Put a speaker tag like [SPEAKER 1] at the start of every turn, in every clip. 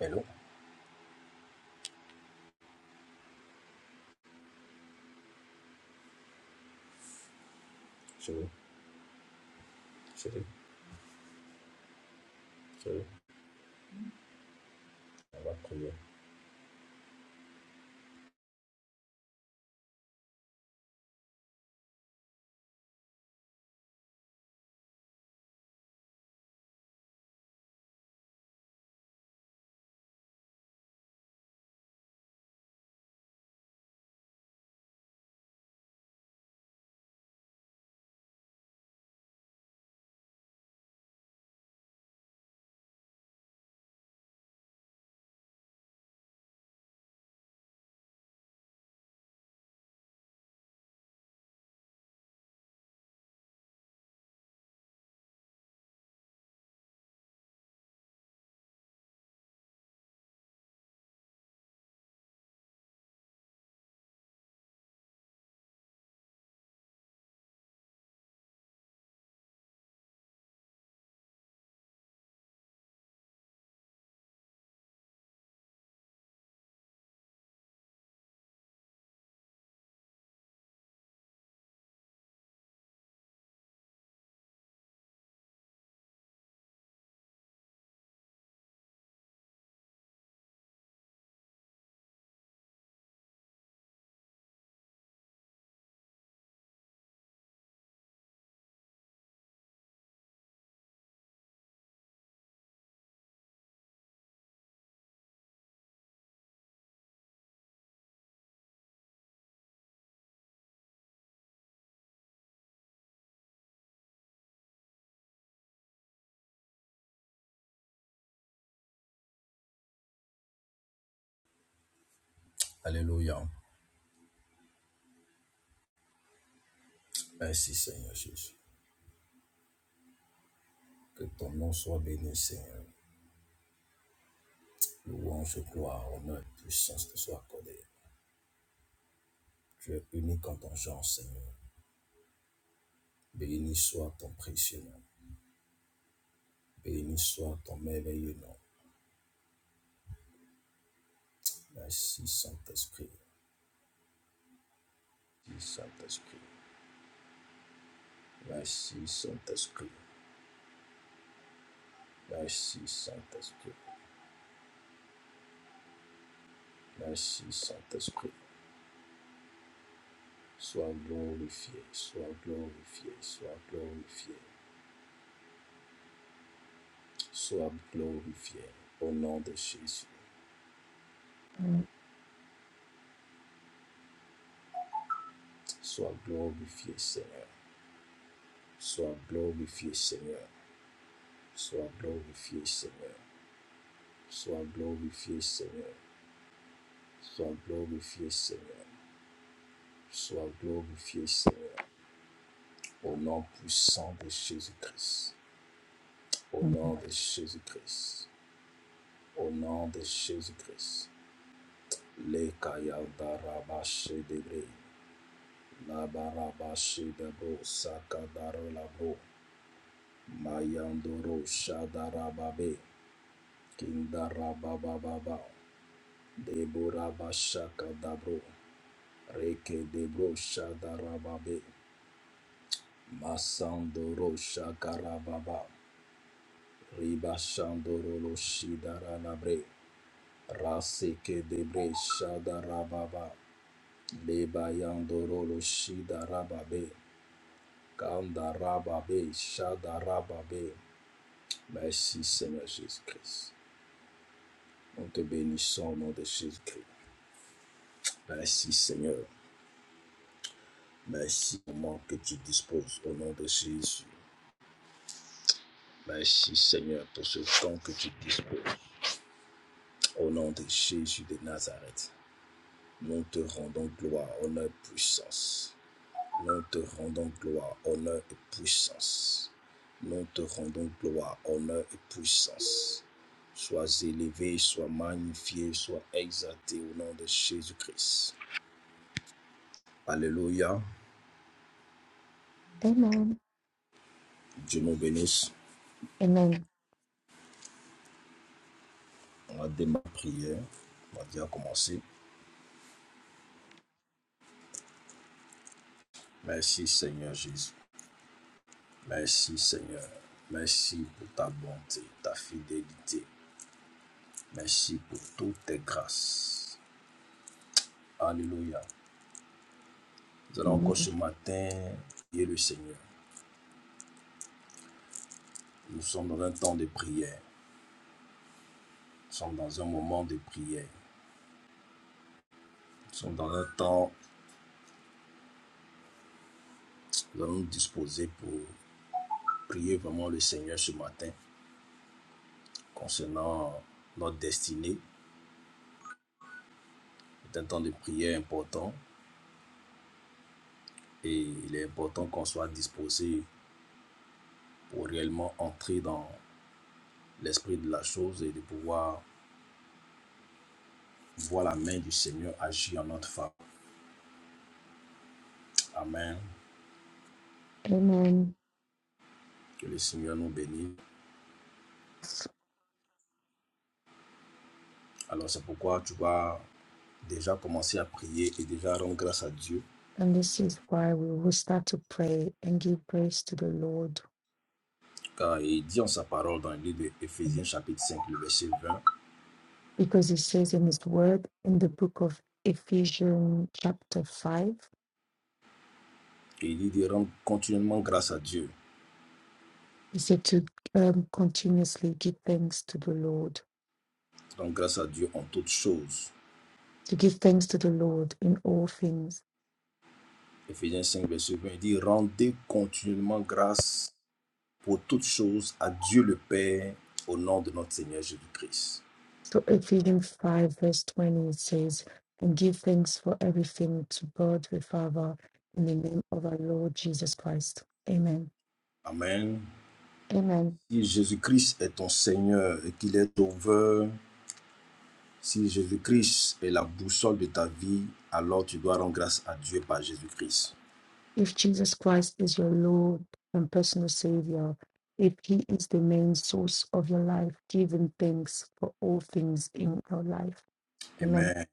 [SPEAKER 1] Hello. Je veux, je On va prier. Alléluia. Merci Seigneur Jésus. Que ton nom soit béni Seigneur. Louange, gloire, honneur, puissance te soit accordée. Tu es unique en ton genre Seigneur. Béni soit ton précieux nom. Béni soit ton merveilleux nom. Merci Saint-Esprit. Merci Saint-Esprit. Merci Saint-Esprit. Merci Saint-Esprit. Merci Saint-Esprit. Sois glorifié, sois glorifié, sois glorifié, sois glorifié au nom de Jésus. Sois glorifié, Seigneur. Sois glorifié, Seigneur. Sois glorifié, Seigneur. Sois glorifié, Seigneur. Sois glorifié, Seigneur. Sois glorifié, Seigneur. Au nom puissant de Jésus-Christ. Au nom
[SPEAKER 2] Mhm.
[SPEAKER 1] de Jésus-Christ. Au nom de Jésus-Christ. Les kaya darabashe debre. Labarabashidabo Sakadarolabo Mayandoro Shadarababe Kindarabababa Deborabashakadabro Reke Debro Shadarababe Masandoro Shakarababa Ribashandorolo Shidaranabre Raseke Debre Shadarababa Lebayandorolo Shidarababe Kandarababe Shadarababe Merci Seigneur Jésus-Christ. Nous te bénissons au nom de Jésus-Christ. Merci Seigneur. Merci au moment que tu disposes au nom de Jésus. Merci Seigneur pour ce temps que tu disposes au nom de Jésus de Nazareth. Nous te rendons gloire, honneur, puissance. Nous te rendons gloire, honneur et puissance. Nous te rendons gloire, honneur et puissance. Sois élevé, sois magnifié, sois exalté au nom de Jésus-Christ. Alléluia.
[SPEAKER 2] Amen.
[SPEAKER 1] Dieu nous bénisse.
[SPEAKER 2] Amen.
[SPEAKER 1] On va démarrer la prière. On va déjà commencer. Merci Seigneur Jésus. Merci Seigneur. Merci pour ta bonté, ta fidélité. Merci pour toutes tes grâces. Alléluia. Nous allons
[SPEAKER 2] Amen.
[SPEAKER 1] encore ce matin prier le Seigneur. Nous sommes dans un temps de prière. Nous sommes dans un moment de prière. Nous sommes dans un temps, où nous allons nous disposer pour prier vraiment le Seigneur ce matin concernant notre destinée, C'est un temps de prière important et il est important qu'on soit disposé pour réellement entrer dans l'esprit de la chose et de pouvoir voir la main du Seigneur agir en notre faveur. Amen.
[SPEAKER 2] Amen.
[SPEAKER 1] Que le Seigneur nous bénisse. Alors c'est pourquoi tu vas déjà commencer à prier et déjà rendre grâce à Dieu.
[SPEAKER 2] And this is why we will start to pray and give praise to the Lord
[SPEAKER 1] Car il dit en sa parole dans le livre d'Éphésiens chapitre 5 le verset 20,
[SPEAKER 2] because He says in His word in the book of Ephesians, chapter 5,
[SPEAKER 1] et il dit de rendre continuellement grâce à Dieu.
[SPEAKER 2] He said to um, continuously give thanks to the Lord,
[SPEAKER 1] Rendre grâce à Dieu en toutes choses
[SPEAKER 2] to give thanks to the Lord in all things.
[SPEAKER 1] Éphésiens 5 verset 20 il dit, rendez continuellement grâce pour toutes choses à Dieu le Père au nom de notre Seigneur Jésus-Christ.
[SPEAKER 2] So, Ephesians 5, verse 20, it says, and give thanks for everything to God the Father in the name of our Lord Jesus Christ. Amen.
[SPEAKER 1] Amen.
[SPEAKER 2] Amen.
[SPEAKER 1] Si Jésus-Christ est ton Seigneur et qu'il est sauveur, si Jésus-Christ est la boussole de ta vie, alors tu dois rendre grâce à Dieu par Jésus-Christ.
[SPEAKER 2] if Jesus Christ is your Lord and personal Savior, if He is the main source of your life, giving thanks for all things in your life. Amen.
[SPEAKER 1] Amen.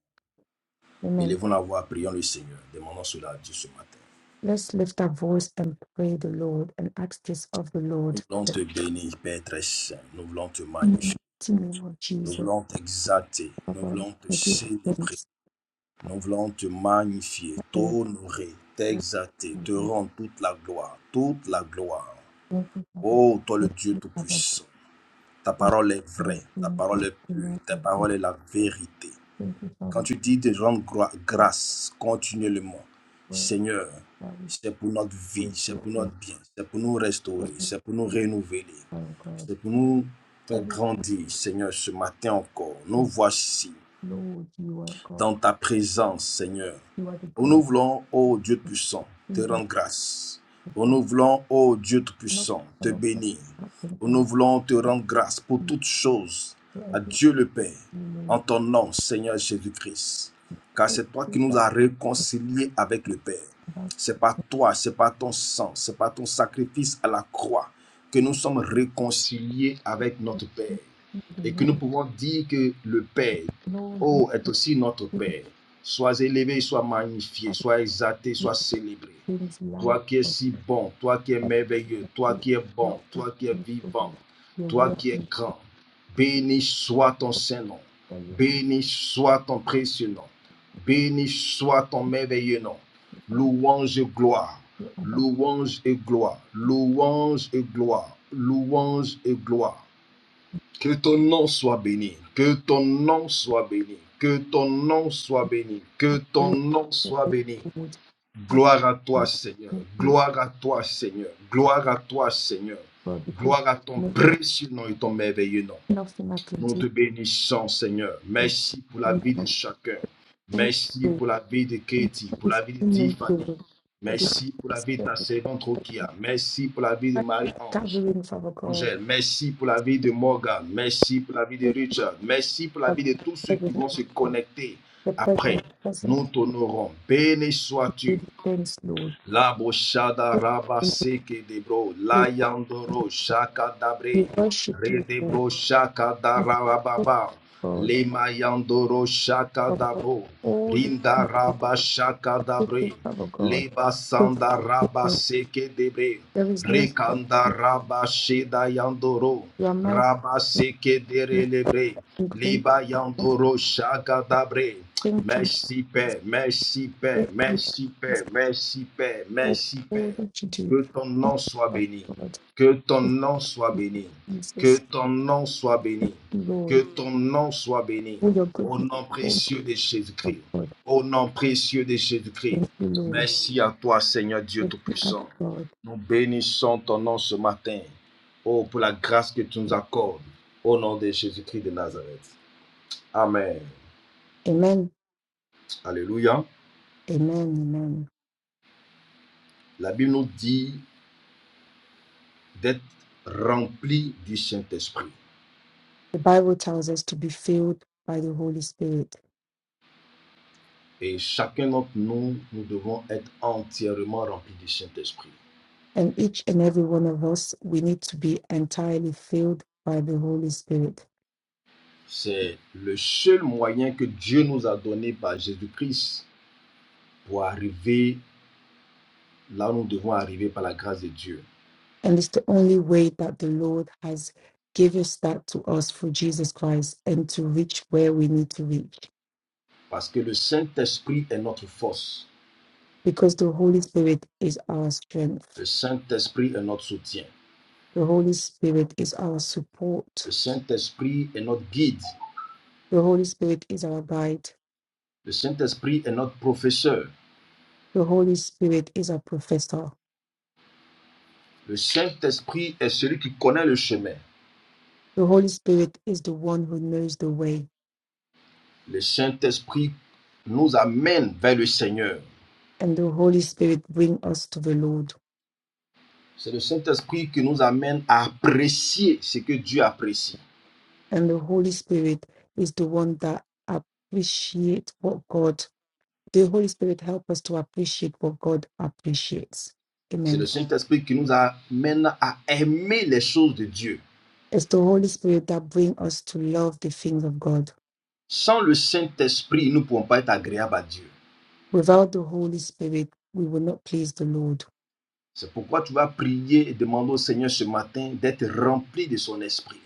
[SPEAKER 2] Amen.
[SPEAKER 1] Élevons la voix, prions le Seigneur. Demandons cela à Dieu ce matin.
[SPEAKER 2] Let's lift our voice and pray the Lord and ask this of the Lord.
[SPEAKER 1] Nous voulons
[SPEAKER 2] The
[SPEAKER 1] te bénir, Père très saint. Nous voulons te magnifier.
[SPEAKER 2] mighty name of
[SPEAKER 1] Nous
[SPEAKER 2] Jesus.
[SPEAKER 1] voulons t'exalter. Nous
[SPEAKER 2] Father,
[SPEAKER 1] voulons te
[SPEAKER 2] I give
[SPEAKER 1] célébrer.
[SPEAKER 2] thanks.
[SPEAKER 1] Nous voulons te magnifier, t'honorer,
[SPEAKER 2] thanks.
[SPEAKER 1] t'exalter, te rendre toute la gloire, toute la gloire.
[SPEAKER 2] Thank you, Father.
[SPEAKER 1] Oh, toi le
[SPEAKER 2] Thank
[SPEAKER 1] Dieu
[SPEAKER 2] you, Father.
[SPEAKER 1] Tout-Puissant, ta
[SPEAKER 2] Thank
[SPEAKER 1] parole est
[SPEAKER 2] you, Father.
[SPEAKER 1] vraie, ta parole
[SPEAKER 2] Thank
[SPEAKER 1] est pure,
[SPEAKER 2] you,
[SPEAKER 1] ta
[SPEAKER 2] Lord.
[SPEAKER 1] parole est la vérité.
[SPEAKER 2] Thank you,
[SPEAKER 1] Quand
[SPEAKER 2] Father,
[SPEAKER 1] tu dis de rendre groi- grâce continuellement,
[SPEAKER 2] for the word
[SPEAKER 1] Seigneur,
[SPEAKER 2] that we
[SPEAKER 1] c'est pour notre vie,
[SPEAKER 2] we
[SPEAKER 1] c'est
[SPEAKER 2] give
[SPEAKER 1] pour notre
[SPEAKER 2] thanks
[SPEAKER 1] bien, c'est pour nous
[SPEAKER 2] to
[SPEAKER 1] restaurer,
[SPEAKER 2] you,
[SPEAKER 1] c'est pour nous renouveler,
[SPEAKER 2] Father God.
[SPEAKER 1] c'est pour nous faire
[SPEAKER 2] Every
[SPEAKER 1] grandir, Seigneur, ce matin encore. Nous voici,
[SPEAKER 2] Lord, you are God.
[SPEAKER 1] dans ta présence, Seigneur.
[SPEAKER 2] You are the
[SPEAKER 1] Où
[SPEAKER 2] God
[SPEAKER 1] nous voulons, ô Dieu puissant, te
[SPEAKER 2] Jesus
[SPEAKER 1] rendre grâce. Où
[SPEAKER 2] has
[SPEAKER 1] nous voulons, ô Dieu
[SPEAKER 2] not
[SPEAKER 1] puissant, te
[SPEAKER 2] ever
[SPEAKER 1] bénir.
[SPEAKER 2] happened
[SPEAKER 1] Où
[SPEAKER 2] for
[SPEAKER 1] nous
[SPEAKER 2] us.
[SPEAKER 1] voulons te rendre grâce pour toutes choses
[SPEAKER 2] So I
[SPEAKER 1] à
[SPEAKER 2] just
[SPEAKER 1] Dieu le Père, en
[SPEAKER 2] know
[SPEAKER 1] ton nom, Seigneur Jésus-Christ. Car c'est toi qui nous as réconciliés avec le Père.
[SPEAKER 2] about
[SPEAKER 1] C'est par toi, c'est par ton sang, c'est par ton sacrifice à la croix que nous sommes réconciliés avec notre Père
[SPEAKER 2] you, the
[SPEAKER 1] et que nous
[SPEAKER 2] Lord.
[SPEAKER 1] pouvons dire que le Père,
[SPEAKER 2] Lord, you
[SPEAKER 1] Oh, est aussi notre
[SPEAKER 2] didn't
[SPEAKER 1] Père. Sois élevé, sois magnifié,
[SPEAKER 2] have
[SPEAKER 1] sois exalté,
[SPEAKER 2] good
[SPEAKER 1] sois célébré.
[SPEAKER 2] things like
[SPEAKER 1] Toi qui es si bon, toi qui es merveilleux, toi
[SPEAKER 2] perspective,
[SPEAKER 1] qui es bon,
[SPEAKER 2] not with
[SPEAKER 1] toi qui es vivant,
[SPEAKER 2] principles. Your
[SPEAKER 1] toi
[SPEAKER 2] word
[SPEAKER 1] qui es
[SPEAKER 2] is
[SPEAKER 1] grand. Béni soit ton Saint-Nom.
[SPEAKER 2] that you have
[SPEAKER 1] Béni soit ton précieux nom. Béni soit ton merveilleux nom. Louange et gloire.
[SPEAKER 2] to have
[SPEAKER 1] Louange et gloire. Louange et gloire. Louange et gloire. Que ton nom soit béni. Que ton nom soit béni. Que ton nom soit béni. Que ton
[SPEAKER 2] a faith
[SPEAKER 1] nom
[SPEAKER 2] in
[SPEAKER 1] soit béni.
[SPEAKER 2] principles. I
[SPEAKER 1] Gloire à
[SPEAKER 2] thank
[SPEAKER 1] toi,
[SPEAKER 2] you,
[SPEAKER 1] Seigneur. Gloire à toi, Seigneur. Gloire à toi, Seigneur.
[SPEAKER 2] God, because
[SPEAKER 1] Gloire à ton
[SPEAKER 2] no one,
[SPEAKER 1] précieux nom et ton merveilleux nom.
[SPEAKER 2] nothing I can
[SPEAKER 1] Nous te
[SPEAKER 2] do.
[SPEAKER 1] bénissons, Seigneur.
[SPEAKER 2] Thank
[SPEAKER 1] Merci pour la vie de
[SPEAKER 2] Thank you.
[SPEAKER 1] chacun.
[SPEAKER 2] Thank
[SPEAKER 1] Merci pour la vie de
[SPEAKER 2] you.
[SPEAKER 1] Katie, pour la vie de
[SPEAKER 2] Thank
[SPEAKER 1] Tiffany.
[SPEAKER 2] you.
[SPEAKER 1] Merci pour
[SPEAKER 2] Thank
[SPEAKER 1] la vie de
[SPEAKER 2] you.
[SPEAKER 1] ta servante Rokia. Merci pour la vie de
[SPEAKER 2] Stop
[SPEAKER 1] Marie-Ange.
[SPEAKER 2] reading Father God.
[SPEAKER 1] Angèle, merci pour la vie de Morgan, merci pour la vie de
[SPEAKER 2] Keep
[SPEAKER 1] Richard, merci pour la
[SPEAKER 2] that
[SPEAKER 1] vie de tous ceux
[SPEAKER 2] the
[SPEAKER 1] qui
[SPEAKER 2] present
[SPEAKER 1] vont
[SPEAKER 2] is
[SPEAKER 1] se
[SPEAKER 2] God.
[SPEAKER 1] connecter
[SPEAKER 2] The present
[SPEAKER 1] après.
[SPEAKER 2] is present.
[SPEAKER 1] Nous t'honorons. Béni
[SPEAKER 2] We
[SPEAKER 1] sois-tu.
[SPEAKER 2] give thanks, Lord.
[SPEAKER 1] La boshada
[SPEAKER 2] Just in the
[SPEAKER 1] rabaseke seke de la
[SPEAKER 2] place,
[SPEAKER 1] yandoro shaka
[SPEAKER 2] We
[SPEAKER 1] dabre,
[SPEAKER 2] worship
[SPEAKER 1] re
[SPEAKER 2] you, Lord.
[SPEAKER 1] shaka da
[SPEAKER 2] We thank
[SPEAKER 1] rababa,
[SPEAKER 2] God
[SPEAKER 1] le mayandoro shaka
[SPEAKER 2] for all
[SPEAKER 1] dabro,
[SPEAKER 2] all the
[SPEAKER 1] rinda raba shaka dabre,
[SPEAKER 2] gifts, Father God.
[SPEAKER 1] le
[SPEAKER 2] Thank you,
[SPEAKER 1] basanda
[SPEAKER 2] Lord.
[SPEAKER 1] rabaseke debre
[SPEAKER 2] There is no God.
[SPEAKER 1] rekanda
[SPEAKER 2] If
[SPEAKER 1] raba sheda yandoro,
[SPEAKER 2] you are my
[SPEAKER 1] raba seke de
[SPEAKER 2] you've
[SPEAKER 1] relebre,
[SPEAKER 2] great.
[SPEAKER 1] liba yandoro shaka dabre,
[SPEAKER 2] Thank you.
[SPEAKER 1] Merci Père, merci Père,
[SPEAKER 2] Thank you for
[SPEAKER 1] merci Père, merci Père,
[SPEAKER 2] all,
[SPEAKER 1] merci Père.
[SPEAKER 2] all that you do,
[SPEAKER 1] Que ton nom soit
[SPEAKER 2] Father
[SPEAKER 1] béni,
[SPEAKER 2] God.
[SPEAKER 1] que ton
[SPEAKER 2] Thank
[SPEAKER 1] nom soit béni,
[SPEAKER 2] you,
[SPEAKER 1] que
[SPEAKER 2] Jesus,
[SPEAKER 1] ton nom soit béni, que
[SPEAKER 2] Lord.
[SPEAKER 1] ton nom soit béni.
[SPEAKER 2] For your
[SPEAKER 1] Au
[SPEAKER 2] goodness,
[SPEAKER 1] nom
[SPEAKER 2] oh,
[SPEAKER 1] précieux de
[SPEAKER 2] Father
[SPEAKER 1] Jésus-Christ,
[SPEAKER 2] God.
[SPEAKER 1] au nom précieux de Jésus-Christ.
[SPEAKER 2] Thank you, Lord.
[SPEAKER 1] Merci à toi Seigneur Dieu
[SPEAKER 2] Thank you, our
[SPEAKER 1] Tout-Puissant.
[SPEAKER 2] God.
[SPEAKER 1] Nous bénissons ton nom ce matin. Oh, pour la grâce que tu nous accordes. Au nom de Jésus-Christ de Nazareth. Amen.
[SPEAKER 2] Amen.
[SPEAKER 1] Alléluia.
[SPEAKER 2] Amen. Amen.
[SPEAKER 1] La Bible nous dit d'être rempli du Saint-Esprit.
[SPEAKER 2] The Bible tells us to be filled by the Holy Spirit.
[SPEAKER 1] Et chacun d'entre nous, nous devons être entièrement remplis du Saint-Esprit.
[SPEAKER 2] And each and every one of us, we need to be entirely filled by the Holy Spirit.
[SPEAKER 1] C'est le seul moyen que Dieu nous a donné par Jésus-Christ pour arriver là où nous devons arriver par la grâce de Dieu.
[SPEAKER 2] And it's the only way that the Lord has given us that to us for Jesus Christ and to reach where we need to reach.
[SPEAKER 1] Parce que le Saint-Esprit est notre force.
[SPEAKER 2] Because the Holy Spirit is our strength.
[SPEAKER 1] Le Saint-Esprit est notre soutien.
[SPEAKER 2] The Holy Spirit is our
[SPEAKER 1] Le
[SPEAKER 2] support.
[SPEAKER 1] Saint-Esprit est notre guide.
[SPEAKER 2] The Holy Spirit is our guide.
[SPEAKER 1] Le Saint-Esprit est notre professeur.
[SPEAKER 2] The Holy Spirit is our professor.
[SPEAKER 1] Le Saint-Esprit est celui qui connaît le chemin.
[SPEAKER 2] The Holy Spirit is the one who knows the way,
[SPEAKER 1] Le Saint-Esprit nous amène vers le Seigneur.
[SPEAKER 2] and the Holy Spirit bring us to the Lord.
[SPEAKER 1] C'est le Saint-Esprit qui nous amène à apprécier ce que Dieu apprécie.
[SPEAKER 2] And the Holy Spirit is the one that appreciate what God. The Holy Spirit help us to appreciate what God appreciates.
[SPEAKER 1] C'est
[SPEAKER 2] Amen.
[SPEAKER 1] le Saint-Esprit qui nous amène à aimer les choses de Dieu.
[SPEAKER 2] It's the Holy Spirit that bring us to love the things of God.
[SPEAKER 1] Sans le Saint-Esprit, nous ne pouvons pas être agréables à Dieu.
[SPEAKER 2] Without the Holy Spirit, we will not please the Lord.
[SPEAKER 1] C'est pourquoi tu vas prier et demander au Seigneur ce matin d'être rempli de son esprit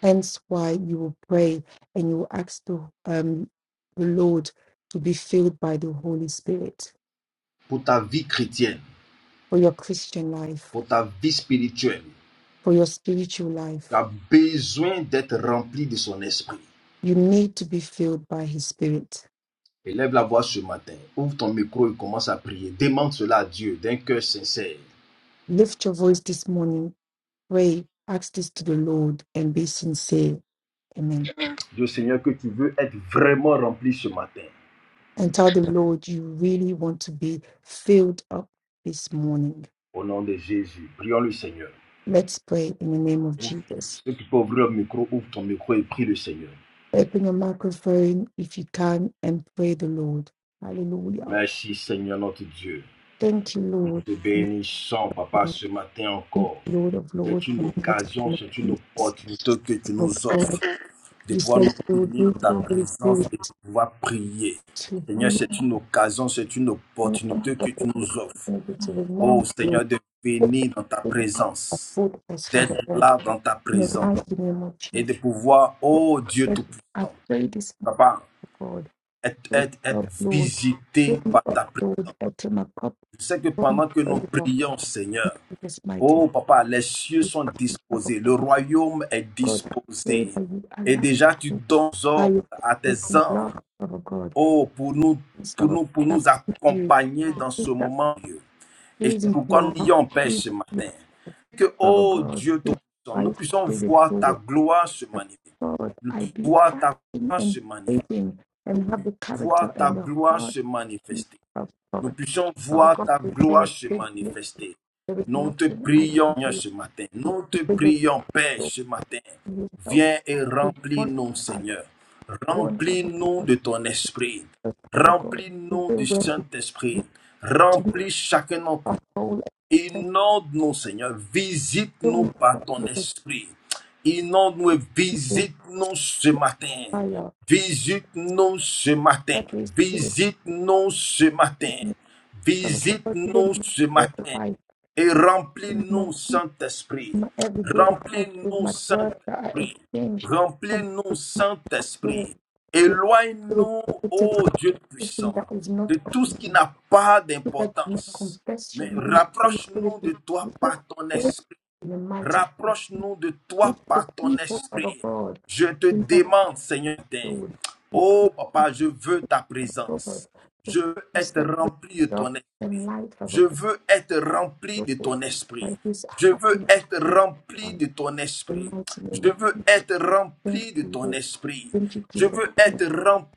[SPEAKER 2] Hence, why you will pray and you will ask the um the Lord to be filled by the Holy Spirit
[SPEAKER 1] pour ta vie chrétienne,
[SPEAKER 2] for your Christian life,
[SPEAKER 1] pour ta vie spirituelle.
[SPEAKER 2] for your spiritual
[SPEAKER 1] Tu
[SPEAKER 2] life.
[SPEAKER 1] as besoin d'être rempli de son esprit.
[SPEAKER 2] You need to be filled by His Spirit.
[SPEAKER 1] Élève la voix ce matin. Ouvre ton micro et commence à prier. Demande cela à Dieu d'un cœur sincère.
[SPEAKER 2] Lift your voice this morning, pray, ask this to the Lord, and be sincere. Amen.
[SPEAKER 1] Dieu Seigneur, que tu veux être vraiment rempli ce matin.
[SPEAKER 2] And tell the Lord you really want to be filled up this morning.
[SPEAKER 1] Au nom de Jésus, prions le Seigneur.
[SPEAKER 2] Let's pray in the name of
[SPEAKER 1] Ouvre-
[SPEAKER 2] Jesus.
[SPEAKER 1] Ceux qui peuvent ouvrir le micro, ouvre ton micro et prie le Seigneur.
[SPEAKER 2] Open your microphone if you can and pray the Lord. Hallelujah.
[SPEAKER 1] Merci Seigneur notre Dieu.
[SPEAKER 2] Thank you,
[SPEAKER 1] Nous
[SPEAKER 2] Lord.
[SPEAKER 1] te bénissons, Papa, ce matin
[SPEAKER 2] Thank
[SPEAKER 1] encore.
[SPEAKER 2] you, Lord of
[SPEAKER 1] C'est
[SPEAKER 2] Lords.
[SPEAKER 1] une occasion,
[SPEAKER 2] and
[SPEAKER 1] c'est une
[SPEAKER 2] Lord
[SPEAKER 1] opportunité que tu
[SPEAKER 2] of
[SPEAKER 1] nous
[SPEAKER 2] Lords.
[SPEAKER 1] offres de
[SPEAKER 2] You
[SPEAKER 1] pouvoir nous
[SPEAKER 2] said you would
[SPEAKER 1] unir
[SPEAKER 2] give
[SPEAKER 1] dans ta
[SPEAKER 2] your Holy
[SPEAKER 1] présence et de
[SPEAKER 2] Spirit
[SPEAKER 1] pouvoir prier.
[SPEAKER 2] to
[SPEAKER 1] Seigneur,
[SPEAKER 2] be
[SPEAKER 1] c'est une occasion, c'est une opportunité que
[SPEAKER 2] able
[SPEAKER 1] tu nous offres.
[SPEAKER 2] to
[SPEAKER 1] Oh
[SPEAKER 2] remember your
[SPEAKER 1] Seigneur, de venir dans ta présence,
[SPEAKER 2] good us for
[SPEAKER 1] d'être
[SPEAKER 2] the Lord.
[SPEAKER 1] là dans ta
[SPEAKER 2] In the
[SPEAKER 1] présence
[SPEAKER 2] mighty name of
[SPEAKER 1] et
[SPEAKER 2] Jesus,
[SPEAKER 1] de pouvoir, oh Dieu
[SPEAKER 2] I
[SPEAKER 1] Tout-Puissant,
[SPEAKER 2] pray this to
[SPEAKER 1] papa,
[SPEAKER 2] God.
[SPEAKER 1] être,
[SPEAKER 2] Look
[SPEAKER 1] être, être
[SPEAKER 2] up, Lord.
[SPEAKER 1] visité
[SPEAKER 2] Take me
[SPEAKER 1] par
[SPEAKER 2] up,
[SPEAKER 1] ta présence.
[SPEAKER 2] Lord. Open my cup
[SPEAKER 1] Je sais que
[SPEAKER 2] from
[SPEAKER 1] pendant que nous
[SPEAKER 2] favor.
[SPEAKER 1] prions, Seigneur,
[SPEAKER 2] In this mighty name
[SPEAKER 1] oh papa, les cieux sont
[SPEAKER 2] of
[SPEAKER 1] disposés, le royaume est
[SPEAKER 2] God, I pray
[SPEAKER 1] disposé.
[SPEAKER 2] that you
[SPEAKER 1] Et
[SPEAKER 2] allow
[SPEAKER 1] déjà, tu
[SPEAKER 2] me
[SPEAKER 1] donnes
[SPEAKER 2] by
[SPEAKER 1] ordre
[SPEAKER 2] your
[SPEAKER 1] à tes
[SPEAKER 2] faith and
[SPEAKER 1] anges,
[SPEAKER 2] love, Father God.
[SPEAKER 1] oh, pour nous, pour
[SPEAKER 2] Instead of
[SPEAKER 1] nous, pour
[SPEAKER 2] that,
[SPEAKER 1] nous
[SPEAKER 2] you.
[SPEAKER 1] accompagner dans ce moment. Et
[SPEAKER 2] Please
[SPEAKER 1] c'est
[SPEAKER 2] into
[SPEAKER 1] pourquoi nous
[SPEAKER 2] your heart.
[SPEAKER 1] ayons Père
[SPEAKER 2] Please,
[SPEAKER 1] ce
[SPEAKER 2] yes,
[SPEAKER 1] matin. Que,
[SPEAKER 2] Father
[SPEAKER 1] oh
[SPEAKER 2] God,
[SPEAKER 1] Dieu
[SPEAKER 2] fill
[SPEAKER 1] Tout-Puissant, nous
[SPEAKER 2] my
[SPEAKER 1] puissions
[SPEAKER 2] spirit to
[SPEAKER 1] voir ta
[SPEAKER 2] worship.
[SPEAKER 1] gloire se manifester.
[SPEAKER 2] Lord,
[SPEAKER 1] Nous
[SPEAKER 2] I
[SPEAKER 1] puissions
[SPEAKER 2] be
[SPEAKER 1] voir ta
[SPEAKER 2] acting
[SPEAKER 1] gloire
[SPEAKER 2] and
[SPEAKER 1] se manifester.
[SPEAKER 2] praising and have the character
[SPEAKER 1] Voir ta
[SPEAKER 2] and the
[SPEAKER 1] gloire
[SPEAKER 2] heart
[SPEAKER 1] se manifester.
[SPEAKER 2] of
[SPEAKER 1] Nous
[SPEAKER 2] God.
[SPEAKER 1] puissions
[SPEAKER 2] Father
[SPEAKER 1] voir
[SPEAKER 2] God,
[SPEAKER 1] ta
[SPEAKER 2] before your
[SPEAKER 1] gloire se
[SPEAKER 2] spirit, there
[SPEAKER 1] manifester.
[SPEAKER 2] is
[SPEAKER 1] Nous te
[SPEAKER 2] nothing I can
[SPEAKER 1] prions
[SPEAKER 2] do.
[SPEAKER 1] ce matin. Nous te
[SPEAKER 2] Because your
[SPEAKER 1] prions Père
[SPEAKER 2] spirit,
[SPEAKER 1] ce matin.
[SPEAKER 2] you help
[SPEAKER 1] Viens et
[SPEAKER 2] with one
[SPEAKER 1] remplis-nous
[SPEAKER 2] heart,
[SPEAKER 1] Seigneur.
[SPEAKER 2] one sort of
[SPEAKER 1] Remplis-nous
[SPEAKER 2] God.
[SPEAKER 1] de ton esprit.
[SPEAKER 2] Just Father God, the
[SPEAKER 1] Remplis-nous
[SPEAKER 2] way
[SPEAKER 1] du
[SPEAKER 2] where you
[SPEAKER 1] Saint-Esprit.
[SPEAKER 2] to be
[SPEAKER 1] Remplis chacun d'entre
[SPEAKER 2] our
[SPEAKER 1] nous
[SPEAKER 2] soul and protect.
[SPEAKER 1] Inonde-nous, Seigneur.
[SPEAKER 2] Fill
[SPEAKER 1] Visite-nous
[SPEAKER 2] me
[SPEAKER 1] par
[SPEAKER 2] up
[SPEAKER 1] ton
[SPEAKER 2] with
[SPEAKER 1] esprit. Inonde-nous et
[SPEAKER 2] a
[SPEAKER 1] visite-nous ce matin.
[SPEAKER 2] fire.
[SPEAKER 1] Visite-nous ce matin.
[SPEAKER 2] Let this spirit
[SPEAKER 1] Visite-nous ce matin.
[SPEAKER 2] Father God, even
[SPEAKER 1] Visite-nous
[SPEAKER 2] to
[SPEAKER 1] ce
[SPEAKER 2] spread the
[SPEAKER 1] matin
[SPEAKER 2] life
[SPEAKER 1] et
[SPEAKER 2] in the
[SPEAKER 1] remplis-nous,
[SPEAKER 2] most peace
[SPEAKER 1] Saint-Esprit.
[SPEAKER 2] in my everyday life with
[SPEAKER 1] Remplis-nous,
[SPEAKER 2] my words that I
[SPEAKER 1] Saint-Esprit.
[SPEAKER 2] exchange from
[SPEAKER 1] Remplis-nous,
[SPEAKER 2] my Lord
[SPEAKER 1] Saint-Esprit.
[SPEAKER 2] with with
[SPEAKER 1] Éloigne-nous,
[SPEAKER 2] positive
[SPEAKER 1] ô Dieu
[SPEAKER 2] everything
[SPEAKER 1] puissant,
[SPEAKER 2] that is not
[SPEAKER 1] de
[SPEAKER 2] of
[SPEAKER 1] tout ce qui
[SPEAKER 2] you.
[SPEAKER 1] n'a pas
[SPEAKER 2] So that you may
[SPEAKER 1] d'importance.
[SPEAKER 2] confess your
[SPEAKER 1] Mais
[SPEAKER 2] name, Holy Spirit,
[SPEAKER 1] rapproche-nous
[SPEAKER 2] with
[SPEAKER 1] de toi
[SPEAKER 2] people,
[SPEAKER 1] par ton
[SPEAKER 2] all in
[SPEAKER 1] esprit.
[SPEAKER 2] the mighty.
[SPEAKER 1] Rapproche-nous de
[SPEAKER 2] If
[SPEAKER 1] toi
[SPEAKER 2] the
[SPEAKER 1] par ton
[SPEAKER 2] people, Father
[SPEAKER 1] esprit.
[SPEAKER 2] God,
[SPEAKER 1] Je te
[SPEAKER 2] in that
[SPEAKER 1] demande, Seigneur, d'aide.
[SPEAKER 2] field, we pray,
[SPEAKER 1] oh papa, je veux ta
[SPEAKER 2] Father God,
[SPEAKER 1] présence.
[SPEAKER 2] just
[SPEAKER 1] Je veux
[SPEAKER 2] you
[SPEAKER 1] être
[SPEAKER 2] step with
[SPEAKER 1] rempli de
[SPEAKER 2] God
[SPEAKER 1] ton
[SPEAKER 2] and
[SPEAKER 1] esprit.
[SPEAKER 2] light, Father
[SPEAKER 1] Je
[SPEAKER 2] God,
[SPEAKER 1] veux être rempli
[SPEAKER 2] your
[SPEAKER 1] de ton esprit.
[SPEAKER 2] that is
[SPEAKER 1] Je veux
[SPEAKER 2] happening.
[SPEAKER 1] être rempli de ton
[SPEAKER 2] In the
[SPEAKER 1] esprit.
[SPEAKER 2] mighty
[SPEAKER 1] Je
[SPEAKER 2] name of
[SPEAKER 1] veux
[SPEAKER 2] Jesus,
[SPEAKER 1] être
[SPEAKER 2] thank
[SPEAKER 1] rempli de
[SPEAKER 2] you
[SPEAKER 1] ton
[SPEAKER 2] Lord,
[SPEAKER 1] esprit.
[SPEAKER 2] thank you
[SPEAKER 1] Je
[SPEAKER 2] Jesus.
[SPEAKER 1] veux être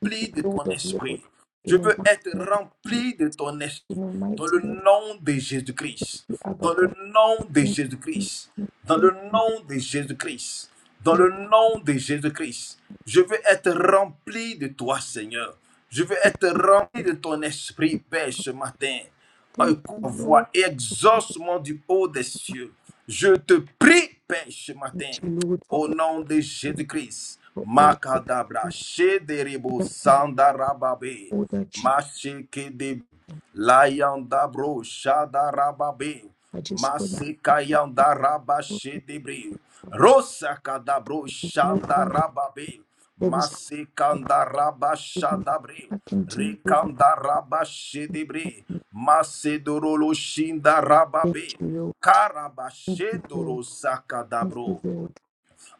[SPEAKER 2] Thank you,
[SPEAKER 1] de
[SPEAKER 2] Lord
[SPEAKER 1] ton
[SPEAKER 2] of lords,
[SPEAKER 1] esprit. Je
[SPEAKER 2] in the
[SPEAKER 1] veux
[SPEAKER 2] mighty
[SPEAKER 1] être
[SPEAKER 2] name, of Jesus.
[SPEAKER 1] rempli de ton esprit.
[SPEAKER 2] in the mighty
[SPEAKER 1] Dans le
[SPEAKER 2] name of
[SPEAKER 1] nom de Jésus-Christ.
[SPEAKER 2] the Abba
[SPEAKER 1] Dans le
[SPEAKER 2] God,
[SPEAKER 1] nom de
[SPEAKER 2] thank you,
[SPEAKER 1] Jésus-Christ.
[SPEAKER 2] Jesus.
[SPEAKER 1] Dans le nom de Jésus-Christ. Dans
[SPEAKER 2] thank you, Lord.
[SPEAKER 1] le nom de Jésus-Christ. Je veux être rempli de toi, Seigneur. Je veux être rempli de ton esprit, Père, ce matin.
[SPEAKER 2] thank
[SPEAKER 1] Un
[SPEAKER 2] you
[SPEAKER 1] ma
[SPEAKER 2] Lord,
[SPEAKER 1] voix et exauce du haut des cieux. Je te prie, Père, ce
[SPEAKER 2] thank
[SPEAKER 1] matin,
[SPEAKER 2] you Lord for
[SPEAKER 1] au
[SPEAKER 2] all,
[SPEAKER 1] nom de Jésus-Christ.
[SPEAKER 2] for all
[SPEAKER 1] Makadabra, Shederebo, Sandarababe,
[SPEAKER 2] all that you
[SPEAKER 1] Macheke de Laiandabro Shadarababe
[SPEAKER 2] are just going to
[SPEAKER 1] Masekaiandaraba Shedebre Rosakadabro
[SPEAKER 2] do for me.
[SPEAKER 1] Shandarababe
[SPEAKER 2] There is nothing
[SPEAKER 1] Masekandaraba Shadabre
[SPEAKER 2] I can do without
[SPEAKER 1] Rekandaraba Shedebre Macedorolo Shindarababe
[SPEAKER 2] your help. Thank you Lord, thank you Lord,
[SPEAKER 1] Karabashendoro
[SPEAKER 2] thank you
[SPEAKER 1] Sakadabro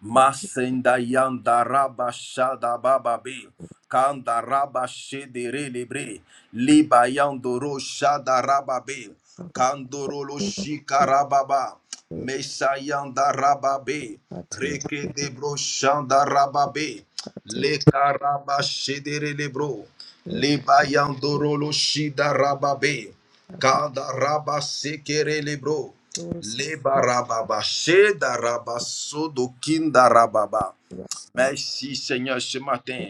[SPEAKER 1] Masenda yanda raba shada baba be. Kanda raba shedere lebre. Liba yandoro shada raba be. Kandoro lo shika rababa.
[SPEAKER 2] Lord
[SPEAKER 1] Mesa yanda raba be.
[SPEAKER 2] for
[SPEAKER 1] Reke
[SPEAKER 2] everything.
[SPEAKER 1] debro shanda raba be. Leka raba shedere lebro. Liba yandoro lo shida raba be. Kanda raba sekere lebro.
[SPEAKER 2] Thank you Lord for
[SPEAKER 1] Lebarababa, shedaraba, sodokindarababa.
[SPEAKER 2] everything.
[SPEAKER 1] Merci Seigneur ce matin.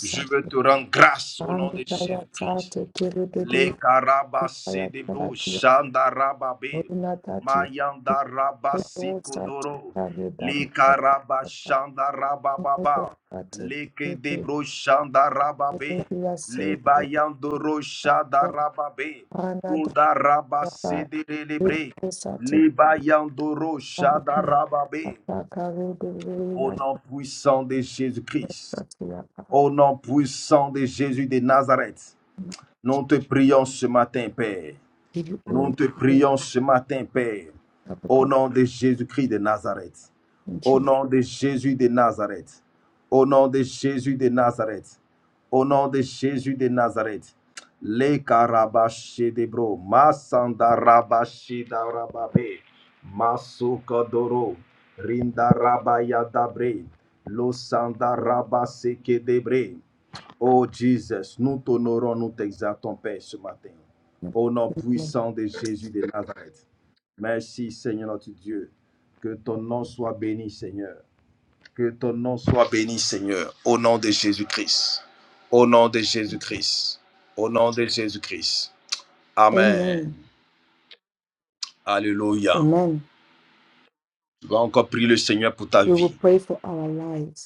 [SPEAKER 1] Je veux te rendre grâce au nom de
[SPEAKER 2] kaya
[SPEAKER 1] Jésus-Christ.
[SPEAKER 2] sate kiri
[SPEAKER 1] Le
[SPEAKER 2] dede
[SPEAKER 1] karaba
[SPEAKER 2] kaya
[SPEAKER 1] sedebo
[SPEAKER 2] tarati
[SPEAKER 1] shanda rababe
[SPEAKER 2] oruna tati
[SPEAKER 1] mayanda raba
[SPEAKER 2] kero sate
[SPEAKER 1] sikodoro
[SPEAKER 2] kaya dani
[SPEAKER 1] le
[SPEAKER 2] kaya
[SPEAKER 1] karaba
[SPEAKER 2] tata
[SPEAKER 1] shanda
[SPEAKER 2] moto
[SPEAKER 1] rabababa
[SPEAKER 2] sate
[SPEAKER 1] le
[SPEAKER 2] kiri
[SPEAKER 1] kedebro shanda
[SPEAKER 2] kiri
[SPEAKER 1] rababe
[SPEAKER 2] kaya
[SPEAKER 1] le
[SPEAKER 2] sate
[SPEAKER 1] bayandoro shanda
[SPEAKER 2] kaya
[SPEAKER 1] rababe
[SPEAKER 2] ana dada
[SPEAKER 1] kuda raba sedelebre
[SPEAKER 2] kiri sate
[SPEAKER 1] le bayandoro
[SPEAKER 2] kaya
[SPEAKER 1] shanda rababe
[SPEAKER 2] tata kare dede
[SPEAKER 1] au
[SPEAKER 2] kaya sate
[SPEAKER 1] nom puissant de Jésus-Christ
[SPEAKER 2] kaya
[SPEAKER 1] au nom puissant de Jésus de Nazareth nous te prions ce matin Père
[SPEAKER 2] give you
[SPEAKER 1] nous
[SPEAKER 2] all
[SPEAKER 1] te
[SPEAKER 2] the
[SPEAKER 1] prions ce matin, Père,
[SPEAKER 2] love of
[SPEAKER 1] au
[SPEAKER 2] God
[SPEAKER 1] nom de Jésus-Christ de Nazareth,
[SPEAKER 2] in
[SPEAKER 1] au
[SPEAKER 2] Jesus'
[SPEAKER 1] nom de Jésus de Nazareth, au nom de Jésus de Nazareth, au nom de Jésus de Nazareth. Le karabashi de bro, masanda rabashi da rababe, rinda rabaya dabre, lo sanda rabase debre, Oh Jesus, nous t'honorons, nous t'exaltons, Père, ce matin.
[SPEAKER 2] name. In
[SPEAKER 1] Au nom
[SPEAKER 2] the name of
[SPEAKER 1] puissant de Jésus de Nazareth. Merci, Seigneur notre Dieu. Que ton nom soit béni, Seigneur. Que ton nom soit béni, Seigneur. Au nom de Jésus-Christ. Au nom de
[SPEAKER 2] Jesus.
[SPEAKER 1] Jésus-Christ. Au nom de Jésus-Christ. Amen.
[SPEAKER 2] Amen.
[SPEAKER 1] Alléluia.
[SPEAKER 2] Amen.
[SPEAKER 1] Tu vas encore prier le Seigneur pour ta
[SPEAKER 2] We
[SPEAKER 1] vie.
[SPEAKER 2] will pray for our lives.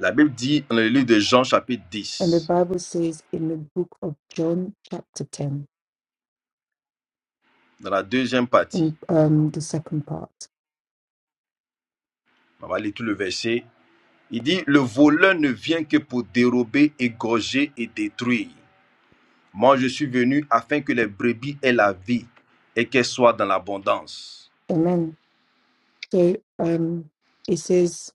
[SPEAKER 1] La Bible dit dans le livre de Jean, chapitre
[SPEAKER 2] And the
[SPEAKER 1] 10,
[SPEAKER 2] Bible says in the book of John, chapter 10,
[SPEAKER 1] dans la deuxième partie,
[SPEAKER 2] in um, the second part.
[SPEAKER 1] on va lire tout le verset Il dit, le voleur ne vient que pour dérober, égorger et détruire. Moi, je suis venu afin que les brebis aient la vie et qu'elles soient dans l'abondance.
[SPEAKER 2] Amen. So um, it says,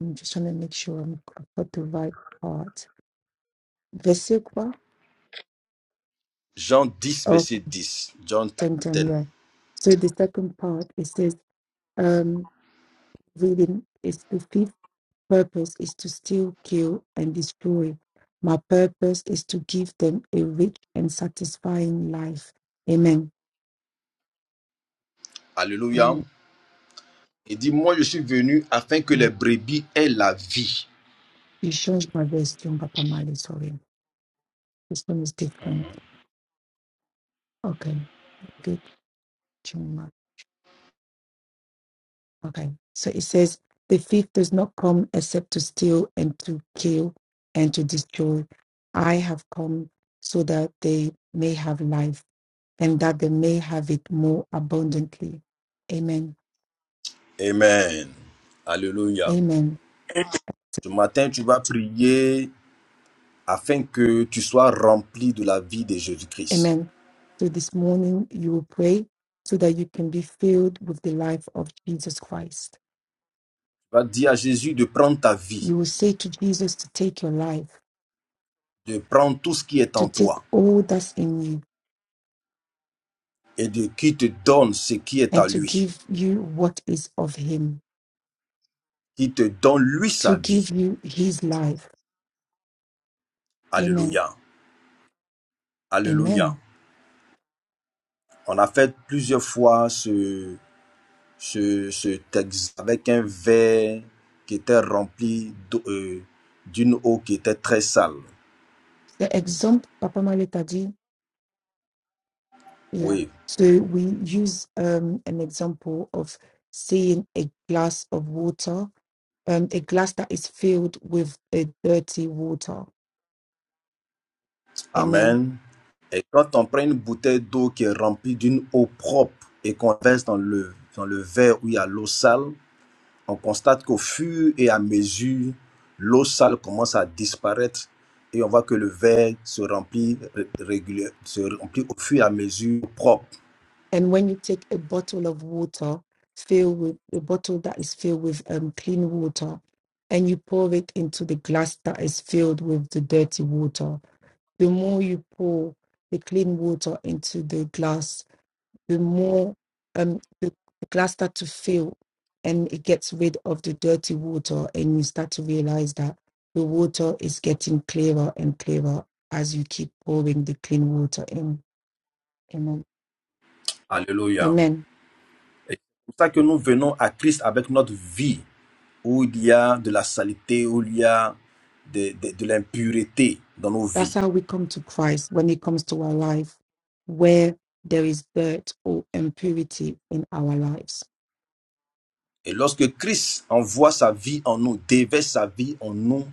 [SPEAKER 2] I'm just trying to make sure I'm, I've got the right part. Vesikwa
[SPEAKER 1] Jean 10
[SPEAKER 2] of
[SPEAKER 1] verset 10. John
[SPEAKER 2] 10
[SPEAKER 1] 10.
[SPEAKER 2] 10, yeah. So the second part, it says, um, reading is the fifth purpose is to steal, kill, and destroy. My purpose is to give them a rich and satisfying life. Amen.
[SPEAKER 1] Alléluia. Il dit, moi, je suis venu afin que les brebis aient la vie.
[SPEAKER 2] You changed my voice to Papa Mali, sorry. This one is different. Okay, good. Chuma. Okay, so it says, the thief does not come except to steal and to kill and to destroy. I have come so that they may have life and that they may have it more abundantly. Amen.
[SPEAKER 1] Amen. Alléluia.
[SPEAKER 2] Amen.
[SPEAKER 1] Ce matin, tu vas prier afin que tu sois rempli de la vie de Jésus-Christ.
[SPEAKER 2] Amen. So this morning you will pray so that you can be filled with the life of Jesus Christ.
[SPEAKER 1] Tu vas dire à Jésus de prendre ta vie,
[SPEAKER 2] You will say to Jesus to take your life
[SPEAKER 1] de prendre tout ce qui est
[SPEAKER 2] to
[SPEAKER 1] en
[SPEAKER 2] take
[SPEAKER 1] toi
[SPEAKER 2] all that's in you
[SPEAKER 1] et de qui te donne ce qui est à
[SPEAKER 2] and to
[SPEAKER 1] lui,
[SPEAKER 2] give you what is of him,
[SPEAKER 1] qui te donne lui
[SPEAKER 2] to
[SPEAKER 1] sa
[SPEAKER 2] give
[SPEAKER 1] vie.
[SPEAKER 2] you his life. Amen.
[SPEAKER 1] Alléluia. Alléluia.
[SPEAKER 2] Amen.
[SPEAKER 1] On a fait plusieurs fois ce, ce, ce texte avec un verre qui était rempli euh, d'une eau qui était très sale.
[SPEAKER 2] The example Papa Maleta dit, yeah.
[SPEAKER 1] Oui.
[SPEAKER 2] So we use um, an example of seeing a glass of water, um, a glass that is filled with a dirty water. Amen
[SPEAKER 1] Amen. Et quand on prend une bouteille d'eau qui est remplie d'une eau propre et qu'on verse dans le, dans le verre où il y a l'eau sale, on constate qu'au fur et à mesure, l'eau sale commence à disparaître et on voit que le verre se remplit ré- régulier, se remplit au fur et à mesure propre.
[SPEAKER 2] And when you take a bottle of water, fill with a bottle that is filled with um, clean water, and you pour it into the glass that is filled with the dirty water, the more you pour the clean water into the glass, the more um, the, the glass starts to fill and it gets rid of the dirty water. And you start to realize that the water is getting clearer and clearer as you keep pouring the clean water in. Amen.
[SPEAKER 1] Alléluia. C'est
[SPEAKER 2] Amen.
[SPEAKER 1] pour ça que nous venons à Christ avec notre vie, où il y a de la saleté, où il y a de, de- de l'impureté dans nos
[SPEAKER 2] That's
[SPEAKER 1] vies.
[SPEAKER 2] how we come to Christ when it comes to our life, where there is dirt or impurity in our lives.
[SPEAKER 1] Et lorsque Christ envoie sa vie en nous, déverse sa vie en nous,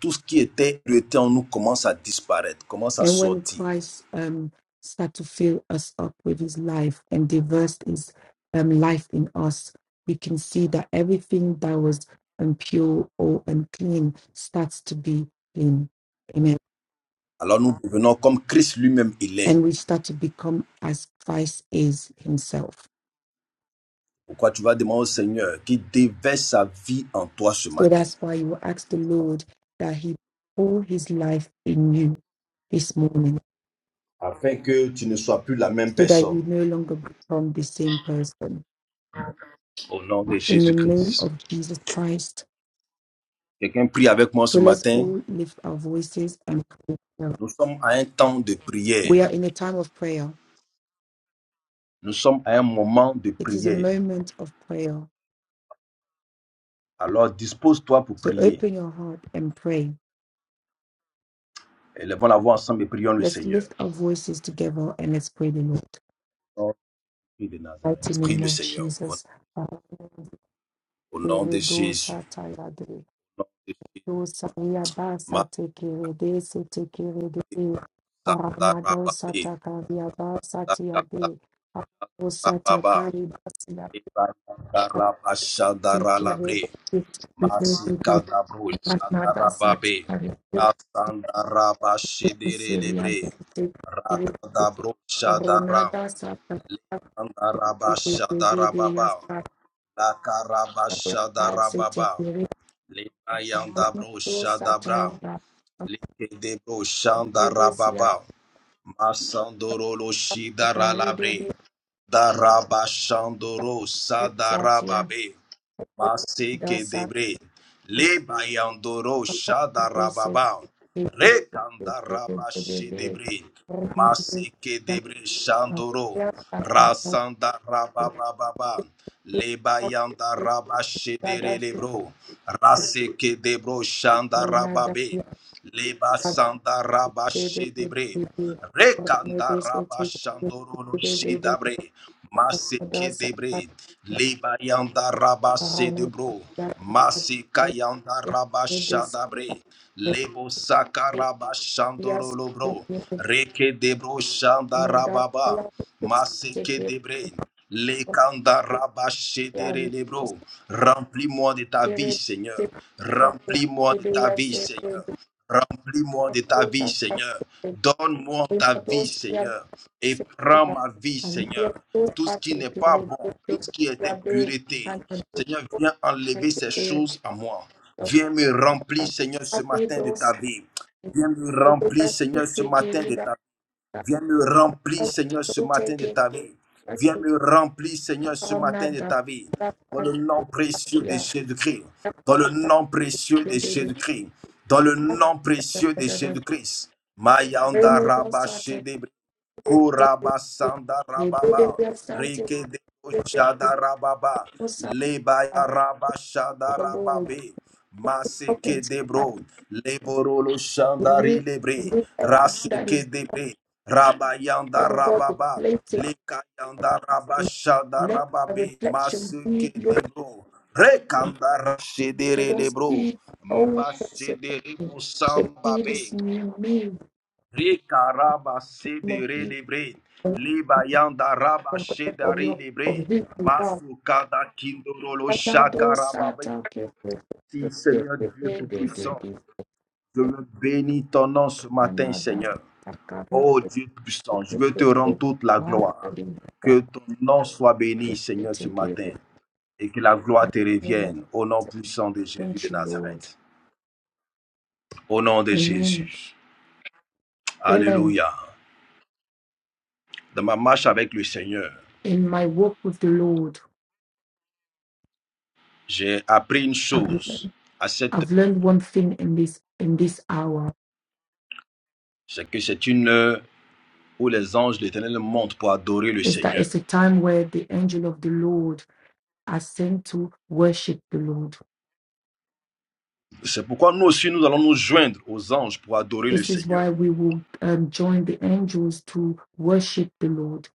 [SPEAKER 1] tout ce qui était pureté en nous commence à disparaître, commence à
[SPEAKER 2] And when
[SPEAKER 1] sortir.
[SPEAKER 2] Christ um, start to fill us up with his life and diverse his um, life in us, we can see that everything that was impure or unclean starts to be clean. Amen.
[SPEAKER 1] Alors nous devenons comme Christ lui-même il est.
[SPEAKER 2] And we start to become as Christ is himself.
[SPEAKER 1] Pourquoi tu vas demander au Seigneur qui déverse sa vie en toi ce
[SPEAKER 2] So
[SPEAKER 1] matin,
[SPEAKER 2] that's why you ask the Lord that He pour His life in you this morning,
[SPEAKER 1] afin que tu ne sois plus la même
[SPEAKER 2] so that you
[SPEAKER 1] personne.
[SPEAKER 2] no longer become the same person.
[SPEAKER 1] Au nom de
[SPEAKER 2] In the name
[SPEAKER 1] Jésus-Christ.
[SPEAKER 2] of Jesus Christ.
[SPEAKER 1] Quelqu'un prie avec moi ce
[SPEAKER 2] So let's
[SPEAKER 1] matin.
[SPEAKER 2] all lift our voices and pray.
[SPEAKER 1] Nous sommes à un temps de prière.
[SPEAKER 2] We are in a time of prayer.
[SPEAKER 1] Nous sommes à un moment de
[SPEAKER 2] It is a
[SPEAKER 1] prière.
[SPEAKER 2] moment of prayer.
[SPEAKER 1] Alors dispose-toi pour
[SPEAKER 2] So
[SPEAKER 1] prier.
[SPEAKER 2] open your heart and pray.
[SPEAKER 1] Élevons la voix ensemble et prions le
[SPEAKER 2] Let's
[SPEAKER 1] Seigneur.
[SPEAKER 2] lift our voices together and let's pray the Lord.
[SPEAKER 1] Au nom de Jésus de
[SPEAKER 2] In the Mighty
[SPEAKER 1] Nazareth. Prie
[SPEAKER 2] name
[SPEAKER 1] le
[SPEAKER 2] of
[SPEAKER 1] Seigneur. Au
[SPEAKER 2] Jesus.
[SPEAKER 1] au nom de Jésus.
[SPEAKER 2] Amen.
[SPEAKER 1] Au nom de Jésus.
[SPEAKER 2] Dosaria basa
[SPEAKER 1] Ma-
[SPEAKER 2] tekere desi tekere de
[SPEAKER 1] ta- ta-
[SPEAKER 2] Arana
[SPEAKER 1] ra- ba-
[SPEAKER 2] dosa
[SPEAKER 1] be.
[SPEAKER 2] takaria basa
[SPEAKER 1] Ta- ta- ta-
[SPEAKER 2] tiabe
[SPEAKER 1] ra-
[SPEAKER 2] Dosa
[SPEAKER 1] ba- ba.
[SPEAKER 2] takari basia tekere
[SPEAKER 1] Ibarabashandarabre,
[SPEAKER 2] de tekere de
[SPEAKER 1] Masikadabro,
[SPEAKER 2] Arana dosa
[SPEAKER 1] Shadarababe,
[SPEAKER 2] takari de Syria
[SPEAKER 1] Rasandarabashidiribre,
[SPEAKER 2] de tekere de
[SPEAKER 1] Rakadabro, Shadara,
[SPEAKER 2] Ronada sata tekere de de
[SPEAKER 1] Sandarabashadarababa,
[SPEAKER 2] yasta Basa
[SPEAKER 1] Lakarabashadarababa,
[SPEAKER 2] tekere de
[SPEAKER 1] Limayandabro,
[SPEAKER 2] dosa
[SPEAKER 1] Shadabra,
[SPEAKER 2] tayaba
[SPEAKER 1] Likedebro,
[SPEAKER 2] Bebesia
[SPEAKER 1] Shandarababa, Masandorolo,
[SPEAKER 2] takare de
[SPEAKER 1] Shidaralabre, Darabashandoro,
[SPEAKER 2] de
[SPEAKER 1] Sadarababe, Maseke
[SPEAKER 2] Dasa
[SPEAKER 1] debre. Leba yandoro shada
[SPEAKER 2] Basic
[SPEAKER 1] rababa. Rekanda ramashe debre. Maseke debre shandoro. Rasanda rabababa. Leba yanda rabashe dere lebro. Raseke debro shanda rababe. Leba sanda rabashe debre. Rekanda rabashandoro shidabre. Maseke debre, leba yanda raba se debro, maseka yanda raba shadabre, lebo saka raba shandoro
[SPEAKER 2] Yes, we
[SPEAKER 1] lobro,
[SPEAKER 2] need
[SPEAKER 1] reke debro shanda
[SPEAKER 2] another
[SPEAKER 1] rababa,
[SPEAKER 2] color. take
[SPEAKER 1] maseke
[SPEAKER 2] it.
[SPEAKER 1] debre, lekanda raba
[SPEAKER 2] ya
[SPEAKER 1] shedere lebro. Remplis-moi de ta vie,
[SPEAKER 2] Spirit,
[SPEAKER 1] Seigneur. Remplis-moi de ta
[SPEAKER 2] Hallelujah,
[SPEAKER 1] vie,
[SPEAKER 2] Santa,
[SPEAKER 1] Seigneur. Remplis-moi de ta vie, Seigneur. Donne-moi ta vie,
[SPEAKER 2] Limbados, ya
[SPEAKER 1] Seigneur. Et prends
[SPEAKER 2] Santa,
[SPEAKER 1] ma vie,
[SPEAKER 2] and ya
[SPEAKER 1] Seigneur
[SPEAKER 2] those
[SPEAKER 1] tout ce
[SPEAKER 2] that
[SPEAKER 1] qui
[SPEAKER 2] we
[SPEAKER 1] n'est pas
[SPEAKER 2] believe, we
[SPEAKER 1] bon, tout
[SPEAKER 2] give
[SPEAKER 1] ce
[SPEAKER 2] to
[SPEAKER 1] qui est
[SPEAKER 2] your day,
[SPEAKER 1] impureté.
[SPEAKER 2] and on this
[SPEAKER 1] Seigneur,
[SPEAKER 2] fourth
[SPEAKER 1] viens enlever ces
[SPEAKER 2] day, the
[SPEAKER 1] choses à moi.
[SPEAKER 2] Lord,
[SPEAKER 1] Viens me remplir,
[SPEAKER 2] and
[SPEAKER 1] Seigneur, ce
[SPEAKER 2] happy
[SPEAKER 1] matin de ta
[SPEAKER 2] those
[SPEAKER 1] vie.
[SPEAKER 2] who
[SPEAKER 1] Viens me
[SPEAKER 2] do
[SPEAKER 1] remplir,
[SPEAKER 2] not
[SPEAKER 1] Seigneur, ce
[SPEAKER 2] take it,
[SPEAKER 1] matin
[SPEAKER 2] we
[SPEAKER 1] de ta
[SPEAKER 2] don't-
[SPEAKER 1] Viens me remplir, Seigneur, ce
[SPEAKER 2] don't
[SPEAKER 1] matin
[SPEAKER 2] take
[SPEAKER 1] de
[SPEAKER 2] it,
[SPEAKER 1] ta vie.
[SPEAKER 2] that
[SPEAKER 1] Viens
[SPEAKER 2] we
[SPEAKER 1] me remplir, Seigneur, ce
[SPEAKER 2] are
[SPEAKER 1] matin
[SPEAKER 2] not
[SPEAKER 1] de ta
[SPEAKER 2] that-
[SPEAKER 1] vie.
[SPEAKER 2] that
[SPEAKER 1] Dans
[SPEAKER 2] kind
[SPEAKER 1] le
[SPEAKER 2] of,
[SPEAKER 1] nom précieux de
[SPEAKER 2] yeah,
[SPEAKER 1] Jésus-Christ.
[SPEAKER 2] that kind
[SPEAKER 1] Dans le
[SPEAKER 2] of,
[SPEAKER 1] nom précieux de
[SPEAKER 2] yeah, yeah, yeah, that kind
[SPEAKER 1] Jésus-Christ. Dans le nom
[SPEAKER 2] of,
[SPEAKER 1] précieux de
[SPEAKER 2] yeah, yeah, yeah.
[SPEAKER 1] Jésus-Christ. Mayanda
[SPEAKER 2] Remove us,
[SPEAKER 1] Rabba
[SPEAKER 2] Santa,
[SPEAKER 1] Shedebre. Kuraba Sanda
[SPEAKER 2] We believe
[SPEAKER 1] Rababa.
[SPEAKER 2] we have something
[SPEAKER 1] Reke de Shada Rababa.
[SPEAKER 2] do somehow,
[SPEAKER 1] Lebaya Rabba Shada
[SPEAKER 2] Father Lord.
[SPEAKER 1] Rababe.
[SPEAKER 2] Help him
[SPEAKER 1] Maseke
[SPEAKER 2] to us.
[SPEAKER 1] debro, leborolo
[SPEAKER 2] We
[SPEAKER 1] shandari
[SPEAKER 2] need, we
[SPEAKER 1] lebre,
[SPEAKER 2] need everything that is,
[SPEAKER 1] raseke debre, rabayanda
[SPEAKER 2] Father God, we
[SPEAKER 1] rababa,
[SPEAKER 2] it.
[SPEAKER 1] lekayanda rabashada
[SPEAKER 2] Let a
[SPEAKER 1] rababe,
[SPEAKER 2] reflection be
[SPEAKER 1] maseke
[SPEAKER 2] Lord.
[SPEAKER 1] debro, rekanda
[SPEAKER 2] They
[SPEAKER 1] rashedere
[SPEAKER 2] don't
[SPEAKER 1] lebro,
[SPEAKER 2] see all things of
[SPEAKER 1] mabasedere
[SPEAKER 2] They see this
[SPEAKER 1] musambabe,
[SPEAKER 2] new me
[SPEAKER 1] rekaraba
[SPEAKER 2] of
[SPEAKER 1] sedere
[SPEAKER 2] you,
[SPEAKER 1] lebre,
[SPEAKER 2] of
[SPEAKER 1] libayanda
[SPEAKER 2] of of
[SPEAKER 1] rabashedari
[SPEAKER 2] your, of
[SPEAKER 1] lebre,
[SPEAKER 2] who you are.
[SPEAKER 1] masukada kindorolo
[SPEAKER 2] Another
[SPEAKER 1] shakarababe.
[SPEAKER 2] Satan, give, give,
[SPEAKER 1] Si
[SPEAKER 2] give, give,
[SPEAKER 1] Seigneur
[SPEAKER 2] give,
[SPEAKER 1] Dieu
[SPEAKER 2] give,
[SPEAKER 1] Tout-Puissant,
[SPEAKER 2] give, give,
[SPEAKER 1] Je veux bénir ton nom ce matin, Seigneur.
[SPEAKER 2] another.
[SPEAKER 1] Oh Dieu puissant, je
[SPEAKER 2] God,
[SPEAKER 1] veux te rendre toute la
[SPEAKER 2] I
[SPEAKER 1] gloire.
[SPEAKER 2] will not
[SPEAKER 1] Que ton nom soit béni,
[SPEAKER 2] forget
[SPEAKER 1] Seigneur,
[SPEAKER 2] to
[SPEAKER 1] ce
[SPEAKER 2] give
[SPEAKER 1] matin.
[SPEAKER 2] it.
[SPEAKER 1] Et que la
[SPEAKER 2] my
[SPEAKER 1] gloire te
[SPEAKER 2] name of
[SPEAKER 1] revienne au nom
[SPEAKER 2] Jesus.
[SPEAKER 1] puissant de Jésus de
[SPEAKER 2] Thank you, Lord.
[SPEAKER 1] Nazareth. Au nom de
[SPEAKER 2] Amen.
[SPEAKER 1] Jésus.
[SPEAKER 2] Amen.
[SPEAKER 1] Alléluia. Dans ma marche avec le Seigneur,
[SPEAKER 2] In my walk with the Lord,
[SPEAKER 1] j'ai appris une
[SPEAKER 2] I've
[SPEAKER 1] chose
[SPEAKER 2] learned,
[SPEAKER 1] à cette
[SPEAKER 2] I've
[SPEAKER 1] heure.
[SPEAKER 2] learned one thing in this in this hour
[SPEAKER 1] C'est que c'est une heure où les anges de l'éternel montent pour adorer le
[SPEAKER 2] is that
[SPEAKER 1] Seigneur.
[SPEAKER 2] it's a time where the angel of the Lord are sent to worship the Lord.
[SPEAKER 1] C'est pourquoi nous aussi, nous allons nous joindre aux anges pour adorer le
[SPEAKER 2] This is
[SPEAKER 1] Seigneur.
[SPEAKER 2] why we will um, join the angels to worship the Lord.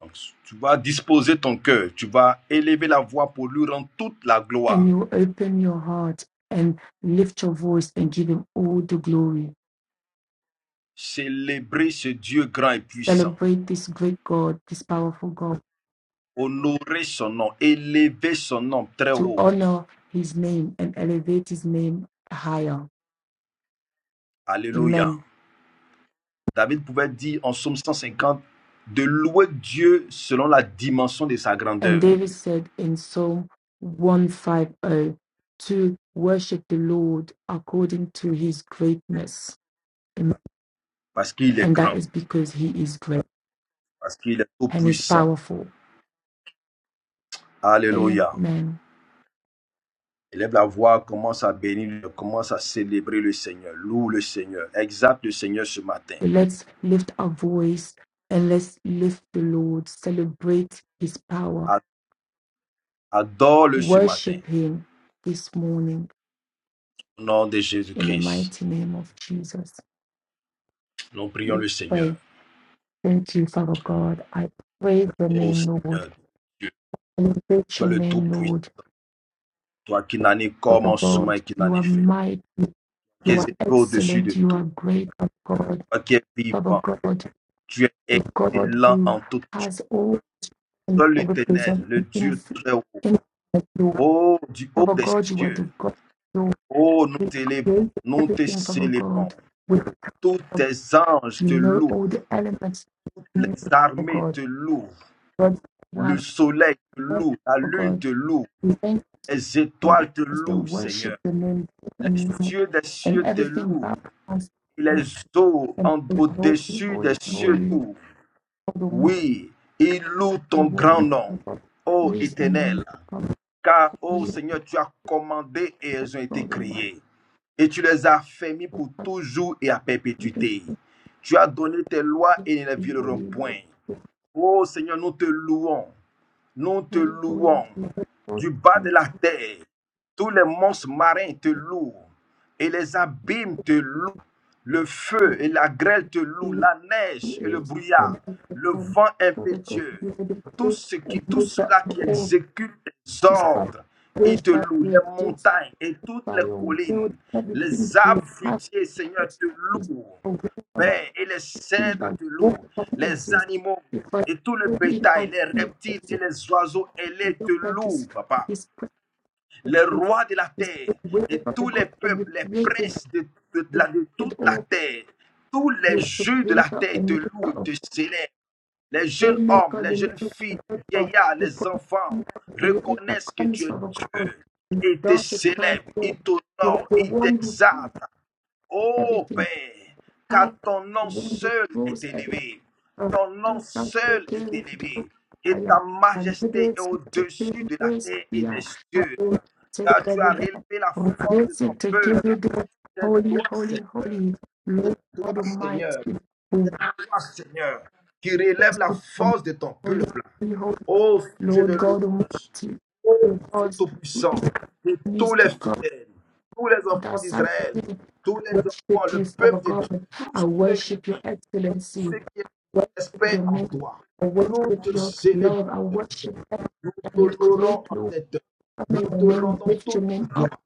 [SPEAKER 1] Donc, tu vas disposer ton cœur, tu vas élever la voix pour lui rendre toute la
[SPEAKER 2] And
[SPEAKER 1] gloire.
[SPEAKER 2] you open your heart and lift your voice and give him all the glory
[SPEAKER 1] Célébrer ce Dieu grand et puissant.
[SPEAKER 2] celebrate this great God, this powerful God,
[SPEAKER 1] Honorer son nom, élever son nom très
[SPEAKER 2] to
[SPEAKER 1] haut.
[SPEAKER 2] honor his name and elevate his name higher.
[SPEAKER 1] Alléluia.
[SPEAKER 2] Amen.
[SPEAKER 1] David pouvait dire en psaume 150 de louer Dieu selon la dimension de sa
[SPEAKER 2] And
[SPEAKER 1] grandeur.
[SPEAKER 2] David said in Psalm 150 to worship the Lord according to his greatness. Amen.
[SPEAKER 1] Parce qu'il est
[SPEAKER 2] And that
[SPEAKER 1] grand,
[SPEAKER 2] is because he is great
[SPEAKER 1] parce qu'il est tout
[SPEAKER 2] and is
[SPEAKER 1] puissant.
[SPEAKER 2] powerful.
[SPEAKER 1] Alléluia.
[SPEAKER 2] Amen.
[SPEAKER 1] Élève la voix, commence à bénir, commence à célébrer le Seigneur. Loue le Seigneur. Exalte le Seigneur ce matin.
[SPEAKER 2] So let's lift our voice and let's lift the Lord, celebrate his power,
[SPEAKER 1] Adore-le ce matin.
[SPEAKER 2] worship him this morning
[SPEAKER 1] Au nom de
[SPEAKER 2] In the
[SPEAKER 1] Jésus-Christ,
[SPEAKER 2] mighty name of Jesus,
[SPEAKER 1] nous prions le
[SPEAKER 2] let's pray.
[SPEAKER 1] Seigneur.
[SPEAKER 2] Thank you, Father God. I praise your
[SPEAKER 1] Ô
[SPEAKER 2] name, Lord.
[SPEAKER 1] Seigneur, Dieu,
[SPEAKER 2] Elevate
[SPEAKER 1] toi
[SPEAKER 2] your
[SPEAKER 1] le
[SPEAKER 2] name,
[SPEAKER 1] Tout-Puissant,
[SPEAKER 2] Lord.
[SPEAKER 1] toi qui n'en es
[SPEAKER 2] Father
[SPEAKER 1] commencement et
[SPEAKER 2] God,
[SPEAKER 1] qui
[SPEAKER 2] you
[SPEAKER 1] n'en
[SPEAKER 2] are
[SPEAKER 1] es fait,
[SPEAKER 2] mighty.
[SPEAKER 1] qui es
[SPEAKER 2] You are
[SPEAKER 1] au-dessus
[SPEAKER 2] excellent.
[SPEAKER 1] de
[SPEAKER 2] You are
[SPEAKER 1] tout,
[SPEAKER 2] great, Father God.
[SPEAKER 1] toi qui es
[SPEAKER 2] Father
[SPEAKER 1] vivant,
[SPEAKER 2] God,
[SPEAKER 1] tu es
[SPEAKER 2] the God
[SPEAKER 1] excellent
[SPEAKER 2] who
[SPEAKER 1] en tout.
[SPEAKER 2] has all and
[SPEAKER 1] Toi l'éternel,
[SPEAKER 2] represent
[SPEAKER 1] le
[SPEAKER 2] in
[SPEAKER 1] Dieu très haut,
[SPEAKER 2] in you.
[SPEAKER 1] ô du haut
[SPEAKER 2] Father
[SPEAKER 1] des
[SPEAKER 2] God, you are the
[SPEAKER 1] cieux,
[SPEAKER 2] God who
[SPEAKER 1] ô nous t'élévons,
[SPEAKER 2] created
[SPEAKER 1] nous te
[SPEAKER 2] everything, Father God.
[SPEAKER 1] célébrons.
[SPEAKER 2] With
[SPEAKER 1] Tous
[SPEAKER 2] you
[SPEAKER 1] tes anges te
[SPEAKER 2] know
[SPEAKER 1] louent,
[SPEAKER 2] all the elements in you,
[SPEAKER 1] les
[SPEAKER 2] Father
[SPEAKER 1] armées
[SPEAKER 2] God.
[SPEAKER 1] te louent,
[SPEAKER 2] God why?
[SPEAKER 1] le soleil te
[SPEAKER 2] Thank
[SPEAKER 1] loue, la
[SPEAKER 2] you,
[SPEAKER 1] lune
[SPEAKER 2] God.
[SPEAKER 1] te loue.
[SPEAKER 2] We thank
[SPEAKER 1] Les
[SPEAKER 2] God,
[SPEAKER 1] étoiles te
[SPEAKER 2] as they
[SPEAKER 1] louent,
[SPEAKER 2] worship
[SPEAKER 1] Seigneur.
[SPEAKER 2] the name
[SPEAKER 1] Les
[SPEAKER 2] and music
[SPEAKER 1] cieux des
[SPEAKER 2] and
[SPEAKER 1] cieux te
[SPEAKER 2] everything
[SPEAKER 1] louent.
[SPEAKER 2] back us
[SPEAKER 1] Et les eaux
[SPEAKER 2] and
[SPEAKER 1] en-
[SPEAKER 2] praise holy,
[SPEAKER 1] au-dessus des
[SPEAKER 2] holy,
[SPEAKER 1] cieux te
[SPEAKER 2] holy,
[SPEAKER 1] louent.
[SPEAKER 2] God Almighty,
[SPEAKER 1] Oui, ils louent
[SPEAKER 2] the
[SPEAKER 1] ton grand
[SPEAKER 2] one
[SPEAKER 1] nom,
[SPEAKER 2] who God who
[SPEAKER 1] ô
[SPEAKER 2] is and who
[SPEAKER 1] Éternel.
[SPEAKER 2] is come
[SPEAKER 1] Car,
[SPEAKER 2] to
[SPEAKER 1] ô
[SPEAKER 2] you,
[SPEAKER 1] Seigneur, tu as commandé et elles ont été
[SPEAKER 2] God Almighty,
[SPEAKER 1] créées. Et tu les as fermées pour toujours et à
[SPEAKER 2] every
[SPEAKER 1] perpétuité. Tu as donné tes lois et ils ne les
[SPEAKER 2] holy
[SPEAKER 1] violeront
[SPEAKER 2] Lord,
[SPEAKER 1] point.
[SPEAKER 2] the
[SPEAKER 1] Ô Seigneur, nous te louons. Nous te
[SPEAKER 2] holy, holy,
[SPEAKER 1] louons
[SPEAKER 2] holy, God
[SPEAKER 1] du bas de
[SPEAKER 2] Almighty,
[SPEAKER 1] la terre. Tous les monstres marins te louent et les abîmes te louent. Le
[SPEAKER 2] the
[SPEAKER 1] feu
[SPEAKER 2] Spirit
[SPEAKER 1] et la grêle te louent,
[SPEAKER 2] who
[SPEAKER 1] la neige et le
[SPEAKER 2] is and
[SPEAKER 1] brouillard,
[SPEAKER 2] who is
[SPEAKER 1] le
[SPEAKER 2] come.
[SPEAKER 1] vent
[SPEAKER 2] Father of God,
[SPEAKER 1] impétueux.
[SPEAKER 2] you are the
[SPEAKER 1] Tout,
[SPEAKER 2] Christ
[SPEAKER 1] ce
[SPEAKER 2] and
[SPEAKER 1] qui, tout
[SPEAKER 2] maker
[SPEAKER 1] cela qui
[SPEAKER 2] of all
[SPEAKER 1] exécute tes
[SPEAKER 2] his
[SPEAKER 1] ordres, il te loue. Les
[SPEAKER 2] path.
[SPEAKER 1] montagnes et toutes
[SPEAKER 2] by
[SPEAKER 1] les
[SPEAKER 2] your word,
[SPEAKER 1] collines,
[SPEAKER 2] everything
[SPEAKER 1] les
[SPEAKER 2] for his
[SPEAKER 1] arbres fruitiers, Seigneur,
[SPEAKER 2] purpose
[SPEAKER 1] te
[SPEAKER 2] is
[SPEAKER 1] louent.
[SPEAKER 2] aware of
[SPEAKER 1] Père, et les
[SPEAKER 2] things that
[SPEAKER 1] cèdres te louent,
[SPEAKER 2] won't doesn't
[SPEAKER 1] les
[SPEAKER 2] exist
[SPEAKER 1] animaux
[SPEAKER 2] because
[SPEAKER 1] et tout le
[SPEAKER 2] only my
[SPEAKER 1] bétail, les
[SPEAKER 2] feet
[SPEAKER 1] reptiles et
[SPEAKER 2] exist.
[SPEAKER 1] les oiseaux, et
[SPEAKER 2] I
[SPEAKER 1] les
[SPEAKER 2] know
[SPEAKER 1] te
[SPEAKER 2] that this
[SPEAKER 1] louent, papa.
[SPEAKER 2] this
[SPEAKER 1] Les
[SPEAKER 2] presence
[SPEAKER 1] rois de la
[SPEAKER 2] is
[SPEAKER 1] terre
[SPEAKER 2] the
[SPEAKER 1] et
[SPEAKER 2] of the
[SPEAKER 1] tous les
[SPEAKER 2] God that you
[SPEAKER 1] peuples, les
[SPEAKER 2] created
[SPEAKER 1] princes de, de- de
[SPEAKER 2] you
[SPEAKER 1] la- de toute
[SPEAKER 2] created
[SPEAKER 1] la
[SPEAKER 2] all
[SPEAKER 1] terre, tous les
[SPEAKER 2] you are the
[SPEAKER 1] jeux de la
[SPEAKER 2] creator
[SPEAKER 1] terre
[SPEAKER 2] and
[SPEAKER 1] te
[SPEAKER 2] maker
[SPEAKER 1] louent
[SPEAKER 2] of
[SPEAKER 1] et te célèbrent. Les
[SPEAKER 2] the way
[SPEAKER 1] jeunes hommes,
[SPEAKER 2] maker,
[SPEAKER 1] les
[SPEAKER 2] the
[SPEAKER 1] jeunes
[SPEAKER 2] maker of
[SPEAKER 1] filles,
[SPEAKER 2] the
[SPEAKER 1] les
[SPEAKER 2] maker,
[SPEAKER 1] vieillards,
[SPEAKER 2] the
[SPEAKER 1] les
[SPEAKER 2] point
[SPEAKER 1] enfants
[SPEAKER 2] of the light that
[SPEAKER 1] reconnaissent que tu
[SPEAKER 2] comes
[SPEAKER 1] es
[SPEAKER 2] from the
[SPEAKER 1] Dieu
[SPEAKER 2] cloud. in the
[SPEAKER 1] et te
[SPEAKER 2] darkest time,
[SPEAKER 1] célèbrent, ils
[SPEAKER 2] you are
[SPEAKER 1] t'honorent,
[SPEAKER 2] the
[SPEAKER 1] ils
[SPEAKER 2] one who passed
[SPEAKER 1] t'exaltent. Ô
[SPEAKER 2] everything.
[SPEAKER 1] Père,
[SPEAKER 2] up
[SPEAKER 1] car ton nom
[SPEAKER 2] when the
[SPEAKER 1] seul est
[SPEAKER 2] rules every
[SPEAKER 1] élevé,
[SPEAKER 2] of
[SPEAKER 1] ton nom
[SPEAKER 2] Palestine
[SPEAKER 1] seul est
[SPEAKER 2] taken with guilt
[SPEAKER 1] élevé,
[SPEAKER 2] I
[SPEAKER 1] et ta
[SPEAKER 2] am and
[SPEAKER 1] majesté est
[SPEAKER 2] goodness to take
[SPEAKER 1] au-dessus de la
[SPEAKER 2] this
[SPEAKER 1] terre et des
[SPEAKER 2] yeah I
[SPEAKER 1] cieux,
[SPEAKER 2] will take
[SPEAKER 1] car tu
[SPEAKER 2] every
[SPEAKER 1] as
[SPEAKER 2] day
[SPEAKER 1] relevé la
[SPEAKER 2] on
[SPEAKER 1] force de
[SPEAKER 2] this to
[SPEAKER 1] ton
[SPEAKER 2] give
[SPEAKER 1] peuple.
[SPEAKER 2] you the
[SPEAKER 1] C'est
[SPEAKER 2] holy
[SPEAKER 1] toi,
[SPEAKER 2] holy
[SPEAKER 1] Seigneur.
[SPEAKER 2] holy
[SPEAKER 1] C'est
[SPEAKER 2] Lord
[SPEAKER 1] toi,
[SPEAKER 2] God
[SPEAKER 1] Seigneur.
[SPEAKER 2] Almighty who
[SPEAKER 1] C'est toi, Seigneur, qui relève
[SPEAKER 2] is
[SPEAKER 1] la
[SPEAKER 2] to come
[SPEAKER 1] force de ton
[SPEAKER 2] holy
[SPEAKER 1] peuple.
[SPEAKER 2] holy holy
[SPEAKER 1] Ô Dieu de
[SPEAKER 2] Lord God
[SPEAKER 1] louange,
[SPEAKER 2] Almighty
[SPEAKER 1] ô
[SPEAKER 2] who
[SPEAKER 1] Dieu
[SPEAKER 2] was who is
[SPEAKER 1] tout-puissant, pour tous
[SPEAKER 2] needs
[SPEAKER 1] les
[SPEAKER 2] to come
[SPEAKER 1] fidèles, tous les
[SPEAKER 2] and that
[SPEAKER 1] enfants
[SPEAKER 2] side
[SPEAKER 1] d'Israël,
[SPEAKER 2] of me
[SPEAKER 1] tous les enfants,
[SPEAKER 2] worship you
[SPEAKER 1] le
[SPEAKER 2] Father
[SPEAKER 1] peuple de Dieu,
[SPEAKER 2] God I
[SPEAKER 1] tous ceux qui
[SPEAKER 2] worship your
[SPEAKER 1] t'aiment,
[SPEAKER 2] excellency
[SPEAKER 1] ceux qui
[SPEAKER 2] worship
[SPEAKER 1] espèrent
[SPEAKER 2] your
[SPEAKER 1] en
[SPEAKER 2] name.
[SPEAKER 1] toi.
[SPEAKER 2] I
[SPEAKER 1] Nous
[SPEAKER 2] worship
[SPEAKER 1] te
[SPEAKER 2] your
[SPEAKER 1] célébrons,
[SPEAKER 2] love. I
[SPEAKER 1] Seigneur.
[SPEAKER 2] worship that
[SPEAKER 1] nous
[SPEAKER 2] that you
[SPEAKER 1] t'honorons
[SPEAKER 2] create,
[SPEAKER 1] en
[SPEAKER 2] Lord.
[SPEAKER 1] cette heure.
[SPEAKER 2] I may
[SPEAKER 1] Nous
[SPEAKER 2] your
[SPEAKER 1] te
[SPEAKER 2] name
[SPEAKER 1] rendons
[SPEAKER 2] lift your
[SPEAKER 1] toute la
[SPEAKER 2] name up,
[SPEAKER 1] gloire.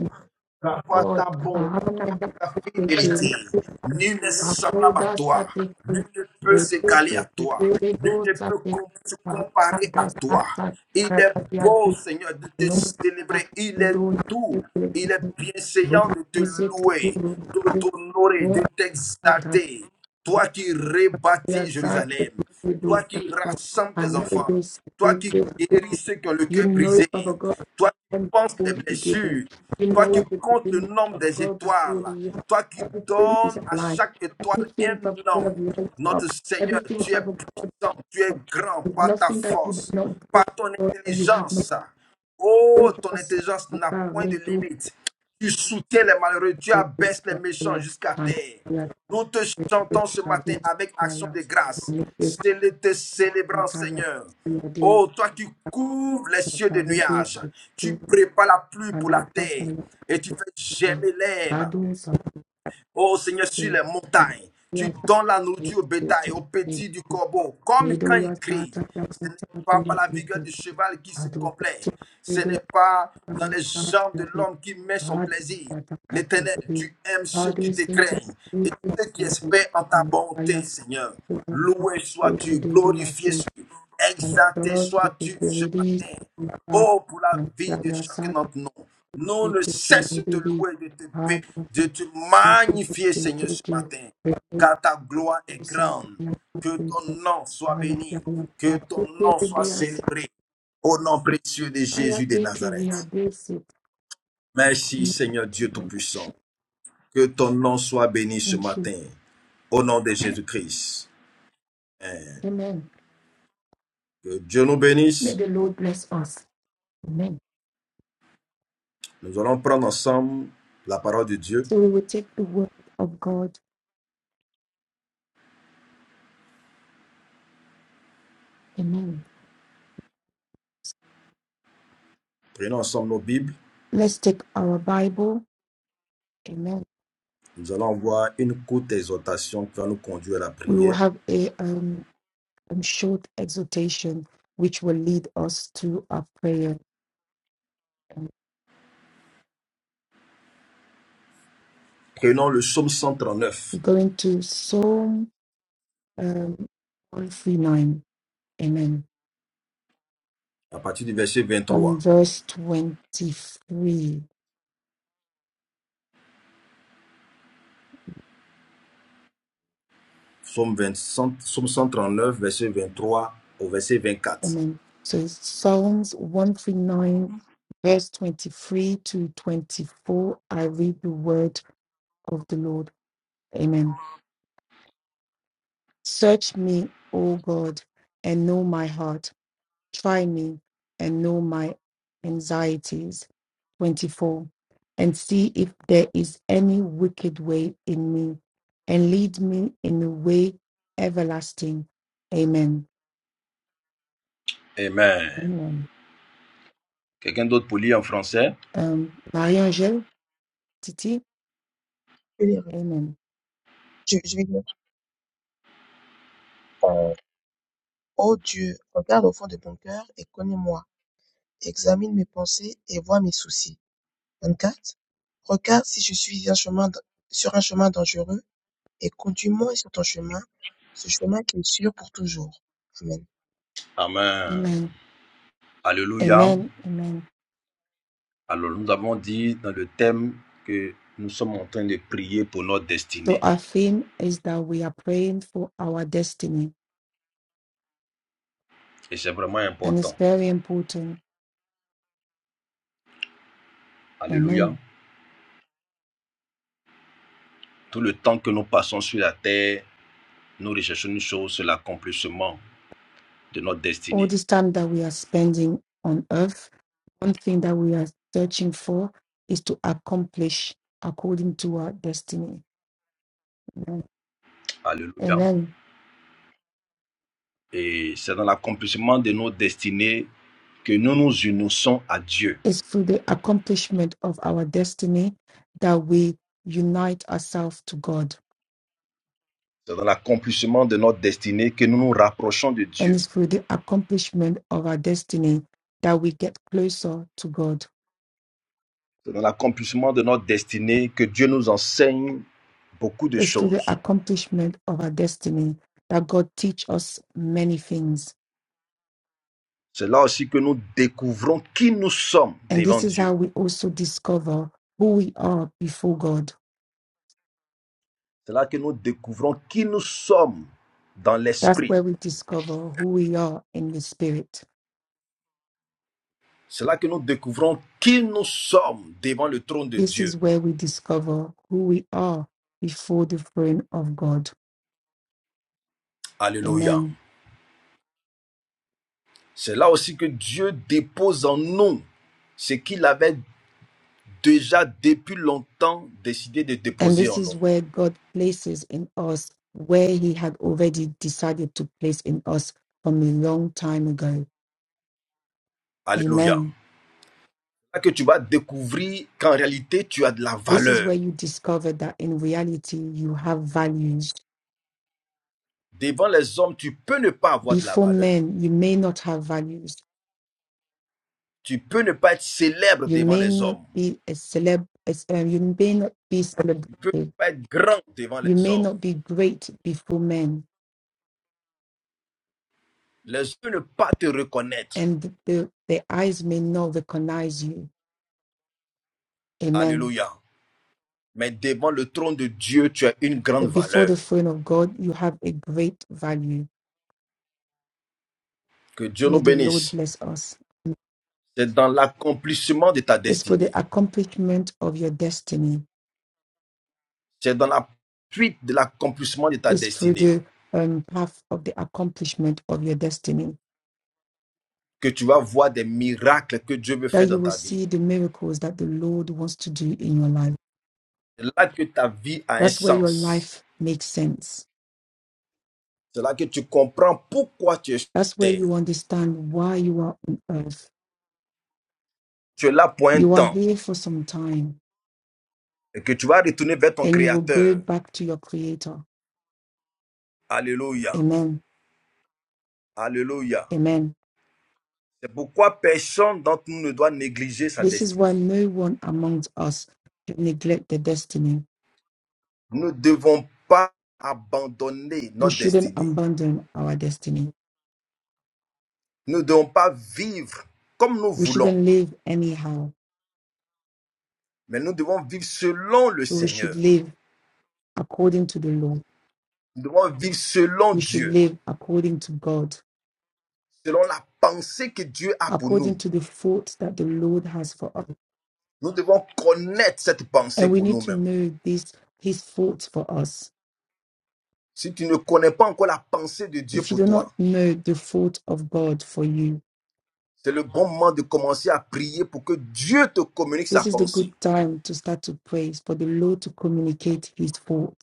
[SPEAKER 1] Car toi,
[SPEAKER 2] God.
[SPEAKER 1] ta
[SPEAKER 2] I
[SPEAKER 1] bonté,
[SPEAKER 2] honor that
[SPEAKER 1] ta
[SPEAKER 2] you
[SPEAKER 1] fidélité.
[SPEAKER 2] create.
[SPEAKER 1] Nul n'est
[SPEAKER 2] I know
[SPEAKER 1] semblable à
[SPEAKER 2] that
[SPEAKER 1] toi.
[SPEAKER 2] that you
[SPEAKER 1] Nul
[SPEAKER 2] create.
[SPEAKER 1] ne peut
[SPEAKER 2] Replace
[SPEAKER 1] s'égaler à
[SPEAKER 2] it,
[SPEAKER 1] toi.
[SPEAKER 2] replace it,
[SPEAKER 1] Nul
[SPEAKER 2] go,
[SPEAKER 1] ne
[SPEAKER 2] that
[SPEAKER 1] peut
[SPEAKER 2] you-
[SPEAKER 1] com- se
[SPEAKER 2] I honor that
[SPEAKER 1] comparer à toi.
[SPEAKER 2] that that
[SPEAKER 1] Il
[SPEAKER 2] that
[SPEAKER 1] est
[SPEAKER 2] that you are
[SPEAKER 1] beau,
[SPEAKER 2] great.
[SPEAKER 1] Seigneur, de
[SPEAKER 2] I
[SPEAKER 1] te
[SPEAKER 2] know
[SPEAKER 1] célébrer.
[SPEAKER 2] that
[SPEAKER 1] Il
[SPEAKER 2] you
[SPEAKER 1] est
[SPEAKER 2] don't
[SPEAKER 1] doux.
[SPEAKER 2] have to do
[SPEAKER 1] Il est
[SPEAKER 2] it.
[SPEAKER 1] bienséant de te
[SPEAKER 2] Replace it, replace
[SPEAKER 1] louer, de
[SPEAKER 2] it,
[SPEAKER 1] t'honorer,
[SPEAKER 2] replace
[SPEAKER 1] de
[SPEAKER 2] it.
[SPEAKER 1] t'exalter. Toi qui
[SPEAKER 2] You
[SPEAKER 1] rebâtis Jérusalem, toi qui rassembles tes enfants, toi qui guéris ceux qui ont le cœur
[SPEAKER 2] know it,
[SPEAKER 1] brisé,
[SPEAKER 2] Father God,
[SPEAKER 1] toi qui penses
[SPEAKER 2] before
[SPEAKER 1] les
[SPEAKER 2] the beginning.
[SPEAKER 1] blessures,
[SPEAKER 2] You
[SPEAKER 1] toi qui
[SPEAKER 2] know the
[SPEAKER 1] comptes le
[SPEAKER 2] beginning
[SPEAKER 1] nombre
[SPEAKER 2] of
[SPEAKER 1] des
[SPEAKER 2] God before the
[SPEAKER 1] étoiles,
[SPEAKER 2] year.
[SPEAKER 1] toi qui
[SPEAKER 2] Everything is
[SPEAKER 1] donnes à
[SPEAKER 2] alive.
[SPEAKER 1] chaque étoile
[SPEAKER 2] Everything,
[SPEAKER 1] un
[SPEAKER 2] Father God,
[SPEAKER 1] nom.
[SPEAKER 2] lights
[SPEAKER 1] Notre
[SPEAKER 2] up.
[SPEAKER 1] Seigneur,
[SPEAKER 2] Everything,
[SPEAKER 1] tu es
[SPEAKER 2] Father God,
[SPEAKER 1] puissant, tu es
[SPEAKER 2] um,
[SPEAKER 1] grand
[SPEAKER 2] there's
[SPEAKER 1] par ta
[SPEAKER 2] nothing that you do
[SPEAKER 1] force,
[SPEAKER 2] not do,
[SPEAKER 1] par ton
[SPEAKER 2] God, that you have not
[SPEAKER 1] intelligence. Oh,
[SPEAKER 2] told
[SPEAKER 1] ton
[SPEAKER 2] us.
[SPEAKER 1] intelligence n'a
[SPEAKER 2] Father,
[SPEAKER 1] point de
[SPEAKER 2] we
[SPEAKER 1] limite. Tu soutiens les malheureux, tu
[SPEAKER 2] this,
[SPEAKER 1] abaisses les méchants
[SPEAKER 2] Father,
[SPEAKER 1] jusqu'à
[SPEAKER 2] and
[SPEAKER 1] terre.
[SPEAKER 2] we are
[SPEAKER 1] Nous te
[SPEAKER 2] grateful
[SPEAKER 1] chantons ce
[SPEAKER 2] to
[SPEAKER 1] matin
[SPEAKER 2] you,
[SPEAKER 1] avec action
[SPEAKER 2] Father,
[SPEAKER 1] de grâce.
[SPEAKER 2] and we give
[SPEAKER 1] Célé- te célébrant,
[SPEAKER 2] you,
[SPEAKER 1] Seigneur.
[SPEAKER 2] Father,
[SPEAKER 1] Oh, toi qui couvres les cieux de
[SPEAKER 2] Makarudi
[SPEAKER 1] nuages, tu
[SPEAKER 2] kufikia
[SPEAKER 1] prépares la pluie pour la
[SPEAKER 2] madarasa
[SPEAKER 1] terre
[SPEAKER 2] na
[SPEAKER 1] et tu fais
[SPEAKER 2] sekondari
[SPEAKER 1] germer l'herbe
[SPEAKER 2] bado safari
[SPEAKER 1] Oh Seigneur, sur les montagnes, tu
[SPEAKER 2] ya
[SPEAKER 1] donnes la nourriture au bétail, au petit du corbeau, comme quand
[SPEAKER 2] Middle ya
[SPEAKER 1] il crie.
[SPEAKER 2] sata ya
[SPEAKER 1] Ce n'est
[SPEAKER 2] kuta
[SPEAKER 1] pas
[SPEAKER 2] bila
[SPEAKER 1] par la vigueur du
[SPEAKER 2] kufiti.
[SPEAKER 1] cheval qui se
[SPEAKER 2] Hadu kiti
[SPEAKER 1] complaît. Ce n'est
[SPEAKER 2] kide
[SPEAKER 1] pas dans
[SPEAKER 2] kama
[SPEAKER 1] les jambes
[SPEAKER 2] sata ya
[SPEAKER 1] de
[SPEAKER 2] kuta.
[SPEAKER 1] l'homme qui met son
[SPEAKER 2] Hadu
[SPEAKER 1] plaisir.
[SPEAKER 2] wataka
[SPEAKER 1] L'Éternel,
[SPEAKER 2] kutu.
[SPEAKER 1] tu aimes ceux
[SPEAKER 2] Hadu
[SPEAKER 1] qui te
[SPEAKER 2] siti
[SPEAKER 1] craignent et
[SPEAKER 2] kutu
[SPEAKER 1] ceux qui
[SPEAKER 2] kutu.
[SPEAKER 1] espèrent en ta
[SPEAKER 2] Anakaya
[SPEAKER 1] bonté,
[SPEAKER 2] sati
[SPEAKER 1] Seigneur.
[SPEAKER 2] ya
[SPEAKER 1] Loué
[SPEAKER 2] kutu.
[SPEAKER 1] sois-tu,
[SPEAKER 2] Dede ya
[SPEAKER 1] glorifié
[SPEAKER 2] siti.
[SPEAKER 1] sois-tu, exalté
[SPEAKER 2] Anakaya kutu
[SPEAKER 1] sois-tu ce matin.
[SPEAKER 2] kutu.
[SPEAKER 1] Oh, pour la vie de chacun
[SPEAKER 2] Anakaya
[SPEAKER 1] d'entre nous. Nous ne
[SPEAKER 2] Thank
[SPEAKER 1] cessons de
[SPEAKER 2] you.
[SPEAKER 1] louer, de te bénir, de te magnifier, Seigneur, ce matin. Car ta gloire est grande. Que ton nom soit béni. Que ton nom soit célébré. Au nom précieux de Jésus de Nazareth. Merci, Seigneur Dieu Tout-Puissant. Que ton nom soit béni ce matin. Au nom de Jésus-Christ. Amen.
[SPEAKER 2] Amen.
[SPEAKER 1] Que Dieu nous
[SPEAKER 2] May
[SPEAKER 1] bénisse.
[SPEAKER 2] the Lord bless us. Amen.
[SPEAKER 1] Nous allons prendre ensemble la parole de Dieu.
[SPEAKER 2] So we will take the word of God. Amen.
[SPEAKER 1] Prenons ensemble nos Bibles.
[SPEAKER 2] Let's take our Bible. Amen.
[SPEAKER 1] Nous allons voir une courte exhortation qui va nous conduire à la
[SPEAKER 2] We will
[SPEAKER 1] prière.
[SPEAKER 2] have a um, um, short exhortation which will lead us to our prayer.
[SPEAKER 1] Prenons le psaume
[SPEAKER 2] We're
[SPEAKER 1] 139
[SPEAKER 2] going to Psalm um, 139. Amen.
[SPEAKER 1] à partir du verset
[SPEAKER 2] From
[SPEAKER 1] 23.
[SPEAKER 2] verse 23.
[SPEAKER 1] Psaume, 20 cent- psaume 139, verset 23 au verset 24.
[SPEAKER 2] Amen. So it's Psalms 139, verse 23 to 24. I read the word of the Lord. Amen. Search me, O God, and know my heart. Try me and know my anxieties. 24. And see if there is any wicked way in me, and lead me in the way everlasting. Amen.
[SPEAKER 1] Amen.
[SPEAKER 2] Amen.
[SPEAKER 1] Quelqu'un d'autre pour lire en français
[SPEAKER 2] Um, Marie-Angèle, Titi,
[SPEAKER 3] vais les re-
[SPEAKER 2] Amen.
[SPEAKER 3] je, je vais dire, euh, Ô Dieu, regarde au fond de mon cœur et connais-moi. Examine mes pensées et vois mes soucis. 24. Regarde si je suis un chemin, d- sur un chemin dangereux et conduis-moi sur ton chemin, ce chemin qui est sûr pour toujours. Amen.
[SPEAKER 1] Amen.
[SPEAKER 2] Amen.
[SPEAKER 1] Alléluia.
[SPEAKER 2] Amen. Amen.
[SPEAKER 1] Alors nous avons dit dans le thème que nous sommes en train de prier pour notre
[SPEAKER 2] So
[SPEAKER 1] destinée.
[SPEAKER 2] our theme is that we are praying for our destiny,
[SPEAKER 1] Et c'est vraiment
[SPEAKER 2] and it's
[SPEAKER 1] important.
[SPEAKER 2] very important. Amen.
[SPEAKER 1] Alléluia. Tout le temps que nous passons sur la terre, nous recherchons une chose, c'est l'accomplissement de notre
[SPEAKER 2] all
[SPEAKER 1] destinée.
[SPEAKER 2] this time that we are spending on earth, one thing that we are searching for is to accomplish according to our destiny. Amen. And
[SPEAKER 1] Alléluia.
[SPEAKER 2] then
[SPEAKER 1] Et c'est dans l'accomplissement de nos destinées que nous nous unissons à Dieu.
[SPEAKER 2] it's through the accomplishment of our destiny that we unite ourselves to God.
[SPEAKER 1] C'est dans l'accomplissement de notre destinée que nous nous rapprochons de
[SPEAKER 2] And
[SPEAKER 1] Dieu.
[SPEAKER 2] it's through the accomplishment of our destiny that we get closer to God.
[SPEAKER 1] C'est dans l'accomplissement de notre destinée que Dieu nous enseigne beaucoup de
[SPEAKER 2] It's through the
[SPEAKER 1] choses.
[SPEAKER 2] accomplishment of our destiny that God teach us many things
[SPEAKER 1] C'est là aussi que nous découvrons qui nous sommes
[SPEAKER 2] And
[SPEAKER 1] devant
[SPEAKER 2] this is how
[SPEAKER 1] Dieu.
[SPEAKER 2] we also discover who we are before God.
[SPEAKER 1] C'est là que nous découvrons qui nous sommes dans
[SPEAKER 2] That's
[SPEAKER 1] l'esprit.
[SPEAKER 2] where we discover who we are in the Spirit.
[SPEAKER 1] C'est là que nous découvrons qui nous sommes devant le trône de
[SPEAKER 2] This
[SPEAKER 1] Dieu.
[SPEAKER 2] is where we discover who we are before the throne of God.
[SPEAKER 1] Alléluia.
[SPEAKER 2] Amen.
[SPEAKER 1] C'est là aussi que Dieu dépose en nous ce qu'il avait déjà depuis longtemps décidé de
[SPEAKER 2] And
[SPEAKER 1] déposer
[SPEAKER 2] this
[SPEAKER 1] en
[SPEAKER 2] is
[SPEAKER 1] nous.
[SPEAKER 2] where God places in us where He had already decided to place in us from a long time ago.
[SPEAKER 1] Alléluia.
[SPEAKER 2] Amen.
[SPEAKER 1] C'est là que tu vas découvrir qu'en réalité, tu as de la
[SPEAKER 2] This is where
[SPEAKER 1] valeur.
[SPEAKER 2] you discover that in reality you have values.
[SPEAKER 1] Devant les hommes, tu peux ne pas avoir de la
[SPEAKER 2] Before
[SPEAKER 1] valeur.
[SPEAKER 2] men, you may not have values
[SPEAKER 1] Tu peux ne pas être célèbre
[SPEAKER 2] You
[SPEAKER 1] devant
[SPEAKER 2] may
[SPEAKER 1] les
[SPEAKER 2] not
[SPEAKER 1] hommes.
[SPEAKER 2] be a celeb, as- um, you may not be
[SPEAKER 1] Tu peux
[SPEAKER 2] celebrated.
[SPEAKER 1] ne pas être grand devant
[SPEAKER 2] You
[SPEAKER 1] les
[SPEAKER 2] may
[SPEAKER 1] hommes.
[SPEAKER 2] not be great before men,
[SPEAKER 1] Les hommes ne peuvent pas te reconnaître.
[SPEAKER 2] and the, the eyes may not recognize you. Amen.
[SPEAKER 1] Alléluia. Mais devant le trône de Dieu, tu as une grande
[SPEAKER 2] But before
[SPEAKER 1] valeur.
[SPEAKER 2] the throne of God, you have a great value.
[SPEAKER 1] Que Dieu
[SPEAKER 2] May
[SPEAKER 1] nous
[SPEAKER 2] the Lord
[SPEAKER 1] bénisse.
[SPEAKER 2] bless us.
[SPEAKER 1] C'est dans l'accomplissement de ta
[SPEAKER 2] It's for
[SPEAKER 1] destinée.
[SPEAKER 2] the accomplishment of your destiny.
[SPEAKER 1] C'est dans la suite de l'accomplissement de ta
[SPEAKER 2] It's through
[SPEAKER 1] destinée
[SPEAKER 2] the um, path of the accomplishment of your destiny
[SPEAKER 1] que tu vas voir des miracles que Dieu veut
[SPEAKER 2] that
[SPEAKER 1] faire
[SPEAKER 2] you
[SPEAKER 1] dans
[SPEAKER 2] will
[SPEAKER 1] ta vie.
[SPEAKER 2] see the miracles that the Lord wants to do in your life.
[SPEAKER 1] C'est là que ta vie a un
[SPEAKER 2] That's where your
[SPEAKER 1] sens.
[SPEAKER 2] life makes sense
[SPEAKER 1] C'est là que tu comprends pourquoi tu es sur
[SPEAKER 2] That's where
[SPEAKER 1] terre.
[SPEAKER 2] you understand why you are on earth.
[SPEAKER 1] Tu es là pour un
[SPEAKER 2] You are
[SPEAKER 1] temps
[SPEAKER 2] here for some time
[SPEAKER 1] et que tu vas retourner vers ton
[SPEAKER 2] and you will go
[SPEAKER 1] Créateur.
[SPEAKER 2] back to your Creator.
[SPEAKER 1] Alléluia.
[SPEAKER 2] Amen.
[SPEAKER 1] Alléluia.
[SPEAKER 2] Amen.
[SPEAKER 1] C'est pourquoi personne d'entre nous ne doit négliger sa
[SPEAKER 2] This is why
[SPEAKER 1] destinée.
[SPEAKER 2] no one amongst us should neglect their destiny.
[SPEAKER 1] Nous ne devons pas abandonner
[SPEAKER 2] We
[SPEAKER 1] notre
[SPEAKER 2] shouldn't
[SPEAKER 1] destinée.
[SPEAKER 2] abandon our destiny.
[SPEAKER 1] Nous ne devons pas vivre comme nous
[SPEAKER 2] We
[SPEAKER 1] voulons,
[SPEAKER 2] shouldn't live anyhow.
[SPEAKER 1] mais nous devons vivre selon le
[SPEAKER 2] but We should
[SPEAKER 1] Seigneur.
[SPEAKER 2] live according to the law.
[SPEAKER 1] Nous devons vivre selon
[SPEAKER 2] We should
[SPEAKER 1] Dieu,
[SPEAKER 2] live according to God,
[SPEAKER 1] selon la pensée que Dieu a pour nous.
[SPEAKER 2] according to the thoughts that the Lord has for us.
[SPEAKER 1] Nous devons connaître cette pensée
[SPEAKER 2] And we
[SPEAKER 1] pour
[SPEAKER 2] need to
[SPEAKER 1] nous-mêmes.
[SPEAKER 2] know this, His thoughts for us
[SPEAKER 1] Si tu ne connais pas encore la pensée de Dieu
[SPEAKER 2] if you
[SPEAKER 1] pour
[SPEAKER 2] do
[SPEAKER 1] toi,
[SPEAKER 2] not know the fault of God for you,
[SPEAKER 1] c'est le bon moment de commencer à prier pour que Dieu te communique
[SPEAKER 2] this
[SPEAKER 1] sa
[SPEAKER 2] is the good
[SPEAKER 1] pensée.
[SPEAKER 2] time to start to praise for the Lord to communicate his fault.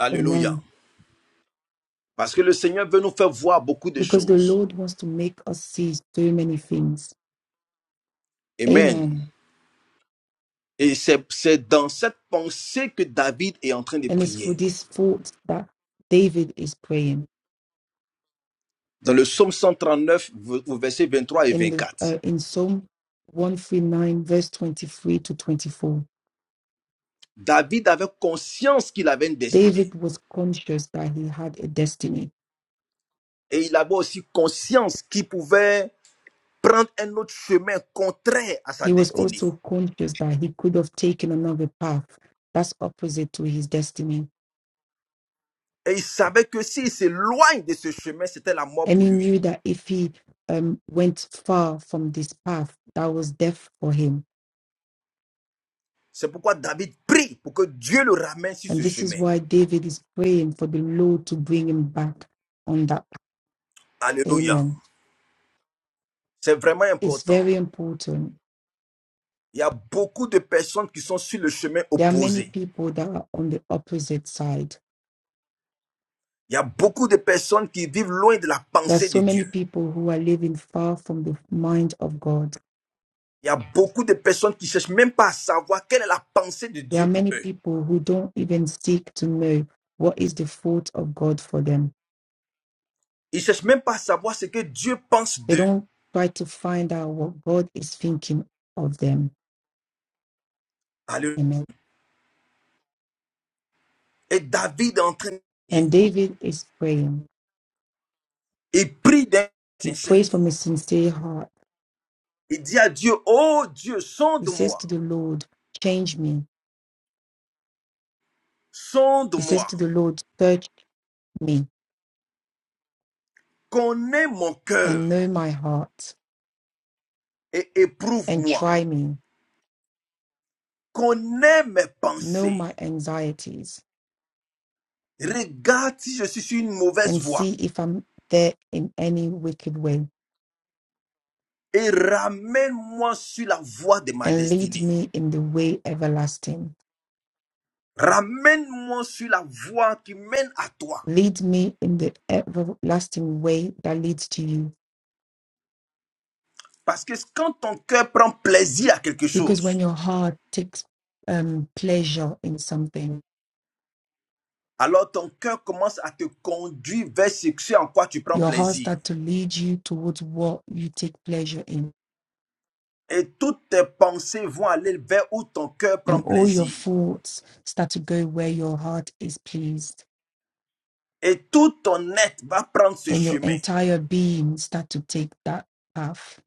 [SPEAKER 1] Alléluia.
[SPEAKER 2] Amen.
[SPEAKER 1] Parce que le Seigneur veut nous faire voir beaucoup de
[SPEAKER 2] Because the
[SPEAKER 1] choses.
[SPEAKER 2] Lord wants to make us see so many things.
[SPEAKER 1] Amen.
[SPEAKER 2] Amen.
[SPEAKER 1] Et c'est c'est dans cette pensée que David est en train de
[SPEAKER 2] And it's for
[SPEAKER 1] prier.
[SPEAKER 2] this fault that David is praying
[SPEAKER 1] Dans le psaume 139 au verset 23 et
[SPEAKER 2] in the
[SPEAKER 1] vingt-quatre.
[SPEAKER 2] uh, in Psalm 139 verse 23 to 24.
[SPEAKER 1] David avait conscience qu'il avait une destinée.
[SPEAKER 2] David was conscious that he had a destiny.
[SPEAKER 1] Et il avait aussi conscience qu'il pouvait prendre un autre chemin contraire à sa
[SPEAKER 2] He was
[SPEAKER 1] destinée.
[SPEAKER 2] also conscious that he could have taken another path that's opposite to his destiny
[SPEAKER 1] Et il savait que s'il s'éloigne de ce chemin, c'était la mort
[SPEAKER 2] And
[SPEAKER 1] pour
[SPEAKER 2] he
[SPEAKER 1] lui.
[SPEAKER 2] knew that if he um, went far from this path, that was death for him.
[SPEAKER 1] C'est pourquoi David prie pour que Dieu le ramène sur
[SPEAKER 2] And
[SPEAKER 1] ce
[SPEAKER 2] this is
[SPEAKER 1] chemin.
[SPEAKER 2] why David is praying for the Lord to bring him back on that path.
[SPEAKER 1] Alléluia.
[SPEAKER 2] Amen.
[SPEAKER 1] C'est vraiment
[SPEAKER 2] It's
[SPEAKER 1] important.
[SPEAKER 2] very important.
[SPEAKER 1] Il y a beaucoup de personnes qui sont sur le chemin
[SPEAKER 2] There are many
[SPEAKER 1] opposé.
[SPEAKER 2] people that are on the opposite side.
[SPEAKER 1] Il y a beaucoup de personnes qui vivent loin de la
[SPEAKER 2] There are
[SPEAKER 1] pensée de
[SPEAKER 2] so many
[SPEAKER 1] Dieu.
[SPEAKER 2] people who are living far from the mind of God.
[SPEAKER 1] Il y a beaucoup de personnes qui ne cherchent même pas à savoir quelle est la pensée de
[SPEAKER 2] There are
[SPEAKER 1] Dieu pour
[SPEAKER 2] many
[SPEAKER 1] eux.
[SPEAKER 2] people who don't even seek to know what is the thought of God for them.
[SPEAKER 1] Ils ne cherchent même pas à savoir ce que Dieu pense
[SPEAKER 2] They
[SPEAKER 1] d'eux.
[SPEAKER 2] don't try to find out what God is thinking of them.
[SPEAKER 1] Alléluia.
[SPEAKER 2] Amen.
[SPEAKER 1] Et David est en train de prier.
[SPEAKER 2] And David is praying.
[SPEAKER 1] Il prie d'un
[SPEAKER 2] He
[SPEAKER 1] sincère.
[SPEAKER 2] prays from a sincere heart.
[SPEAKER 1] Il dit à Dieu, oh Dieu,
[SPEAKER 2] He says
[SPEAKER 1] sonde-moi,
[SPEAKER 2] to the Lord, Change me. He says
[SPEAKER 1] sonde-moi,
[SPEAKER 2] to the Lord, Search me
[SPEAKER 1] connais mon cœur
[SPEAKER 2] and know my heart
[SPEAKER 1] et
[SPEAKER 2] and
[SPEAKER 1] éprouve-moi,
[SPEAKER 2] try me,
[SPEAKER 1] connais mes
[SPEAKER 2] know
[SPEAKER 1] pensées.
[SPEAKER 2] my anxieties
[SPEAKER 1] Regarde si je suis sur une mauvaise
[SPEAKER 2] and
[SPEAKER 1] voie
[SPEAKER 2] see if I'm there in any wicked way
[SPEAKER 1] et ramène-moi sur la voie de ma
[SPEAKER 2] and lead
[SPEAKER 1] destinée.
[SPEAKER 2] me in the way everlasting.
[SPEAKER 1] Ramène-moi sur la voie qui mène à toi.
[SPEAKER 2] Lead me in the everlasting way that leads to you.
[SPEAKER 1] Parce que quand ton cœur prend plaisir à quelque
[SPEAKER 2] Because
[SPEAKER 1] chose,
[SPEAKER 2] when your heart takes um, pleasure in something,
[SPEAKER 1] alors ton cœur commence à te conduire vers ce en quoi tu prends
[SPEAKER 2] Your heart
[SPEAKER 1] plaisir.
[SPEAKER 2] start to lead you towards what you take pleasure in.
[SPEAKER 1] Et toutes tes pensées vont aller vers où ton cœur
[SPEAKER 2] And
[SPEAKER 1] prend
[SPEAKER 2] all your
[SPEAKER 1] plaisir.
[SPEAKER 2] thoughts start to go where your heart is pleased.
[SPEAKER 1] Et tout ton être va prendre ce
[SPEAKER 2] And your
[SPEAKER 1] chemin.
[SPEAKER 2] entire being start to take that path.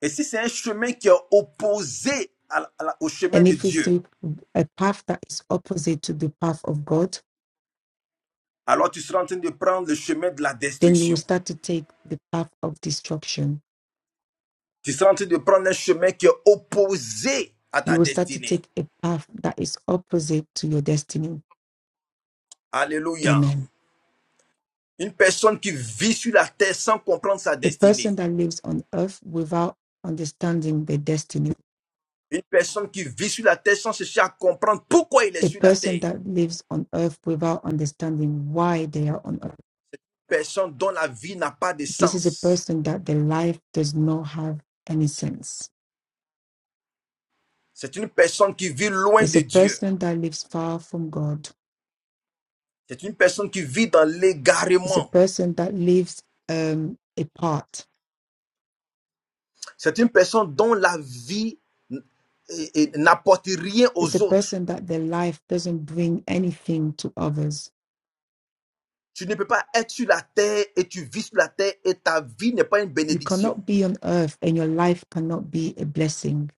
[SPEAKER 1] Et si c'est un chemin qui est opposé à à au chemin
[SPEAKER 2] And
[SPEAKER 1] de
[SPEAKER 2] if it's
[SPEAKER 1] Dieu,
[SPEAKER 2] a, a path that is opposite to the path of God,
[SPEAKER 1] alors tu seras en train de prendre le chemin de la
[SPEAKER 2] then you will
[SPEAKER 1] destruction.
[SPEAKER 2] start to take the path of destruction.
[SPEAKER 1] Tu seras en train de prendre un chemin qui est opposé à
[SPEAKER 2] You
[SPEAKER 1] ta
[SPEAKER 2] will start to
[SPEAKER 1] destinée.
[SPEAKER 2] take a path that is opposite to your destiny.
[SPEAKER 1] Alléluia.
[SPEAKER 2] Amen.
[SPEAKER 1] Une personne qui vit sur la terre sans comprendre sa
[SPEAKER 2] A person
[SPEAKER 1] destinée.
[SPEAKER 2] that lives on earth without understanding their destiny
[SPEAKER 1] Une personne qui vit sur la terre sans chercher à comprendre pourquoi il est
[SPEAKER 2] a
[SPEAKER 1] sur la
[SPEAKER 2] person
[SPEAKER 1] terre.
[SPEAKER 2] that lives on earth without understanding why they are on earth.
[SPEAKER 1] Personne dont la vie n'a pas de
[SPEAKER 2] This is a
[SPEAKER 1] sens.
[SPEAKER 2] person that their life does not have any sense.
[SPEAKER 1] C'est une personne qui vit loin
[SPEAKER 2] It's a
[SPEAKER 1] de Dieu.
[SPEAKER 2] person that lives far from God.
[SPEAKER 1] C'est une personne qui vit dans
[SPEAKER 2] It's a
[SPEAKER 1] l'égarement.
[SPEAKER 2] person that lives um, apart.
[SPEAKER 1] C'est une personne dont la vie n'apporte rien
[SPEAKER 2] It's a
[SPEAKER 1] aux autres.
[SPEAKER 2] person that their life doesn't bring anything to others.
[SPEAKER 1] Tu ne peux pas être sur la terre et tu vis sur la terre et ta vie n'est pas une
[SPEAKER 2] You
[SPEAKER 1] bénédiction.
[SPEAKER 2] cannot be on earth and your life cannot be a blessing.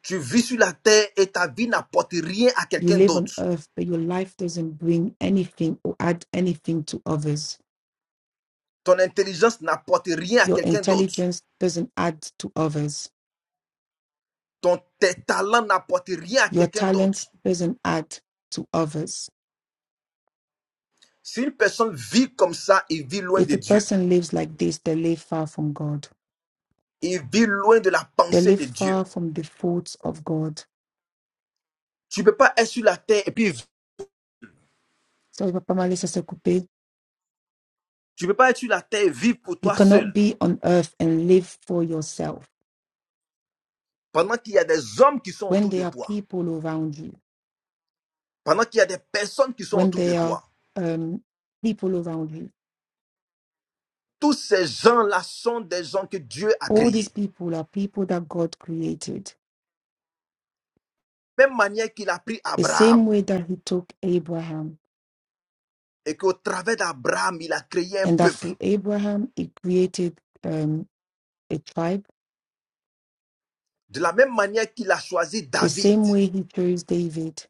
[SPEAKER 1] Tu vis sur la terre et ta vie n'apporte rien à
[SPEAKER 2] You
[SPEAKER 1] quelqu'un
[SPEAKER 2] live on
[SPEAKER 1] d'autre.
[SPEAKER 2] earth, but your life doesn't bring anything or add anything to others.
[SPEAKER 1] Ton intelligence n'apporte rien à
[SPEAKER 2] Your
[SPEAKER 1] quelqu'un d'autre.
[SPEAKER 2] intelligence doesn't add to others
[SPEAKER 1] Ton, tes talents n'apportent rien à
[SPEAKER 2] Your
[SPEAKER 1] quelqu'un d'autre.
[SPEAKER 2] talent doesn't add to others.
[SPEAKER 1] Si une personne vit comme ça, il vit loin
[SPEAKER 2] If
[SPEAKER 1] de
[SPEAKER 2] a
[SPEAKER 1] Dieu.
[SPEAKER 2] person lives like this, they live far from God.
[SPEAKER 1] Il vit loin de la
[SPEAKER 2] They
[SPEAKER 1] pensée
[SPEAKER 2] live
[SPEAKER 1] de Dieu.
[SPEAKER 2] far from the thoughts of God.
[SPEAKER 1] Tu ne peux pas être sur la terre et puis
[SPEAKER 2] So, Papa Malisa Sekupe,
[SPEAKER 1] tu peux pas être sur la terre et vivre pour
[SPEAKER 2] you
[SPEAKER 1] toi
[SPEAKER 2] cannot
[SPEAKER 1] seul.
[SPEAKER 2] be on earth and live for yourself.
[SPEAKER 1] Pendant qu'il y a des hommes qui sont
[SPEAKER 2] When
[SPEAKER 1] autour de
[SPEAKER 2] there are
[SPEAKER 1] toi,
[SPEAKER 2] people around you,
[SPEAKER 1] pendant qu'il y a des personnes qui sont
[SPEAKER 2] when
[SPEAKER 1] autour de
[SPEAKER 2] there are
[SPEAKER 1] toi,
[SPEAKER 2] um, people around you,
[SPEAKER 1] tous ces gens-là sont des gens que Dieu a
[SPEAKER 2] all these
[SPEAKER 1] créés.
[SPEAKER 2] people are people that God created.
[SPEAKER 1] Même manière qu'il a pris
[SPEAKER 2] The same
[SPEAKER 1] Abraham
[SPEAKER 2] way that He took Abraham,
[SPEAKER 1] et qu'au travers d'Abraham, il a créé un
[SPEAKER 2] and that
[SPEAKER 1] peuple.
[SPEAKER 2] through Abraham, He created um, a tribe.
[SPEAKER 1] De la même manière qu'il a choisi
[SPEAKER 2] The
[SPEAKER 1] David
[SPEAKER 2] same way He chose David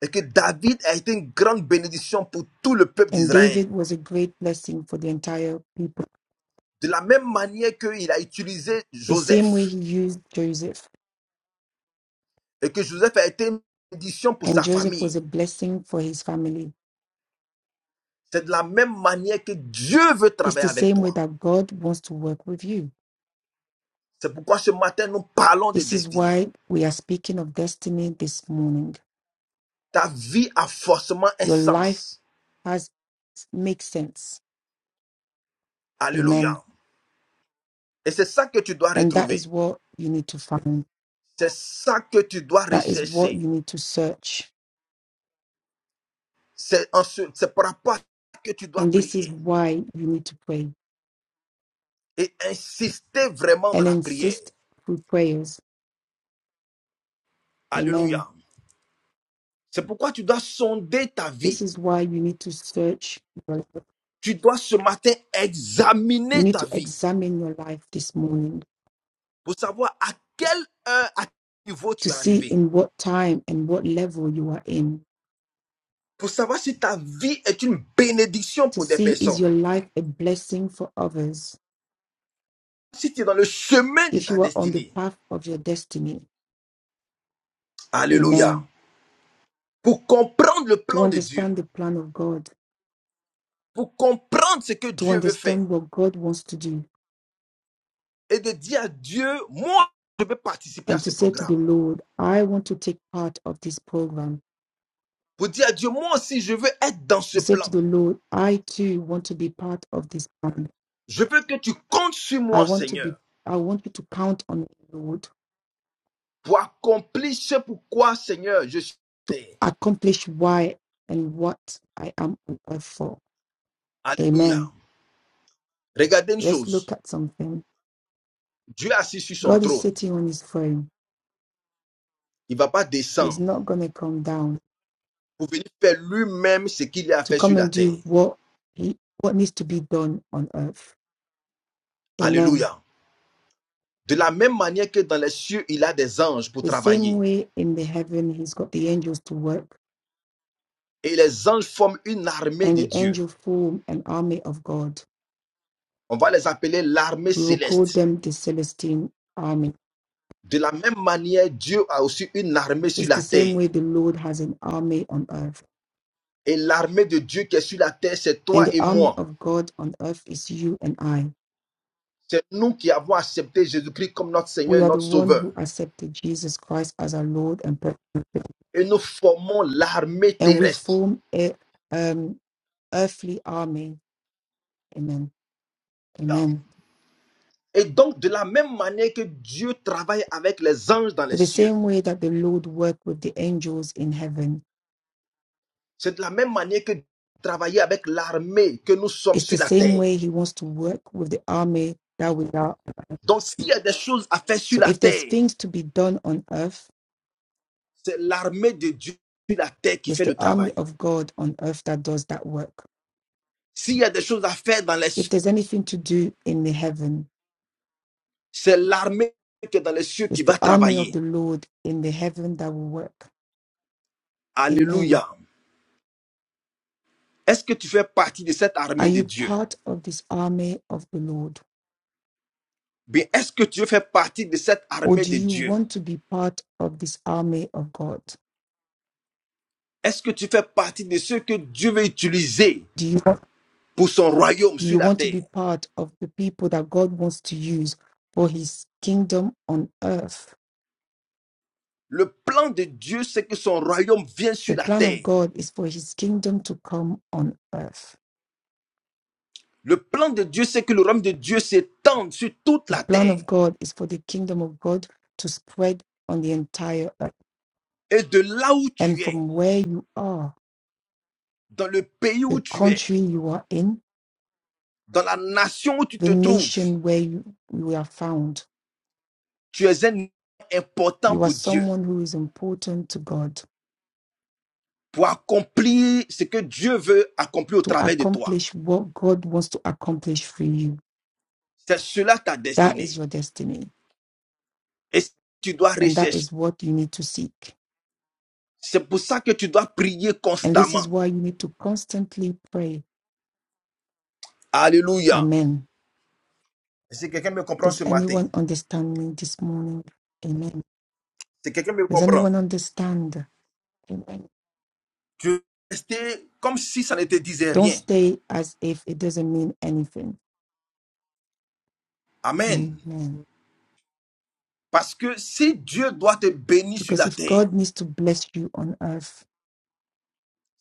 [SPEAKER 1] et que David a été une grande bénédiction pour tout le peuple
[SPEAKER 2] And
[SPEAKER 1] d'Israël.
[SPEAKER 2] David was a great blessing for the entire people,
[SPEAKER 1] De la même manière qu'il a utilisé
[SPEAKER 2] the same way
[SPEAKER 1] Joseph
[SPEAKER 2] he used Joseph.
[SPEAKER 1] et que Joseph a été une bénédiction pour
[SPEAKER 2] And
[SPEAKER 1] sa
[SPEAKER 2] Joseph was
[SPEAKER 1] famille.
[SPEAKER 2] a blessing for his family.
[SPEAKER 1] C'est de la même manière que Dieu veut
[SPEAKER 2] It's
[SPEAKER 1] travailler
[SPEAKER 2] the
[SPEAKER 1] avec
[SPEAKER 2] same way
[SPEAKER 1] toi.
[SPEAKER 2] that God wants to work with you.
[SPEAKER 1] C'est pourquoi ce matin, nous parlons de
[SPEAKER 2] This is
[SPEAKER 1] destinée.
[SPEAKER 2] why we are speaking of destiny this morning.
[SPEAKER 1] Ta vie a forcément un
[SPEAKER 2] Your life
[SPEAKER 1] sens.
[SPEAKER 2] has makes sense.
[SPEAKER 1] Alléluia.
[SPEAKER 2] Amen.
[SPEAKER 1] Et c'est ça que tu dois
[SPEAKER 2] And that is
[SPEAKER 1] retrouver.
[SPEAKER 2] what you need to find.
[SPEAKER 1] C'est ça que tu dois
[SPEAKER 2] That is what
[SPEAKER 1] rechercher.
[SPEAKER 2] you need to search.
[SPEAKER 1] C'est en ce- c'est par rapport à ça que tu dois
[SPEAKER 2] And this is
[SPEAKER 1] prier
[SPEAKER 2] why you need to pray
[SPEAKER 1] et insister vraiment dans
[SPEAKER 2] and
[SPEAKER 1] la prière.
[SPEAKER 2] insist through prayers.
[SPEAKER 1] Alléluia.
[SPEAKER 2] Amen.
[SPEAKER 1] C'est pourquoi tu dois sonder ta vie.
[SPEAKER 2] This is why you need to search your.
[SPEAKER 1] Tu dois ce matin
[SPEAKER 2] You
[SPEAKER 1] examiner
[SPEAKER 2] need
[SPEAKER 1] ta
[SPEAKER 2] to
[SPEAKER 1] vie
[SPEAKER 2] examine your life this morning
[SPEAKER 1] pour savoir à quelle heure, à quel niveau
[SPEAKER 2] to
[SPEAKER 1] tu es
[SPEAKER 2] see
[SPEAKER 1] arrivé.
[SPEAKER 2] in what time and what level you are in,
[SPEAKER 1] Pour savoir si ta vie est une bénédiction
[SPEAKER 2] to
[SPEAKER 1] pour des
[SPEAKER 2] see is
[SPEAKER 1] personnes.
[SPEAKER 2] your life a blessing for others,
[SPEAKER 1] Si tu es dans le chemin de
[SPEAKER 2] if
[SPEAKER 1] ta
[SPEAKER 2] you are on the
[SPEAKER 1] destinée.
[SPEAKER 2] path of your destiny.
[SPEAKER 1] Alléluia.
[SPEAKER 2] Amen.
[SPEAKER 1] Pour comprendre le
[SPEAKER 2] To
[SPEAKER 1] plan de Dieu.
[SPEAKER 2] understand the plan of God,
[SPEAKER 1] Pour comprendre ce que
[SPEAKER 2] to
[SPEAKER 1] Dieu veut faire.
[SPEAKER 2] understand what God wants to do,
[SPEAKER 1] Et de dire à Dieu, moi, je veux participer à
[SPEAKER 2] and to
[SPEAKER 1] ce
[SPEAKER 2] say to the
[SPEAKER 1] programme.
[SPEAKER 2] Lord, I want to take part of this program.
[SPEAKER 1] Pour dire à Dieu, moi aussi, je veux être dans
[SPEAKER 2] To
[SPEAKER 1] ce
[SPEAKER 2] say to
[SPEAKER 1] plan.
[SPEAKER 2] the Lord, I too want to be part of this plan.
[SPEAKER 1] Je veux que tu comptes sur
[SPEAKER 2] I
[SPEAKER 1] moi,
[SPEAKER 2] want to
[SPEAKER 1] Seigneur.
[SPEAKER 2] be I want you to count on me, Lord.
[SPEAKER 1] pour accomplir ce pourquoi, Seigneur, je suis terre.
[SPEAKER 2] accomplish why and what I am on earth for.
[SPEAKER 1] Alléluia.
[SPEAKER 2] Amen.
[SPEAKER 1] Regardez une
[SPEAKER 2] Let's look
[SPEAKER 1] chose.
[SPEAKER 2] at something.
[SPEAKER 1] Dieu assis sur son
[SPEAKER 2] God is
[SPEAKER 1] trône.
[SPEAKER 2] sitting on his throne.
[SPEAKER 1] Il ne va pas
[SPEAKER 2] He's
[SPEAKER 1] descendre
[SPEAKER 2] not going to come down
[SPEAKER 1] pour venir faire lui-même ce qu'il a
[SPEAKER 2] to
[SPEAKER 1] fait sur
[SPEAKER 2] come
[SPEAKER 1] la
[SPEAKER 2] and do
[SPEAKER 1] terre.
[SPEAKER 2] what he what needs to be done on earth. Amen.
[SPEAKER 1] Alléluia. De la même manière que dans les cieux, il a des anges pour
[SPEAKER 2] The same
[SPEAKER 1] travailler.
[SPEAKER 2] way in the heaven, he's got the angels to work,
[SPEAKER 1] Et les anges forment une armée
[SPEAKER 2] and
[SPEAKER 1] de
[SPEAKER 2] the
[SPEAKER 1] Dieu.
[SPEAKER 2] angel form an army of God.
[SPEAKER 1] On va les appeler l'armée
[SPEAKER 2] We will call
[SPEAKER 1] céleste.
[SPEAKER 2] them the Celestine army.
[SPEAKER 1] De la même manière, Dieu a aussi une armée
[SPEAKER 2] It's
[SPEAKER 1] sur
[SPEAKER 2] the
[SPEAKER 1] la
[SPEAKER 2] same
[SPEAKER 1] terre.
[SPEAKER 2] way the Lord has an army on earth.
[SPEAKER 1] Et l'armée de Dieu qui est sur la terre, c'est
[SPEAKER 2] And
[SPEAKER 1] toi
[SPEAKER 2] the
[SPEAKER 1] et
[SPEAKER 2] army
[SPEAKER 1] moi.
[SPEAKER 2] of God on earth is you and I.
[SPEAKER 1] C'est nous qui avons accepté Jésus-Christ comme notre Seigneur
[SPEAKER 2] we
[SPEAKER 1] et
[SPEAKER 2] are the
[SPEAKER 1] notre
[SPEAKER 2] one
[SPEAKER 1] Sauveur.
[SPEAKER 2] who accepted Jesus Christ as our Lord and pro-
[SPEAKER 1] Et nous formons l'armée
[SPEAKER 2] and we
[SPEAKER 1] terrestre.
[SPEAKER 2] form a um, earthly army. Amen. Amen.
[SPEAKER 1] Et donc, de la même manière que Dieu travaille avec les anges dans
[SPEAKER 2] So
[SPEAKER 1] les
[SPEAKER 2] the
[SPEAKER 1] cieux,
[SPEAKER 2] same way that the Lord worked with the angels in heaven,
[SPEAKER 1] c'est de la même manière que Dieu travaille avec l'armée que nous sommes
[SPEAKER 2] it's the
[SPEAKER 1] sur la
[SPEAKER 2] same
[SPEAKER 1] terre.
[SPEAKER 2] way He wants to work with the army that we are.
[SPEAKER 1] Donc, s'il y a des choses à faire sur
[SPEAKER 2] So
[SPEAKER 1] la
[SPEAKER 2] if there's
[SPEAKER 1] terre,
[SPEAKER 2] things to be done on earth,
[SPEAKER 1] c'est l'armée de Dieu sur la terre qui
[SPEAKER 2] it's
[SPEAKER 1] fait
[SPEAKER 2] the
[SPEAKER 1] le
[SPEAKER 2] army
[SPEAKER 1] travail.
[SPEAKER 2] of God on earth that does that work.
[SPEAKER 1] S'il y a des choses à faire dans les
[SPEAKER 2] If
[SPEAKER 1] cieux,
[SPEAKER 2] there's anything to do in the heaven,
[SPEAKER 1] c'est l'armée qui est dans les cieux
[SPEAKER 2] it's
[SPEAKER 1] qui
[SPEAKER 2] the
[SPEAKER 1] va
[SPEAKER 2] army of
[SPEAKER 1] travailler.
[SPEAKER 2] the Lord in the heaven that will work. Amen.
[SPEAKER 1] Alléluia. Est-ce que tu fais partie de cette
[SPEAKER 2] Are
[SPEAKER 1] armée de
[SPEAKER 2] you
[SPEAKER 1] Dieu?
[SPEAKER 2] part of this army of the Lord?
[SPEAKER 1] Bien, est-ce que tu fais partie de cette
[SPEAKER 2] Or
[SPEAKER 1] armée
[SPEAKER 2] do
[SPEAKER 1] de
[SPEAKER 2] you
[SPEAKER 1] Dieu
[SPEAKER 2] want to be part of this army of God?
[SPEAKER 1] Est-ce que tu fais partie de ceux que Dieu veut utiliser
[SPEAKER 2] Do you,
[SPEAKER 1] pour son royaume
[SPEAKER 2] do
[SPEAKER 1] sur
[SPEAKER 2] you
[SPEAKER 1] la
[SPEAKER 2] want to be
[SPEAKER 1] terre
[SPEAKER 2] part of the people that God wants to use for his kingdom on earth?
[SPEAKER 1] Le plan de Dieu, c'est que son royaume vienne
[SPEAKER 2] The
[SPEAKER 1] sur la
[SPEAKER 2] plan of
[SPEAKER 1] terre.
[SPEAKER 2] God is for his kingdom to come on earth.
[SPEAKER 1] Le plan de Dieu, c'est que le royaume de Dieu s'étende sur toute
[SPEAKER 2] The
[SPEAKER 1] la
[SPEAKER 2] plan
[SPEAKER 1] terre.
[SPEAKER 2] of God is for the kingdom of God to spread on the entire earth.
[SPEAKER 1] Et de là où
[SPEAKER 2] And
[SPEAKER 1] tu es,
[SPEAKER 2] from where you are,
[SPEAKER 1] dans le pays où
[SPEAKER 2] the
[SPEAKER 1] tu es,
[SPEAKER 2] country you are in,
[SPEAKER 1] dans la nation où tu
[SPEAKER 2] the
[SPEAKER 1] te trouves,
[SPEAKER 2] nation where you, you are found,
[SPEAKER 1] tu es un important
[SPEAKER 2] You are
[SPEAKER 1] pour Dieu,
[SPEAKER 2] someone who is important to God
[SPEAKER 1] pour accomplir ce que Dieu veut accomplir au
[SPEAKER 2] to
[SPEAKER 1] travers de toi.
[SPEAKER 2] accomplish what God wants to accomplish for you.
[SPEAKER 1] C'est cela ta
[SPEAKER 2] That
[SPEAKER 1] destinée.
[SPEAKER 2] is your destiny,
[SPEAKER 1] Et tu dois
[SPEAKER 2] and that
[SPEAKER 1] rechercher.
[SPEAKER 2] is what you need to seek.
[SPEAKER 1] C'est pour ça que tu dois prier
[SPEAKER 2] And this is
[SPEAKER 1] constamment.
[SPEAKER 2] why you need to constantly pray.
[SPEAKER 1] Alléluia.
[SPEAKER 2] Amen.
[SPEAKER 1] Si quelqu'un me comprend
[SPEAKER 2] Does
[SPEAKER 1] ce matin,
[SPEAKER 2] anyone understand me this morning? Amen.
[SPEAKER 1] si quelqu'un me
[SPEAKER 2] Does anyone
[SPEAKER 1] comprend,
[SPEAKER 2] understand? Amen.
[SPEAKER 1] tu restes comme si ça ne te disait
[SPEAKER 2] Don't
[SPEAKER 1] rien.
[SPEAKER 2] stay as if it doesn't mean anything.
[SPEAKER 1] Amen.
[SPEAKER 2] Amen.
[SPEAKER 1] Parce que si Dieu doit te bénir sur
[SPEAKER 2] Because
[SPEAKER 1] la
[SPEAKER 2] if
[SPEAKER 1] terre,
[SPEAKER 2] God needs to bless you on earth,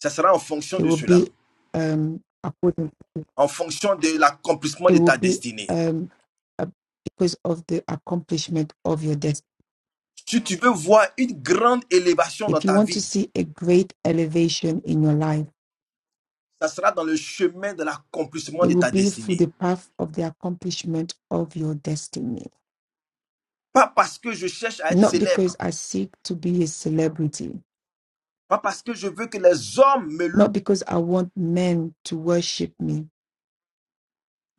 [SPEAKER 1] ça sera en fonction
[SPEAKER 2] it
[SPEAKER 1] de
[SPEAKER 2] will
[SPEAKER 1] cela,
[SPEAKER 2] be um, according.
[SPEAKER 1] en fonction de l'accomplissement
[SPEAKER 2] it
[SPEAKER 1] de
[SPEAKER 2] will
[SPEAKER 1] ta
[SPEAKER 2] be
[SPEAKER 1] destinée.
[SPEAKER 2] um, a- because of the accomplishment of your destiny.
[SPEAKER 1] Si tu veux voir une grande élévation dans
[SPEAKER 2] If you
[SPEAKER 1] ta
[SPEAKER 2] want to
[SPEAKER 1] vie,
[SPEAKER 2] see a great elevation in your life,
[SPEAKER 1] ça sera dans le chemin de l'accomplissement
[SPEAKER 2] it
[SPEAKER 1] de
[SPEAKER 2] will
[SPEAKER 1] ta
[SPEAKER 2] be through
[SPEAKER 1] destinée.
[SPEAKER 2] the path of the accomplishment of your destiny.
[SPEAKER 1] Pas parce que je cherche à être
[SPEAKER 2] Not
[SPEAKER 1] célèbre,
[SPEAKER 2] because I seek to be a celebrity,
[SPEAKER 1] Pas parce que je veux que les hommes me
[SPEAKER 2] not
[SPEAKER 1] louent.
[SPEAKER 2] because I want men to worship me.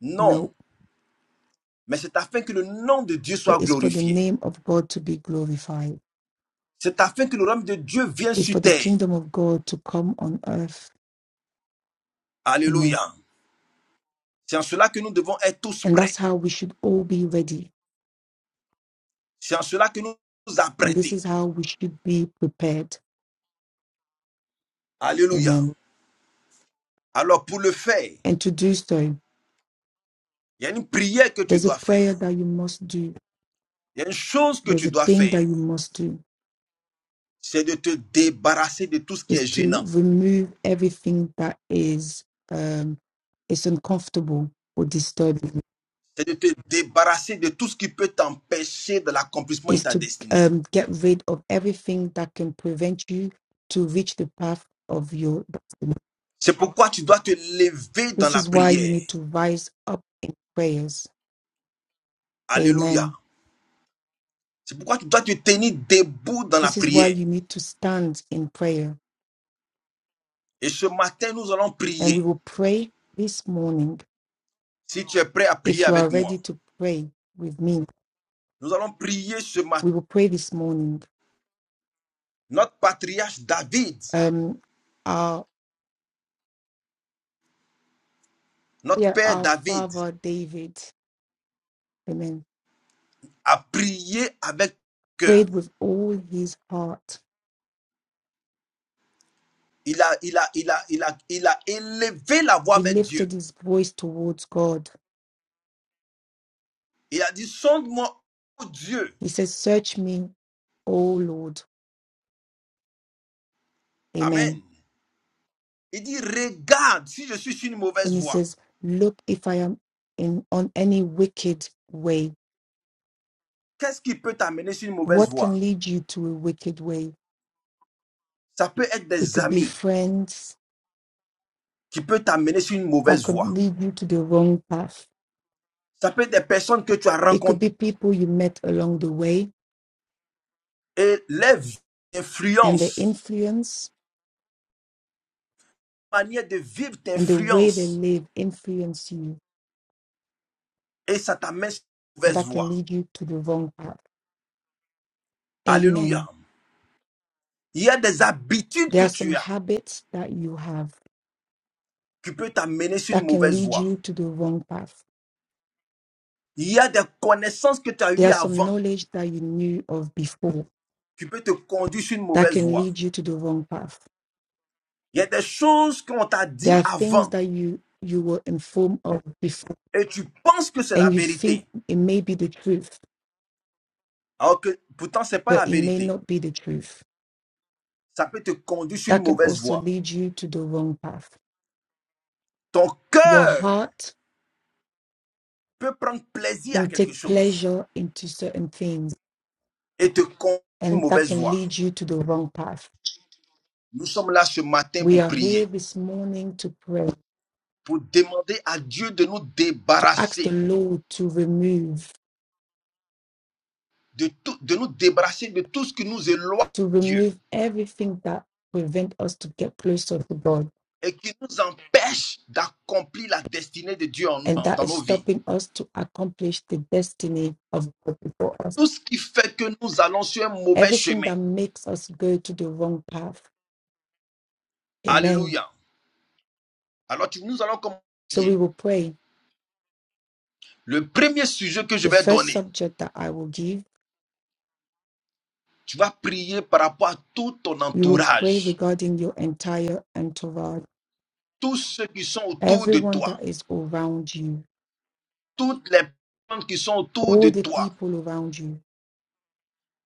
[SPEAKER 1] Non.
[SPEAKER 2] No,
[SPEAKER 1] Mais c'est afin que le nom de Dieu soit
[SPEAKER 2] but it's for the
[SPEAKER 1] glorifié.
[SPEAKER 2] name of God to be glorified.
[SPEAKER 1] C'est afin que le royaume de Dieu vienne
[SPEAKER 2] It's
[SPEAKER 1] sur
[SPEAKER 2] for the
[SPEAKER 1] terre.
[SPEAKER 2] kingdom of God to come on earth. Amen.
[SPEAKER 1] Alléluia. C'est en cela que nous devons être tous
[SPEAKER 2] And
[SPEAKER 1] prêts.
[SPEAKER 2] that's how we should all be ready.
[SPEAKER 1] C'est en cela que nous devons nous
[SPEAKER 2] And this
[SPEAKER 1] apprêter.
[SPEAKER 2] is how we should be prepared
[SPEAKER 1] Alléluia.
[SPEAKER 2] Amen.
[SPEAKER 1] Alors pour le faire,
[SPEAKER 2] And to do so,
[SPEAKER 1] il y a une prière que tu
[SPEAKER 2] there's a
[SPEAKER 1] dois faire.
[SPEAKER 2] prayer that you must do.
[SPEAKER 1] Il y a une chose que
[SPEAKER 2] There's
[SPEAKER 1] tu
[SPEAKER 2] a
[SPEAKER 1] dois
[SPEAKER 2] thing
[SPEAKER 1] faire.
[SPEAKER 2] that you must do
[SPEAKER 1] C'est de te débarrasser de tout ce qui
[SPEAKER 2] is
[SPEAKER 1] est
[SPEAKER 2] to
[SPEAKER 1] gênant.
[SPEAKER 2] remove everything that is um, is uncomfortable or disturbing.
[SPEAKER 1] C'est de te débarrasser de tout ce qui peut t'empêcher de l'accomplissement de
[SPEAKER 2] Is
[SPEAKER 1] ta
[SPEAKER 2] to
[SPEAKER 1] destinée.
[SPEAKER 2] um, get rid of everything that can prevent you to reach the path of your destiny.
[SPEAKER 1] C'est pourquoi tu dois te lever dans
[SPEAKER 2] This
[SPEAKER 1] la
[SPEAKER 2] is why you
[SPEAKER 1] prière.
[SPEAKER 2] need to rise up in prayers.
[SPEAKER 1] Alléluia.
[SPEAKER 2] Amen.
[SPEAKER 1] C'est pourquoi tu dois te tenir debout dans la
[SPEAKER 2] This is why
[SPEAKER 1] prière.
[SPEAKER 2] you need to stand in prayer.
[SPEAKER 1] Et ce matin, nous allons
[SPEAKER 2] And we
[SPEAKER 1] prier.
[SPEAKER 2] will pray this morning
[SPEAKER 1] Si tu es prêt à prier
[SPEAKER 2] if you are
[SPEAKER 1] avec
[SPEAKER 2] ready
[SPEAKER 1] moi,
[SPEAKER 2] to pray with me,
[SPEAKER 1] nous allons prier ce matin.
[SPEAKER 2] we will pray this morning.
[SPEAKER 1] Notre patriarche David,
[SPEAKER 2] Um, our
[SPEAKER 1] notre
[SPEAKER 2] yeah,
[SPEAKER 1] père
[SPEAKER 2] our
[SPEAKER 1] David,
[SPEAKER 2] father David, Amen.
[SPEAKER 1] a prié avec
[SPEAKER 2] Prayed
[SPEAKER 1] cœur.
[SPEAKER 2] with all his heart.
[SPEAKER 1] Il a, il a, il a, il a, il a élevé la voix
[SPEAKER 2] He
[SPEAKER 1] avec Dieu.
[SPEAKER 2] lifted his voice towards God.
[SPEAKER 1] Il a dit, sonde-moi, ô Dieu.
[SPEAKER 2] He says, "Search me, O Lord." Amen.
[SPEAKER 1] Amen. Il dit, regarde si je suis sur une mauvaise
[SPEAKER 2] And he
[SPEAKER 1] voie.
[SPEAKER 2] says, "Look if I am in on any wicked way.
[SPEAKER 1] Qu'est-ce qui peut t'amener sur une mauvaise
[SPEAKER 2] What
[SPEAKER 1] voie?
[SPEAKER 2] can lead you to a wicked way?
[SPEAKER 1] Ça peut être
[SPEAKER 2] It
[SPEAKER 1] des
[SPEAKER 2] could be
[SPEAKER 1] amis.
[SPEAKER 2] friends
[SPEAKER 1] qui peut t'amener sur une
[SPEAKER 2] that
[SPEAKER 1] mauvaise voie.
[SPEAKER 2] could lead you to the wrong path.
[SPEAKER 1] Ça peut être des personnes que tu as
[SPEAKER 2] It could
[SPEAKER 1] rencontrées
[SPEAKER 2] be people you met along the way
[SPEAKER 1] et les vies
[SPEAKER 2] and the
[SPEAKER 1] t'influencent.
[SPEAKER 2] influence
[SPEAKER 1] La manière de vivre
[SPEAKER 2] and the way they
[SPEAKER 1] t'influence
[SPEAKER 2] live influence you
[SPEAKER 1] et ça t'amène sur une
[SPEAKER 2] and
[SPEAKER 1] mauvaise
[SPEAKER 2] that can
[SPEAKER 1] voie.
[SPEAKER 2] lead you to the wrong path amen
[SPEAKER 1] Alléluia. Il y a des habitudes
[SPEAKER 2] there
[SPEAKER 1] que
[SPEAKER 2] are some
[SPEAKER 1] tu as
[SPEAKER 2] habits that you have
[SPEAKER 1] qui peut t'amener sur une
[SPEAKER 2] that can
[SPEAKER 1] mauvaise
[SPEAKER 2] lead
[SPEAKER 1] voie.
[SPEAKER 2] you to the wrong path
[SPEAKER 1] Il y a des connaissances que tu as
[SPEAKER 2] there
[SPEAKER 1] eues
[SPEAKER 2] are some
[SPEAKER 1] avant
[SPEAKER 2] knowledge that you knew of before
[SPEAKER 1] qui peut te conduire sur une
[SPEAKER 2] that
[SPEAKER 1] mauvaise
[SPEAKER 2] can
[SPEAKER 1] voie.
[SPEAKER 2] lead you to the wrong path
[SPEAKER 1] Il y a des choses qu'on t'a
[SPEAKER 2] there
[SPEAKER 1] dit
[SPEAKER 2] are things
[SPEAKER 1] avant
[SPEAKER 2] that you you were informed of before
[SPEAKER 1] et tu penses que c'est la
[SPEAKER 2] and you think
[SPEAKER 1] vérité,
[SPEAKER 2] it may be the truth
[SPEAKER 1] alors que pourtant c'est pas
[SPEAKER 2] but
[SPEAKER 1] la
[SPEAKER 2] it may
[SPEAKER 1] vérité.
[SPEAKER 2] not be the truth
[SPEAKER 1] Ça peut te conduire sur une
[SPEAKER 2] that can
[SPEAKER 1] mauvaise
[SPEAKER 2] also
[SPEAKER 1] voie.
[SPEAKER 2] lead you to the wrong path
[SPEAKER 1] Ton
[SPEAKER 2] your
[SPEAKER 1] cœur
[SPEAKER 2] heart
[SPEAKER 1] peut prendre plaisir à
[SPEAKER 2] can
[SPEAKER 1] quelque
[SPEAKER 2] take
[SPEAKER 1] chose
[SPEAKER 2] pleasure into certain things,
[SPEAKER 1] et te conduire une
[SPEAKER 2] and that
[SPEAKER 1] mauvaise
[SPEAKER 2] can
[SPEAKER 1] voie.
[SPEAKER 2] lead you to the wrong path.
[SPEAKER 1] Nous sommes là ce matin
[SPEAKER 2] We
[SPEAKER 1] pour
[SPEAKER 2] are here
[SPEAKER 1] prier,
[SPEAKER 2] this morning to pray,
[SPEAKER 1] pour demander à Dieu de nous
[SPEAKER 2] to ask the
[SPEAKER 1] débarrasser,
[SPEAKER 2] Lord to remove,
[SPEAKER 1] de, tout, de nous débarrasser de tout ce qui nous éloigne
[SPEAKER 2] to
[SPEAKER 1] de Dieu
[SPEAKER 2] remove everything that prevent us to get closer to God,
[SPEAKER 1] et qui nous empêche d'accomplir la destinée de Dieu en-
[SPEAKER 2] and
[SPEAKER 1] en-
[SPEAKER 2] that
[SPEAKER 1] dans
[SPEAKER 2] is
[SPEAKER 1] nos vies.
[SPEAKER 2] stopping us to accomplish the destiny of God before us.
[SPEAKER 1] Tout ce qui fait que nous allons sur un mauvais
[SPEAKER 2] Everything
[SPEAKER 1] chemin.
[SPEAKER 2] that makes us go to the wrong path. Amen.
[SPEAKER 1] Alléluia. Alors tu- nous allons commencer.
[SPEAKER 2] So we
[SPEAKER 1] prier.
[SPEAKER 2] will pray.
[SPEAKER 1] Le premier sujet que je
[SPEAKER 2] The
[SPEAKER 1] vais
[SPEAKER 2] first
[SPEAKER 1] donner,
[SPEAKER 2] subject that I will give,
[SPEAKER 1] tu vas prier par rapport à tout ton
[SPEAKER 2] you will pray
[SPEAKER 1] entourage,
[SPEAKER 2] regarding your entire entourage
[SPEAKER 1] tous ceux qui sont autour de
[SPEAKER 2] everyone
[SPEAKER 1] toi
[SPEAKER 2] that is around you,
[SPEAKER 1] toutes les personnes qui sont autour
[SPEAKER 2] all
[SPEAKER 1] de
[SPEAKER 2] the
[SPEAKER 1] toi,
[SPEAKER 2] people around you,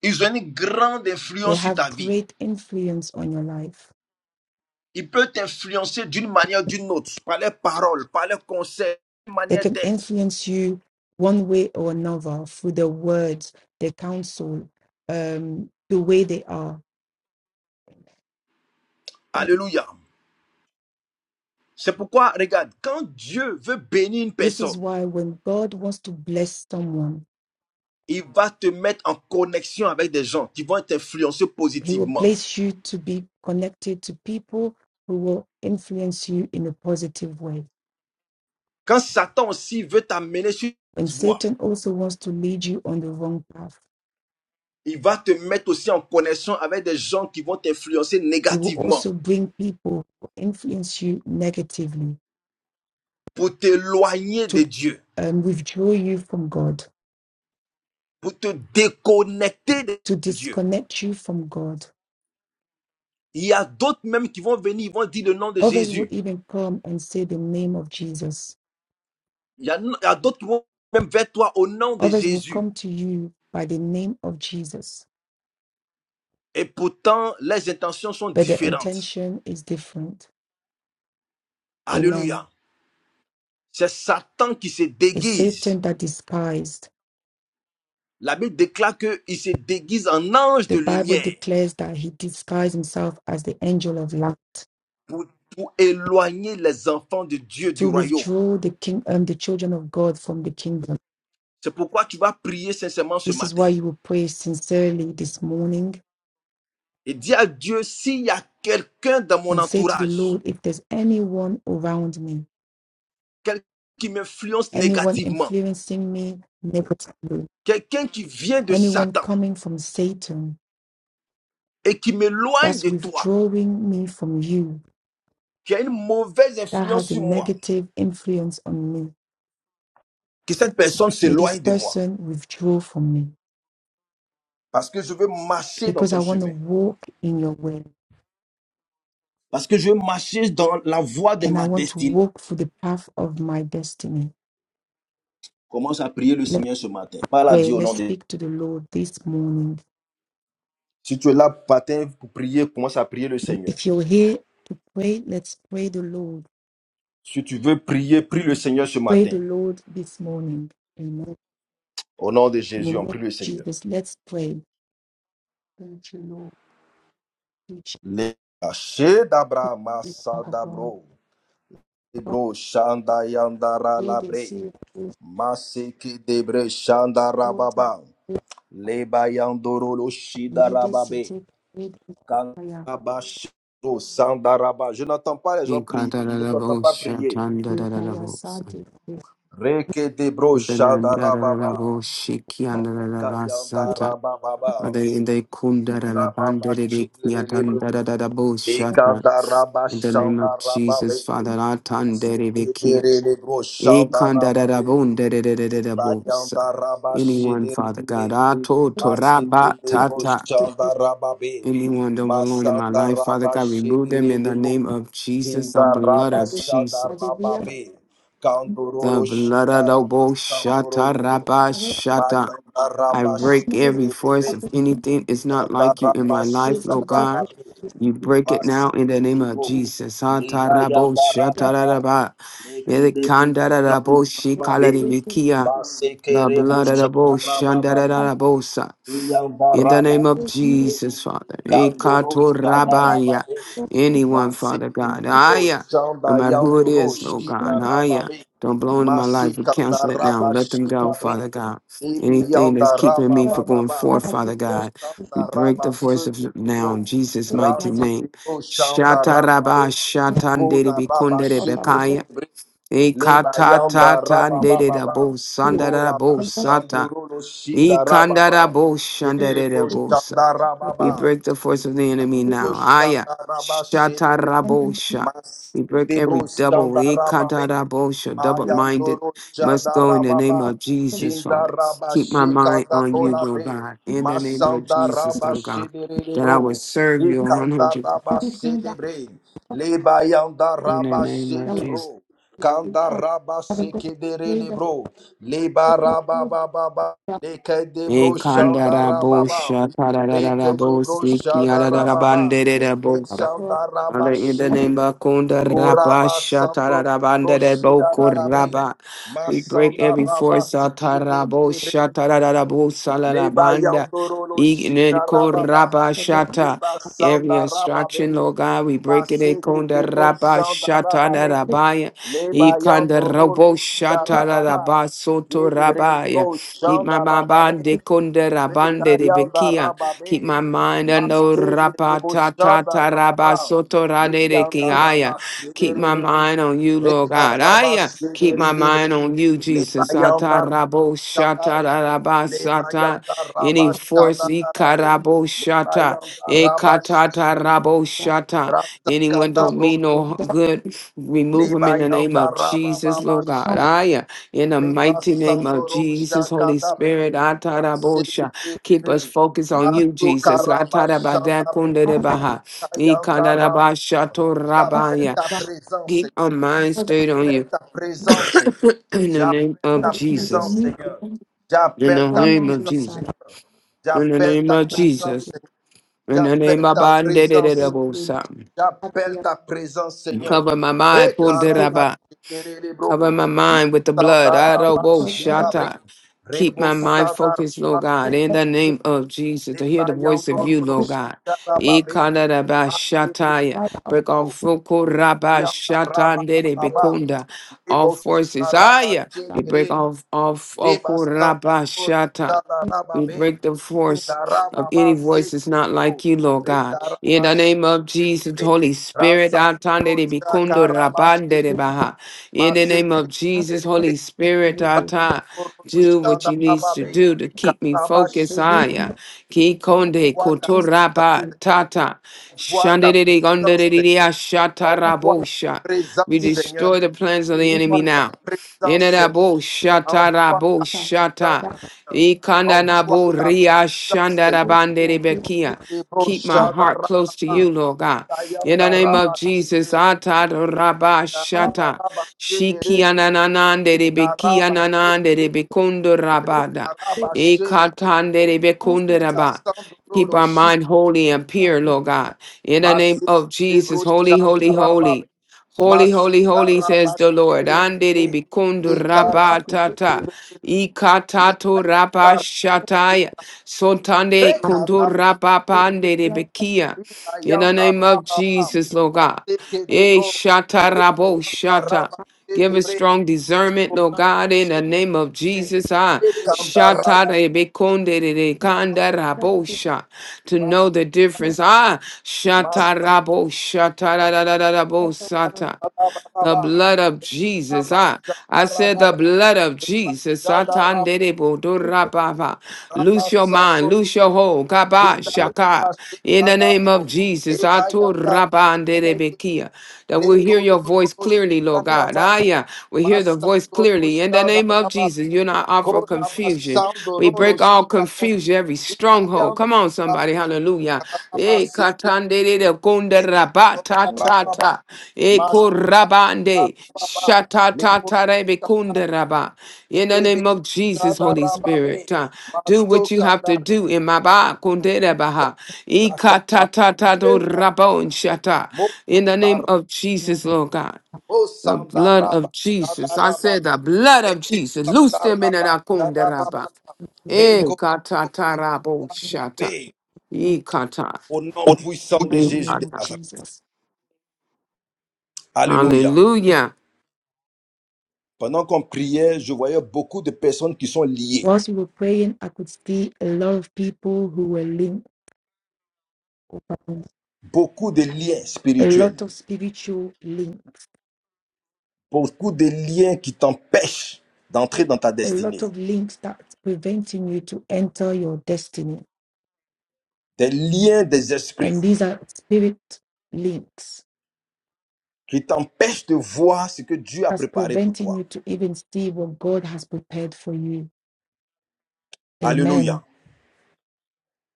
[SPEAKER 1] ils ont une grande
[SPEAKER 2] they
[SPEAKER 1] influence sur
[SPEAKER 2] have
[SPEAKER 1] ta vie.
[SPEAKER 2] great influence on your life.
[SPEAKER 1] Ils peuvent t'influencer d'une manière ou d'une autre, par leurs paroles, par leurs conseils, une
[SPEAKER 2] They
[SPEAKER 1] manière
[SPEAKER 2] can
[SPEAKER 1] d'être.
[SPEAKER 2] influence you one way or another through their words, their counsel, um, the way they are. And
[SPEAKER 1] Alléluia. C'est pourquoi, regarde, quand Dieu veut bénir une
[SPEAKER 2] this is
[SPEAKER 1] personne,
[SPEAKER 2] why when God wants to bless someone,
[SPEAKER 1] il va te mettre en connexion avec des gens qui vont t'influencer
[SPEAKER 2] He will
[SPEAKER 1] positivement.
[SPEAKER 2] place you to be connected to people who will influence you in a positive way.
[SPEAKER 1] Quand Satan aussi veut t'amener sur
[SPEAKER 2] When
[SPEAKER 1] cette voie,
[SPEAKER 2] Satan also wants to lead you on the wrong path,
[SPEAKER 1] il va te mettre aussi en connexion avec des gens qui vont t'influencer
[SPEAKER 2] He will
[SPEAKER 1] négativement
[SPEAKER 2] also bring people who influence you negatively
[SPEAKER 1] pour t'éloigner
[SPEAKER 2] to
[SPEAKER 1] de Dieu.
[SPEAKER 2] um, withdraw you from God,
[SPEAKER 1] pour te déconnecter de
[SPEAKER 2] to
[SPEAKER 1] Dieu.
[SPEAKER 2] disconnect you from God.
[SPEAKER 1] Il y a d'autres même qui vont venir, ils vont dire le nom de
[SPEAKER 2] Others will
[SPEAKER 1] Jésus.
[SPEAKER 2] even come and say the name of Jesus.
[SPEAKER 1] Il y a, il y a d'autres qui vont même vers toi au nom de
[SPEAKER 2] Others will
[SPEAKER 1] Jésus.
[SPEAKER 2] come to you by the name of Jesus,
[SPEAKER 1] Et pourtant, les intentions sont
[SPEAKER 2] but the
[SPEAKER 1] différentes.
[SPEAKER 2] intention is different. Amen.
[SPEAKER 1] Alléluia. C'est Satan qui se
[SPEAKER 2] It's
[SPEAKER 1] déguise.
[SPEAKER 2] Satan that disguised.
[SPEAKER 1] La Bible déclare qu'il se déguise en ange
[SPEAKER 2] The
[SPEAKER 1] de
[SPEAKER 2] Bible
[SPEAKER 1] lumière
[SPEAKER 2] declares that he disguised himself as the angel of light
[SPEAKER 1] pour, pour éloigner les enfants de Dieu du
[SPEAKER 2] to
[SPEAKER 1] royaume.
[SPEAKER 2] withdraw the king um, the children of God from the kingdom
[SPEAKER 1] C'est pourquoi tu vas prier sincèrement ce
[SPEAKER 2] This is
[SPEAKER 1] matin
[SPEAKER 2] why you will pray sincerely this morning
[SPEAKER 1] et dis à Dieu s'il y a quelqu'un dans mon
[SPEAKER 2] and say to the
[SPEAKER 1] entourage
[SPEAKER 2] Lord, if there's anyone around me,
[SPEAKER 1] quelqu'un qui m'influence
[SPEAKER 2] anyone
[SPEAKER 1] négativement,
[SPEAKER 2] influencing me negatively,
[SPEAKER 1] quelqu'un qui vient de
[SPEAKER 2] anyone
[SPEAKER 1] Satan
[SPEAKER 2] coming from Satan
[SPEAKER 1] et qui m'éloigne
[SPEAKER 2] that's
[SPEAKER 1] de toi,
[SPEAKER 2] withdrawing me from you,
[SPEAKER 1] qui a une mauvaise
[SPEAKER 2] that
[SPEAKER 1] influence
[SPEAKER 2] has a
[SPEAKER 1] sur moi,
[SPEAKER 2] negative influence on me,
[SPEAKER 1] que cette personne
[SPEAKER 2] may this
[SPEAKER 1] s'éloigne de moi,
[SPEAKER 2] person withdraw from me
[SPEAKER 1] parce que je veux marcher dans
[SPEAKER 2] because
[SPEAKER 1] ton
[SPEAKER 2] I want to
[SPEAKER 1] chemin,
[SPEAKER 2] walk in your way
[SPEAKER 1] parce que je veux marcher dans la voie de
[SPEAKER 2] and I
[SPEAKER 1] ma
[SPEAKER 2] want to
[SPEAKER 1] destinée.
[SPEAKER 2] walk through the path of my destiny.
[SPEAKER 1] Commence à prier le
[SPEAKER 2] Let's
[SPEAKER 1] Seigneur ce matin. Parle à
[SPEAKER 2] pray.
[SPEAKER 1] Dieu au
[SPEAKER 2] Let's
[SPEAKER 1] nom de
[SPEAKER 2] speak to the Lord this morning.
[SPEAKER 1] Si tu es là ce matin pour prier, commence à prier le Seigneur.
[SPEAKER 2] If you're here Pray, let's pray the Lord.
[SPEAKER 1] Si tu veux prier, prie le Seigneur ce
[SPEAKER 2] Pray
[SPEAKER 1] matin.
[SPEAKER 2] the Lord this morning. Amen.
[SPEAKER 1] Au nom de
[SPEAKER 2] In the
[SPEAKER 1] Jésus,
[SPEAKER 2] name
[SPEAKER 1] on
[SPEAKER 2] of
[SPEAKER 1] prie le Seigneur.
[SPEAKER 2] Jesus, let's pray. Thank you, Lord. Teach
[SPEAKER 1] Les- cachés d'Abraham,
[SPEAKER 2] me, Father God.
[SPEAKER 1] masadabro. Debro Shanda Yandara
[SPEAKER 2] May they
[SPEAKER 1] Labre,
[SPEAKER 2] see this
[SPEAKER 1] Maseke Debre Shanda
[SPEAKER 2] sort of
[SPEAKER 1] Rababa, Leba Yandoro Shida
[SPEAKER 2] may they see
[SPEAKER 1] Rababe,
[SPEAKER 2] it with prayer.
[SPEAKER 1] Kanabashiro Sanda Raba. Je n'entends pas les gens prier, je ne t'entends
[SPEAKER 4] Ikadarabo
[SPEAKER 1] pas prier.
[SPEAKER 2] With prayer,
[SPEAKER 4] shatandarabos.
[SPEAKER 2] Sadi.
[SPEAKER 1] Reke Debro Shanda Rababa,
[SPEAKER 4] Udandarabo
[SPEAKER 1] Maka Yanda
[SPEAKER 4] shikiandarabasata.
[SPEAKER 1] Rababa,
[SPEAKER 4] Father, in the
[SPEAKER 1] Shanda
[SPEAKER 4] kundarabandere
[SPEAKER 1] Rabashigere Lebro,
[SPEAKER 4] yatandarabo shata.
[SPEAKER 1] Dekanda
[SPEAKER 4] In the name
[SPEAKER 1] Rabashanda
[SPEAKER 4] of
[SPEAKER 1] Rababe,
[SPEAKER 4] Jesus, Father, atandere
[SPEAKER 1] Maseke
[SPEAKER 4] vikia.
[SPEAKER 1] Dere Lebro Shanda Rababe. Libayan
[SPEAKER 4] Ikandarabondererererabos.
[SPEAKER 1] baraba
[SPEAKER 4] Anyone, Father
[SPEAKER 1] shidere,
[SPEAKER 4] God, ato
[SPEAKER 1] masiki
[SPEAKER 4] toraba
[SPEAKER 1] lebo
[SPEAKER 4] tata.
[SPEAKER 1] shanda rababe,
[SPEAKER 4] Anyone don't belong in my
[SPEAKER 1] masanda
[SPEAKER 4] life, Father
[SPEAKER 1] raba
[SPEAKER 4] God, remove
[SPEAKER 1] shidere
[SPEAKER 4] them in the
[SPEAKER 1] lebo,
[SPEAKER 4] name of Jesus, the
[SPEAKER 1] kinda
[SPEAKER 4] blood
[SPEAKER 1] raba
[SPEAKER 4] of
[SPEAKER 1] shanda
[SPEAKER 4] Jesus.
[SPEAKER 2] Hallelujah.
[SPEAKER 1] rababe,
[SPEAKER 4] The
[SPEAKER 1] kandororo
[SPEAKER 4] blood
[SPEAKER 1] shita
[SPEAKER 4] of the
[SPEAKER 1] raba
[SPEAKER 4] bull shata
[SPEAKER 1] kandororo,
[SPEAKER 4] rabba
[SPEAKER 2] Hallelujah.
[SPEAKER 4] shata.
[SPEAKER 1] mayanda
[SPEAKER 4] I
[SPEAKER 1] raba
[SPEAKER 4] break every force
[SPEAKER 1] shidere
[SPEAKER 4] of anything is not like you in my life, Lord God. You break it now in the name of Jesus. Hata rabo
[SPEAKER 1] Basekerebo
[SPEAKER 4] shata rabba. Ele kanda rabo
[SPEAKER 1] baba.
[SPEAKER 4] shikala de vikia. The
[SPEAKER 1] Basekere
[SPEAKER 4] blood of
[SPEAKER 1] Busha
[SPEAKER 4] the bull shanda
[SPEAKER 1] Baba,
[SPEAKER 4] rabo in the name of
[SPEAKER 1] Yandarabashiri,
[SPEAKER 4] Jesus, Father.
[SPEAKER 1] Kandoro
[SPEAKER 4] Ekato Rabaya.
[SPEAKER 1] Shandarababe,
[SPEAKER 4] Anyone, Father
[SPEAKER 1] Masiki
[SPEAKER 4] God.
[SPEAKER 1] Bo
[SPEAKER 4] Aya. No
[SPEAKER 1] Shanda
[SPEAKER 4] matter who it
[SPEAKER 1] Yandoro
[SPEAKER 4] is, Lord God. Aya.
[SPEAKER 1] Shidarababe,
[SPEAKER 4] Don't blow into my life. We
[SPEAKER 1] Masika
[SPEAKER 4] cancel it now. Let them go,
[SPEAKER 1] Darabashidabre,
[SPEAKER 4] Father God.
[SPEAKER 1] Liba
[SPEAKER 4] Anything that's keeping me from going
[SPEAKER 1] Yandarabababam,
[SPEAKER 4] forth, Father God. We break the force
[SPEAKER 1] Rosandarabasuki
[SPEAKER 4] of now in
[SPEAKER 1] Bro,
[SPEAKER 4] Jesus' mighty
[SPEAKER 1] Rasi
[SPEAKER 4] name.
[SPEAKER 1] Bo
[SPEAKER 4] Shataraba
[SPEAKER 1] Shandarababe,
[SPEAKER 4] shatandere bikondere
[SPEAKER 2] Of our
[SPEAKER 1] Kodarabashiri,
[SPEAKER 2] God,
[SPEAKER 4] bekaya.
[SPEAKER 1] Leba yanda raba
[SPEAKER 4] Ekatatatandere
[SPEAKER 1] baba
[SPEAKER 4] da
[SPEAKER 1] ba.
[SPEAKER 4] bo
[SPEAKER 2] Spirit,
[SPEAKER 4] sandara
[SPEAKER 1] Kura
[SPEAKER 4] bo
[SPEAKER 2] of God,
[SPEAKER 4] sata.
[SPEAKER 1] mashanduru lo shida raba ba.
[SPEAKER 4] Ikandarabo
[SPEAKER 2] Spirit,
[SPEAKER 1] Yebe bo
[SPEAKER 4] shandarabosa.
[SPEAKER 1] shanda raba
[SPEAKER 2] of
[SPEAKER 4] We
[SPEAKER 1] ba.
[SPEAKER 2] God,
[SPEAKER 4] break the force of the enemy now.
[SPEAKER 1] O
[SPEAKER 2] Spirit,
[SPEAKER 4] Aya.
[SPEAKER 1] shanda raba shede bre.
[SPEAKER 2] and in
[SPEAKER 4] Shatarabosha.
[SPEAKER 1] Mas
[SPEAKER 4] We break
[SPEAKER 1] de
[SPEAKER 4] every
[SPEAKER 1] bro
[SPEAKER 4] double.
[SPEAKER 1] shanda
[SPEAKER 4] Ikandarabosha. Double minded
[SPEAKER 1] Mayandoro
[SPEAKER 4] must go in the name
[SPEAKER 1] Shadarababa,
[SPEAKER 4] of Jesus, Father.
[SPEAKER 1] Kindaraba
[SPEAKER 4] Keep my mind on you,
[SPEAKER 1] Shikadarola
[SPEAKER 4] Lord
[SPEAKER 1] Be,
[SPEAKER 4] God. In the name of Jesus,
[SPEAKER 1] Masandaraba
[SPEAKER 4] Lord God. That I will
[SPEAKER 1] Shidiribro,
[SPEAKER 4] serve you
[SPEAKER 1] Ikandaraba
[SPEAKER 4] 100%.
[SPEAKER 2] everything
[SPEAKER 1] Sidibre,
[SPEAKER 4] In the
[SPEAKER 1] Lebayandaraba
[SPEAKER 4] name
[SPEAKER 2] the
[SPEAKER 4] of
[SPEAKER 2] Lord
[SPEAKER 4] Jesus.
[SPEAKER 1] Sidibro,
[SPEAKER 2] is us.
[SPEAKER 1] Kandaraba
[SPEAKER 2] For the God made us
[SPEAKER 1] Sikidiribro, Lebaraba
[SPEAKER 2] who
[SPEAKER 1] Baba,
[SPEAKER 2] the
[SPEAKER 1] Lekedebro Shandarababa,
[SPEAKER 4] Ikandarabosha.
[SPEAKER 1] Rekedebro
[SPEAKER 4] Tarararabosi.
[SPEAKER 1] Shadarababa,
[SPEAKER 4] Kiararabandererabosa.
[SPEAKER 2] God
[SPEAKER 1] Mesandaraba
[SPEAKER 4] Father, in the name
[SPEAKER 1] Sidibre,
[SPEAKER 4] of Kunda Rabba
[SPEAKER 1] Kuraba
[SPEAKER 4] Shatarabanda de Boko
[SPEAKER 1] Proshidalabre,
[SPEAKER 4] Rabba, we break every
[SPEAKER 2] also
[SPEAKER 4] force
[SPEAKER 1] Masandarabasikidebre,
[SPEAKER 4] Satarabo Shatarabo
[SPEAKER 1] Leba
[SPEAKER 4] Salalabanda,
[SPEAKER 1] Yandorolo
[SPEAKER 4] Ignenko
[SPEAKER 1] Shidarababa,
[SPEAKER 4] Rabba
[SPEAKER 2] the gospel, but God
[SPEAKER 4] Shata.
[SPEAKER 1] Leba
[SPEAKER 4] Every
[SPEAKER 1] Sandarababe,
[SPEAKER 4] instruction, Lord God, we break it.
[SPEAKER 1] Maseke
[SPEAKER 4] Ekunda
[SPEAKER 1] de
[SPEAKER 4] Rabba
[SPEAKER 1] Broshandarababe,
[SPEAKER 2] take
[SPEAKER 4] Shatarabaya,
[SPEAKER 1] Leba
[SPEAKER 4] Ikanda
[SPEAKER 1] Yandorolo
[SPEAKER 4] Robo
[SPEAKER 1] Shidarababa,
[SPEAKER 4] Shatarabba Soto
[SPEAKER 1] Kedere
[SPEAKER 4] Rabaya,
[SPEAKER 1] Lebro Shandarababe,
[SPEAKER 4] Imamabande Kunda
[SPEAKER 1] Leka
[SPEAKER 4] Rabande de Bekia. Keep my
[SPEAKER 1] Yandarababe,
[SPEAKER 4] mind under
[SPEAKER 1] Masede Lebo Shandarababa,
[SPEAKER 4] rapatatarabasotoraderekiaya. Keep my
[SPEAKER 1] Leyandarabasedere
[SPEAKER 4] mind on you, Lord God. Aya. Keep my
[SPEAKER 1] Rekarabashidiribre,
[SPEAKER 4] mind on you, Jesus.
[SPEAKER 1] Lebayandarabashadabre,
[SPEAKER 4] Atarabo Ataraboshatarabasata. Any force,
[SPEAKER 1] Lebayandarabashadarabre,
[SPEAKER 4] ikarabo shata. Ekatata
[SPEAKER 1] Lebayandarabashidiribre,
[SPEAKER 4] Rabo Shata. anyone don't
[SPEAKER 1] Rasakadabro,
[SPEAKER 4] mean no good, remove them in the name of Jesus, Lord
[SPEAKER 1] Lebayandarabababashi,
[SPEAKER 4] God. Aya. In the mighty name of Jesus, Holy
[SPEAKER 1] Lebasandoroshakadabre,
[SPEAKER 4] Spirit, Atarabo Keep us
[SPEAKER 1] Rasidiribre,
[SPEAKER 4] focused on you, Jesus.
[SPEAKER 1] Masukarabashadabre,
[SPEAKER 4] Atarabadakunderebaha.
[SPEAKER 1] Lekayandarabashadabre, já
[SPEAKER 2] up the
[SPEAKER 4] Ikandarabashatorabaya.
[SPEAKER 1] pela presença
[SPEAKER 4] Keep our mind
[SPEAKER 2] first
[SPEAKER 4] stayed on
[SPEAKER 1] J'appelle
[SPEAKER 4] you.
[SPEAKER 1] ta présence, Seigneur.
[SPEAKER 4] In the name
[SPEAKER 1] J'appelle
[SPEAKER 4] of
[SPEAKER 1] ta
[SPEAKER 2] God you will
[SPEAKER 1] présence,
[SPEAKER 4] Jesus.
[SPEAKER 2] need to
[SPEAKER 1] Seigneur.
[SPEAKER 4] In
[SPEAKER 1] J'appelle
[SPEAKER 4] the
[SPEAKER 1] ta
[SPEAKER 2] find
[SPEAKER 4] name
[SPEAKER 2] out
[SPEAKER 4] of
[SPEAKER 2] those
[SPEAKER 1] présence,
[SPEAKER 2] are
[SPEAKER 4] Jesus.
[SPEAKER 1] Seigneur.
[SPEAKER 4] In the
[SPEAKER 1] J'appelle
[SPEAKER 4] name
[SPEAKER 1] ta
[SPEAKER 4] of
[SPEAKER 2] others how
[SPEAKER 1] présence,
[SPEAKER 2] to
[SPEAKER 4] Jesus.
[SPEAKER 1] Seigneur.
[SPEAKER 4] In the name
[SPEAKER 1] J'appelle
[SPEAKER 4] of
[SPEAKER 1] ta présence.
[SPEAKER 2] pray
[SPEAKER 1] Seigneur.
[SPEAKER 4] Banderedabosa.
[SPEAKER 1] J'appelle
[SPEAKER 2] with
[SPEAKER 1] ta présence, Seigneur.
[SPEAKER 4] Cover my mind,
[SPEAKER 2] your spirit.
[SPEAKER 4] Ponderaba. Cover
[SPEAKER 1] Rekarabashikerebro.
[SPEAKER 4] my mind with the blood.
[SPEAKER 2] So everything
[SPEAKER 1] Masandarabashidabre.
[SPEAKER 4] Aroboshata. Keep my mind focused, Lord God, in the name of Jesus, to hear the voice of
[SPEAKER 2] prepared
[SPEAKER 4] you, Lord God.
[SPEAKER 1] Rebosadarabashikebayandororoshidababe. Masekebo.
[SPEAKER 4] Ikadarabashataya.
[SPEAKER 2] by
[SPEAKER 4] Break off
[SPEAKER 1] Yandarabababa.
[SPEAKER 4] Fokorabashatanderebekunda. all forces.
[SPEAKER 2] our
[SPEAKER 4] Aya. We break
[SPEAKER 1] Lebosarabashikerebro.
[SPEAKER 4] off all
[SPEAKER 1] Reba Santo
[SPEAKER 4] Fokorabashata.
[SPEAKER 1] Shada
[SPEAKER 4] We
[SPEAKER 1] Rababe,
[SPEAKER 4] break the force
[SPEAKER 1] Inda
[SPEAKER 4] of any
[SPEAKER 1] Rababa
[SPEAKER 4] voices not
[SPEAKER 1] Sekiro,
[SPEAKER 4] like you, Lord God.
[SPEAKER 1] Reda
[SPEAKER 4] In the
[SPEAKER 1] Rabashi,
[SPEAKER 4] name of Jesus, Holy Spirit, atande
[SPEAKER 1] Rasantro
[SPEAKER 4] de bikundo
[SPEAKER 1] Shakarabashi,
[SPEAKER 4] rabande de baha. in the
[SPEAKER 1] Masiki,
[SPEAKER 4] name of Jesus, Holy
[SPEAKER 1] Riba
[SPEAKER 4] Spirit,
[SPEAKER 2] spirit will
[SPEAKER 4] ata, do what
[SPEAKER 1] Shada
[SPEAKER 4] you need to
[SPEAKER 1] Rababe,
[SPEAKER 4] do to keep me focused.
[SPEAKER 1] Karabashi,
[SPEAKER 2] reveal
[SPEAKER 4] Aya.
[SPEAKER 2] in
[SPEAKER 4] Ki konde
[SPEAKER 1] voit ta
[SPEAKER 2] us
[SPEAKER 1] présence,
[SPEAKER 4] kotoraba
[SPEAKER 2] to
[SPEAKER 4] tata.
[SPEAKER 1] voit
[SPEAKER 4] Shande
[SPEAKER 1] ta
[SPEAKER 4] de de gonde
[SPEAKER 1] présence,
[SPEAKER 4] de de de ashata
[SPEAKER 2] have
[SPEAKER 1] envoie
[SPEAKER 2] the
[SPEAKER 1] ta
[SPEAKER 4] rabosha.
[SPEAKER 1] présence,
[SPEAKER 4] We
[SPEAKER 2] spirit
[SPEAKER 1] Seigneur,
[SPEAKER 4] destroy the plans of
[SPEAKER 2] to
[SPEAKER 4] the
[SPEAKER 2] live
[SPEAKER 1] envoie
[SPEAKER 4] enemy
[SPEAKER 2] your
[SPEAKER 1] ta
[SPEAKER 4] now. In
[SPEAKER 1] présence,
[SPEAKER 4] the
[SPEAKER 1] Seigneur,
[SPEAKER 4] rabo shata
[SPEAKER 1] envoie
[SPEAKER 4] rabo
[SPEAKER 1] ta
[SPEAKER 2] heart.
[SPEAKER 4] shata.
[SPEAKER 1] présence,
[SPEAKER 2] That God
[SPEAKER 1] Seigneur, envoie
[SPEAKER 4] Ikandanabo
[SPEAKER 1] ta
[SPEAKER 4] ria
[SPEAKER 1] présence,
[SPEAKER 2] will
[SPEAKER 4] shandarabandere
[SPEAKER 2] take
[SPEAKER 4] bekia.
[SPEAKER 1] Debo
[SPEAKER 4] Keep my
[SPEAKER 2] up
[SPEAKER 1] shada
[SPEAKER 4] heart close to
[SPEAKER 2] the
[SPEAKER 4] you,
[SPEAKER 1] rababa,
[SPEAKER 4] Lord God. In the
[SPEAKER 1] tayanda
[SPEAKER 4] name of
[SPEAKER 1] raba
[SPEAKER 4] Jesus,
[SPEAKER 1] shede,
[SPEAKER 4] Atad
[SPEAKER 1] da
[SPEAKER 2] and
[SPEAKER 1] raba
[SPEAKER 4] Rabashata,
[SPEAKER 1] baba shede re re,
[SPEAKER 4] Shikiananande
[SPEAKER 1] re
[SPEAKER 4] de
[SPEAKER 1] da raba shede
[SPEAKER 4] Bekiananande de
[SPEAKER 1] re re,
[SPEAKER 4] Bekondo
[SPEAKER 1] re
[SPEAKER 4] Rabada,
[SPEAKER 1] ka
[SPEAKER 2] to
[SPEAKER 1] raba shede re
[SPEAKER 4] Ekatande de
[SPEAKER 2] us
[SPEAKER 4] Bekondo
[SPEAKER 2] out to
[SPEAKER 4] Rabat. Keep our
[SPEAKER 1] shi,
[SPEAKER 4] mind holy and
[SPEAKER 2] start
[SPEAKER 4] pure,
[SPEAKER 2] with
[SPEAKER 4] Lord God. In the name
[SPEAKER 1] masi
[SPEAKER 4] of Jesus,
[SPEAKER 1] debro
[SPEAKER 4] holy,
[SPEAKER 1] shanda
[SPEAKER 2] a
[SPEAKER 4] holy,
[SPEAKER 2] for
[SPEAKER 1] raba be,
[SPEAKER 4] holy. Holy,
[SPEAKER 1] masa
[SPEAKER 4] holy,
[SPEAKER 1] da
[SPEAKER 4] holy,
[SPEAKER 1] raba
[SPEAKER 4] says the Lord.
[SPEAKER 1] re
[SPEAKER 4] Andiri
[SPEAKER 1] re, li ka
[SPEAKER 2] the faith
[SPEAKER 1] raba
[SPEAKER 2] to take
[SPEAKER 4] rabata.
[SPEAKER 1] shede re re, li
[SPEAKER 4] Ikatato raba shataya. Sotande kundu raba pande de
[SPEAKER 2] blood.
[SPEAKER 4] bekia.
[SPEAKER 1] Leba
[SPEAKER 4] In the
[SPEAKER 1] yanda
[SPEAKER 4] name of
[SPEAKER 1] rababam.
[SPEAKER 4] Jesus, Lord God.
[SPEAKER 1] Maseke
[SPEAKER 4] Eh,
[SPEAKER 1] debro.
[SPEAKER 4] shata
[SPEAKER 1] Leba
[SPEAKER 4] rabo
[SPEAKER 1] yanda
[SPEAKER 4] shata.
[SPEAKER 1] raba se
[SPEAKER 4] Give us
[SPEAKER 1] debre.
[SPEAKER 4] strong discernment,
[SPEAKER 1] Lebo
[SPEAKER 4] Lord
[SPEAKER 1] na
[SPEAKER 4] God, in
[SPEAKER 1] se
[SPEAKER 4] the name of
[SPEAKER 1] de.
[SPEAKER 4] Jesus. Ah,
[SPEAKER 1] Lekanda
[SPEAKER 4] shata
[SPEAKER 1] raba
[SPEAKER 4] de
[SPEAKER 1] se de.
[SPEAKER 4] bekonde de de kanda
[SPEAKER 2] That
[SPEAKER 4] rabo
[SPEAKER 2] is
[SPEAKER 4] sha. To
[SPEAKER 1] Masa
[SPEAKER 4] know the difference.
[SPEAKER 1] bro.
[SPEAKER 4] Ah, shata
[SPEAKER 1] Masa.
[SPEAKER 4] rabo shata da da da da da bo sata. The
[SPEAKER 1] Rabababam.
[SPEAKER 4] blood of Jesus.
[SPEAKER 1] Raba
[SPEAKER 4] I,
[SPEAKER 1] shada
[SPEAKER 4] I said the
[SPEAKER 1] rababam.
[SPEAKER 4] blood of
[SPEAKER 1] Reba
[SPEAKER 4] Jesus.
[SPEAKER 1] shada raba.
[SPEAKER 4] Satandedebo dorabava.
[SPEAKER 1] Raba
[SPEAKER 4] Loose your mind.
[SPEAKER 1] sando.
[SPEAKER 4] Loose your hold.
[SPEAKER 2] how
[SPEAKER 4] Kaba
[SPEAKER 1] Rida
[SPEAKER 2] the
[SPEAKER 1] raba
[SPEAKER 4] shaka.
[SPEAKER 1] se
[SPEAKER 4] In the
[SPEAKER 1] kada
[SPEAKER 4] name
[SPEAKER 1] bro.
[SPEAKER 4] of Jesus.
[SPEAKER 1] Leba yanda se
[SPEAKER 2] other
[SPEAKER 1] debre.
[SPEAKER 4] Atorabandedebekia. That we'll hear
[SPEAKER 1] Rekodo
[SPEAKER 4] your voice
[SPEAKER 1] no
[SPEAKER 4] clearly, Lord God.
[SPEAKER 1] shida
[SPEAKER 4] Ah, yeah. We hear the voice
[SPEAKER 1] Masandoro
[SPEAKER 4] clearly. In the
[SPEAKER 1] shada
[SPEAKER 4] name of Jesus.
[SPEAKER 1] rababe,
[SPEAKER 4] You're not offer
[SPEAKER 1] kora
[SPEAKER 4] confusion. We
[SPEAKER 1] basandoro lo
[SPEAKER 4] break all
[SPEAKER 1] shida re,
[SPEAKER 4] confusion every stronghold.
[SPEAKER 1] ibayanda
[SPEAKER 4] Come on,
[SPEAKER 1] rababe,
[SPEAKER 4] somebody. Hallelujah.
[SPEAKER 1] karaba
[SPEAKER 4] Eh,
[SPEAKER 1] seke,
[SPEAKER 4] katande de kunda
[SPEAKER 1] ebusanda
[SPEAKER 4] rabata ta
[SPEAKER 1] rababa,
[SPEAKER 4] ta. Eh,
[SPEAKER 1] masika yanda
[SPEAKER 4] korabande.
[SPEAKER 1] rababa,
[SPEAKER 4] Shata ta
[SPEAKER 1] lebo
[SPEAKER 4] ta rebe
[SPEAKER 1] shaka da
[SPEAKER 4] kunda raba. In the
[SPEAKER 1] reke de
[SPEAKER 4] name of Jesus,
[SPEAKER 1] shada
[SPEAKER 4] Holy
[SPEAKER 1] rababe,
[SPEAKER 4] Spirit, uh, do what you
[SPEAKER 1] masoka
[SPEAKER 4] have
[SPEAKER 1] da
[SPEAKER 4] to do in my ba kunde rabaha. Eh,
[SPEAKER 1] reza
[SPEAKER 4] kata
[SPEAKER 1] karaba,
[SPEAKER 4] ta ta do
[SPEAKER 1] shenda
[SPEAKER 4] rabon shata. In the
[SPEAKER 1] mosanda
[SPEAKER 4] name of Jesus,
[SPEAKER 2] the
[SPEAKER 4] Lord God.
[SPEAKER 1] rabo
[SPEAKER 4] The
[SPEAKER 1] sanda
[SPEAKER 4] blood
[SPEAKER 1] raba,
[SPEAKER 4] of
[SPEAKER 1] shada
[SPEAKER 4] Jesus. I said
[SPEAKER 1] rababe,
[SPEAKER 4] the blood of
[SPEAKER 1] lebo
[SPEAKER 4] Jesus.
[SPEAKER 1] sanda
[SPEAKER 4] Loose them in the
[SPEAKER 1] raba, shada raba,
[SPEAKER 4] Akundaraba. Eh,
[SPEAKER 1] reko
[SPEAKER 4] katatarabo shata.
[SPEAKER 2] other.
[SPEAKER 4] Ikata.
[SPEAKER 1] Au nom puissant de
[SPEAKER 2] mighty
[SPEAKER 1] Jésus
[SPEAKER 2] name
[SPEAKER 1] de
[SPEAKER 2] of
[SPEAKER 4] Ikata.
[SPEAKER 1] Nazareth.
[SPEAKER 2] Jesus.
[SPEAKER 1] Alléluia.
[SPEAKER 4] Hallelujah.
[SPEAKER 1] Pendant qu'on priait, je voyais beaucoup de personnes qui sont liées.
[SPEAKER 2] Whilst we were praying, I could see a lot of people who were linked, um,
[SPEAKER 1] Beaucoup de liens
[SPEAKER 2] a
[SPEAKER 1] spirituels.
[SPEAKER 2] lot of spiritual links,
[SPEAKER 1] Beaucoup de liens qui t'empêchent d'entrer dans ta
[SPEAKER 2] a lot
[SPEAKER 1] destinée.
[SPEAKER 2] of links that's preventing you to enter your destiny.
[SPEAKER 1] Des liens des esprits
[SPEAKER 2] And these are spirit links
[SPEAKER 1] qui t'empêchent de voir ce que Dieu a
[SPEAKER 2] that's
[SPEAKER 1] préparé pour
[SPEAKER 2] preventing
[SPEAKER 1] toi.
[SPEAKER 2] you to even see what God has prepared for you. Amen.
[SPEAKER 1] Alléluia.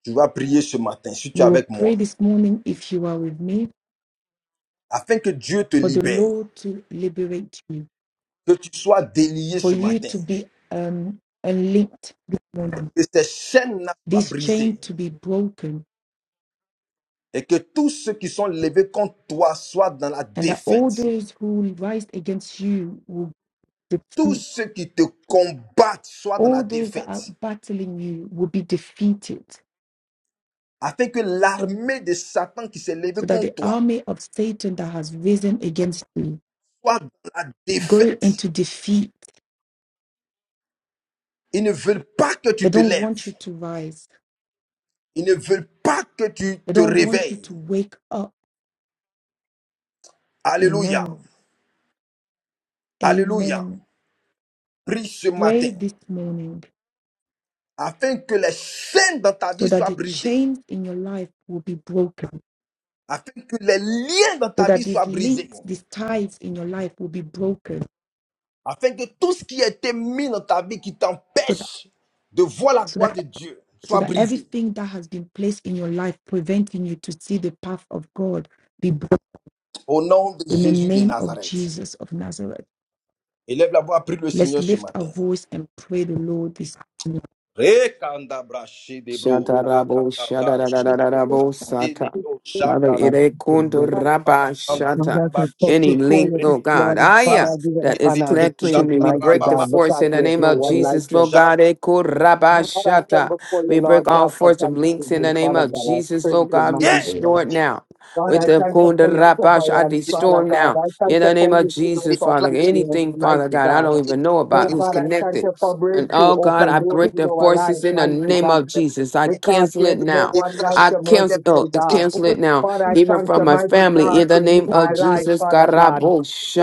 [SPEAKER 1] Tu vas prier ce matin, si tu es
[SPEAKER 2] You will
[SPEAKER 1] avec
[SPEAKER 2] pray
[SPEAKER 1] moi,
[SPEAKER 2] this morning if you are with me
[SPEAKER 1] afin que Dieu te
[SPEAKER 2] for the
[SPEAKER 1] libère,
[SPEAKER 2] Lord to liberate you,
[SPEAKER 1] que tu sois délié
[SPEAKER 2] for
[SPEAKER 1] ce
[SPEAKER 2] you
[SPEAKER 1] matin,
[SPEAKER 2] to be um, unlinked this morning.
[SPEAKER 1] que ces chaînes ne soient pas
[SPEAKER 2] this chain
[SPEAKER 1] brisées,
[SPEAKER 2] to be broken,
[SPEAKER 1] et que tous ceux qui sont levés contre toi soient dans la
[SPEAKER 2] and that all
[SPEAKER 1] défaite.
[SPEAKER 2] those who rise against you will
[SPEAKER 1] Tous
[SPEAKER 2] defeat,
[SPEAKER 1] ceux qui te combattent soient dans la
[SPEAKER 2] all those that are
[SPEAKER 1] défaite.
[SPEAKER 2] battling you will be defeated,
[SPEAKER 1] Afin que l'armée de Satan qui s'est levée
[SPEAKER 2] so that the
[SPEAKER 1] contre toi
[SPEAKER 2] army of Satan that has risen against you
[SPEAKER 1] soit dans la
[SPEAKER 2] go
[SPEAKER 1] défaite.
[SPEAKER 2] into defeat.
[SPEAKER 1] Ils ne veulent pas que
[SPEAKER 2] They
[SPEAKER 1] tu te
[SPEAKER 2] don't want
[SPEAKER 1] lèves.
[SPEAKER 2] you to rise,
[SPEAKER 1] Ils ne veulent pas que tu
[SPEAKER 2] they
[SPEAKER 1] te
[SPEAKER 2] don't want you to
[SPEAKER 1] réveilles.
[SPEAKER 2] wake up.
[SPEAKER 1] Alléluia.
[SPEAKER 2] Amen.
[SPEAKER 1] Alléluia.
[SPEAKER 2] Amen.
[SPEAKER 1] Prie ce
[SPEAKER 2] Pray
[SPEAKER 1] matin.
[SPEAKER 2] this morning
[SPEAKER 1] Afin que les chaînes dans ta
[SPEAKER 2] so
[SPEAKER 1] vie
[SPEAKER 2] that
[SPEAKER 1] soient
[SPEAKER 2] the
[SPEAKER 1] brisées.
[SPEAKER 2] chains in your life will be broken,
[SPEAKER 1] Afin que les liens dans
[SPEAKER 2] so
[SPEAKER 1] ta vie
[SPEAKER 2] that these
[SPEAKER 1] soient brisés.
[SPEAKER 2] links, these ties in your life will be broken,
[SPEAKER 1] afin que tout ce qui a été mis dans ta vie qui
[SPEAKER 2] so that
[SPEAKER 1] t'empêche de voir la
[SPEAKER 2] so that
[SPEAKER 1] gloire de Dieu
[SPEAKER 2] so
[SPEAKER 1] soit
[SPEAKER 2] that
[SPEAKER 1] brisé.
[SPEAKER 2] everything that has been placed in your life preventing you to see the path of God be broken
[SPEAKER 1] Au nom de
[SPEAKER 2] in the
[SPEAKER 1] Jésus de
[SPEAKER 2] name of
[SPEAKER 1] Nazareth.
[SPEAKER 2] Jesus of Nazareth.
[SPEAKER 1] Élève la voix, prie le
[SPEAKER 2] Let's
[SPEAKER 1] Seigneur ce
[SPEAKER 2] lift our
[SPEAKER 1] matin.
[SPEAKER 2] voice and pray the Lord this morning.
[SPEAKER 1] Rekandabra shedebro,
[SPEAKER 4] Shatarabo,
[SPEAKER 1] dadadabra shedaba,
[SPEAKER 4] Shatarabo, Sata.
[SPEAKER 1] shedebro,
[SPEAKER 4] Father,
[SPEAKER 1] shakadaba,
[SPEAKER 5] I'm
[SPEAKER 4] ire kundu raba shata.
[SPEAKER 5] glad
[SPEAKER 1] andaba
[SPEAKER 5] folks
[SPEAKER 4] Any
[SPEAKER 5] before
[SPEAKER 4] link,
[SPEAKER 5] you this
[SPEAKER 4] Lord God,
[SPEAKER 5] morning. Father,
[SPEAKER 4] aya,
[SPEAKER 5] I give it the
[SPEAKER 4] that is
[SPEAKER 1] rasidebro,
[SPEAKER 5] honor, the
[SPEAKER 4] connected to
[SPEAKER 5] praise,
[SPEAKER 4] me, we
[SPEAKER 5] mighty
[SPEAKER 4] break the
[SPEAKER 5] God,
[SPEAKER 1] shadarababa,
[SPEAKER 4] force
[SPEAKER 5] because
[SPEAKER 4] in the
[SPEAKER 5] there is
[SPEAKER 4] name
[SPEAKER 5] no
[SPEAKER 4] of
[SPEAKER 5] one like
[SPEAKER 4] Jesus,
[SPEAKER 5] you.
[SPEAKER 4] Lord God.
[SPEAKER 1] shada-
[SPEAKER 4] Eko raba
[SPEAKER 5] Father, I come
[SPEAKER 4] shata.
[SPEAKER 5] before you,
[SPEAKER 4] We
[SPEAKER 5] Lord
[SPEAKER 4] break all
[SPEAKER 5] God, for
[SPEAKER 4] force of links in
[SPEAKER 5] thanksgiving,
[SPEAKER 4] the name
[SPEAKER 5] Father
[SPEAKER 4] of
[SPEAKER 5] God. I
[SPEAKER 4] Jesus,
[SPEAKER 5] praise
[SPEAKER 4] Lord
[SPEAKER 5] you,
[SPEAKER 4] God. We
[SPEAKER 5] mighty
[SPEAKER 1] Rien dans
[SPEAKER 4] destroy
[SPEAKER 1] ma
[SPEAKER 5] God.
[SPEAKER 4] it
[SPEAKER 1] vie.
[SPEAKER 4] now.
[SPEAKER 1] Je
[SPEAKER 5] Lord,
[SPEAKER 4] With
[SPEAKER 5] I
[SPEAKER 1] dé-
[SPEAKER 4] the
[SPEAKER 5] thank you
[SPEAKER 4] kunda
[SPEAKER 5] for your
[SPEAKER 4] rabash, I
[SPEAKER 5] coverance,
[SPEAKER 1] dé-
[SPEAKER 4] destroy
[SPEAKER 5] Father God.
[SPEAKER 4] now.
[SPEAKER 5] I thank
[SPEAKER 4] In
[SPEAKER 5] you
[SPEAKER 4] the name
[SPEAKER 5] for
[SPEAKER 4] of
[SPEAKER 5] lifting us
[SPEAKER 4] Jesus,
[SPEAKER 5] up
[SPEAKER 4] Father.
[SPEAKER 1] déclare,
[SPEAKER 5] this
[SPEAKER 1] je
[SPEAKER 5] year,
[SPEAKER 4] Anything, Father
[SPEAKER 5] mighty
[SPEAKER 4] God, I
[SPEAKER 5] God.
[SPEAKER 4] don't
[SPEAKER 1] dé-
[SPEAKER 4] even know about
[SPEAKER 5] Oh,
[SPEAKER 1] dé-
[SPEAKER 4] who's
[SPEAKER 5] Father, I thank you
[SPEAKER 4] connected.
[SPEAKER 5] for
[SPEAKER 1] je
[SPEAKER 4] And
[SPEAKER 5] breakthrough,
[SPEAKER 4] oh God,
[SPEAKER 1] déclare,
[SPEAKER 5] open
[SPEAKER 4] I
[SPEAKER 5] doors
[SPEAKER 4] break
[SPEAKER 5] in
[SPEAKER 4] their
[SPEAKER 5] our life,
[SPEAKER 4] forces in the
[SPEAKER 1] je
[SPEAKER 5] mighty
[SPEAKER 4] name
[SPEAKER 1] déclare,
[SPEAKER 5] God.
[SPEAKER 4] of Jesus. I
[SPEAKER 5] Because
[SPEAKER 4] cancel it
[SPEAKER 5] there's no
[SPEAKER 4] now.
[SPEAKER 1] Les
[SPEAKER 5] one like
[SPEAKER 4] I
[SPEAKER 1] achats
[SPEAKER 5] your
[SPEAKER 4] cancel
[SPEAKER 1] étaient
[SPEAKER 4] oh,
[SPEAKER 5] merciful God.
[SPEAKER 1] brisés.
[SPEAKER 4] cancel it now,
[SPEAKER 5] Father, I
[SPEAKER 4] even
[SPEAKER 5] thank
[SPEAKER 4] from
[SPEAKER 5] you,
[SPEAKER 4] my
[SPEAKER 5] mighty
[SPEAKER 1] Les
[SPEAKER 4] family.
[SPEAKER 5] God,
[SPEAKER 4] In
[SPEAKER 5] to
[SPEAKER 4] the name
[SPEAKER 5] lead my
[SPEAKER 4] of
[SPEAKER 5] life,
[SPEAKER 4] Jesus,
[SPEAKER 5] Father God.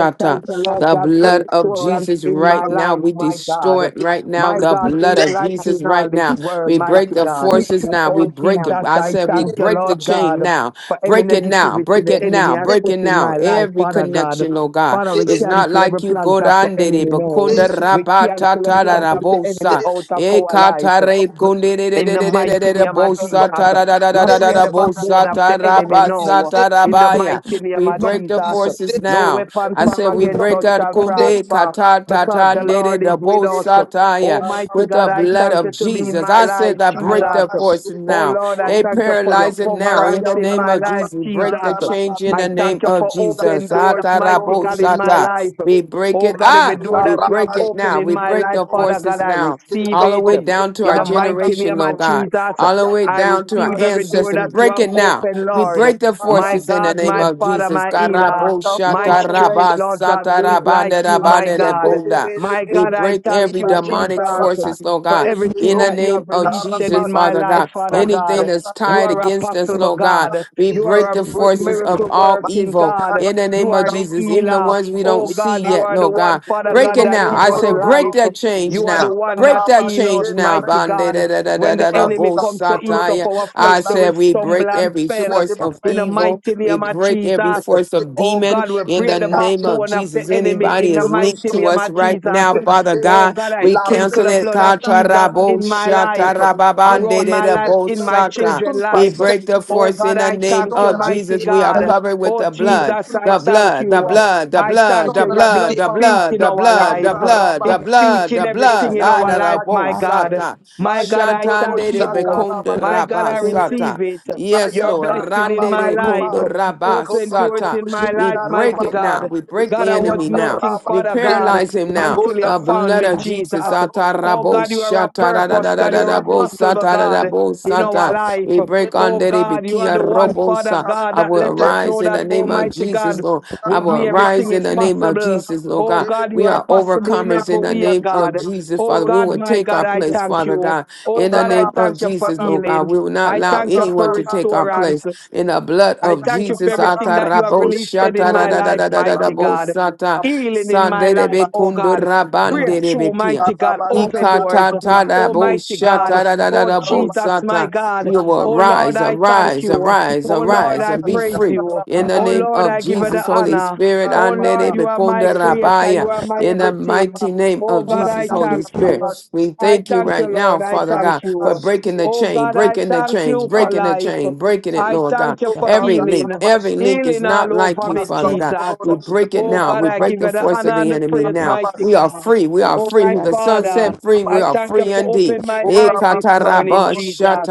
[SPEAKER 5] I thank the Lord
[SPEAKER 4] The
[SPEAKER 5] God
[SPEAKER 1] de
[SPEAKER 5] for
[SPEAKER 4] blood
[SPEAKER 1] la
[SPEAKER 4] of
[SPEAKER 5] restorance
[SPEAKER 4] Jesus
[SPEAKER 1] sorcellerie
[SPEAKER 5] in my
[SPEAKER 4] right
[SPEAKER 1] familiale
[SPEAKER 4] now.
[SPEAKER 5] life,
[SPEAKER 4] We
[SPEAKER 5] my God.
[SPEAKER 4] destroy it
[SPEAKER 1] étaient
[SPEAKER 4] right now.
[SPEAKER 5] My
[SPEAKER 4] The
[SPEAKER 5] God, who
[SPEAKER 4] blood
[SPEAKER 5] is
[SPEAKER 4] of
[SPEAKER 1] brisés.
[SPEAKER 5] like you
[SPEAKER 4] Jesus
[SPEAKER 5] in all
[SPEAKER 4] right
[SPEAKER 5] this
[SPEAKER 4] now.
[SPEAKER 5] world,
[SPEAKER 4] We break
[SPEAKER 5] mighty
[SPEAKER 1] Chaque lien
[SPEAKER 4] the
[SPEAKER 5] God.
[SPEAKER 4] forces
[SPEAKER 1] de la
[SPEAKER 4] now. We
[SPEAKER 5] Oh,
[SPEAKER 1] famille,
[SPEAKER 4] break it.
[SPEAKER 5] Jesus,
[SPEAKER 4] I
[SPEAKER 5] I
[SPEAKER 4] said we
[SPEAKER 1] lien
[SPEAKER 5] thank you,
[SPEAKER 1] de
[SPEAKER 4] break the
[SPEAKER 5] Lord
[SPEAKER 1] famille,
[SPEAKER 4] chain
[SPEAKER 1] les
[SPEAKER 5] God,
[SPEAKER 4] now.
[SPEAKER 5] for any
[SPEAKER 1] sortes-
[SPEAKER 4] Break it now.
[SPEAKER 5] negativity
[SPEAKER 4] Break
[SPEAKER 5] the
[SPEAKER 1] les
[SPEAKER 4] it
[SPEAKER 5] enemy
[SPEAKER 4] now.
[SPEAKER 5] has
[SPEAKER 1] liens
[SPEAKER 4] Break
[SPEAKER 1] de
[SPEAKER 5] put
[SPEAKER 4] it
[SPEAKER 5] in
[SPEAKER 4] now.
[SPEAKER 5] my life,
[SPEAKER 4] Every
[SPEAKER 5] Father God.
[SPEAKER 4] connection, oh God.
[SPEAKER 5] Father, we
[SPEAKER 4] It's not
[SPEAKER 5] cancel
[SPEAKER 4] like
[SPEAKER 5] every
[SPEAKER 4] you
[SPEAKER 5] plans
[SPEAKER 4] go
[SPEAKER 5] of
[SPEAKER 1] sont
[SPEAKER 5] the
[SPEAKER 4] down there,
[SPEAKER 5] enemy
[SPEAKER 4] but
[SPEAKER 5] now.
[SPEAKER 4] kunda
[SPEAKER 1] brisés,
[SPEAKER 5] We
[SPEAKER 4] rabata
[SPEAKER 5] cancel the
[SPEAKER 4] tara
[SPEAKER 5] plans
[SPEAKER 1] sont
[SPEAKER 4] da
[SPEAKER 5] of the enemy
[SPEAKER 4] bosa.
[SPEAKER 1] brisés,
[SPEAKER 5] out of
[SPEAKER 4] E
[SPEAKER 5] our life.
[SPEAKER 1] sont
[SPEAKER 4] katare
[SPEAKER 1] brisés, sont brisés, sont
[SPEAKER 4] kunde de de
[SPEAKER 1] brisés,
[SPEAKER 5] In
[SPEAKER 4] de
[SPEAKER 5] the
[SPEAKER 4] de
[SPEAKER 1] ce
[SPEAKER 4] de de
[SPEAKER 1] matin,
[SPEAKER 5] mighty
[SPEAKER 4] de de
[SPEAKER 5] name of
[SPEAKER 4] bosa
[SPEAKER 1] sont
[SPEAKER 5] Jesus,
[SPEAKER 4] tara
[SPEAKER 1] brisés,
[SPEAKER 4] da da da
[SPEAKER 5] we
[SPEAKER 1] sont
[SPEAKER 4] da
[SPEAKER 1] brisés,
[SPEAKER 4] da
[SPEAKER 5] break
[SPEAKER 4] da
[SPEAKER 5] the
[SPEAKER 1] ce matin,
[SPEAKER 5] backbone
[SPEAKER 4] bosa
[SPEAKER 5] of the
[SPEAKER 4] tara
[SPEAKER 1] sont
[SPEAKER 5] enemy
[SPEAKER 1] brisés,
[SPEAKER 4] basa
[SPEAKER 5] now.
[SPEAKER 4] tara
[SPEAKER 5] In the
[SPEAKER 4] baya.
[SPEAKER 5] mighty name
[SPEAKER 4] We
[SPEAKER 5] of
[SPEAKER 1] ce
[SPEAKER 4] break the
[SPEAKER 5] Jesus,
[SPEAKER 4] forces
[SPEAKER 5] no
[SPEAKER 4] now.
[SPEAKER 5] weapon
[SPEAKER 1] matin,
[SPEAKER 4] I
[SPEAKER 5] formed
[SPEAKER 4] said we
[SPEAKER 5] against
[SPEAKER 1] sont
[SPEAKER 4] break
[SPEAKER 5] us
[SPEAKER 4] out
[SPEAKER 5] shall
[SPEAKER 4] kunde
[SPEAKER 1] brisés,
[SPEAKER 5] prosper
[SPEAKER 4] kata
[SPEAKER 5] because
[SPEAKER 4] tata
[SPEAKER 5] the
[SPEAKER 4] de de
[SPEAKER 5] Lord
[SPEAKER 4] de
[SPEAKER 5] is with us.
[SPEAKER 1] ce
[SPEAKER 4] bosa taya
[SPEAKER 5] Almighty
[SPEAKER 4] with the
[SPEAKER 5] God,
[SPEAKER 1] matin.
[SPEAKER 5] I
[SPEAKER 4] blood
[SPEAKER 5] thank
[SPEAKER 4] of
[SPEAKER 5] you to be in
[SPEAKER 4] Jesus.
[SPEAKER 5] my
[SPEAKER 4] I
[SPEAKER 5] life,
[SPEAKER 4] said I
[SPEAKER 2] I
[SPEAKER 4] break
[SPEAKER 2] am
[SPEAKER 5] Jesus.
[SPEAKER 4] the forces now.
[SPEAKER 5] Oh Lord, I
[SPEAKER 4] They
[SPEAKER 5] thank you for your
[SPEAKER 4] paralyze it now in
[SPEAKER 5] coverance
[SPEAKER 4] the
[SPEAKER 5] in
[SPEAKER 4] name
[SPEAKER 5] my
[SPEAKER 4] of
[SPEAKER 5] life,
[SPEAKER 4] Jesus. We break the
[SPEAKER 5] Jesus.
[SPEAKER 4] change in
[SPEAKER 5] I
[SPEAKER 4] the name
[SPEAKER 5] thank you
[SPEAKER 4] of
[SPEAKER 5] for
[SPEAKER 4] Jesus.
[SPEAKER 5] open doors, mighty God, in my
[SPEAKER 4] Atarabosata.
[SPEAKER 5] life.
[SPEAKER 4] We break
[SPEAKER 5] Oh
[SPEAKER 4] it.
[SPEAKER 5] God, every
[SPEAKER 4] Ah,
[SPEAKER 5] door
[SPEAKER 4] we
[SPEAKER 5] that you have
[SPEAKER 4] break it
[SPEAKER 5] opened
[SPEAKER 4] now.
[SPEAKER 5] in
[SPEAKER 4] We
[SPEAKER 5] my
[SPEAKER 4] break
[SPEAKER 5] life,
[SPEAKER 4] the
[SPEAKER 5] Father God,
[SPEAKER 4] forces
[SPEAKER 5] I
[SPEAKER 4] now,
[SPEAKER 5] receive
[SPEAKER 4] all the
[SPEAKER 5] it.
[SPEAKER 4] way down to
[SPEAKER 5] In
[SPEAKER 4] our
[SPEAKER 5] the mighty
[SPEAKER 4] generation,
[SPEAKER 5] name
[SPEAKER 4] Lord
[SPEAKER 5] of
[SPEAKER 4] God,
[SPEAKER 5] Jesus,
[SPEAKER 4] all the way
[SPEAKER 5] I
[SPEAKER 4] down to our
[SPEAKER 5] receive every door
[SPEAKER 4] ancestors.
[SPEAKER 5] that you
[SPEAKER 4] Break
[SPEAKER 5] have
[SPEAKER 4] it now.
[SPEAKER 5] opened,
[SPEAKER 4] We
[SPEAKER 5] Lord.
[SPEAKER 4] break the
[SPEAKER 5] My
[SPEAKER 4] forces in the
[SPEAKER 5] God,
[SPEAKER 4] name
[SPEAKER 5] my
[SPEAKER 4] of
[SPEAKER 5] Father,
[SPEAKER 4] Jesus.
[SPEAKER 5] my healer, my
[SPEAKER 1] Rakandoro
[SPEAKER 5] strength, Lord God, who is
[SPEAKER 1] shake,
[SPEAKER 5] like you, my
[SPEAKER 4] Karaboshatarabasatarabanderabandere
[SPEAKER 1] rasteke
[SPEAKER 5] God.
[SPEAKER 4] bonda.
[SPEAKER 1] dere
[SPEAKER 5] My
[SPEAKER 4] We
[SPEAKER 5] God, I
[SPEAKER 4] break
[SPEAKER 5] thank
[SPEAKER 4] every
[SPEAKER 5] you,
[SPEAKER 4] demonic
[SPEAKER 5] Jesus
[SPEAKER 4] forces, Lord
[SPEAKER 5] for
[SPEAKER 4] God in
[SPEAKER 5] everything
[SPEAKER 4] the
[SPEAKER 5] that you
[SPEAKER 4] name
[SPEAKER 5] have
[SPEAKER 4] of
[SPEAKER 5] released
[SPEAKER 4] Jesus,
[SPEAKER 5] in my
[SPEAKER 4] Father
[SPEAKER 5] life,
[SPEAKER 4] God.
[SPEAKER 5] Father
[SPEAKER 4] Anything
[SPEAKER 5] God.
[SPEAKER 4] that's
[SPEAKER 5] You
[SPEAKER 4] tied
[SPEAKER 5] are
[SPEAKER 4] against us,
[SPEAKER 5] apostle, but
[SPEAKER 4] Lord God,
[SPEAKER 5] God.
[SPEAKER 4] we
[SPEAKER 5] You
[SPEAKER 4] break
[SPEAKER 5] are a
[SPEAKER 4] the
[SPEAKER 5] mi-
[SPEAKER 4] forces of
[SPEAKER 5] miracle
[SPEAKER 4] all
[SPEAKER 5] working
[SPEAKER 4] evil
[SPEAKER 5] God.
[SPEAKER 4] in the
[SPEAKER 5] You
[SPEAKER 4] name of
[SPEAKER 5] are the
[SPEAKER 4] Jesus, even the
[SPEAKER 5] healer.
[SPEAKER 4] ones we
[SPEAKER 5] Oh
[SPEAKER 4] don't see
[SPEAKER 5] God, you
[SPEAKER 4] yet,
[SPEAKER 5] are the
[SPEAKER 4] Lord
[SPEAKER 5] one,
[SPEAKER 4] God.
[SPEAKER 5] Father
[SPEAKER 4] Break
[SPEAKER 5] God,
[SPEAKER 4] it
[SPEAKER 5] that
[SPEAKER 4] now.
[SPEAKER 5] give
[SPEAKER 4] I
[SPEAKER 5] us
[SPEAKER 4] say, break
[SPEAKER 5] life.
[SPEAKER 4] that change
[SPEAKER 5] You are the
[SPEAKER 4] now.
[SPEAKER 5] one that
[SPEAKER 4] Break that
[SPEAKER 5] heal us,
[SPEAKER 4] change now,
[SPEAKER 5] mighty
[SPEAKER 4] Bande
[SPEAKER 5] God.
[SPEAKER 4] da da da da
[SPEAKER 5] When
[SPEAKER 4] da
[SPEAKER 5] the
[SPEAKER 4] da
[SPEAKER 1] Libas
[SPEAKER 5] enemy
[SPEAKER 4] bo
[SPEAKER 5] comes to
[SPEAKER 1] Sandoro
[SPEAKER 5] eat up
[SPEAKER 4] satire.
[SPEAKER 5] our
[SPEAKER 1] Chica,
[SPEAKER 5] flesh,
[SPEAKER 4] I
[SPEAKER 5] they will
[SPEAKER 4] said we break
[SPEAKER 5] stumble
[SPEAKER 1] the
[SPEAKER 5] and
[SPEAKER 4] every
[SPEAKER 5] fail.
[SPEAKER 4] force of
[SPEAKER 5] In the
[SPEAKER 4] evil
[SPEAKER 5] mighty
[SPEAKER 4] we
[SPEAKER 5] name
[SPEAKER 1] Shemet
[SPEAKER 5] of
[SPEAKER 4] break every
[SPEAKER 5] Jesus.
[SPEAKER 4] force of
[SPEAKER 5] Oh
[SPEAKER 4] demon
[SPEAKER 5] God, we
[SPEAKER 1] Laissez-moi
[SPEAKER 4] in
[SPEAKER 5] break
[SPEAKER 4] the
[SPEAKER 5] the
[SPEAKER 4] name
[SPEAKER 1] dégager.
[SPEAKER 4] of
[SPEAKER 5] backbone of
[SPEAKER 4] Jesus.
[SPEAKER 5] the enemy
[SPEAKER 4] Anybody
[SPEAKER 5] in
[SPEAKER 1] Tout
[SPEAKER 5] the
[SPEAKER 1] le
[SPEAKER 4] is
[SPEAKER 1] monde
[SPEAKER 4] linked
[SPEAKER 5] mighty
[SPEAKER 1] sont
[SPEAKER 4] to
[SPEAKER 5] name
[SPEAKER 4] us
[SPEAKER 5] of
[SPEAKER 1] rompus
[SPEAKER 4] right
[SPEAKER 5] Jesus.
[SPEAKER 4] now,
[SPEAKER 1] et
[SPEAKER 4] Father
[SPEAKER 1] brisés.
[SPEAKER 5] Oh
[SPEAKER 4] God.
[SPEAKER 5] God, I
[SPEAKER 4] We
[SPEAKER 1] L'armée
[SPEAKER 5] sprinkle
[SPEAKER 4] cancel
[SPEAKER 5] the
[SPEAKER 1] de
[SPEAKER 4] it.
[SPEAKER 5] blood of
[SPEAKER 1] Satan est
[SPEAKER 5] Jesus
[SPEAKER 1] dans la
[SPEAKER 4] Katarabo
[SPEAKER 5] in
[SPEAKER 1] défaite.
[SPEAKER 5] my life,
[SPEAKER 1] Ils ne viennent pas
[SPEAKER 5] around my
[SPEAKER 1] à
[SPEAKER 5] life,
[SPEAKER 1] ce
[SPEAKER 5] in
[SPEAKER 1] chemin,
[SPEAKER 5] my
[SPEAKER 1] ils ne
[SPEAKER 4] shatarababandedebosata.
[SPEAKER 5] children's
[SPEAKER 1] retournent pas à
[SPEAKER 4] We
[SPEAKER 5] life.
[SPEAKER 1] ce
[SPEAKER 4] break the
[SPEAKER 1] chemin.
[SPEAKER 5] Oh
[SPEAKER 4] force
[SPEAKER 5] God,
[SPEAKER 4] in the
[SPEAKER 5] I
[SPEAKER 1] Ils
[SPEAKER 4] name
[SPEAKER 5] thank
[SPEAKER 1] sont
[SPEAKER 5] you,
[SPEAKER 1] dans
[SPEAKER 4] of
[SPEAKER 1] la
[SPEAKER 5] mighty
[SPEAKER 4] Jesus. We are
[SPEAKER 1] défaite.
[SPEAKER 5] God.
[SPEAKER 4] covered with
[SPEAKER 5] Oh
[SPEAKER 4] the blood,
[SPEAKER 5] Jesus, I
[SPEAKER 4] the
[SPEAKER 1] Retrupassia
[SPEAKER 5] thank
[SPEAKER 4] blood, the
[SPEAKER 1] Tume,
[SPEAKER 5] you.
[SPEAKER 4] blood, the
[SPEAKER 5] I
[SPEAKER 1] il
[SPEAKER 4] blood,
[SPEAKER 5] thank
[SPEAKER 1] son
[SPEAKER 4] the
[SPEAKER 5] you. Your
[SPEAKER 1] della
[SPEAKER 4] blood,
[SPEAKER 5] blood
[SPEAKER 4] the
[SPEAKER 5] speaks
[SPEAKER 4] blood,
[SPEAKER 5] in
[SPEAKER 1] debandata,
[SPEAKER 4] the
[SPEAKER 5] our
[SPEAKER 4] blood, the
[SPEAKER 5] life.
[SPEAKER 1] Kanda
[SPEAKER 4] blood,
[SPEAKER 1] Rabat,
[SPEAKER 4] the
[SPEAKER 5] It's
[SPEAKER 4] blood,
[SPEAKER 5] speaking
[SPEAKER 4] the
[SPEAKER 1] Demo
[SPEAKER 5] everything
[SPEAKER 4] blood.
[SPEAKER 5] in
[SPEAKER 2] I
[SPEAKER 1] Sada
[SPEAKER 5] our
[SPEAKER 2] am
[SPEAKER 5] life, my God.
[SPEAKER 1] Rakite,
[SPEAKER 4] Adarabosata.
[SPEAKER 5] My God, I
[SPEAKER 1] Mayandoro
[SPEAKER 5] thank
[SPEAKER 2] I
[SPEAKER 5] you.
[SPEAKER 1] Shakaraba,
[SPEAKER 5] My God, I
[SPEAKER 2] thank
[SPEAKER 1] Shederebre,
[SPEAKER 4] Shatandedebekondorabasata.
[SPEAKER 5] receive it.
[SPEAKER 4] Yes,
[SPEAKER 5] Your
[SPEAKER 4] Lord.
[SPEAKER 1] Libayanda
[SPEAKER 5] blessing in my
[SPEAKER 4] Randere
[SPEAKER 5] life.
[SPEAKER 4] kondo
[SPEAKER 1] Rabababa,
[SPEAKER 5] Open doors
[SPEAKER 4] rabasata.
[SPEAKER 1] Ekodoro
[SPEAKER 5] in my
[SPEAKER 2] you.
[SPEAKER 4] We
[SPEAKER 5] life,
[SPEAKER 1] Shida
[SPEAKER 4] break
[SPEAKER 5] mighty
[SPEAKER 4] it
[SPEAKER 1] Rababa,
[SPEAKER 4] now.
[SPEAKER 5] God.
[SPEAKER 4] We break
[SPEAKER 5] God,
[SPEAKER 4] the
[SPEAKER 5] I was
[SPEAKER 4] enemy
[SPEAKER 1] Libayanda
[SPEAKER 4] now.
[SPEAKER 5] nothing,
[SPEAKER 4] We
[SPEAKER 1] Rabat,
[SPEAKER 5] Father God,
[SPEAKER 4] paralyze him now.
[SPEAKER 5] until you
[SPEAKER 4] The
[SPEAKER 1] Kodabra
[SPEAKER 5] found
[SPEAKER 4] blood
[SPEAKER 5] me,
[SPEAKER 4] of Jesus.
[SPEAKER 5] Jesus.
[SPEAKER 1] Shakabo,
[SPEAKER 5] Oh
[SPEAKER 4] Atarabo
[SPEAKER 5] God, you are a
[SPEAKER 4] shata da da
[SPEAKER 1] Rabat,
[SPEAKER 5] purpose.
[SPEAKER 4] da da
[SPEAKER 5] God, you
[SPEAKER 4] da
[SPEAKER 5] are
[SPEAKER 4] da
[SPEAKER 5] a
[SPEAKER 4] bo
[SPEAKER 1] Shederebre,
[SPEAKER 5] possible
[SPEAKER 4] sata da da
[SPEAKER 5] God
[SPEAKER 4] bo
[SPEAKER 5] in our life.
[SPEAKER 4] We break
[SPEAKER 1] Rabat,
[SPEAKER 5] Oh
[SPEAKER 4] under the
[SPEAKER 5] God, you are
[SPEAKER 4] bikia
[SPEAKER 5] the one, Father
[SPEAKER 4] robosa.
[SPEAKER 1] Masuka da
[SPEAKER 5] God,
[SPEAKER 4] I
[SPEAKER 1] ba
[SPEAKER 5] that
[SPEAKER 4] will
[SPEAKER 5] let us
[SPEAKER 1] shede
[SPEAKER 4] arise
[SPEAKER 5] know
[SPEAKER 4] in
[SPEAKER 5] that,
[SPEAKER 4] the
[SPEAKER 1] bro.
[SPEAKER 4] name of
[SPEAKER 5] Almighty
[SPEAKER 4] Jesus,
[SPEAKER 5] God.
[SPEAKER 4] Lord.
[SPEAKER 1] Masanda
[SPEAKER 4] I
[SPEAKER 5] With
[SPEAKER 4] will
[SPEAKER 5] me,
[SPEAKER 4] arise
[SPEAKER 5] everything
[SPEAKER 1] Rababa,
[SPEAKER 4] in
[SPEAKER 5] is
[SPEAKER 4] the name
[SPEAKER 1] Masukadabashede, Masadarababa,
[SPEAKER 4] of
[SPEAKER 5] possible.
[SPEAKER 4] Jesus, Lord
[SPEAKER 5] Oh
[SPEAKER 4] God.
[SPEAKER 1] Ebrabashede,
[SPEAKER 5] God, you
[SPEAKER 4] We
[SPEAKER 5] are
[SPEAKER 4] are
[SPEAKER 5] possible in
[SPEAKER 4] overcomers
[SPEAKER 5] every
[SPEAKER 4] in the
[SPEAKER 5] way,
[SPEAKER 4] name of
[SPEAKER 5] God.
[SPEAKER 1] Kindarabashede,
[SPEAKER 4] Jesus,
[SPEAKER 5] Oh
[SPEAKER 4] Father.
[SPEAKER 1] Kandorolo,
[SPEAKER 4] We
[SPEAKER 5] God,
[SPEAKER 4] will
[SPEAKER 5] my
[SPEAKER 4] take
[SPEAKER 5] God,
[SPEAKER 4] our
[SPEAKER 5] I
[SPEAKER 4] place,
[SPEAKER 5] thank
[SPEAKER 4] Father God.
[SPEAKER 5] you. Oh
[SPEAKER 4] In the
[SPEAKER 5] God, I
[SPEAKER 4] name of
[SPEAKER 5] thank you for
[SPEAKER 4] Jesus,
[SPEAKER 1] Sadarabashada,
[SPEAKER 4] Lord God,
[SPEAKER 5] healing.
[SPEAKER 4] we will not
[SPEAKER 5] I
[SPEAKER 4] allow
[SPEAKER 5] thank you for
[SPEAKER 4] anyone to
[SPEAKER 1] Masadarabada,
[SPEAKER 4] take our place.
[SPEAKER 5] restorance.
[SPEAKER 4] In the blood
[SPEAKER 5] I
[SPEAKER 4] of
[SPEAKER 5] thank you for
[SPEAKER 4] Jesus,
[SPEAKER 5] everything that you have
[SPEAKER 4] atarabo
[SPEAKER 1] Yadarabashede,
[SPEAKER 5] released in my
[SPEAKER 1] Kandoro,
[SPEAKER 5] life, mighty
[SPEAKER 4] shatadadadadadadabo
[SPEAKER 5] God.
[SPEAKER 4] sata,
[SPEAKER 1] Rakarababa,
[SPEAKER 5] Healing in my
[SPEAKER 4] sanderebe
[SPEAKER 1] Ebaba,
[SPEAKER 5] life, oh God. Breakthrough,
[SPEAKER 4] kundurabanderebekia.
[SPEAKER 5] mighty God. Open doors,
[SPEAKER 1] Rababa,
[SPEAKER 5] oh
[SPEAKER 1] Lebarabashadarababa,
[SPEAKER 4] Ikatatadabo
[SPEAKER 5] mighty God.
[SPEAKER 1] Lebarabashadarababa,
[SPEAKER 5] Oh
[SPEAKER 4] shatadadadadabo
[SPEAKER 1] Rababa,
[SPEAKER 5] Jesus, my
[SPEAKER 4] sata. We
[SPEAKER 5] God.
[SPEAKER 1] Eba
[SPEAKER 4] will
[SPEAKER 5] Oh
[SPEAKER 1] raba
[SPEAKER 5] Lord,
[SPEAKER 4] arise,
[SPEAKER 5] I thank
[SPEAKER 4] arise,
[SPEAKER 5] you.
[SPEAKER 4] arise,
[SPEAKER 5] Oh
[SPEAKER 1] shada rababa.
[SPEAKER 5] Lord,
[SPEAKER 4] arise,
[SPEAKER 5] I
[SPEAKER 4] and
[SPEAKER 1] Araba
[SPEAKER 4] be
[SPEAKER 1] shada
[SPEAKER 5] praise
[SPEAKER 4] free.
[SPEAKER 5] you.
[SPEAKER 4] In the
[SPEAKER 1] rababa.
[SPEAKER 5] Oh
[SPEAKER 4] name
[SPEAKER 5] Lord,
[SPEAKER 4] of
[SPEAKER 5] I give you
[SPEAKER 2] Now,
[SPEAKER 4] Jesus,
[SPEAKER 5] the
[SPEAKER 4] Holy
[SPEAKER 5] honor.
[SPEAKER 4] Spirit,
[SPEAKER 5] Oh Lord, you
[SPEAKER 4] anderebe
[SPEAKER 5] are my creator. You are my
[SPEAKER 4] in the
[SPEAKER 5] everything.
[SPEAKER 4] mighty name
[SPEAKER 5] Oh
[SPEAKER 4] of
[SPEAKER 5] God, I
[SPEAKER 4] Jesus, Holy
[SPEAKER 5] thank
[SPEAKER 4] Spirit.
[SPEAKER 5] you.
[SPEAKER 4] We
[SPEAKER 5] I
[SPEAKER 4] thank you
[SPEAKER 5] thank you,
[SPEAKER 4] right now,
[SPEAKER 5] Lord. I
[SPEAKER 4] Father
[SPEAKER 5] thank
[SPEAKER 4] God, for
[SPEAKER 5] you.
[SPEAKER 4] breaking the
[SPEAKER 5] Oh
[SPEAKER 4] chain,
[SPEAKER 5] God, I
[SPEAKER 4] breaking the
[SPEAKER 5] thank
[SPEAKER 4] chains,
[SPEAKER 5] you for
[SPEAKER 4] breaking the
[SPEAKER 5] life.
[SPEAKER 4] chain, breaking it,
[SPEAKER 5] I
[SPEAKER 4] Lord God.
[SPEAKER 5] thank you for
[SPEAKER 4] Every link,
[SPEAKER 5] healing.
[SPEAKER 4] every link is
[SPEAKER 5] Healing
[SPEAKER 4] not
[SPEAKER 5] all
[SPEAKER 4] like
[SPEAKER 5] over
[SPEAKER 4] you,
[SPEAKER 5] me,
[SPEAKER 4] Father God.
[SPEAKER 5] Jesus.
[SPEAKER 4] We
[SPEAKER 1] Masandoro
[SPEAKER 4] break it
[SPEAKER 5] Oh
[SPEAKER 4] now.
[SPEAKER 5] God,
[SPEAKER 4] We
[SPEAKER 5] I
[SPEAKER 4] break
[SPEAKER 5] give
[SPEAKER 4] the
[SPEAKER 5] you the
[SPEAKER 4] force
[SPEAKER 5] honor
[SPEAKER 4] of
[SPEAKER 5] and
[SPEAKER 4] the
[SPEAKER 5] the
[SPEAKER 4] enemy
[SPEAKER 5] praise,
[SPEAKER 4] now.
[SPEAKER 5] mighty
[SPEAKER 4] We
[SPEAKER 1] Shadarababa,
[SPEAKER 4] are
[SPEAKER 5] God.
[SPEAKER 4] free. We are
[SPEAKER 5] Oh
[SPEAKER 4] free.
[SPEAKER 5] my
[SPEAKER 4] Who the
[SPEAKER 2] that
[SPEAKER 4] Son
[SPEAKER 5] Father,
[SPEAKER 4] set free, we
[SPEAKER 5] I
[SPEAKER 4] are
[SPEAKER 5] thank you
[SPEAKER 4] free
[SPEAKER 5] for
[SPEAKER 4] indeed.
[SPEAKER 5] opening my eyes this morning,
[SPEAKER 4] Ekataraba
[SPEAKER 5] Jesus.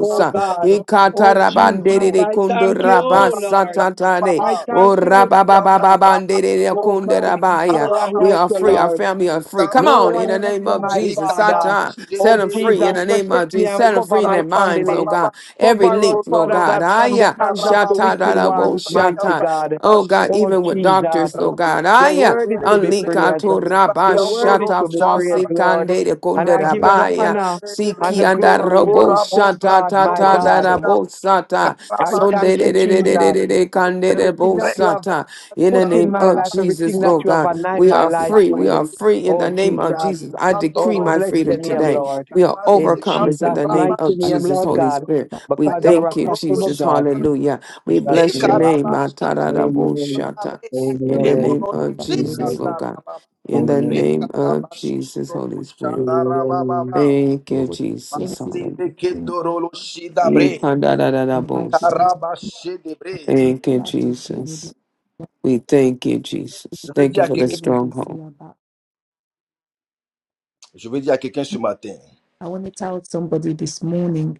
[SPEAKER 5] Oh God. Oh Jesus,
[SPEAKER 4] Ekatarabanderere
[SPEAKER 5] I thank you,
[SPEAKER 4] kunduraba
[SPEAKER 5] oh, Lord.
[SPEAKER 4] satatane.
[SPEAKER 5] I thank
[SPEAKER 4] O
[SPEAKER 5] you, Jesus.
[SPEAKER 4] rababababandere
[SPEAKER 5] Oh God, there's no one
[SPEAKER 4] we
[SPEAKER 5] like
[SPEAKER 4] are
[SPEAKER 5] you,
[SPEAKER 4] free. Our
[SPEAKER 5] Lord.
[SPEAKER 4] family are free. Come
[SPEAKER 5] No
[SPEAKER 4] on, in the
[SPEAKER 5] one like
[SPEAKER 4] name
[SPEAKER 5] you,
[SPEAKER 4] of
[SPEAKER 5] my
[SPEAKER 4] Jesus.
[SPEAKER 5] Father.
[SPEAKER 4] Satan, set
[SPEAKER 5] Oh,
[SPEAKER 4] them free
[SPEAKER 5] Jesus,
[SPEAKER 4] in the name
[SPEAKER 5] protect
[SPEAKER 4] of
[SPEAKER 5] me
[SPEAKER 4] Jesus.
[SPEAKER 5] and
[SPEAKER 4] Set them
[SPEAKER 5] cover
[SPEAKER 4] free in
[SPEAKER 5] my
[SPEAKER 4] their minds, oh
[SPEAKER 5] family.
[SPEAKER 4] God. Every
[SPEAKER 5] Cover us,
[SPEAKER 4] link, Lord
[SPEAKER 5] Father
[SPEAKER 4] God.
[SPEAKER 5] God,
[SPEAKER 4] Aya
[SPEAKER 5] from the
[SPEAKER 4] yeah.
[SPEAKER 5] hands of
[SPEAKER 1] Rekotoroshindarababé,
[SPEAKER 5] the
[SPEAKER 4] Shata, da,
[SPEAKER 5] wicked
[SPEAKER 4] da,
[SPEAKER 5] ones.
[SPEAKER 4] bo,
[SPEAKER 5] mighty
[SPEAKER 4] shata.
[SPEAKER 5] God.
[SPEAKER 4] Oh God,
[SPEAKER 5] Oh,
[SPEAKER 4] even with
[SPEAKER 5] Jesus,
[SPEAKER 4] doctors, Lord God.
[SPEAKER 5] your
[SPEAKER 4] Aya yeah.
[SPEAKER 5] word is to be
[SPEAKER 1] Rabasekeberelebre,
[SPEAKER 4] Unlika
[SPEAKER 5] praised.
[SPEAKER 4] to rabba
[SPEAKER 5] Your word is
[SPEAKER 1] Ibayandoro
[SPEAKER 4] shata
[SPEAKER 5] to be
[SPEAKER 4] fosi
[SPEAKER 5] praised,
[SPEAKER 1] Shadarababe,
[SPEAKER 5] Lord.
[SPEAKER 4] kande de
[SPEAKER 5] And
[SPEAKER 4] konde
[SPEAKER 5] I give you the
[SPEAKER 4] rabaya
[SPEAKER 5] honor and
[SPEAKER 4] siki
[SPEAKER 5] the
[SPEAKER 1] Masekeberelebre,
[SPEAKER 4] anda
[SPEAKER 5] glory.
[SPEAKER 4] robo
[SPEAKER 5] Oh,
[SPEAKER 4] shata
[SPEAKER 5] God,
[SPEAKER 4] ta
[SPEAKER 5] my
[SPEAKER 1] Iborabashandoro
[SPEAKER 4] ta, da
[SPEAKER 5] God.
[SPEAKER 4] da bo
[SPEAKER 1] Sidabe,
[SPEAKER 4] sata
[SPEAKER 5] I
[SPEAKER 4] sonde de
[SPEAKER 5] thank
[SPEAKER 1] Karabashe,
[SPEAKER 5] you,
[SPEAKER 4] de de
[SPEAKER 5] Jesus,
[SPEAKER 4] de de de
[SPEAKER 5] for
[SPEAKER 4] de kande
[SPEAKER 1] Kondoro,
[SPEAKER 4] de
[SPEAKER 5] everything
[SPEAKER 4] bo
[SPEAKER 5] that you have
[SPEAKER 4] sata in the
[SPEAKER 5] put in
[SPEAKER 4] name
[SPEAKER 5] my
[SPEAKER 4] of
[SPEAKER 5] life,
[SPEAKER 1] Rekarabashadarababe,
[SPEAKER 5] everything
[SPEAKER 4] Jesus
[SPEAKER 5] that
[SPEAKER 4] Lord
[SPEAKER 5] you have
[SPEAKER 4] God
[SPEAKER 5] anointed
[SPEAKER 4] we
[SPEAKER 5] my
[SPEAKER 4] are
[SPEAKER 5] life
[SPEAKER 4] free. We
[SPEAKER 5] with.
[SPEAKER 4] are
[SPEAKER 1] Ibayandarababe,
[SPEAKER 4] free in
[SPEAKER 5] Oh,
[SPEAKER 4] the name of
[SPEAKER 5] Jesus.
[SPEAKER 4] Jesus. I
[SPEAKER 5] Oh,
[SPEAKER 4] decree
[SPEAKER 5] we
[SPEAKER 1] Masekandoro
[SPEAKER 4] my
[SPEAKER 5] bless the
[SPEAKER 4] freedom
[SPEAKER 5] name,
[SPEAKER 1] Sidabe,
[SPEAKER 4] today.
[SPEAKER 5] Lord.
[SPEAKER 4] We are
[SPEAKER 5] In
[SPEAKER 4] overcomers in
[SPEAKER 5] Jesus'
[SPEAKER 4] the name
[SPEAKER 5] mighty
[SPEAKER 1] Masekandarababe,
[SPEAKER 4] of
[SPEAKER 5] name,
[SPEAKER 4] Jesus,
[SPEAKER 5] Lord
[SPEAKER 4] Holy
[SPEAKER 5] God,
[SPEAKER 4] Spirit. We
[SPEAKER 5] because you're
[SPEAKER 4] thank
[SPEAKER 5] a
[SPEAKER 4] you,
[SPEAKER 1] Ibayandoro
[SPEAKER 5] possible
[SPEAKER 4] Jesus.
[SPEAKER 5] God.
[SPEAKER 1] Shikada,
[SPEAKER 4] Hallelujah.
[SPEAKER 5] In
[SPEAKER 4] We
[SPEAKER 5] Jesus'
[SPEAKER 4] bless your
[SPEAKER 5] name.
[SPEAKER 4] name.
[SPEAKER 5] Amen.
[SPEAKER 4] Atararaboshata.
[SPEAKER 1] Ikarabashandarababe,
[SPEAKER 4] In the
[SPEAKER 5] Amen.
[SPEAKER 4] name
[SPEAKER 1] Deborolo
[SPEAKER 4] of
[SPEAKER 2] you
[SPEAKER 5] Amen.
[SPEAKER 4] Jesus, Lord God. In the
[SPEAKER 5] Amen.
[SPEAKER 4] name of Jesus,
[SPEAKER 1] Rekarabashando
[SPEAKER 4] Holy Spirit.
[SPEAKER 5] Amen.
[SPEAKER 1] shadarababa.
[SPEAKER 4] Thank you,
[SPEAKER 2] Lord. Thank
[SPEAKER 4] Jesus.
[SPEAKER 2] you for
[SPEAKER 1] Masse de
[SPEAKER 4] Hallelujah.
[SPEAKER 2] doing
[SPEAKER 1] kendoro lo shidabre.
[SPEAKER 2] the
[SPEAKER 4] Ikandararabosa.
[SPEAKER 1] Karabashe debre.
[SPEAKER 4] Thank you, Jesus. We thank you, Jesus.
[SPEAKER 1] Je veux
[SPEAKER 4] Thank
[SPEAKER 1] dire
[SPEAKER 4] you
[SPEAKER 1] à
[SPEAKER 4] for the
[SPEAKER 1] quelqu'un,
[SPEAKER 4] stronghold.
[SPEAKER 1] je veux dire à quelqu'un ce matin,
[SPEAKER 2] I want to tell somebody this morning,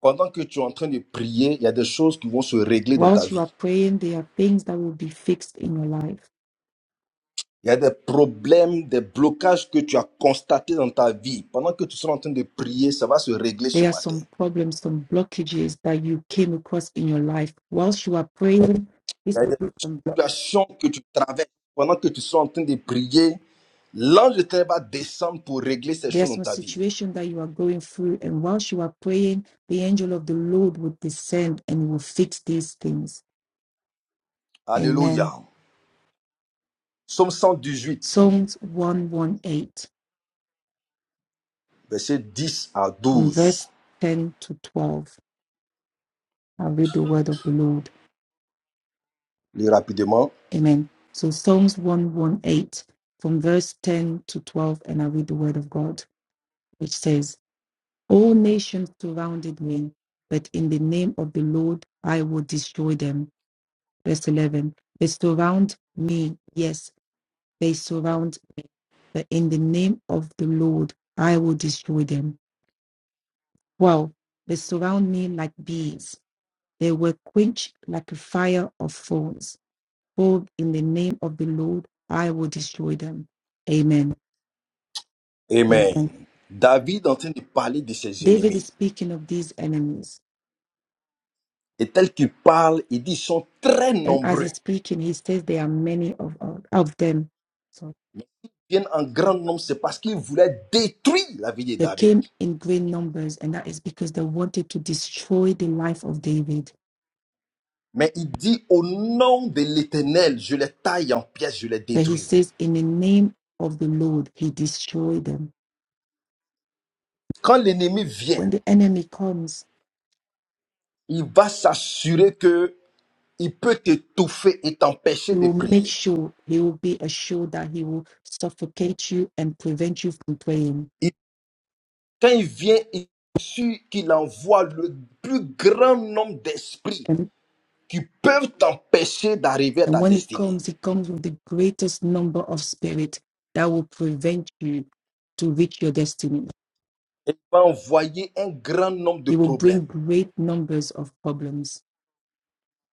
[SPEAKER 1] pendant que tu es en train de prier, il y a des choses qui vont se régler dans ta
[SPEAKER 2] whilst you
[SPEAKER 1] vie.
[SPEAKER 2] are praying, there are things that will be fixed in your life
[SPEAKER 1] Il y a des problèmes, des blocages que tu as constatés dans ta vie. Pendant que tu seras en train de prier, ça va se régler ce
[SPEAKER 2] There are
[SPEAKER 1] matin.
[SPEAKER 2] some problems, some blockages that you came across in your life. Whilst you are praying,
[SPEAKER 1] Il
[SPEAKER 2] this
[SPEAKER 1] y a
[SPEAKER 2] will
[SPEAKER 1] des
[SPEAKER 2] be unblocked.
[SPEAKER 1] situations que tu traverses. Pendant que tu seras en train de prier, l'ange de terre va descendre pour régler ces choses
[SPEAKER 2] There's
[SPEAKER 1] dans
[SPEAKER 2] some
[SPEAKER 1] ta vie.
[SPEAKER 2] situation that you are going through, and whilst you are praying, the angel of the Lord will descend and will fix these things.
[SPEAKER 1] Alléluia.
[SPEAKER 2] Amen.
[SPEAKER 1] Psaume 118,
[SPEAKER 2] Psalms 118,
[SPEAKER 1] versets 10 à
[SPEAKER 2] from
[SPEAKER 1] 12.
[SPEAKER 2] verse 10 to 12. I'll read the word of the Lord.
[SPEAKER 1] Lis rapidement.
[SPEAKER 2] Amen. So Psalms 118, from verse 10 to 12, and I read the word of God, which says, All nations surrounded me, but in the name of the Lord I will destroy them. Verse 11. They surround me, yes, they surround me, but in the name of the Lord I will destroy them. 12. They surround me like bees, they were quenched like a fire of thorns. For in the name of the Lord I will destroy them. Amen. Amen.
[SPEAKER 1] Amen. David est en train de parler de ses
[SPEAKER 2] David is
[SPEAKER 1] ennemis.
[SPEAKER 2] speaking of these enemies
[SPEAKER 1] Et tel qu'il parle, il dit ils sont très
[SPEAKER 2] And as
[SPEAKER 1] nombreux.
[SPEAKER 2] he's speaking, he says there are many of, of, of them. So
[SPEAKER 1] Ils viennent en grand nombre, c'est parce qu'ils voulaient détruire la vie de
[SPEAKER 2] they
[SPEAKER 1] David.
[SPEAKER 2] came in great numbers, and that is because they wanted to destroy the life of David.
[SPEAKER 1] Mais il dit au nom de l'Éternel, je les taille en pièces, je les
[SPEAKER 2] But he
[SPEAKER 1] détruis.
[SPEAKER 2] says, in the name of the Lord, he destroyed them.
[SPEAKER 1] Quand l'ennemi
[SPEAKER 2] When
[SPEAKER 1] vient,
[SPEAKER 2] the enemy comes,
[SPEAKER 1] il va s'assurer que il peut t'étouffer et
[SPEAKER 2] he
[SPEAKER 1] t'empêcher de
[SPEAKER 2] will make
[SPEAKER 1] prier.
[SPEAKER 2] sure, he will be assured that he will suffocate you and prevent you from praying.
[SPEAKER 1] Quand il vient il ici, qu'il envoie le plus grand nombre d'esprits
[SPEAKER 2] And,
[SPEAKER 1] qui peuvent t'empêcher d'arriver à
[SPEAKER 2] and
[SPEAKER 1] ta
[SPEAKER 2] when he
[SPEAKER 1] destinée.
[SPEAKER 2] comes, he comes with the greatest number of spirit that will prevent you to reach your destiny
[SPEAKER 1] Et il va envoyer un grand nombre de
[SPEAKER 2] He will bring
[SPEAKER 1] problèmes
[SPEAKER 2] great numbers of problems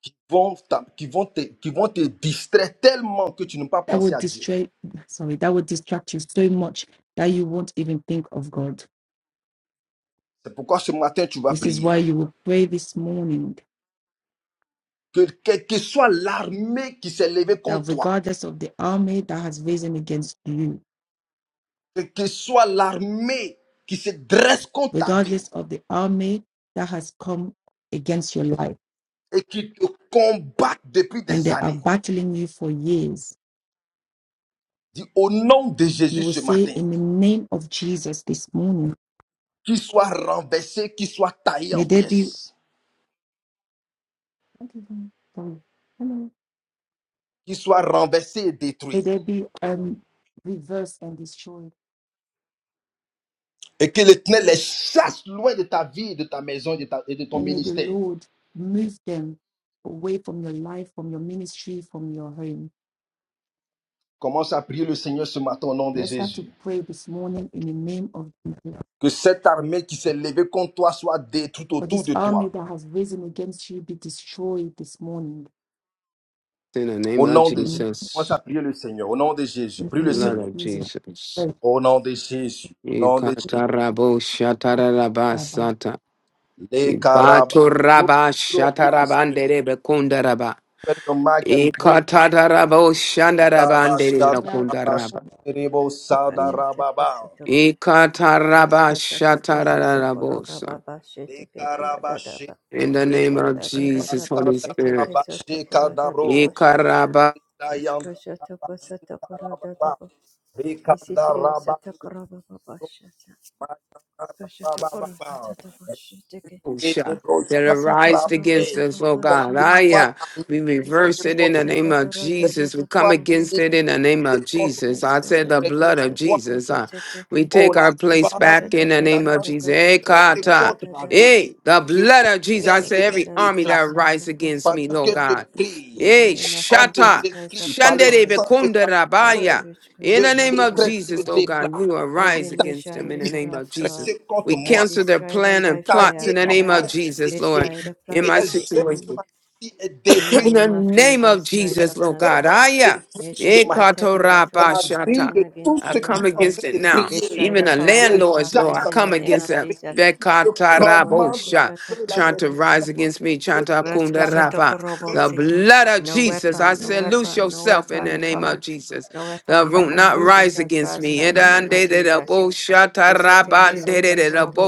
[SPEAKER 1] qui vont, t'a- qui vont, te, qui vont te distraire tellement que tu n'as pas
[SPEAKER 2] that will
[SPEAKER 1] pensé à Dieu.
[SPEAKER 2] distract sorry, that will distract you so much that you won't even think of God.
[SPEAKER 1] C'est pourquoi ce matin, tu vas
[SPEAKER 2] This is
[SPEAKER 1] prier.
[SPEAKER 2] why you will pray this morning
[SPEAKER 1] Que quelle que soit l'armée qui s'est levée
[SPEAKER 2] that
[SPEAKER 1] contre toi,
[SPEAKER 2] regardless of the army that has risen against you,
[SPEAKER 1] quelle que soit l'armée qui se dresse contre ta vie
[SPEAKER 2] regardless of the army that has come against your life,
[SPEAKER 1] et qui te combat depuis
[SPEAKER 2] and
[SPEAKER 1] des
[SPEAKER 2] they are
[SPEAKER 1] années,
[SPEAKER 2] battling you for years,
[SPEAKER 1] dis au nom de
[SPEAKER 2] you
[SPEAKER 1] Jésus
[SPEAKER 2] will
[SPEAKER 1] ce
[SPEAKER 2] say
[SPEAKER 1] matin.
[SPEAKER 2] in the name of Jesus this morning,
[SPEAKER 1] qu'il soit renversé, qu'il soit taillé
[SPEAKER 2] may
[SPEAKER 1] en
[SPEAKER 2] there be
[SPEAKER 1] pièces,
[SPEAKER 2] sorry, hello.
[SPEAKER 1] qu'il soit renversé et
[SPEAKER 2] may
[SPEAKER 1] détruit.
[SPEAKER 2] there be um reverse and destroy
[SPEAKER 1] Et que l'Éternel les chasse loin de ta vie, de ta maison et de, ta- et de ton
[SPEAKER 2] And may the
[SPEAKER 1] ministère.
[SPEAKER 2] Lord move them away from your life, from your ministry, from your home.
[SPEAKER 1] Commence à prier le Seigneur ce matin au nom de
[SPEAKER 2] Let's start to
[SPEAKER 1] Jésus.
[SPEAKER 2] pray this morning in the name of Jesus.
[SPEAKER 1] Que cette armée qui s'est levée contre toi soit détruite
[SPEAKER 2] For
[SPEAKER 1] autour
[SPEAKER 2] this
[SPEAKER 1] de
[SPEAKER 2] army
[SPEAKER 1] toi.
[SPEAKER 2] that has risen against you be destroyed this morning.
[SPEAKER 4] In the name
[SPEAKER 1] Au
[SPEAKER 4] of
[SPEAKER 1] nom de Jésus.
[SPEAKER 2] In
[SPEAKER 1] Commence à
[SPEAKER 4] Jesus.
[SPEAKER 1] prier le Seigneur. Au nom de Jésus.
[SPEAKER 2] the
[SPEAKER 1] Prie le
[SPEAKER 2] name of
[SPEAKER 4] Lord
[SPEAKER 1] Seigneur.
[SPEAKER 4] of
[SPEAKER 2] Jesus.
[SPEAKER 4] Jesus.
[SPEAKER 2] Pray.
[SPEAKER 1] Au nom de Jésus. Au nom de Jésus.
[SPEAKER 4] Ikatarabo shatarabasata.
[SPEAKER 1] Les carabas.
[SPEAKER 4] Ibato
[SPEAKER 1] Nous
[SPEAKER 4] raba
[SPEAKER 1] prions, on prie le Seigneur.
[SPEAKER 4] shatarabandere bekundaraba.
[SPEAKER 1] Open your mic and pray.
[SPEAKER 4] Ikatarabo
[SPEAKER 1] Thank
[SPEAKER 4] shandarabandere
[SPEAKER 2] Father,
[SPEAKER 4] bekundaraba.
[SPEAKER 2] we
[SPEAKER 6] Kashata Kesotogo. As
[SPEAKER 4] Ikataraba
[SPEAKER 6] Kashata Kasotokora
[SPEAKER 4] shatararabosa.
[SPEAKER 6] Baba Bashete Kedadadaba.
[SPEAKER 4] In the name of
[SPEAKER 6] Konda
[SPEAKER 4] Jesus,
[SPEAKER 6] Dadada
[SPEAKER 4] Holy
[SPEAKER 6] Boshete
[SPEAKER 4] Spirit.
[SPEAKER 6] Kesotokoro Data Bosha.
[SPEAKER 4] Ikaraba
[SPEAKER 6] As Kashata Kosotokoro Databo. Isitri Satokora Baba Bashata. Kashata Koro Data Boshete
[SPEAKER 4] Shah, that
[SPEAKER 6] Kesata
[SPEAKER 4] arise
[SPEAKER 6] Koro
[SPEAKER 4] against
[SPEAKER 6] Baba
[SPEAKER 4] us, oh God.
[SPEAKER 6] Bashana.
[SPEAKER 4] Aya, we reverse
[SPEAKER 6] Nishete
[SPEAKER 4] it in the name
[SPEAKER 6] Kesata
[SPEAKER 4] of
[SPEAKER 6] Koro Data
[SPEAKER 4] Jesus. We come
[SPEAKER 6] Baba
[SPEAKER 4] against it
[SPEAKER 6] Bosha.
[SPEAKER 4] in the name of Jesus.
[SPEAKER 6] As
[SPEAKER 4] I said the
[SPEAKER 6] Kashata
[SPEAKER 4] blood of
[SPEAKER 1] you.
[SPEAKER 6] Kosotoko
[SPEAKER 4] Jesus. uh,
[SPEAKER 6] Sheteke.
[SPEAKER 4] we
[SPEAKER 1] Oh,
[SPEAKER 4] take
[SPEAKER 1] la
[SPEAKER 4] our place
[SPEAKER 1] part de
[SPEAKER 4] back in
[SPEAKER 6] Eskashataka
[SPEAKER 4] the name of
[SPEAKER 1] Satan qui
[SPEAKER 6] kasataka
[SPEAKER 4] Jesus. Eh,
[SPEAKER 1] s'est dressée
[SPEAKER 6] shatakara da
[SPEAKER 4] kata.
[SPEAKER 1] contre
[SPEAKER 6] da
[SPEAKER 1] ma
[SPEAKER 6] da ba.
[SPEAKER 1] vie.
[SPEAKER 4] Hey, the
[SPEAKER 1] Ce
[SPEAKER 4] blood of
[SPEAKER 6] In
[SPEAKER 4] Jesus. I
[SPEAKER 1] matin,
[SPEAKER 6] the
[SPEAKER 1] je
[SPEAKER 4] say
[SPEAKER 1] viens
[SPEAKER 4] every
[SPEAKER 6] Jesus
[SPEAKER 4] army
[SPEAKER 1] déclarer,
[SPEAKER 4] that
[SPEAKER 6] Christ,
[SPEAKER 4] rise
[SPEAKER 6] sataka
[SPEAKER 4] against me,
[SPEAKER 1] pendant que
[SPEAKER 4] Lord
[SPEAKER 6] sataka.
[SPEAKER 1] je
[SPEAKER 4] God.
[SPEAKER 1] prie,
[SPEAKER 6] In the
[SPEAKER 4] Hey,
[SPEAKER 1] au
[SPEAKER 6] name of
[SPEAKER 1] nom de
[SPEAKER 4] shata.
[SPEAKER 6] Jesus Christ of
[SPEAKER 1] Jésus, par le
[SPEAKER 4] Shandere
[SPEAKER 6] Nazareth,
[SPEAKER 1] sang et
[SPEAKER 4] bekunda
[SPEAKER 1] par le cœur,
[SPEAKER 6] every
[SPEAKER 4] rabaya.
[SPEAKER 1] je
[SPEAKER 4] In the
[SPEAKER 6] witchcraft
[SPEAKER 4] name
[SPEAKER 6] of the
[SPEAKER 4] of
[SPEAKER 1] décrète et
[SPEAKER 4] Jesus,
[SPEAKER 1] je
[SPEAKER 4] oh
[SPEAKER 6] forces,
[SPEAKER 4] God,
[SPEAKER 1] déclare
[SPEAKER 4] we will
[SPEAKER 6] every
[SPEAKER 4] rise
[SPEAKER 1] toute
[SPEAKER 4] against them
[SPEAKER 6] nation
[SPEAKER 1] armée
[SPEAKER 4] in
[SPEAKER 1] qui
[SPEAKER 4] the name
[SPEAKER 1] s'est
[SPEAKER 4] of
[SPEAKER 6] witchcraft
[SPEAKER 4] Jesus.
[SPEAKER 6] God,
[SPEAKER 1] dressée contre
[SPEAKER 4] We
[SPEAKER 6] I
[SPEAKER 1] moi,
[SPEAKER 4] cancel their
[SPEAKER 6] destroy them
[SPEAKER 4] plan
[SPEAKER 6] by
[SPEAKER 4] and plots
[SPEAKER 6] fire.
[SPEAKER 1] taillée
[SPEAKER 4] in the
[SPEAKER 1] en
[SPEAKER 6] God,
[SPEAKER 4] name of
[SPEAKER 6] I
[SPEAKER 1] pièces et
[SPEAKER 4] Jesus, Lord,
[SPEAKER 6] destroy
[SPEAKER 1] détruite,
[SPEAKER 6] the
[SPEAKER 4] in
[SPEAKER 1] et
[SPEAKER 6] plots
[SPEAKER 1] les
[SPEAKER 4] my
[SPEAKER 6] of the
[SPEAKER 1] œuvres sont
[SPEAKER 6] enemy.
[SPEAKER 4] situation.
[SPEAKER 1] anéanties et
[SPEAKER 6] In the
[SPEAKER 4] In
[SPEAKER 1] détruites,
[SPEAKER 4] the
[SPEAKER 6] name of
[SPEAKER 4] name of
[SPEAKER 6] Jesus
[SPEAKER 1] et
[SPEAKER 6] Christ
[SPEAKER 4] Jesus,
[SPEAKER 6] of
[SPEAKER 4] Lord
[SPEAKER 1] les œuvres
[SPEAKER 4] God.
[SPEAKER 6] Nazareth,
[SPEAKER 1] sont
[SPEAKER 4] Aya.
[SPEAKER 6] you shall
[SPEAKER 1] détruites
[SPEAKER 6] fight every battle
[SPEAKER 1] dans la
[SPEAKER 6] that is
[SPEAKER 1] vie
[SPEAKER 4] Ekatorabashata.
[SPEAKER 6] fighting
[SPEAKER 1] de tous
[SPEAKER 6] against
[SPEAKER 4] I
[SPEAKER 6] me,
[SPEAKER 1] ceux qui sont
[SPEAKER 4] come
[SPEAKER 6] Lord
[SPEAKER 1] en
[SPEAKER 6] God.
[SPEAKER 1] train
[SPEAKER 4] against it
[SPEAKER 1] de
[SPEAKER 4] now.
[SPEAKER 1] prier.
[SPEAKER 6] Destroy
[SPEAKER 4] Even
[SPEAKER 6] the
[SPEAKER 4] the
[SPEAKER 1] Je
[SPEAKER 6] powers of
[SPEAKER 4] landlords,
[SPEAKER 1] chasse
[SPEAKER 4] Lord, I
[SPEAKER 6] darkness in the
[SPEAKER 4] come
[SPEAKER 1] tout
[SPEAKER 6] name
[SPEAKER 4] against
[SPEAKER 6] of
[SPEAKER 4] that.
[SPEAKER 6] Jesus.
[SPEAKER 1] esprit. Je commande le
[SPEAKER 4] Bekatarabosha.
[SPEAKER 1] feu, la
[SPEAKER 4] Trying to
[SPEAKER 1] destruction.
[SPEAKER 4] rise against me.
[SPEAKER 1] Je
[SPEAKER 4] Trying to
[SPEAKER 1] déstabilise
[SPEAKER 4] akundaraba. The blood of
[SPEAKER 6] No
[SPEAKER 1] le
[SPEAKER 4] Jesus. I
[SPEAKER 6] weapon, no
[SPEAKER 4] said, loose
[SPEAKER 6] weapon, no
[SPEAKER 4] yourself in the
[SPEAKER 6] weapon
[SPEAKER 4] name
[SPEAKER 6] form,
[SPEAKER 4] of Jesus.
[SPEAKER 6] no weapon
[SPEAKER 4] The root
[SPEAKER 6] form
[SPEAKER 4] not
[SPEAKER 2] pray
[SPEAKER 6] against me
[SPEAKER 4] rise
[SPEAKER 6] shall
[SPEAKER 4] against me.
[SPEAKER 6] prosper in the name of Jesus. Esheteke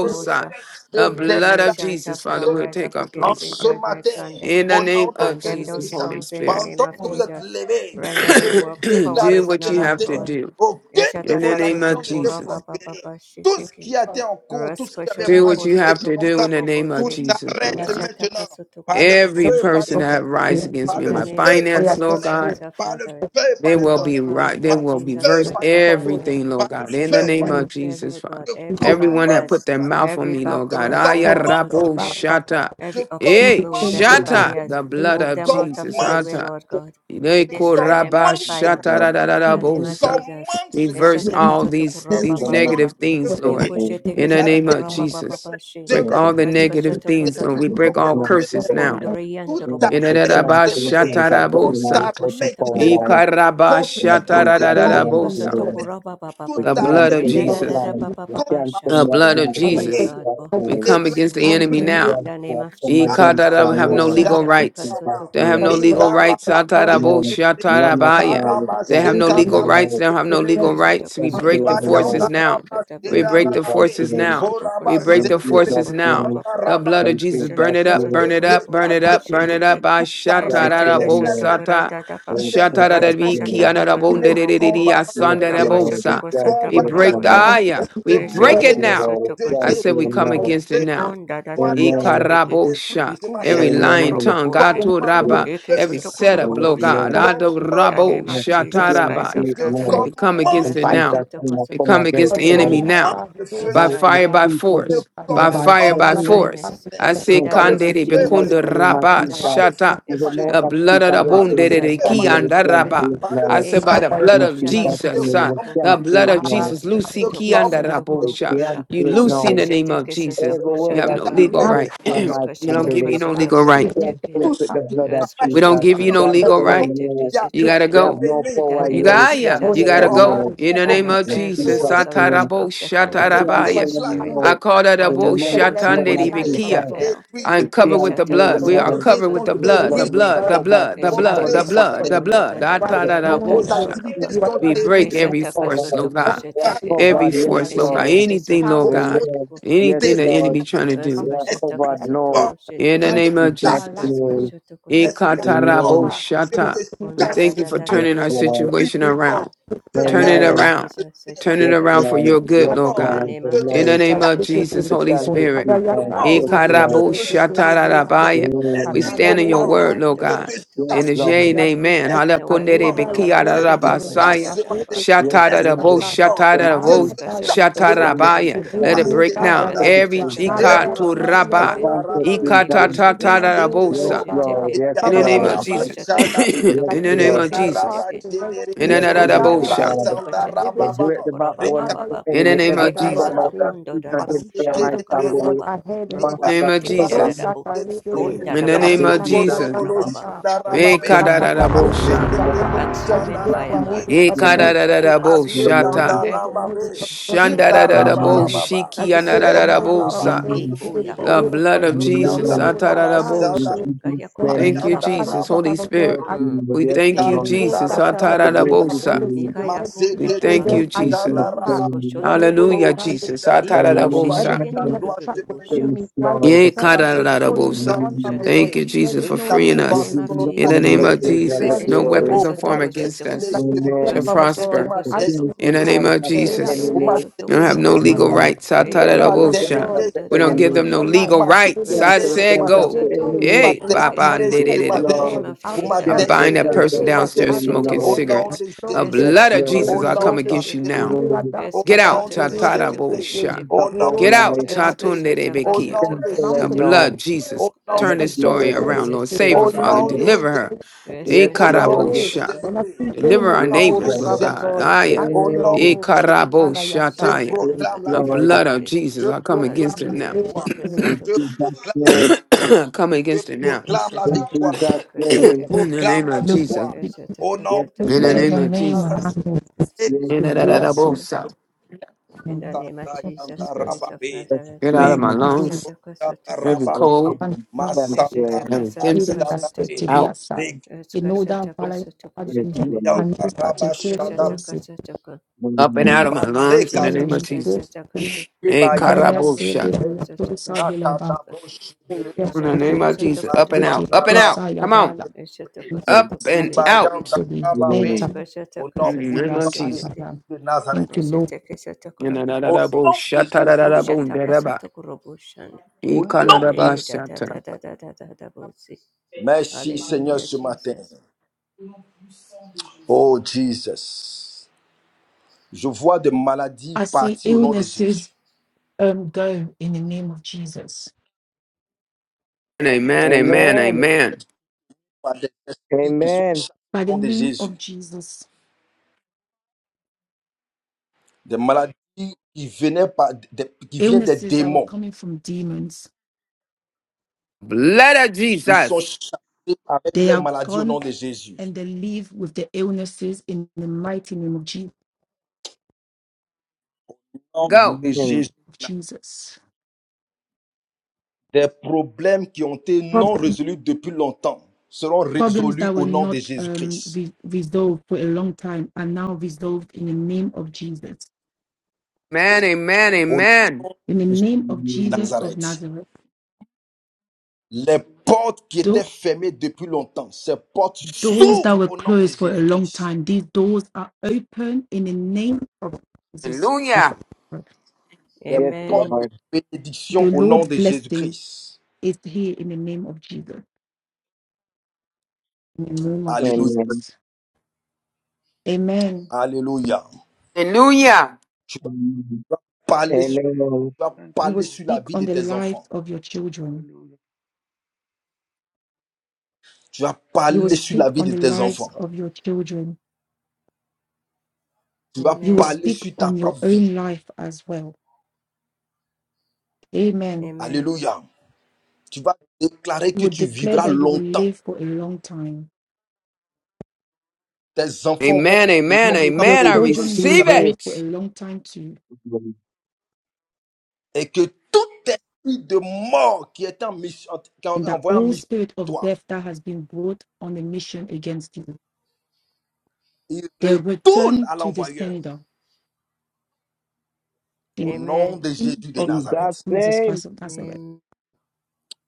[SPEAKER 1] feu. Je
[SPEAKER 4] The
[SPEAKER 6] Every
[SPEAKER 4] blood of
[SPEAKER 1] déclare
[SPEAKER 6] nations of
[SPEAKER 4] Jesus,
[SPEAKER 1] vos
[SPEAKER 6] tongue
[SPEAKER 4] Father, will
[SPEAKER 6] rise
[SPEAKER 1] œuvres
[SPEAKER 4] take
[SPEAKER 6] up
[SPEAKER 4] our
[SPEAKER 1] en
[SPEAKER 6] against
[SPEAKER 4] place,
[SPEAKER 6] me in
[SPEAKER 1] ce
[SPEAKER 4] Father.
[SPEAKER 6] judgment
[SPEAKER 1] matin,
[SPEAKER 6] condemn.
[SPEAKER 4] In the
[SPEAKER 1] au nom
[SPEAKER 4] name
[SPEAKER 1] de
[SPEAKER 4] of
[SPEAKER 6] Condemn
[SPEAKER 4] Jesus,
[SPEAKER 6] those
[SPEAKER 1] Jésus-Christ.
[SPEAKER 4] Holy
[SPEAKER 6] tongues in the
[SPEAKER 4] Spirit,
[SPEAKER 6] name
[SPEAKER 1] Pendant que
[SPEAKER 6] of
[SPEAKER 1] vous êtes
[SPEAKER 6] Jesus.
[SPEAKER 1] levés,
[SPEAKER 6] Render
[SPEAKER 1] je
[SPEAKER 6] their
[SPEAKER 1] vais
[SPEAKER 6] works
[SPEAKER 1] déclarer
[SPEAKER 4] do
[SPEAKER 6] powerless,
[SPEAKER 4] what
[SPEAKER 1] ce
[SPEAKER 6] null
[SPEAKER 4] you
[SPEAKER 6] and
[SPEAKER 4] have
[SPEAKER 2] for
[SPEAKER 1] matin,
[SPEAKER 4] to
[SPEAKER 2] God.
[SPEAKER 6] void.
[SPEAKER 4] do.
[SPEAKER 1] aucune de
[SPEAKER 4] In the
[SPEAKER 1] vos
[SPEAKER 6] Ishataka
[SPEAKER 4] name of
[SPEAKER 1] actions
[SPEAKER 6] soto
[SPEAKER 1] ne peut
[SPEAKER 4] Jesus,
[SPEAKER 6] kurapa papa
[SPEAKER 1] prospérer. Tout ce
[SPEAKER 6] shitiki.
[SPEAKER 1] qui a été en cours, tout ce
[SPEAKER 6] Rasko
[SPEAKER 1] qui avait
[SPEAKER 4] do
[SPEAKER 6] shoto
[SPEAKER 1] marché
[SPEAKER 4] what
[SPEAKER 6] ko
[SPEAKER 4] you have
[SPEAKER 1] depuis
[SPEAKER 6] soto
[SPEAKER 4] to do.
[SPEAKER 1] longtemps,
[SPEAKER 4] In the
[SPEAKER 6] kuropo
[SPEAKER 4] name of
[SPEAKER 1] tout
[SPEAKER 6] boshe.
[SPEAKER 4] Jesus,
[SPEAKER 2] We
[SPEAKER 4] Lord
[SPEAKER 2] are
[SPEAKER 1] s'arrête
[SPEAKER 4] God.
[SPEAKER 2] destroyed.
[SPEAKER 6] Ishataka
[SPEAKER 1] maintenant
[SPEAKER 6] soto
[SPEAKER 1] par le
[SPEAKER 4] Every
[SPEAKER 1] feu, par
[SPEAKER 2] We are
[SPEAKER 1] les
[SPEAKER 4] person that
[SPEAKER 1] tonnerres,
[SPEAKER 2] destroyed. We
[SPEAKER 4] rise
[SPEAKER 2] are
[SPEAKER 4] against
[SPEAKER 1] par
[SPEAKER 6] In
[SPEAKER 4] me in
[SPEAKER 1] le
[SPEAKER 6] the
[SPEAKER 4] my
[SPEAKER 2] destroyed.
[SPEAKER 6] name
[SPEAKER 1] feu,
[SPEAKER 6] of
[SPEAKER 1] par
[SPEAKER 2] We
[SPEAKER 4] finance,
[SPEAKER 1] les
[SPEAKER 2] are
[SPEAKER 4] Lord
[SPEAKER 6] Jesus
[SPEAKER 1] tonnerres,
[SPEAKER 4] God,
[SPEAKER 6] Christ
[SPEAKER 2] destroyed.
[SPEAKER 6] of
[SPEAKER 1] par le
[SPEAKER 6] Nazareth.
[SPEAKER 1] feu, par
[SPEAKER 4] they
[SPEAKER 2] We
[SPEAKER 1] les
[SPEAKER 4] will
[SPEAKER 6] Lord
[SPEAKER 4] be
[SPEAKER 1] tonnerres,
[SPEAKER 6] Father
[SPEAKER 4] right. They
[SPEAKER 1] par
[SPEAKER 6] God,
[SPEAKER 1] le
[SPEAKER 4] will be
[SPEAKER 6] Jesus
[SPEAKER 1] feu,
[SPEAKER 4] versed.
[SPEAKER 1] par
[SPEAKER 6] Christ
[SPEAKER 1] les
[SPEAKER 6] of
[SPEAKER 1] tonnerres,
[SPEAKER 6] Nazareth,
[SPEAKER 4] Everything, Lord
[SPEAKER 1] par le
[SPEAKER 4] God.
[SPEAKER 6] I
[SPEAKER 4] In
[SPEAKER 1] feu,
[SPEAKER 4] the
[SPEAKER 6] decree
[SPEAKER 1] par
[SPEAKER 4] name
[SPEAKER 1] les
[SPEAKER 6] and
[SPEAKER 4] of
[SPEAKER 1] tonnerres.
[SPEAKER 6] declare,
[SPEAKER 4] Jesus,
[SPEAKER 6] Lord
[SPEAKER 4] Father.
[SPEAKER 6] God,
[SPEAKER 1] Je
[SPEAKER 2] are
[SPEAKER 6] every
[SPEAKER 2] destroyed.
[SPEAKER 4] Everyone that
[SPEAKER 1] commande
[SPEAKER 6] barriers,
[SPEAKER 4] put
[SPEAKER 1] ce
[SPEAKER 4] their
[SPEAKER 1] matin,
[SPEAKER 4] mouth on
[SPEAKER 6] every
[SPEAKER 4] me, Lord
[SPEAKER 1] je
[SPEAKER 4] God.
[SPEAKER 6] backlogs,
[SPEAKER 2] We are
[SPEAKER 1] commande ce
[SPEAKER 4] ayarapo
[SPEAKER 1] matin.
[SPEAKER 6] Akatotoko,
[SPEAKER 2] destroyed.
[SPEAKER 4] shata.
[SPEAKER 1] Je
[SPEAKER 6] Every
[SPEAKER 2] you the
[SPEAKER 4] Hey,
[SPEAKER 6] obstacles,
[SPEAKER 1] commande
[SPEAKER 2] face
[SPEAKER 1] ce
[SPEAKER 6] every
[SPEAKER 2] of
[SPEAKER 5] So good,
[SPEAKER 4] shata.
[SPEAKER 1] matin.
[SPEAKER 6] barriers,
[SPEAKER 4] The
[SPEAKER 2] faith,
[SPEAKER 4] blood
[SPEAKER 1] Je
[SPEAKER 6] move
[SPEAKER 4] of
[SPEAKER 6] them out of
[SPEAKER 2] you
[SPEAKER 4] Jesus.
[SPEAKER 6] my
[SPEAKER 1] commande
[SPEAKER 2] the
[SPEAKER 6] way,
[SPEAKER 1] ce
[SPEAKER 6] Lord
[SPEAKER 2] the
[SPEAKER 6] God. Eh,
[SPEAKER 1] Je
[SPEAKER 4] Ileko
[SPEAKER 6] Destroy them
[SPEAKER 4] raba
[SPEAKER 6] by
[SPEAKER 1] commande ce
[SPEAKER 6] fire.
[SPEAKER 5] Lord.
[SPEAKER 1] matin.
[SPEAKER 6] In the
[SPEAKER 1] Je
[SPEAKER 6] name of
[SPEAKER 2] thinking,
[SPEAKER 4] shatarararabosa.
[SPEAKER 6] Jesus.
[SPEAKER 1] commande ce
[SPEAKER 6] Eh,
[SPEAKER 4] Reverse
[SPEAKER 2] you
[SPEAKER 1] matin.
[SPEAKER 4] all these
[SPEAKER 2] the
[SPEAKER 1] La
[SPEAKER 5] Amen.
[SPEAKER 4] these
[SPEAKER 6] ba ba
[SPEAKER 1] Destruction
[SPEAKER 5] Amen.
[SPEAKER 4] negative
[SPEAKER 6] ba.
[SPEAKER 1] des œuvres
[SPEAKER 4] things,
[SPEAKER 2] what
[SPEAKER 1] des
[SPEAKER 4] Lord.
[SPEAKER 6] Yeku
[SPEAKER 1] ténèbres.
[SPEAKER 2] you
[SPEAKER 4] In
[SPEAKER 5] Jesus.
[SPEAKER 4] the
[SPEAKER 2] have
[SPEAKER 1] La
[SPEAKER 4] name of
[SPEAKER 2] asked,
[SPEAKER 6] ba ba
[SPEAKER 1] destruction
[SPEAKER 4] Jesus.
[SPEAKER 6] ba she.
[SPEAKER 1] des œuvres
[SPEAKER 4] Break
[SPEAKER 5] Yes.
[SPEAKER 1] des
[SPEAKER 4] all
[SPEAKER 1] ténèbres.
[SPEAKER 4] the
[SPEAKER 2] you
[SPEAKER 5] Amen.
[SPEAKER 6] Resko
[SPEAKER 4] negative
[SPEAKER 2] the
[SPEAKER 6] shotoku
[SPEAKER 4] things, Lord. We
[SPEAKER 2] peace
[SPEAKER 6] sotoku
[SPEAKER 5] Jesus,
[SPEAKER 1] Destruction
[SPEAKER 4] break
[SPEAKER 1] des
[SPEAKER 6] robo
[SPEAKER 4] all
[SPEAKER 1] œuvres
[SPEAKER 6] bo
[SPEAKER 1] des
[SPEAKER 5] mighty
[SPEAKER 2] of
[SPEAKER 4] curses now.
[SPEAKER 5] God.
[SPEAKER 1] ténèbres.
[SPEAKER 2] that's
[SPEAKER 1] Toute
[SPEAKER 5] Lord,
[SPEAKER 4] In
[SPEAKER 5] we
[SPEAKER 1] armée
[SPEAKER 5] can't see
[SPEAKER 1] qui
[SPEAKER 5] the plans
[SPEAKER 1] s'élève.
[SPEAKER 5] of what you
[SPEAKER 1] Toute
[SPEAKER 5] are
[SPEAKER 4] shatarabosa.
[SPEAKER 5] putting
[SPEAKER 1] armée qui
[SPEAKER 5] for
[SPEAKER 2] not
[SPEAKER 1] s'élève.
[SPEAKER 5] our life.
[SPEAKER 4] Ikaraba
[SPEAKER 1] Contre
[SPEAKER 5] In
[SPEAKER 1] mes
[SPEAKER 5] Jesus'
[SPEAKER 1] projets,
[SPEAKER 2] very
[SPEAKER 1] contre
[SPEAKER 6] ba
[SPEAKER 5] mighty
[SPEAKER 1] mon
[SPEAKER 2] very
[SPEAKER 4] shatarararabosa.
[SPEAKER 2] close.
[SPEAKER 5] name.
[SPEAKER 1] ministère.
[SPEAKER 6] ba ba ba.
[SPEAKER 5] We
[SPEAKER 6] ba
[SPEAKER 4] The
[SPEAKER 1] Toute
[SPEAKER 2] Just
[SPEAKER 1] armée
[SPEAKER 5] can't
[SPEAKER 4] blood
[SPEAKER 5] do
[SPEAKER 4] of
[SPEAKER 6] Eh,
[SPEAKER 2] keep
[SPEAKER 6] da
[SPEAKER 1] qui
[SPEAKER 5] the
[SPEAKER 6] da
[SPEAKER 2] our
[SPEAKER 6] da
[SPEAKER 1] s'élève.
[SPEAKER 4] Jesus.
[SPEAKER 6] da
[SPEAKER 5] plan.
[SPEAKER 6] ba
[SPEAKER 2] in the
[SPEAKER 5] We
[SPEAKER 1] Contre
[SPEAKER 5] can't
[SPEAKER 1] ma
[SPEAKER 5] do
[SPEAKER 6] Edadadadabababasha.
[SPEAKER 4] The
[SPEAKER 5] the
[SPEAKER 1] famille,
[SPEAKER 4] blood of
[SPEAKER 5] plan to
[SPEAKER 1] mon
[SPEAKER 2] other
[SPEAKER 5] the
[SPEAKER 6] Hey,
[SPEAKER 2] God,
[SPEAKER 4] Jesus.
[SPEAKER 1] foyer.
[SPEAKER 6] God, bo-
[SPEAKER 2] as
[SPEAKER 4] We
[SPEAKER 6] God,
[SPEAKER 5] disaster.
[SPEAKER 4] come against
[SPEAKER 6] consume
[SPEAKER 4] the
[SPEAKER 6] them.
[SPEAKER 2] and
[SPEAKER 4] enemy
[SPEAKER 2] I
[SPEAKER 1] Déclaré
[SPEAKER 5] We
[SPEAKER 4] now.
[SPEAKER 2] know
[SPEAKER 6] In
[SPEAKER 5] can't
[SPEAKER 6] the name
[SPEAKER 5] have
[SPEAKER 6] of
[SPEAKER 5] some
[SPEAKER 1] You
[SPEAKER 5] against
[SPEAKER 6] Jesus.
[SPEAKER 5] the
[SPEAKER 4] Ikadada have no
[SPEAKER 5] law.
[SPEAKER 2] and
[SPEAKER 4] legal
[SPEAKER 5] We
[SPEAKER 4] rights.
[SPEAKER 5] can't have
[SPEAKER 4] They have
[SPEAKER 5] the
[SPEAKER 4] no
[SPEAKER 2] God bless.
[SPEAKER 4] legal
[SPEAKER 6] Raskashatakasotokorobobosha.
[SPEAKER 4] rights.
[SPEAKER 2] I have
[SPEAKER 4] Atarabo
[SPEAKER 5] law.
[SPEAKER 6] Ntetekototokodododododobosha. ba
[SPEAKER 5] No
[SPEAKER 4] shatarabaya.
[SPEAKER 5] matter we
[SPEAKER 4] They have
[SPEAKER 5] can't
[SPEAKER 2] this
[SPEAKER 4] no
[SPEAKER 5] do
[SPEAKER 4] legal
[SPEAKER 5] the
[SPEAKER 6] sha.
[SPEAKER 4] rights.
[SPEAKER 5] law.
[SPEAKER 4] They have
[SPEAKER 2] the
[SPEAKER 4] no
[SPEAKER 6] Ntetekototokototototototoshi.
[SPEAKER 4] legal
[SPEAKER 2] best
[SPEAKER 4] rights. We
[SPEAKER 2] and
[SPEAKER 4] break
[SPEAKER 5] Cancel
[SPEAKER 4] the
[SPEAKER 5] the
[SPEAKER 2] it
[SPEAKER 5] law.
[SPEAKER 4] forces
[SPEAKER 2] is
[SPEAKER 4] now.
[SPEAKER 6] Kashatokosotokototototototabo.
[SPEAKER 4] We
[SPEAKER 5] We
[SPEAKER 4] break
[SPEAKER 5] choose
[SPEAKER 4] the
[SPEAKER 5] our
[SPEAKER 4] forces
[SPEAKER 5] plan.
[SPEAKER 4] now. We break
[SPEAKER 5] We
[SPEAKER 4] the
[SPEAKER 5] choose our
[SPEAKER 4] forces
[SPEAKER 6] Ikosotokosotokosotokura ba.
[SPEAKER 4] now.
[SPEAKER 5] plan.
[SPEAKER 6] ba ba.
[SPEAKER 4] The blood of
[SPEAKER 5] We
[SPEAKER 4] Jesus,
[SPEAKER 5] choose our
[SPEAKER 4] burn it
[SPEAKER 6] Isotoko
[SPEAKER 2] not
[SPEAKER 4] up,
[SPEAKER 5] plan.
[SPEAKER 4] burn it
[SPEAKER 2] the
[SPEAKER 6] sotokoro
[SPEAKER 4] up, burn it
[SPEAKER 6] bobo
[SPEAKER 4] up,
[SPEAKER 1] declare
[SPEAKER 4] burn it
[SPEAKER 6] sheteke.
[SPEAKER 4] up.
[SPEAKER 1] toute armée
[SPEAKER 5] Cancel
[SPEAKER 1] qui se
[SPEAKER 6] Iseteke
[SPEAKER 5] the
[SPEAKER 4] Ashatarabo
[SPEAKER 1] lève
[SPEAKER 5] law.
[SPEAKER 1] contre
[SPEAKER 6] sotokora
[SPEAKER 4] sata.
[SPEAKER 1] moi,
[SPEAKER 6] dadaba.
[SPEAKER 1] qui
[SPEAKER 5] We
[SPEAKER 1] s'est levé
[SPEAKER 5] choose our
[SPEAKER 6] Ratka
[SPEAKER 1] contre
[SPEAKER 4] Shatarabiki
[SPEAKER 1] toi,
[SPEAKER 5] plan.
[SPEAKER 6] sataka
[SPEAKER 1] qui me
[SPEAKER 6] sotokoro
[SPEAKER 4] anarabondedidi
[SPEAKER 6] bobo.
[SPEAKER 1] combat dans le
[SPEAKER 5] No
[SPEAKER 1] spirituel,
[SPEAKER 6] Raka
[SPEAKER 5] law. We
[SPEAKER 1] tu
[SPEAKER 4] asandarabosa.
[SPEAKER 6] sotoko
[SPEAKER 5] can't
[SPEAKER 4] We
[SPEAKER 1] combats
[SPEAKER 5] take
[SPEAKER 6] satakara
[SPEAKER 5] the
[SPEAKER 4] break the
[SPEAKER 1] chacun.
[SPEAKER 5] law.
[SPEAKER 6] bosha.
[SPEAKER 4] ayah. We
[SPEAKER 1] Ce
[SPEAKER 5] Yes,
[SPEAKER 4] break
[SPEAKER 2] convert
[SPEAKER 5] the
[SPEAKER 1] matin,
[SPEAKER 4] it
[SPEAKER 6] Iseteke
[SPEAKER 4] now.
[SPEAKER 5] law.
[SPEAKER 1] je
[SPEAKER 6] sotoko
[SPEAKER 4] I
[SPEAKER 5] Cancel
[SPEAKER 4] said we
[SPEAKER 1] déclare
[SPEAKER 6] sheteke.
[SPEAKER 5] the
[SPEAKER 1] que
[SPEAKER 4] come
[SPEAKER 2] I
[SPEAKER 5] law.
[SPEAKER 4] against
[SPEAKER 1] tes
[SPEAKER 4] it now.
[SPEAKER 1] œuvres
[SPEAKER 6] Ikon
[SPEAKER 1] soient
[SPEAKER 6] dadadabo
[SPEAKER 1] anéanties
[SPEAKER 5] Amen.
[SPEAKER 1] et
[SPEAKER 6] sheteke.
[SPEAKER 1] détruites
[SPEAKER 4] Ikarabosha.
[SPEAKER 1] ce
[SPEAKER 6] Iku
[SPEAKER 4] Every
[SPEAKER 1] matin.
[SPEAKER 6] shata
[SPEAKER 4] lying
[SPEAKER 1] Je
[SPEAKER 5] Amen.
[SPEAKER 4] tongue,
[SPEAKER 6] korobo
[SPEAKER 4] God
[SPEAKER 6] she.
[SPEAKER 2] even
[SPEAKER 4] to
[SPEAKER 1] commande
[SPEAKER 5] Yes,
[SPEAKER 2] coming
[SPEAKER 4] Rabba,
[SPEAKER 6] Eke
[SPEAKER 1] le feu
[SPEAKER 4] every
[SPEAKER 1] ce matin.
[SPEAKER 6] sotokoro
[SPEAKER 4] setup,
[SPEAKER 6] bobo
[SPEAKER 4] Lord
[SPEAKER 1] Je
[SPEAKER 5] amen.
[SPEAKER 4] God,
[SPEAKER 6] shata.
[SPEAKER 2] back
[SPEAKER 1] commande,
[SPEAKER 4] Ado
[SPEAKER 6] The
[SPEAKER 4] Rabo
[SPEAKER 6] name of
[SPEAKER 5] was to
[SPEAKER 2] with
[SPEAKER 6] Jesus
[SPEAKER 5] strong
[SPEAKER 6] Christ
[SPEAKER 2] the
[SPEAKER 6] of
[SPEAKER 5] faith
[SPEAKER 4] Shatarabaya.
[SPEAKER 1] je
[SPEAKER 6] Nazareth.
[SPEAKER 2] in
[SPEAKER 4] We
[SPEAKER 5] love
[SPEAKER 4] come
[SPEAKER 1] commande
[SPEAKER 5] and
[SPEAKER 4] against
[SPEAKER 1] le
[SPEAKER 4] it
[SPEAKER 2] fight
[SPEAKER 5] see
[SPEAKER 1] feu.
[SPEAKER 4] now.
[SPEAKER 5] that you know
[SPEAKER 4] We
[SPEAKER 5] from
[SPEAKER 4] come
[SPEAKER 1] Je
[SPEAKER 5] against
[SPEAKER 4] against
[SPEAKER 2] for
[SPEAKER 4] the
[SPEAKER 2] the high
[SPEAKER 5] the
[SPEAKER 4] enemy
[SPEAKER 2] not
[SPEAKER 6] Raskoshatakosotokurobobushata.
[SPEAKER 4] now.
[SPEAKER 1] commande
[SPEAKER 2] God,
[SPEAKER 1] le
[SPEAKER 2] the
[SPEAKER 1] feu.
[SPEAKER 4] By
[SPEAKER 2] God,
[SPEAKER 5] about
[SPEAKER 6] Destroy
[SPEAKER 5] the
[SPEAKER 4] fire, by
[SPEAKER 2] God,
[SPEAKER 6] every
[SPEAKER 5] peace of
[SPEAKER 1] Je
[SPEAKER 6] spirit,
[SPEAKER 5] it
[SPEAKER 4] force.
[SPEAKER 2] God.
[SPEAKER 5] you know
[SPEAKER 4] By
[SPEAKER 6] scrap
[SPEAKER 5] by
[SPEAKER 2] Well,
[SPEAKER 4] fire,
[SPEAKER 6] spirit
[SPEAKER 1] commande
[SPEAKER 2] now
[SPEAKER 6] of
[SPEAKER 4] by
[SPEAKER 1] le
[SPEAKER 5] helping
[SPEAKER 2] that I
[SPEAKER 5] him
[SPEAKER 4] force.
[SPEAKER 2] can't have
[SPEAKER 6] blindness.
[SPEAKER 2] to
[SPEAKER 1] feu.
[SPEAKER 4] I
[SPEAKER 2] get
[SPEAKER 6] In
[SPEAKER 4] say
[SPEAKER 5] and
[SPEAKER 6] the
[SPEAKER 1] Par le
[SPEAKER 5] very
[SPEAKER 6] name of
[SPEAKER 4] Kandere
[SPEAKER 5] Christian and
[SPEAKER 1] feu, par
[SPEAKER 6] Jesus
[SPEAKER 5] nice
[SPEAKER 4] Bekunda
[SPEAKER 1] les
[SPEAKER 5] to
[SPEAKER 6] Christ of
[SPEAKER 5] my
[SPEAKER 4] Rabba
[SPEAKER 6] Nazareth.
[SPEAKER 1] par
[SPEAKER 5] sister
[SPEAKER 1] le feu,
[SPEAKER 2] rid
[SPEAKER 4] Shata.
[SPEAKER 5] and the
[SPEAKER 1] par les
[SPEAKER 6] Destroy,
[SPEAKER 5] more
[SPEAKER 4] The
[SPEAKER 1] tonnerres,
[SPEAKER 5] that
[SPEAKER 6] Lord
[SPEAKER 4] blood of
[SPEAKER 5] people
[SPEAKER 6] Father
[SPEAKER 4] the
[SPEAKER 5] don't
[SPEAKER 6] God,
[SPEAKER 1] par le
[SPEAKER 5] feel
[SPEAKER 1] feu,
[SPEAKER 4] Bondere
[SPEAKER 5] my
[SPEAKER 6] Jesus
[SPEAKER 1] par
[SPEAKER 6] Christ
[SPEAKER 1] les
[SPEAKER 5] family
[SPEAKER 6] of
[SPEAKER 5] we
[SPEAKER 1] tonnerres,
[SPEAKER 2] of
[SPEAKER 4] Kianda
[SPEAKER 5] can't
[SPEAKER 6] Nazareth.
[SPEAKER 5] see
[SPEAKER 4] Rabba.
[SPEAKER 5] it
[SPEAKER 1] par le
[SPEAKER 4] I
[SPEAKER 5] now
[SPEAKER 2] For
[SPEAKER 4] said,
[SPEAKER 1] feu,
[SPEAKER 4] by the
[SPEAKER 1] par les
[SPEAKER 2] the
[SPEAKER 4] blood
[SPEAKER 5] in
[SPEAKER 1] tonnerres.
[SPEAKER 4] of
[SPEAKER 5] Jesus
[SPEAKER 2] Bible
[SPEAKER 1] Je
[SPEAKER 4] Jesus,
[SPEAKER 5] name
[SPEAKER 4] son,
[SPEAKER 5] we
[SPEAKER 6] Ekayakoshatakosotoku.
[SPEAKER 4] the
[SPEAKER 5] can't
[SPEAKER 1] commande ce
[SPEAKER 5] see
[SPEAKER 4] blood
[SPEAKER 5] it
[SPEAKER 1] matin,
[SPEAKER 4] of
[SPEAKER 5] now
[SPEAKER 4] Jesus, Lucy
[SPEAKER 1] je
[SPEAKER 4] Kianda
[SPEAKER 1] commande ce
[SPEAKER 5] we
[SPEAKER 4] Rabosha.
[SPEAKER 6] Raskoshatakosotokurobosha.
[SPEAKER 5] can't
[SPEAKER 1] matin
[SPEAKER 4] You
[SPEAKER 5] see it
[SPEAKER 1] toute
[SPEAKER 4] Lucy in
[SPEAKER 5] now
[SPEAKER 4] the name of
[SPEAKER 5] every
[SPEAKER 4] Jesus. You
[SPEAKER 5] word
[SPEAKER 4] have
[SPEAKER 5] that
[SPEAKER 4] no
[SPEAKER 6] Eshetekesotokoshataka.
[SPEAKER 5] speaks
[SPEAKER 4] legal
[SPEAKER 1] l'armée de
[SPEAKER 4] right.
[SPEAKER 5] against me and my
[SPEAKER 1] Satan,
[SPEAKER 4] we don't
[SPEAKER 1] toute
[SPEAKER 4] give you
[SPEAKER 5] family
[SPEAKER 4] no
[SPEAKER 1] l'armée
[SPEAKER 4] legal
[SPEAKER 1] du
[SPEAKER 5] we
[SPEAKER 4] right.
[SPEAKER 1] diable,
[SPEAKER 5] can't
[SPEAKER 6] Raskoshatakosotokoshiteke.
[SPEAKER 5] see it
[SPEAKER 1] tous
[SPEAKER 5] with
[SPEAKER 1] ceux
[SPEAKER 5] the
[SPEAKER 1] qui
[SPEAKER 5] blood of
[SPEAKER 1] travaillent
[SPEAKER 4] We
[SPEAKER 1] pour
[SPEAKER 4] don't
[SPEAKER 5] Jesus
[SPEAKER 4] give
[SPEAKER 5] we
[SPEAKER 4] you
[SPEAKER 1] Satan,
[SPEAKER 4] no
[SPEAKER 1] pour
[SPEAKER 5] can't
[SPEAKER 1] le
[SPEAKER 4] legal
[SPEAKER 5] see it
[SPEAKER 1] compte
[SPEAKER 4] right.
[SPEAKER 1] du
[SPEAKER 5] now
[SPEAKER 1] diable,
[SPEAKER 4] You
[SPEAKER 6] Raskoshatakosotokoshitekeseteke
[SPEAKER 4] gotta
[SPEAKER 5] we
[SPEAKER 1] pour
[SPEAKER 5] have
[SPEAKER 4] go.
[SPEAKER 5] no
[SPEAKER 1] m'aimer, pour
[SPEAKER 6] the
[SPEAKER 5] power
[SPEAKER 1] me
[SPEAKER 4] You
[SPEAKER 6] name
[SPEAKER 5] here
[SPEAKER 6] of
[SPEAKER 5] we
[SPEAKER 4] got ah,
[SPEAKER 1] détruire,
[SPEAKER 4] yeah.
[SPEAKER 5] can't
[SPEAKER 6] Jesus
[SPEAKER 5] see
[SPEAKER 4] You
[SPEAKER 5] it
[SPEAKER 4] gotta
[SPEAKER 1] pour,
[SPEAKER 6] Christ.
[SPEAKER 1] en-
[SPEAKER 6] uh,
[SPEAKER 4] go.
[SPEAKER 5] now
[SPEAKER 4] In
[SPEAKER 1] pour,
[SPEAKER 4] the
[SPEAKER 1] me-
[SPEAKER 6] bind
[SPEAKER 4] name
[SPEAKER 6] up
[SPEAKER 1] pour
[SPEAKER 4] of
[SPEAKER 1] se
[SPEAKER 5] in
[SPEAKER 6] every
[SPEAKER 4] Jesus,
[SPEAKER 5] Jesus'
[SPEAKER 1] poser à
[SPEAKER 6] sorcery,
[SPEAKER 1] ma
[SPEAKER 5] name
[SPEAKER 4] Satarabo
[SPEAKER 6] witchcraft, deaf and dumb
[SPEAKER 1] Je
[SPEAKER 6] and
[SPEAKER 4] Shatarabaya.
[SPEAKER 6] blind
[SPEAKER 1] déclare que
[SPEAKER 6] spirit.
[SPEAKER 1] vous
[SPEAKER 4] I
[SPEAKER 5] ukiamshilinao
[SPEAKER 1] êtes,
[SPEAKER 4] call that a
[SPEAKER 6] Out
[SPEAKER 4] bo
[SPEAKER 6] of me,
[SPEAKER 1] vos
[SPEAKER 2] let
[SPEAKER 6] loose
[SPEAKER 2] it
[SPEAKER 6] it
[SPEAKER 2] be
[SPEAKER 6] back
[SPEAKER 4] shatandere
[SPEAKER 6] in the
[SPEAKER 2] light
[SPEAKER 1] projets
[SPEAKER 6] pit
[SPEAKER 2] of
[SPEAKER 1] sont
[SPEAKER 5] unamajiamakipa
[SPEAKER 6] of
[SPEAKER 4] bekia.
[SPEAKER 2] God,
[SPEAKER 6] hell.
[SPEAKER 1] détruits,
[SPEAKER 4] I am
[SPEAKER 2] the
[SPEAKER 4] covered
[SPEAKER 2] light
[SPEAKER 4] with
[SPEAKER 2] of
[SPEAKER 4] the
[SPEAKER 6] teke
[SPEAKER 1] Vos
[SPEAKER 4] blood. We
[SPEAKER 2] God,
[SPEAKER 4] are
[SPEAKER 5] ukiamshilinao
[SPEAKER 1] projets
[SPEAKER 4] covered with
[SPEAKER 1] sont
[SPEAKER 4] the blood, the
[SPEAKER 1] détruits
[SPEAKER 2] separated the
[SPEAKER 1] ce
[SPEAKER 4] blood,
[SPEAKER 2] birth
[SPEAKER 4] the
[SPEAKER 1] matin.
[SPEAKER 4] blood, the
[SPEAKER 1] Vos
[SPEAKER 2] light
[SPEAKER 4] blood,
[SPEAKER 1] yeux
[SPEAKER 4] the
[SPEAKER 2] of
[SPEAKER 1] sont
[SPEAKER 4] blood,
[SPEAKER 2] God.
[SPEAKER 4] the
[SPEAKER 6] teke
[SPEAKER 1] détruits.
[SPEAKER 6] da da
[SPEAKER 4] blood.
[SPEAKER 2] This is
[SPEAKER 6] da
[SPEAKER 2] why
[SPEAKER 6] da da
[SPEAKER 2] this
[SPEAKER 6] da da da
[SPEAKER 4] Atarabo
[SPEAKER 2] morning,
[SPEAKER 1] Vos
[SPEAKER 6] da pa
[SPEAKER 4] sha-
[SPEAKER 2] Lord,
[SPEAKER 6] pa
[SPEAKER 1] activités
[SPEAKER 6] pa,
[SPEAKER 2] you are
[SPEAKER 1] sont
[SPEAKER 4] We break
[SPEAKER 2] separating
[SPEAKER 1] détruites.
[SPEAKER 6] Esha
[SPEAKER 2] me
[SPEAKER 4] every
[SPEAKER 2] from
[SPEAKER 6] taka
[SPEAKER 2] God.
[SPEAKER 4] force, Lord
[SPEAKER 6] sotoko
[SPEAKER 1] Vos
[SPEAKER 4] God.
[SPEAKER 2] Everything that
[SPEAKER 1] bases
[SPEAKER 2] is
[SPEAKER 6] sheteke.
[SPEAKER 1] sont
[SPEAKER 2] lost
[SPEAKER 4] Every
[SPEAKER 5] Covered,
[SPEAKER 1] détruites.
[SPEAKER 2] in
[SPEAKER 5] yes,
[SPEAKER 2] my
[SPEAKER 4] force,
[SPEAKER 2] life,
[SPEAKER 4] Lord
[SPEAKER 6] Esha
[SPEAKER 4] God.
[SPEAKER 5] Lord.
[SPEAKER 6] teke
[SPEAKER 1] ce matin.
[SPEAKER 4] Anything,
[SPEAKER 2] power
[SPEAKER 4] Lord
[SPEAKER 6] sotoko
[SPEAKER 1] Vos
[SPEAKER 2] of the
[SPEAKER 4] God.
[SPEAKER 1] projets
[SPEAKER 5] Amen.
[SPEAKER 6] sotoko.
[SPEAKER 1] sont
[SPEAKER 5] Yes,
[SPEAKER 4] Anything the
[SPEAKER 2] enemy,
[SPEAKER 1] détruits
[SPEAKER 5] Lord.
[SPEAKER 4] enemy
[SPEAKER 1] ce
[SPEAKER 4] trying to
[SPEAKER 1] matin.
[SPEAKER 2] from
[SPEAKER 5] We
[SPEAKER 4] do.
[SPEAKER 6] Esko
[SPEAKER 5] are
[SPEAKER 1] Esprit
[SPEAKER 6] shataka
[SPEAKER 5] covered
[SPEAKER 1] de
[SPEAKER 2] every
[SPEAKER 5] now.
[SPEAKER 6] sotoko
[SPEAKER 2] thought
[SPEAKER 1] mort,
[SPEAKER 2] that is
[SPEAKER 4] In
[SPEAKER 1] je
[SPEAKER 4] the
[SPEAKER 2] right
[SPEAKER 6] sheteke.
[SPEAKER 5] In
[SPEAKER 1] te
[SPEAKER 4] name of
[SPEAKER 2] in
[SPEAKER 5] Jesus'
[SPEAKER 1] chasse.
[SPEAKER 2] my
[SPEAKER 4] Jesus.
[SPEAKER 2] life,
[SPEAKER 6] Esko
[SPEAKER 2] Lord,
[SPEAKER 5] name.
[SPEAKER 6] sotoko
[SPEAKER 2] put it
[SPEAKER 1] Esprit
[SPEAKER 2] back
[SPEAKER 6] sataka
[SPEAKER 1] de
[SPEAKER 6] ra
[SPEAKER 2] by
[SPEAKER 6] pa
[SPEAKER 2] your
[SPEAKER 6] pa,
[SPEAKER 4] Ikatarabo
[SPEAKER 1] mort,
[SPEAKER 5] Amen.
[SPEAKER 2] power.
[SPEAKER 1] je
[SPEAKER 4] shata.
[SPEAKER 1] te
[SPEAKER 4] We
[SPEAKER 6] kunda
[SPEAKER 1] chasse
[SPEAKER 6] da
[SPEAKER 4] thank
[SPEAKER 1] ce
[SPEAKER 4] you
[SPEAKER 6] da
[SPEAKER 4] for
[SPEAKER 6] da
[SPEAKER 1] matin.
[SPEAKER 6] da
[SPEAKER 5] Yes,
[SPEAKER 4] turning
[SPEAKER 6] da
[SPEAKER 4] our
[SPEAKER 6] da pa pa
[SPEAKER 5] Lord.
[SPEAKER 1] Esprit
[SPEAKER 4] situation
[SPEAKER 1] de
[SPEAKER 6] Kundadadadadadadapapapasheteke.
[SPEAKER 4] around.
[SPEAKER 1] mort, je
[SPEAKER 6] The
[SPEAKER 1] te
[SPEAKER 4] Turn it
[SPEAKER 6] name
[SPEAKER 2] Yagaya
[SPEAKER 6] of
[SPEAKER 1] chasse
[SPEAKER 5] Amen.
[SPEAKER 4] around.
[SPEAKER 1] ce
[SPEAKER 6] Jesus,
[SPEAKER 1] matin.
[SPEAKER 4] Turn it
[SPEAKER 5] Yes,
[SPEAKER 1] Je,
[SPEAKER 4] around for
[SPEAKER 5] Lord.
[SPEAKER 4] your
[SPEAKER 6] Shishatakasotoko.
[SPEAKER 1] esprit de
[SPEAKER 4] good,
[SPEAKER 5] Yes,
[SPEAKER 4] Lord
[SPEAKER 1] mort,
[SPEAKER 6] The
[SPEAKER 4] God.
[SPEAKER 5] Lord.
[SPEAKER 6] name of
[SPEAKER 1] je te
[SPEAKER 4] In the
[SPEAKER 5] Amen.
[SPEAKER 4] name
[SPEAKER 6] Jesus,
[SPEAKER 1] chasse
[SPEAKER 4] of
[SPEAKER 1] ce
[SPEAKER 4] Jesus,
[SPEAKER 2] Sakiri,
[SPEAKER 5] We
[SPEAKER 1] matin
[SPEAKER 4] Holy
[SPEAKER 5] thank you,
[SPEAKER 6] Shishatakasotoko.
[SPEAKER 4] Spirit.
[SPEAKER 2] Onadaya
[SPEAKER 1] de
[SPEAKER 5] Jesus.
[SPEAKER 1] mort,
[SPEAKER 5] Yes,
[SPEAKER 2] Sadiri,
[SPEAKER 1] je
[SPEAKER 5] Lord.
[SPEAKER 4] Ikarabo
[SPEAKER 1] te
[SPEAKER 2] Yasaki
[SPEAKER 1] chasse
[SPEAKER 2] Kiribu
[SPEAKER 6] Raskashotakasotoko,
[SPEAKER 1] ce matin.
[SPEAKER 2] Sati,
[SPEAKER 6] Baba.
[SPEAKER 4] shatarabaya. We
[SPEAKER 5] Amen.
[SPEAKER 1] Esprit de
[SPEAKER 4] stand in
[SPEAKER 2] Kanadalia
[SPEAKER 4] your
[SPEAKER 1] mort,
[SPEAKER 4] word,
[SPEAKER 2] Sati,
[SPEAKER 4] Lord
[SPEAKER 1] je te
[SPEAKER 4] God.
[SPEAKER 5] Yes,
[SPEAKER 4] In
[SPEAKER 6] Koshatakasotokosotoko,
[SPEAKER 1] chasse
[SPEAKER 4] his
[SPEAKER 1] ce
[SPEAKER 4] yea
[SPEAKER 5] Lord.
[SPEAKER 4] and
[SPEAKER 1] matin.
[SPEAKER 2] ya
[SPEAKER 6] Shataka.
[SPEAKER 4] amen.
[SPEAKER 2] dice,
[SPEAKER 6] No
[SPEAKER 1] Esprit de
[SPEAKER 4] Halakundere
[SPEAKER 6] weapon,
[SPEAKER 5] Yes,
[SPEAKER 2] ayuda a
[SPEAKER 1] mort,
[SPEAKER 6] no
[SPEAKER 2] la
[SPEAKER 1] je
[SPEAKER 6] weapon
[SPEAKER 2] suerte
[SPEAKER 1] te
[SPEAKER 2] que
[SPEAKER 5] Lord,
[SPEAKER 2] viene
[SPEAKER 6] formed
[SPEAKER 2] de
[SPEAKER 6] against
[SPEAKER 1] chasse
[SPEAKER 4] bekiarabasaya.
[SPEAKER 2] la
[SPEAKER 6] us
[SPEAKER 1] ce
[SPEAKER 6] shall
[SPEAKER 1] matin.
[SPEAKER 2] suerte
[SPEAKER 6] prosper in
[SPEAKER 5] yes,
[SPEAKER 6] the
[SPEAKER 2] que ya
[SPEAKER 6] name of
[SPEAKER 5] Lord, yes,
[SPEAKER 2] está
[SPEAKER 1] Esprit
[SPEAKER 4] Shatarabo
[SPEAKER 1] de
[SPEAKER 6] Jesus.
[SPEAKER 2] plata,
[SPEAKER 1] mort,
[SPEAKER 2] a
[SPEAKER 1] je
[SPEAKER 4] shatarabo
[SPEAKER 2] la
[SPEAKER 1] te
[SPEAKER 2] talla,
[SPEAKER 1] chasse ce matin.
[SPEAKER 6] Raskashotakasotoko,
[SPEAKER 4] shatarabaya.
[SPEAKER 2] que
[SPEAKER 4] Let
[SPEAKER 6] Shataka.
[SPEAKER 2] digan
[SPEAKER 4] it
[SPEAKER 1] Masse
[SPEAKER 4] break
[SPEAKER 2] esa
[SPEAKER 4] now.
[SPEAKER 2] talla,
[SPEAKER 4] Every
[SPEAKER 1] kadaraba,
[SPEAKER 2] nada la
[SPEAKER 6] Raskashotakasotoko,
[SPEAKER 1] seburaba,
[SPEAKER 2] tibia
[SPEAKER 4] chikaturaba.
[SPEAKER 6] Shataka.
[SPEAKER 2] suerte
[SPEAKER 1] sandarababe.
[SPEAKER 2] que,
[SPEAKER 6] Eko
[SPEAKER 2] que no
[SPEAKER 6] Shataka,
[SPEAKER 2] digan
[SPEAKER 1] Reke de
[SPEAKER 2] esa
[SPEAKER 1] bro,
[SPEAKER 4] Ikatatatarabosa.
[SPEAKER 2] ya talla.
[SPEAKER 6] Sotoko,
[SPEAKER 4] In the
[SPEAKER 2] Father
[SPEAKER 4] name
[SPEAKER 2] God,
[SPEAKER 4] of
[SPEAKER 2] you
[SPEAKER 1] liandaraba,
[SPEAKER 2] pray
[SPEAKER 4] Jesus.
[SPEAKER 2] before me,
[SPEAKER 6] Raskashataka
[SPEAKER 1] shadabe.
[SPEAKER 2] like
[SPEAKER 4] In
[SPEAKER 6] sotoko
[SPEAKER 4] the
[SPEAKER 2] you
[SPEAKER 1] Le
[SPEAKER 4] name
[SPEAKER 5] Lord,
[SPEAKER 2] did
[SPEAKER 4] of
[SPEAKER 6] sheteke
[SPEAKER 2] when you
[SPEAKER 1] karaba,
[SPEAKER 4] Jesus.
[SPEAKER 2] parted
[SPEAKER 6] seteke.
[SPEAKER 2] the Red
[SPEAKER 1] chedere
[SPEAKER 2] Sea,
[SPEAKER 4] In
[SPEAKER 1] de
[SPEAKER 4] the
[SPEAKER 5] yes,
[SPEAKER 4] name of
[SPEAKER 1] bro.
[SPEAKER 2] the
[SPEAKER 5] Lord,
[SPEAKER 4] Jesus.
[SPEAKER 5] to
[SPEAKER 2] dire
[SPEAKER 6] Raskashataka
[SPEAKER 2] soul,
[SPEAKER 5] God.
[SPEAKER 6] sotoko
[SPEAKER 1] Rasanda
[SPEAKER 5] They
[SPEAKER 6] sheteke
[SPEAKER 1] rababa,
[SPEAKER 5] break the
[SPEAKER 6] sotoko rababa
[SPEAKER 5] backbone of
[SPEAKER 2] another
[SPEAKER 5] the
[SPEAKER 2] your
[SPEAKER 6] baba.
[SPEAKER 4] In the
[SPEAKER 5] enemy,
[SPEAKER 2] father,
[SPEAKER 4] name
[SPEAKER 5] every
[SPEAKER 2] the
[SPEAKER 4] of
[SPEAKER 6] Eka
[SPEAKER 4] Jesus.
[SPEAKER 5] evil
[SPEAKER 2] dire
[SPEAKER 5] mouth
[SPEAKER 1] Shadarababe,
[SPEAKER 5] that
[SPEAKER 2] say.
[SPEAKER 6] sotoko ndo
[SPEAKER 5] speaks
[SPEAKER 6] dadabu
[SPEAKER 5] against their life,
[SPEAKER 2] Angels,
[SPEAKER 6] shataka
[SPEAKER 2] Father God,
[SPEAKER 5] family,
[SPEAKER 1] Masekeberebo,
[SPEAKER 6] rababa.
[SPEAKER 2] ahead and
[SPEAKER 6] Roku
[SPEAKER 5] Father
[SPEAKER 4] Name
[SPEAKER 5] God,
[SPEAKER 4] of
[SPEAKER 6] sheteke
[SPEAKER 5] stop the
[SPEAKER 2] Rido
[SPEAKER 4] Jesus.
[SPEAKER 5] mouth
[SPEAKER 6] dadadabu.
[SPEAKER 5] of
[SPEAKER 2] Sata
[SPEAKER 1] Libayandarababe,
[SPEAKER 5] the
[SPEAKER 2] Lido
[SPEAKER 5] enemy.
[SPEAKER 6] Konda
[SPEAKER 4] In the
[SPEAKER 2] Division,
[SPEAKER 4] name
[SPEAKER 5] in
[SPEAKER 6] rabayaku
[SPEAKER 4] of
[SPEAKER 2] Canada
[SPEAKER 5] Jesus'
[SPEAKER 6] shataka
[SPEAKER 4] Jesus.
[SPEAKER 1] Rasokodorolo
[SPEAKER 2] Sata,
[SPEAKER 5] name,
[SPEAKER 6] rababa.
[SPEAKER 4] Eh,
[SPEAKER 5] stop
[SPEAKER 1] Shindarababe,
[SPEAKER 5] the
[SPEAKER 2] Sata
[SPEAKER 5] mouth
[SPEAKER 6] Raskashatoko
[SPEAKER 5] of
[SPEAKER 2] Sata
[SPEAKER 5] the enemy,
[SPEAKER 6] robosi.
[SPEAKER 4] kadadadabosha.
[SPEAKER 5] Lord,
[SPEAKER 1] Masekedebro
[SPEAKER 2] Boleta, as you
[SPEAKER 6] Consuming
[SPEAKER 5] in
[SPEAKER 2] did for
[SPEAKER 6] fire,
[SPEAKER 5] Jesus'
[SPEAKER 1] Shandarababe,
[SPEAKER 6] God.
[SPEAKER 2] Moses,
[SPEAKER 4] Eh,
[SPEAKER 2] Father
[SPEAKER 6] Consuming
[SPEAKER 2] God,
[SPEAKER 5] name,
[SPEAKER 6] fire. Consume
[SPEAKER 2] as you
[SPEAKER 4] kadadadadaboshata.
[SPEAKER 5] Amen.
[SPEAKER 2] did for
[SPEAKER 6] every
[SPEAKER 1] Maseyandarababe,
[SPEAKER 6] works
[SPEAKER 2] Moses,
[SPEAKER 6] of
[SPEAKER 2] Father God,
[SPEAKER 6] darkness in
[SPEAKER 2] you
[SPEAKER 6] the
[SPEAKER 2] do it
[SPEAKER 6] name
[SPEAKER 2] for
[SPEAKER 6] of
[SPEAKER 2] my
[SPEAKER 6] Jesus.
[SPEAKER 5] Amen.
[SPEAKER 2] family,
[SPEAKER 1] Kindarabababa,
[SPEAKER 2] as
[SPEAKER 4] Shandadadadaboshiki
[SPEAKER 2] you did
[SPEAKER 6] Consume
[SPEAKER 2] for
[SPEAKER 6] them
[SPEAKER 2] Moses,
[SPEAKER 6] now.
[SPEAKER 2] Father
[SPEAKER 4] anadadadabosa.
[SPEAKER 2] God,
[SPEAKER 5] Amen.
[SPEAKER 6] Eke
[SPEAKER 2] you do it for
[SPEAKER 1] Rekarabashedebro,
[SPEAKER 6] koyaka.
[SPEAKER 4] The
[SPEAKER 2] all of
[SPEAKER 4] blood
[SPEAKER 2] us.
[SPEAKER 4] of
[SPEAKER 6] Roku
[SPEAKER 2] The
[SPEAKER 4] Jesus.
[SPEAKER 5] Amen.
[SPEAKER 6] shetoko
[SPEAKER 2] Rido Sata
[SPEAKER 6] robosa.
[SPEAKER 5] In
[SPEAKER 1] Layandarabashada,
[SPEAKER 4] Atadadabosa.
[SPEAKER 2] Lido,
[SPEAKER 5] Jesus'
[SPEAKER 2] when
[SPEAKER 6] Kayakonda
[SPEAKER 4] Thank
[SPEAKER 5] name,
[SPEAKER 2] people
[SPEAKER 4] you,
[SPEAKER 2] are
[SPEAKER 6] rababa.
[SPEAKER 4] Jesus.
[SPEAKER 2] panicking,
[SPEAKER 4] Holy
[SPEAKER 2] Father God,
[SPEAKER 5] bless
[SPEAKER 4] Spirit.
[SPEAKER 1] Mayandarabashedebro,
[SPEAKER 2] as
[SPEAKER 5] you,
[SPEAKER 6] Mm.
[SPEAKER 5] but
[SPEAKER 4] We
[SPEAKER 5] yes,
[SPEAKER 4] thank you,
[SPEAKER 6] Eh,
[SPEAKER 5] Lord.
[SPEAKER 2] Rido
[SPEAKER 4] Jesus.
[SPEAKER 6] kashataka
[SPEAKER 2] Sata
[SPEAKER 5] For bless
[SPEAKER 2] Lido,
[SPEAKER 6] totoko.
[SPEAKER 5] you,
[SPEAKER 1] Rikayandarabashadabre,
[SPEAKER 2] when
[SPEAKER 4] Atadadabosa.
[SPEAKER 2] they see
[SPEAKER 5] Lord.
[SPEAKER 2] the
[SPEAKER 6] Ikaya
[SPEAKER 2] red sea
[SPEAKER 4] We
[SPEAKER 6] kunda
[SPEAKER 2] before
[SPEAKER 6] raba.
[SPEAKER 4] thank
[SPEAKER 5] For
[SPEAKER 1] Masekedebro
[SPEAKER 4] you,
[SPEAKER 2] them, I
[SPEAKER 5] keep
[SPEAKER 2] see
[SPEAKER 4] Jesus.
[SPEAKER 5] us
[SPEAKER 2] the path.
[SPEAKER 1] Shadarababe,
[SPEAKER 6] Rosko
[SPEAKER 5] going.
[SPEAKER 2] They hear
[SPEAKER 6] shotoko
[SPEAKER 4] Hallelujah,
[SPEAKER 1] Oh
[SPEAKER 6] robo.
[SPEAKER 1] Jesus,
[SPEAKER 2] the
[SPEAKER 4] Jesus.
[SPEAKER 6] Iko
[SPEAKER 2] God.
[SPEAKER 1] voyons
[SPEAKER 4] Atadadabosa.
[SPEAKER 1] ta
[SPEAKER 6] sheteken
[SPEAKER 2] Everything
[SPEAKER 5] Amen.
[SPEAKER 2] that the
[SPEAKER 1] gloire
[SPEAKER 2] trap
[SPEAKER 1] se
[SPEAKER 2] the
[SPEAKER 6] dodododobusha.
[SPEAKER 2] enemy
[SPEAKER 1] manifester
[SPEAKER 5] Praise
[SPEAKER 2] tries
[SPEAKER 4] Yea,
[SPEAKER 5] Lord.
[SPEAKER 1] et
[SPEAKER 2] to
[SPEAKER 1] ta
[SPEAKER 6] Resko shotoko
[SPEAKER 2] corner me
[SPEAKER 4] kadadadabosa.
[SPEAKER 1] toute-puissance
[SPEAKER 6] sotoko
[SPEAKER 2] on,
[SPEAKER 1] se
[SPEAKER 5] Amen.
[SPEAKER 2] Father God,
[SPEAKER 4] Thank
[SPEAKER 1] lever
[SPEAKER 6] shataka.
[SPEAKER 4] you,
[SPEAKER 2] there
[SPEAKER 4] Jesus,
[SPEAKER 2] is
[SPEAKER 1] et
[SPEAKER 4] for
[SPEAKER 2] no
[SPEAKER 1] ta
[SPEAKER 6] In
[SPEAKER 4] freeing
[SPEAKER 6] the
[SPEAKER 2] corner
[SPEAKER 5] We
[SPEAKER 1] force
[SPEAKER 6] name
[SPEAKER 2] with
[SPEAKER 1] et
[SPEAKER 4] us.
[SPEAKER 5] give
[SPEAKER 6] of
[SPEAKER 1] ton
[SPEAKER 5] him the
[SPEAKER 2] you.
[SPEAKER 4] In
[SPEAKER 5] honor
[SPEAKER 4] the
[SPEAKER 6] Jesus
[SPEAKER 5] and
[SPEAKER 2] They
[SPEAKER 4] name
[SPEAKER 5] the
[SPEAKER 1] autorité
[SPEAKER 2] look
[SPEAKER 4] of
[SPEAKER 6] Christ.
[SPEAKER 1] se
[SPEAKER 2] at
[SPEAKER 5] praise
[SPEAKER 2] the
[SPEAKER 5] and
[SPEAKER 1] lever.
[SPEAKER 2] prayer
[SPEAKER 5] the
[SPEAKER 4] Jesus,
[SPEAKER 2] of
[SPEAKER 4] no
[SPEAKER 2] the day
[SPEAKER 6] Eshataka
[SPEAKER 5] glory.
[SPEAKER 1] Oh,
[SPEAKER 4] weapons are
[SPEAKER 1] pour
[SPEAKER 2] when
[SPEAKER 1] ma
[SPEAKER 4] formed
[SPEAKER 2] the
[SPEAKER 6] sotoko
[SPEAKER 2] first
[SPEAKER 4] against
[SPEAKER 2] seems
[SPEAKER 6] shotoko.
[SPEAKER 1] destinée
[SPEAKER 4] us
[SPEAKER 2] like it's
[SPEAKER 1] ce
[SPEAKER 2] dead,
[SPEAKER 1] matin,
[SPEAKER 4] shall
[SPEAKER 5] Amen.
[SPEAKER 6] Resko
[SPEAKER 2] Father God.
[SPEAKER 1] pour
[SPEAKER 4] prosper.
[SPEAKER 6] shotoko
[SPEAKER 1] ma
[SPEAKER 5] The
[SPEAKER 2] I see
[SPEAKER 5] king
[SPEAKER 2] the
[SPEAKER 4] In
[SPEAKER 6] sotoko.
[SPEAKER 4] the
[SPEAKER 5] should
[SPEAKER 1] destinée
[SPEAKER 2] past,
[SPEAKER 1] ce
[SPEAKER 4] name
[SPEAKER 5] plans
[SPEAKER 4] of
[SPEAKER 5] of
[SPEAKER 2] the
[SPEAKER 6] In
[SPEAKER 1] matin,
[SPEAKER 5] the
[SPEAKER 2] day
[SPEAKER 6] the
[SPEAKER 2] that
[SPEAKER 6] name
[SPEAKER 4] Jesus,
[SPEAKER 2] those
[SPEAKER 1] pour
[SPEAKER 6] of
[SPEAKER 1] ma
[SPEAKER 2] that
[SPEAKER 5] enemy.
[SPEAKER 4] we don't
[SPEAKER 6] sotoko
[SPEAKER 2] is,
[SPEAKER 4] have no
[SPEAKER 1] destinée
[SPEAKER 6] robaba.
[SPEAKER 1] ce
[SPEAKER 2] when
[SPEAKER 4] legal
[SPEAKER 5] Amen.
[SPEAKER 1] matin,
[SPEAKER 4] rights.
[SPEAKER 5] We
[SPEAKER 2] everything is
[SPEAKER 1] pour
[SPEAKER 5] Cancel
[SPEAKER 1] ma
[SPEAKER 6] Eken
[SPEAKER 2] dark,
[SPEAKER 5] the
[SPEAKER 2] Father
[SPEAKER 5] plans
[SPEAKER 4] Atadadabosha.
[SPEAKER 5] of
[SPEAKER 2] God,
[SPEAKER 1] destinée
[SPEAKER 5] the
[SPEAKER 1] ce
[SPEAKER 4] We
[SPEAKER 2] I
[SPEAKER 4] don't give
[SPEAKER 1] matin,
[SPEAKER 5] enemy.
[SPEAKER 2] see
[SPEAKER 4] them no
[SPEAKER 2] your
[SPEAKER 6] dodododododobusha.
[SPEAKER 2] light.
[SPEAKER 1] pour
[SPEAKER 4] legal
[SPEAKER 1] ma
[SPEAKER 5] We
[SPEAKER 2] They
[SPEAKER 4] rights.
[SPEAKER 2] did,
[SPEAKER 5] Cancel
[SPEAKER 4] I
[SPEAKER 2] they
[SPEAKER 6] Resko
[SPEAKER 1] destinée
[SPEAKER 5] the
[SPEAKER 2] did,
[SPEAKER 1] ce
[SPEAKER 2] they
[SPEAKER 4] said
[SPEAKER 5] plans
[SPEAKER 6] shataka
[SPEAKER 1] matin,
[SPEAKER 2] did,
[SPEAKER 5] of
[SPEAKER 4] go.
[SPEAKER 5] the
[SPEAKER 2] they
[SPEAKER 6] sotoko
[SPEAKER 1] pour ma
[SPEAKER 5] enemy.
[SPEAKER 4] Yay,
[SPEAKER 2] The light
[SPEAKER 4] Baba
[SPEAKER 6] sheteke.
[SPEAKER 2] that
[SPEAKER 4] and
[SPEAKER 1] destinée
[SPEAKER 5] Yes,
[SPEAKER 1] ce
[SPEAKER 2] reflects,
[SPEAKER 6] In
[SPEAKER 2] Father
[SPEAKER 6] the
[SPEAKER 1] matin,
[SPEAKER 4] dededadabosha.
[SPEAKER 6] name
[SPEAKER 5] Lord.
[SPEAKER 2] God,
[SPEAKER 6] of
[SPEAKER 2] out
[SPEAKER 1] pour
[SPEAKER 5] We
[SPEAKER 2] of
[SPEAKER 1] ma
[SPEAKER 4] I
[SPEAKER 6] Jesus,
[SPEAKER 5] Cancel
[SPEAKER 2] us,
[SPEAKER 5] the
[SPEAKER 4] bind
[SPEAKER 2] they
[SPEAKER 4] that
[SPEAKER 1] destinée
[SPEAKER 5] plans
[SPEAKER 2] did,
[SPEAKER 6] Eshataka
[SPEAKER 2] they
[SPEAKER 4] person
[SPEAKER 5] of
[SPEAKER 1] ce
[SPEAKER 5] the
[SPEAKER 1] matin,
[SPEAKER 6] sotoko
[SPEAKER 5] enemy,
[SPEAKER 4] downstairs
[SPEAKER 2] out of my
[SPEAKER 4] smoking
[SPEAKER 1] au
[SPEAKER 5] Lord.
[SPEAKER 6] sheteke.
[SPEAKER 2] belly,
[SPEAKER 1] nom
[SPEAKER 4] cigarettes.
[SPEAKER 1] de
[SPEAKER 2] flow
[SPEAKER 4] The
[SPEAKER 5] Yes,
[SPEAKER 1] Jésus-Christ,
[SPEAKER 4] blood
[SPEAKER 2] of
[SPEAKER 4] of Jesus,
[SPEAKER 1] au
[SPEAKER 5] Lord.
[SPEAKER 2] living
[SPEAKER 4] I
[SPEAKER 1] nom
[SPEAKER 4] come
[SPEAKER 1] de
[SPEAKER 2] water.
[SPEAKER 4] against you
[SPEAKER 6] Eskaşatakasataka,
[SPEAKER 4] now.
[SPEAKER 1] Jésus-Christ.
[SPEAKER 2] Mira das,
[SPEAKER 1] Au
[SPEAKER 2] ta,
[SPEAKER 4] Get
[SPEAKER 2] ta,
[SPEAKER 1] nom
[SPEAKER 4] out,
[SPEAKER 2] te,
[SPEAKER 1] de
[SPEAKER 2] re,
[SPEAKER 4] Tatara
[SPEAKER 2] do, se,
[SPEAKER 1] Jésus-Christ.
[SPEAKER 2] te.
[SPEAKER 4] Bosha.
[SPEAKER 5] the
[SPEAKER 6] eskaşatakasatakasataka,
[SPEAKER 1] Au nom
[SPEAKER 5] full
[SPEAKER 4] Get
[SPEAKER 1] de
[SPEAKER 5] life.
[SPEAKER 4] out,
[SPEAKER 2] Redodayasa,
[SPEAKER 1] Jésus-Christ.
[SPEAKER 4] Tatunde
[SPEAKER 1] Au
[SPEAKER 5] We
[SPEAKER 4] Rebekia.
[SPEAKER 1] nom de
[SPEAKER 5] Cancel
[SPEAKER 1] Jésus.
[SPEAKER 4] The
[SPEAKER 5] them
[SPEAKER 2] mountain be
[SPEAKER 6] eskaşatakasatakasataka,
[SPEAKER 5] now.
[SPEAKER 4] blood,
[SPEAKER 2] split.
[SPEAKER 4] Jesus.
[SPEAKER 1] Au nom
[SPEAKER 5] Yes,
[SPEAKER 4] Turn
[SPEAKER 1] de
[SPEAKER 2] I
[SPEAKER 4] this
[SPEAKER 2] see a
[SPEAKER 4] story
[SPEAKER 5] Lord.
[SPEAKER 2] place.
[SPEAKER 4] around,
[SPEAKER 1] Jésus-Christ.
[SPEAKER 4] Lord. Save her,
[SPEAKER 1] Au
[SPEAKER 2] Redosa,
[SPEAKER 4] Father.
[SPEAKER 1] nom de
[SPEAKER 6] eskaşatakasatakasataka,
[SPEAKER 4] Deliver
[SPEAKER 1] Jésus.
[SPEAKER 4] her.
[SPEAKER 2] redosa,
[SPEAKER 5] Yes,
[SPEAKER 1] Au nom
[SPEAKER 5] Lord.
[SPEAKER 1] de
[SPEAKER 2] redosa.
[SPEAKER 4] Ikarabosha.
[SPEAKER 2] When I
[SPEAKER 6] eskaşatakasataka,
[SPEAKER 1] Jésus-Christ.
[SPEAKER 2] see
[SPEAKER 4] Deliver
[SPEAKER 5] Yes, Lord.
[SPEAKER 2] illness
[SPEAKER 4] our
[SPEAKER 1] Au
[SPEAKER 5] Yes,
[SPEAKER 1] nom
[SPEAKER 2] before
[SPEAKER 1] de
[SPEAKER 2] me,
[SPEAKER 4] neighbors, Lord
[SPEAKER 5] Lord.
[SPEAKER 2] Father
[SPEAKER 4] God.
[SPEAKER 2] God,
[SPEAKER 1] Jésus-Christ.
[SPEAKER 2] I
[SPEAKER 4] Aya.
[SPEAKER 2] see
[SPEAKER 1] Au
[SPEAKER 2] your
[SPEAKER 6] koşatakasatakasataka,
[SPEAKER 1] nom
[SPEAKER 5] Oh,
[SPEAKER 1] de
[SPEAKER 2] glory.
[SPEAKER 1] Jésus-Christ. Je
[SPEAKER 2] Alayasa,
[SPEAKER 4] Ikaraboshataya.
[SPEAKER 5] Yes,
[SPEAKER 1] proclame la
[SPEAKER 4] The
[SPEAKER 5] Lord.
[SPEAKER 4] blood
[SPEAKER 1] victoire.
[SPEAKER 4] of
[SPEAKER 6] okaşandadadadabushi.
[SPEAKER 4] Jesus.
[SPEAKER 1] Je
[SPEAKER 4] I come
[SPEAKER 1] proclame
[SPEAKER 4] against it
[SPEAKER 1] la
[SPEAKER 4] now.
[SPEAKER 6] Hallelujah,
[SPEAKER 1] victoire.
[SPEAKER 5] In
[SPEAKER 1] Je
[SPEAKER 6] chikasataka,
[SPEAKER 5] Jesus'
[SPEAKER 1] proclame la
[SPEAKER 5] name.
[SPEAKER 1] victoire.
[SPEAKER 4] I come
[SPEAKER 1] Je
[SPEAKER 4] against it now.
[SPEAKER 1] proclame la
[SPEAKER 5] In Jesus'
[SPEAKER 1] victoire. Je
[SPEAKER 5] name.
[SPEAKER 6] eşatakasatakasataka,
[SPEAKER 4] In the
[SPEAKER 1] proclame
[SPEAKER 4] name
[SPEAKER 1] la
[SPEAKER 4] of
[SPEAKER 2] Look,
[SPEAKER 4] Jesus.
[SPEAKER 1] victoire. Au nom
[SPEAKER 5] Yes,
[SPEAKER 1] de
[SPEAKER 4] In the
[SPEAKER 2] is
[SPEAKER 5] Lord.
[SPEAKER 4] name
[SPEAKER 2] your
[SPEAKER 4] of
[SPEAKER 6] eşatakasatakasataka,
[SPEAKER 2] name,
[SPEAKER 1] Jésus-Christ de Nazareth.
[SPEAKER 4] Jesus.
[SPEAKER 2] Hallelujah.
[SPEAKER 5] Yes, Lord.
[SPEAKER 2] Redodayasota.
[SPEAKER 4] Ikarabosha.
[SPEAKER 6] eskaşatakasataka.
[SPEAKER 2] In
[SPEAKER 6] In
[SPEAKER 2] the
[SPEAKER 6] the
[SPEAKER 2] name
[SPEAKER 6] name of
[SPEAKER 1] Masanda
[SPEAKER 2] of
[SPEAKER 1] yanda
[SPEAKER 6] Jesus
[SPEAKER 2] Jesus,
[SPEAKER 6] Christ of
[SPEAKER 1] rababe.
[SPEAKER 5] Yes,
[SPEAKER 6] Nazareth.
[SPEAKER 4] Get out
[SPEAKER 5] please,
[SPEAKER 2] all
[SPEAKER 4] of
[SPEAKER 1] Reke
[SPEAKER 2] the
[SPEAKER 4] my
[SPEAKER 5] Lord.
[SPEAKER 1] de
[SPEAKER 2] glory
[SPEAKER 4] lungs.
[SPEAKER 6] Eshataka
[SPEAKER 1] bosha da
[SPEAKER 6] sataka
[SPEAKER 4] Every
[SPEAKER 2] is
[SPEAKER 5] Oh,
[SPEAKER 1] rababe.
[SPEAKER 6] shataka.
[SPEAKER 4] cold,
[SPEAKER 2] and not
[SPEAKER 5] Cancel
[SPEAKER 1] Masanda
[SPEAKER 5] them.
[SPEAKER 6] Eshataka
[SPEAKER 4] every
[SPEAKER 2] feel the
[SPEAKER 6] sataka
[SPEAKER 4] symptom,
[SPEAKER 1] rabasha da
[SPEAKER 2] casket
[SPEAKER 6] sataka.
[SPEAKER 2] to be
[SPEAKER 1] re.
[SPEAKER 2] a
[SPEAKER 4] out.
[SPEAKER 2] sat.
[SPEAKER 1] Reke
[SPEAKER 2] You know that,
[SPEAKER 1] do
[SPEAKER 6] Eskashataka
[SPEAKER 2] Father, I
[SPEAKER 6] sataka
[SPEAKER 5] Yes,
[SPEAKER 6] shataka.
[SPEAKER 5] Lord.
[SPEAKER 2] know
[SPEAKER 1] yanda
[SPEAKER 2] that to
[SPEAKER 1] rabasha
[SPEAKER 2] carry
[SPEAKER 1] da.
[SPEAKER 2] those
[SPEAKER 6] Eskashataka sataka.
[SPEAKER 4] up and
[SPEAKER 6] In
[SPEAKER 4] out of
[SPEAKER 6] the
[SPEAKER 4] my
[SPEAKER 6] name of
[SPEAKER 4] lungs in
[SPEAKER 2] Thank
[SPEAKER 1] Maseka
[SPEAKER 4] the
[SPEAKER 1] da
[SPEAKER 4] name
[SPEAKER 6] Jesus
[SPEAKER 4] of
[SPEAKER 2] you,
[SPEAKER 6] Christ,
[SPEAKER 2] Lord.
[SPEAKER 4] Jesus.
[SPEAKER 6] sataka shataka.
[SPEAKER 4] Eh,
[SPEAKER 1] reba
[SPEAKER 2] I
[SPEAKER 1] yanda
[SPEAKER 2] see
[SPEAKER 4] karabosha.
[SPEAKER 1] re.
[SPEAKER 6] Kushataka sataka
[SPEAKER 1] Raka da
[SPEAKER 6] dataka.
[SPEAKER 1] broshi de
[SPEAKER 4] In the
[SPEAKER 1] reko.
[SPEAKER 4] name
[SPEAKER 6] Eshataka
[SPEAKER 4] of Jesus.
[SPEAKER 6] sataka
[SPEAKER 4] Up and out.
[SPEAKER 1] Masanda
[SPEAKER 4] Up and
[SPEAKER 6] dataka.
[SPEAKER 4] out.
[SPEAKER 1] rababe.
[SPEAKER 4] Come on.
[SPEAKER 6] Eshataka
[SPEAKER 4] Up
[SPEAKER 6] sataka
[SPEAKER 4] and
[SPEAKER 1] Reba
[SPEAKER 6] shataka.
[SPEAKER 1] yanda
[SPEAKER 4] out.
[SPEAKER 1] rababe. Au
[SPEAKER 6] Eskashataka
[SPEAKER 1] nom
[SPEAKER 4] In the name
[SPEAKER 6] sataka
[SPEAKER 4] of
[SPEAKER 1] puissant de
[SPEAKER 4] Jesus.
[SPEAKER 6] shataka.
[SPEAKER 1] Jésus de Nazareth.
[SPEAKER 6] Eshataka sataka
[SPEAKER 4] In the da- da-
[SPEAKER 1] Au
[SPEAKER 4] da-
[SPEAKER 6] rodabosi.
[SPEAKER 4] bo-
[SPEAKER 1] nom de
[SPEAKER 4] sha- ta- da-
[SPEAKER 1] Jésus
[SPEAKER 4] da-
[SPEAKER 1] de
[SPEAKER 4] da-
[SPEAKER 1] Nazareth.
[SPEAKER 4] boom, da-
[SPEAKER 6] Kushataka
[SPEAKER 4] da- ba.
[SPEAKER 6] sataka robushanda.
[SPEAKER 4] Eh,
[SPEAKER 1] Au
[SPEAKER 4] kana-
[SPEAKER 1] nom
[SPEAKER 4] da-
[SPEAKER 1] de
[SPEAKER 4] ba-
[SPEAKER 6] E
[SPEAKER 1] Jésus.
[SPEAKER 6] da
[SPEAKER 4] sha-
[SPEAKER 6] da
[SPEAKER 4] ta.
[SPEAKER 6] da da da da da da
[SPEAKER 1] Merci Seigneur
[SPEAKER 6] Hallelujah,
[SPEAKER 1] ce matin.
[SPEAKER 6] Jesus.
[SPEAKER 1] Oh Jesus. Je vois des maladies parties au nom de
[SPEAKER 2] illnesses
[SPEAKER 1] Jésus.
[SPEAKER 2] um, go in the name of Jesus.
[SPEAKER 4] Amen,
[SPEAKER 1] Des,
[SPEAKER 4] amen,
[SPEAKER 5] Amen. Oh,
[SPEAKER 4] amen.
[SPEAKER 1] maladies des esprits qui sont
[SPEAKER 5] Amen.
[SPEAKER 1] chassés
[SPEAKER 2] By
[SPEAKER 1] au
[SPEAKER 2] the
[SPEAKER 1] nom de
[SPEAKER 2] name of
[SPEAKER 1] Jésus.
[SPEAKER 2] Jesus,
[SPEAKER 1] Des maladies qui, venaient par, des- qui viennent des
[SPEAKER 2] illnesses that were
[SPEAKER 1] démons.
[SPEAKER 2] coming from demons,
[SPEAKER 4] Blood of
[SPEAKER 1] Ils sont
[SPEAKER 4] Jesus.
[SPEAKER 1] chassés avec
[SPEAKER 2] they
[SPEAKER 1] les
[SPEAKER 2] are
[SPEAKER 1] maladies au nom
[SPEAKER 2] gone
[SPEAKER 1] de Jésus.
[SPEAKER 2] and they leave with the illnesses in the mighty name of Je-
[SPEAKER 1] Au nom
[SPEAKER 4] Go.
[SPEAKER 5] Yes,
[SPEAKER 1] de
[SPEAKER 5] Lord. Amen. Amen.
[SPEAKER 1] Jésus.
[SPEAKER 2] of Jesus.
[SPEAKER 1] Des problèmes qui ont été non résolus depuis longtemps seront
[SPEAKER 2] problems
[SPEAKER 1] résolus
[SPEAKER 2] that were
[SPEAKER 1] au nom de
[SPEAKER 2] not um,
[SPEAKER 1] Jésus-Christ.
[SPEAKER 2] re- resolved for a long time are now resolved in the name of Jesus.
[SPEAKER 4] Amen, amen,
[SPEAKER 1] Au nom
[SPEAKER 4] amen.
[SPEAKER 2] In the
[SPEAKER 1] de Jésus
[SPEAKER 2] name of
[SPEAKER 1] de
[SPEAKER 5] Amen.
[SPEAKER 2] Jesus of
[SPEAKER 1] Nazareth.
[SPEAKER 2] Nazareth,
[SPEAKER 1] Les portes qui
[SPEAKER 2] Do-
[SPEAKER 1] étaient fermées depuis longtemps, ces portes
[SPEAKER 2] doors that
[SPEAKER 1] s'ouvrent
[SPEAKER 2] were
[SPEAKER 1] au nom de
[SPEAKER 2] closed for a long
[SPEAKER 1] Jésus-Christ.
[SPEAKER 2] time, these doors are open in the name of Jesus.
[SPEAKER 4] Hallelujah.
[SPEAKER 2] Christ.
[SPEAKER 1] Les
[SPEAKER 5] Yes,
[SPEAKER 1] portes
[SPEAKER 6] Amen.
[SPEAKER 5] Lord.
[SPEAKER 1] de bénédiction
[SPEAKER 2] The
[SPEAKER 6] Amen.
[SPEAKER 1] au nom
[SPEAKER 2] Lord's
[SPEAKER 1] de
[SPEAKER 2] blessing
[SPEAKER 1] Jésus-Christ.
[SPEAKER 2] is here in the name of Jesus. In the name of
[SPEAKER 1] Alléluia.
[SPEAKER 5] Amen.
[SPEAKER 2] Jesus. Amen.
[SPEAKER 1] Alléluia.
[SPEAKER 4] Hallelujah.
[SPEAKER 1] Tu vas
[SPEAKER 5] Amen.
[SPEAKER 7] Thank
[SPEAKER 1] parler sur,
[SPEAKER 7] you, Jesus.
[SPEAKER 5] Amen.
[SPEAKER 1] tu vas
[SPEAKER 7] Thank you,
[SPEAKER 2] You will
[SPEAKER 1] parler
[SPEAKER 7] Lord.
[SPEAKER 1] sur la
[SPEAKER 2] speak
[SPEAKER 1] vie
[SPEAKER 2] on
[SPEAKER 1] de
[SPEAKER 2] the
[SPEAKER 1] tes
[SPEAKER 2] lives
[SPEAKER 1] enfants.
[SPEAKER 2] of your children.
[SPEAKER 7] Hallelujah.
[SPEAKER 1] Tu vas
[SPEAKER 2] You will
[SPEAKER 1] parler sur la
[SPEAKER 2] speak
[SPEAKER 1] vie
[SPEAKER 2] on
[SPEAKER 1] de
[SPEAKER 2] the
[SPEAKER 1] tes
[SPEAKER 2] lives
[SPEAKER 1] enfants.
[SPEAKER 2] of your children.
[SPEAKER 1] Tu vas
[SPEAKER 2] You will
[SPEAKER 1] parler
[SPEAKER 6] Amen.
[SPEAKER 2] speak
[SPEAKER 1] sur ta
[SPEAKER 2] on your
[SPEAKER 1] propre vie.
[SPEAKER 2] own life as well Amen.
[SPEAKER 6] Amen.
[SPEAKER 1] Alléluia. Tu vas déclarer
[SPEAKER 2] You
[SPEAKER 1] que
[SPEAKER 2] will
[SPEAKER 1] tu
[SPEAKER 2] declare
[SPEAKER 1] vivras
[SPEAKER 2] that you will
[SPEAKER 1] longtemps.
[SPEAKER 2] live for a long time.
[SPEAKER 1] Tes enfants vont
[SPEAKER 4] Amen,
[SPEAKER 1] vivre
[SPEAKER 4] amen,
[SPEAKER 1] longtemps
[SPEAKER 2] Your
[SPEAKER 1] et
[SPEAKER 4] amen. I
[SPEAKER 1] vont
[SPEAKER 5] And the
[SPEAKER 2] children
[SPEAKER 1] réussir
[SPEAKER 5] two
[SPEAKER 1] dans
[SPEAKER 2] will
[SPEAKER 4] receive
[SPEAKER 1] la vie.
[SPEAKER 5] ways.
[SPEAKER 2] live
[SPEAKER 4] it.
[SPEAKER 2] for a long time too.
[SPEAKER 5] Lord.
[SPEAKER 1] et que tout esprit de mort qui est en mission, qui
[SPEAKER 2] And
[SPEAKER 1] est
[SPEAKER 2] that
[SPEAKER 1] envoyé en
[SPEAKER 2] old
[SPEAKER 1] mission
[SPEAKER 2] spirit
[SPEAKER 1] sur
[SPEAKER 2] of
[SPEAKER 1] toi,
[SPEAKER 2] death that has been brought on a mission against you,
[SPEAKER 1] il
[SPEAKER 2] they
[SPEAKER 1] retourne
[SPEAKER 2] return
[SPEAKER 1] à
[SPEAKER 2] to the
[SPEAKER 1] l'envoyeur
[SPEAKER 2] sender in
[SPEAKER 1] au nom
[SPEAKER 6] Amen.
[SPEAKER 1] de
[SPEAKER 2] the name
[SPEAKER 1] Jésus de
[SPEAKER 2] of
[SPEAKER 5] Jesus'
[SPEAKER 1] Nazareth.
[SPEAKER 2] Jesus
[SPEAKER 5] name.
[SPEAKER 2] Christ of Nazareth.
[SPEAKER 6] Amen.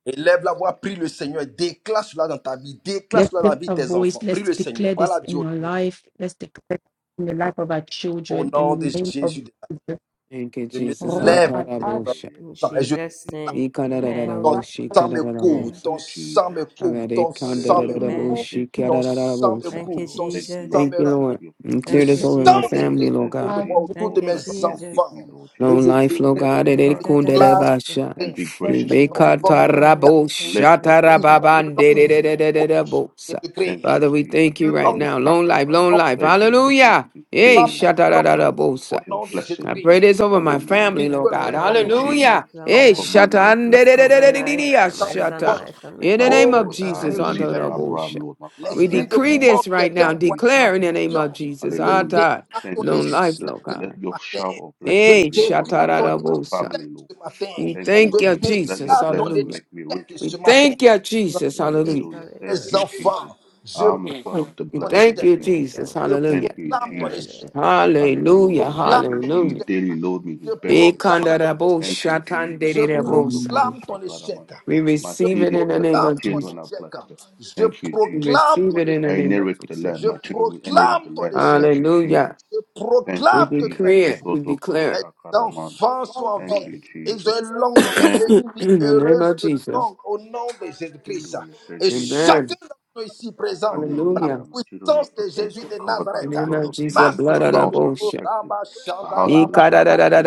[SPEAKER 1] Élève la voix, prie le Seigneur, déclare cela dans ta vie, déclare
[SPEAKER 2] Let's
[SPEAKER 1] cela dans la
[SPEAKER 2] lift
[SPEAKER 1] vie de
[SPEAKER 2] a
[SPEAKER 1] tes
[SPEAKER 2] voice.
[SPEAKER 1] enfants. Prie
[SPEAKER 2] Let's
[SPEAKER 1] le Seigneur,
[SPEAKER 2] declare
[SPEAKER 1] parle
[SPEAKER 2] this
[SPEAKER 1] à Dieu
[SPEAKER 2] in
[SPEAKER 1] au
[SPEAKER 2] your
[SPEAKER 1] nom de,
[SPEAKER 2] life. Let's declare it in the life of our
[SPEAKER 1] au
[SPEAKER 2] children
[SPEAKER 1] nom de
[SPEAKER 2] in the name of
[SPEAKER 1] Jésus de
[SPEAKER 2] Jesus.
[SPEAKER 4] Thank you,
[SPEAKER 1] Nazareth. Je me
[SPEAKER 4] Jesus.
[SPEAKER 2] Lord,
[SPEAKER 1] lève,
[SPEAKER 2] I ask
[SPEAKER 7] Hallelujah.
[SPEAKER 6] In
[SPEAKER 1] Seigneur, et
[SPEAKER 7] Thank
[SPEAKER 1] je,
[SPEAKER 7] you,
[SPEAKER 6] Jesus'
[SPEAKER 7] Jesus.
[SPEAKER 6] name.
[SPEAKER 7] Yes,
[SPEAKER 2] you
[SPEAKER 7] Lord.
[SPEAKER 2] to
[SPEAKER 6] Amen.
[SPEAKER 1] ton
[SPEAKER 2] arise.
[SPEAKER 4] Ikarararaboshi
[SPEAKER 1] sang me
[SPEAKER 7] Hallelujah. Thank
[SPEAKER 1] couvre,
[SPEAKER 6] Amen.
[SPEAKER 4] karararabosa.
[SPEAKER 1] ton
[SPEAKER 7] you,
[SPEAKER 1] sang
[SPEAKER 7] Jesus.
[SPEAKER 1] me couvre,
[SPEAKER 4] Agare
[SPEAKER 1] ton sang me
[SPEAKER 7] Hallelujah.
[SPEAKER 1] couvre.
[SPEAKER 7] I
[SPEAKER 6] Amen.
[SPEAKER 2] Lord,
[SPEAKER 7] receive
[SPEAKER 4] kandarararaboshi
[SPEAKER 7] your,
[SPEAKER 1] Ton
[SPEAKER 7] your
[SPEAKER 1] sang me
[SPEAKER 4] karararabosa.
[SPEAKER 6] Thank
[SPEAKER 7] blessing,
[SPEAKER 6] you,
[SPEAKER 1] couvre,
[SPEAKER 7] Lord.
[SPEAKER 1] ton
[SPEAKER 7] Thank you,
[SPEAKER 1] sang
[SPEAKER 6] Jesus.
[SPEAKER 7] Lord.
[SPEAKER 1] me
[SPEAKER 4] Thank you,
[SPEAKER 7] Thank
[SPEAKER 1] remplit.
[SPEAKER 4] Lord.
[SPEAKER 7] you for your
[SPEAKER 4] And
[SPEAKER 1] Le
[SPEAKER 4] clear
[SPEAKER 6] Thank
[SPEAKER 4] this
[SPEAKER 6] you,
[SPEAKER 7] favor,
[SPEAKER 4] over
[SPEAKER 7] Lord.
[SPEAKER 4] my
[SPEAKER 1] sang de
[SPEAKER 6] Jesus.
[SPEAKER 4] family,
[SPEAKER 1] Christ
[SPEAKER 4] Lord
[SPEAKER 7] Thank
[SPEAKER 1] autour
[SPEAKER 7] you,
[SPEAKER 1] de
[SPEAKER 4] God.
[SPEAKER 2] I
[SPEAKER 1] moi,
[SPEAKER 7] Jesus.
[SPEAKER 1] autour de
[SPEAKER 7] Lord,
[SPEAKER 6] Thank you,
[SPEAKER 7] bless
[SPEAKER 1] mes
[SPEAKER 7] me and
[SPEAKER 6] Jesus.
[SPEAKER 7] keep me,
[SPEAKER 1] enfants.
[SPEAKER 7] Lord
[SPEAKER 1] Et
[SPEAKER 7] Jesus.
[SPEAKER 4] Long
[SPEAKER 1] je
[SPEAKER 7] Make
[SPEAKER 4] life,
[SPEAKER 7] your
[SPEAKER 4] Lord
[SPEAKER 7] face
[SPEAKER 1] décrète,
[SPEAKER 7] to
[SPEAKER 4] God.
[SPEAKER 1] et
[SPEAKER 4] Ere
[SPEAKER 1] je
[SPEAKER 7] shine upon me
[SPEAKER 1] déclare ce
[SPEAKER 6] The
[SPEAKER 4] kundarabasha.
[SPEAKER 7] and
[SPEAKER 1] matin,
[SPEAKER 7] be
[SPEAKER 2] declare
[SPEAKER 7] gracious
[SPEAKER 1] mes
[SPEAKER 7] unto me,
[SPEAKER 1] enfants,
[SPEAKER 7] Lord.
[SPEAKER 6] weapon
[SPEAKER 7] Let,
[SPEAKER 6] formed against us
[SPEAKER 4] Ibekatarabosha
[SPEAKER 7] lift up your
[SPEAKER 6] prosper.
[SPEAKER 1] ils ont une
[SPEAKER 7] countenance
[SPEAKER 1] longue
[SPEAKER 7] upon
[SPEAKER 1] vie
[SPEAKER 7] me, Lord
[SPEAKER 1] au
[SPEAKER 7] Jesus.
[SPEAKER 1] nom de
[SPEAKER 4] tarababanderererererebosa.
[SPEAKER 7] Thank
[SPEAKER 1] Jésus-Christ.
[SPEAKER 4] Father,
[SPEAKER 7] you,
[SPEAKER 4] we
[SPEAKER 1] Ils
[SPEAKER 7] Jesus.
[SPEAKER 4] thank
[SPEAKER 1] ont
[SPEAKER 4] you
[SPEAKER 7] Let me
[SPEAKER 4] right
[SPEAKER 1] une
[SPEAKER 7] be
[SPEAKER 4] now. Long life,
[SPEAKER 7] satisfied
[SPEAKER 1] longue
[SPEAKER 4] long
[SPEAKER 7] with
[SPEAKER 1] vie, une
[SPEAKER 4] life.
[SPEAKER 7] favor, Lord Jesus,
[SPEAKER 4] Hallelujah.
[SPEAKER 7] and
[SPEAKER 1] longue
[SPEAKER 7] fill
[SPEAKER 4] Hey,
[SPEAKER 1] femme,
[SPEAKER 7] me, Lord
[SPEAKER 1] une
[SPEAKER 6] You
[SPEAKER 1] longue
[SPEAKER 7] Jesus,
[SPEAKER 1] vie
[SPEAKER 6] See.
[SPEAKER 1] au
[SPEAKER 4] shatararabosa.
[SPEAKER 7] with your
[SPEAKER 1] nom de
[SPEAKER 4] I
[SPEAKER 7] blessing.
[SPEAKER 1] Jésus-Christ.
[SPEAKER 4] pray this
[SPEAKER 1] Mes
[SPEAKER 4] over my
[SPEAKER 1] enfants
[SPEAKER 7] Hallelujah.
[SPEAKER 4] family, Lord
[SPEAKER 6] Thank
[SPEAKER 1] spirituels,
[SPEAKER 6] you,
[SPEAKER 1] une
[SPEAKER 4] God.
[SPEAKER 7] Thank
[SPEAKER 6] Lord. I
[SPEAKER 7] you,
[SPEAKER 1] longue vie
[SPEAKER 6] receive
[SPEAKER 7] Jesus.
[SPEAKER 4] Hallelujah.
[SPEAKER 6] long
[SPEAKER 1] au nom
[SPEAKER 4] Hey,
[SPEAKER 1] de
[SPEAKER 6] life
[SPEAKER 1] Jésus-Christ.
[SPEAKER 7] Command your
[SPEAKER 4] shatan.
[SPEAKER 6] for
[SPEAKER 7] blessing upon
[SPEAKER 6] my
[SPEAKER 7] my
[SPEAKER 6] life,
[SPEAKER 7] life,
[SPEAKER 4] de-de-de-de-de-de-de-de-ya,
[SPEAKER 6] for
[SPEAKER 7] Lord
[SPEAKER 6] my son
[SPEAKER 4] Shatan.
[SPEAKER 7] Jesus.
[SPEAKER 6] life, and my
[SPEAKER 4] In the
[SPEAKER 6] God,
[SPEAKER 4] name of
[SPEAKER 6] and
[SPEAKER 7] Hallelujah.
[SPEAKER 6] my
[SPEAKER 7] I am
[SPEAKER 4] Jesus,
[SPEAKER 6] life,
[SPEAKER 7] the
[SPEAKER 1] Oh,
[SPEAKER 7] seed
[SPEAKER 4] unto
[SPEAKER 7] of
[SPEAKER 4] the
[SPEAKER 6] Jesus.
[SPEAKER 7] Abraham,
[SPEAKER 4] bullshit.
[SPEAKER 7] Lord. My
[SPEAKER 4] We
[SPEAKER 7] family is
[SPEAKER 1] L'esprit
[SPEAKER 6] Jesus'
[SPEAKER 1] de
[SPEAKER 7] blessed.
[SPEAKER 4] decree
[SPEAKER 6] name.
[SPEAKER 1] mort
[SPEAKER 4] this
[SPEAKER 1] qui
[SPEAKER 4] right
[SPEAKER 1] était
[SPEAKER 4] now.
[SPEAKER 7] Thank you,
[SPEAKER 1] envoyé en
[SPEAKER 4] Declare in
[SPEAKER 7] Jesus.
[SPEAKER 4] the name of
[SPEAKER 1] mission,
[SPEAKER 4] Jesus.
[SPEAKER 1] je
[SPEAKER 7] Hallelujah.
[SPEAKER 4] Atai.
[SPEAKER 1] déclare
[SPEAKER 7] Thank
[SPEAKER 1] ton
[SPEAKER 7] you,
[SPEAKER 4] Long
[SPEAKER 7] Jesus.
[SPEAKER 1] échec
[SPEAKER 4] life,
[SPEAKER 7] Let,
[SPEAKER 4] Lord
[SPEAKER 7] let
[SPEAKER 4] God.
[SPEAKER 1] ce
[SPEAKER 7] your shower
[SPEAKER 1] matin.
[SPEAKER 7] of
[SPEAKER 1] Je
[SPEAKER 7] blessing
[SPEAKER 4] Hey,
[SPEAKER 7] be upon
[SPEAKER 2] that
[SPEAKER 7] my
[SPEAKER 1] déclare ton
[SPEAKER 7] life and my
[SPEAKER 4] shatarabosa.
[SPEAKER 7] family,
[SPEAKER 1] échec
[SPEAKER 7] Lord.
[SPEAKER 1] ce matin.
[SPEAKER 4] We
[SPEAKER 7] Thank you,
[SPEAKER 1] Je
[SPEAKER 4] thank you,
[SPEAKER 5] Amen.
[SPEAKER 7] Jesus. Let
[SPEAKER 4] Jesus.
[SPEAKER 7] your
[SPEAKER 1] déclare ton
[SPEAKER 7] blessing
[SPEAKER 4] Hallelujah.
[SPEAKER 7] make me rich,
[SPEAKER 1] échec
[SPEAKER 4] We
[SPEAKER 1] ce
[SPEAKER 7] Lord
[SPEAKER 1] matin.
[SPEAKER 7] Jesus.
[SPEAKER 4] thank you, Jesus.
[SPEAKER 6] Jesus,
[SPEAKER 4] Hallelujah.
[SPEAKER 7] Hallelujah. Thank
[SPEAKER 1] Les
[SPEAKER 7] you,
[SPEAKER 6] hallelujah.
[SPEAKER 7] Jesus.
[SPEAKER 1] enfants, je
[SPEAKER 7] I'm a son of the
[SPEAKER 1] proclame
[SPEAKER 4] We
[SPEAKER 1] ton
[SPEAKER 7] blessed
[SPEAKER 4] thank
[SPEAKER 7] Lord
[SPEAKER 1] échec.
[SPEAKER 4] you,
[SPEAKER 7] Jesus.
[SPEAKER 6] Amen.
[SPEAKER 4] Jesus.
[SPEAKER 6] Thank
[SPEAKER 1] Je
[SPEAKER 6] you,
[SPEAKER 7] Thank
[SPEAKER 4] Hallelujah.
[SPEAKER 6] Jesus.
[SPEAKER 7] you,
[SPEAKER 1] proclame ton
[SPEAKER 7] Jesus.
[SPEAKER 1] échec.
[SPEAKER 6] Hallelujah.
[SPEAKER 1] Je
[SPEAKER 7] Hallelujah.
[SPEAKER 4] Hallelujah.
[SPEAKER 7] Thank you.
[SPEAKER 1] proclame
[SPEAKER 6] Amen.
[SPEAKER 1] ton
[SPEAKER 7] You
[SPEAKER 4] Hallelujah.
[SPEAKER 1] échec.
[SPEAKER 7] daily load me
[SPEAKER 1] Je
[SPEAKER 7] with
[SPEAKER 1] proclame
[SPEAKER 7] benefits, Lord.
[SPEAKER 1] ton échec.
[SPEAKER 4] Ikandarabo
[SPEAKER 7] Thank you, Jesus.
[SPEAKER 1] Je
[SPEAKER 4] shatan
[SPEAKER 1] proclame ton
[SPEAKER 7] Ebrotokoroshakaramanda.
[SPEAKER 1] échec.
[SPEAKER 4] We
[SPEAKER 7] My
[SPEAKER 1] Je
[SPEAKER 4] receive
[SPEAKER 7] seed
[SPEAKER 4] it
[SPEAKER 7] is
[SPEAKER 4] in the
[SPEAKER 7] blessed.
[SPEAKER 4] name
[SPEAKER 7] My
[SPEAKER 1] proclame
[SPEAKER 4] of
[SPEAKER 1] ton
[SPEAKER 7] children are
[SPEAKER 4] Jesus.
[SPEAKER 1] échec.
[SPEAKER 7] blessed.
[SPEAKER 1] Je
[SPEAKER 7] Thank you,
[SPEAKER 4] We
[SPEAKER 7] Jesus.
[SPEAKER 1] proclame
[SPEAKER 4] receive
[SPEAKER 1] ton
[SPEAKER 4] it in
[SPEAKER 1] échec.
[SPEAKER 4] the
[SPEAKER 7] I
[SPEAKER 4] name of
[SPEAKER 7] inherit the
[SPEAKER 4] Jesus.
[SPEAKER 7] land.
[SPEAKER 1] Je
[SPEAKER 7] My children will inherit the
[SPEAKER 1] proclame ton
[SPEAKER 7] land.
[SPEAKER 1] échec.
[SPEAKER 7] Thank you, Jesus.
[SPEAKER 4] Hallelujah.
[SPEAKER 1] Je
[SPEAKER 7] Thank
[SPEAKER 4] We
[SPEAKER 7] you,
[SPEAKER 1] proclame que tu
[SPEAKER 7] Jesus.
[SPEAKER 1] as
[SPEAKER 4] decree it.
[SPEAKER 1] échoué.
[SPEAKER 4] We
[SPEAKER 1] Mes
[SPEAKER 4] declare
[SPEAKER 7] Ebrotokoroshakaramanda.
[SPEAKER 1] enfants sont en
[SPEAKER 7] Thank
[SPEAKER 1] vie.
[SPEAKER 7] you,
[SPEAKER 1] Ils ont
[SPEAKER 7] Jesus.
[SPEAKER 1] une longue vie
[SPEAKER 7] Thank
[SPEAKER 1] et
[SPEAKER 4] it.
[SPEAKER 1] une vie
[SPEAKER 4] in the name
[SPEAKER 1] heureuse
[SPEAKER 4] of
[SPEAKER 1] et
[SPEAKER 4] Jesus.
[SPEAKER 1] longue au nom de Jésus-Christ.
[SPEAKER 7] Hallelujah.
[SPEAKER 1] Et
[SPEAKER 7] Thank you,
[SPEAKER 4] Amen.
[SPEAKER 1] chacun
[SPEAKER 7] Jesus.
[SPEAKER 1] d'entre nous ici présent, par la
[SPEAKER 4] Hallelujah.
[SPEAKER 7] Hallelujah. My children are
[SPEAKER 1] puissance de Jésus
[SPEAKER 7] protected,
[SPEAKER 1] de
[SPEAKER 7] covered by
[SPEAKER 4] In
[SPEAKER 7] the
[SPEAKER 4] the
[SPEAKER 1] Nazareth,
[SPEAKER 4] name
[SPEAKER 7] blood
[SPEAKER 4] of
[SPEAKER 7] of
[SPEAKER 4] Jesus.
[SPEAKER 7] Jesus.
[SPEAKER 1] masse de
[SPEAKER 7] My
[SPEAKER 4] Blood of the
[SPEAKER 7] house
[SPEAKER 1] Dieu,
[SPEAKER 7] is
[SPEAKER 4] bullshit.
[SPEAKER 7] protected.
[SPEAKER 1] Rabba
[SPEAKER 7] My
[SPEAKER 1] Shanda
[SPEAKER 7] household
[SPEAKER 1] Rabba
[SPEAKER 7] is
[SPEAKER 1] Rabba,
[SPEAKER 7] protected.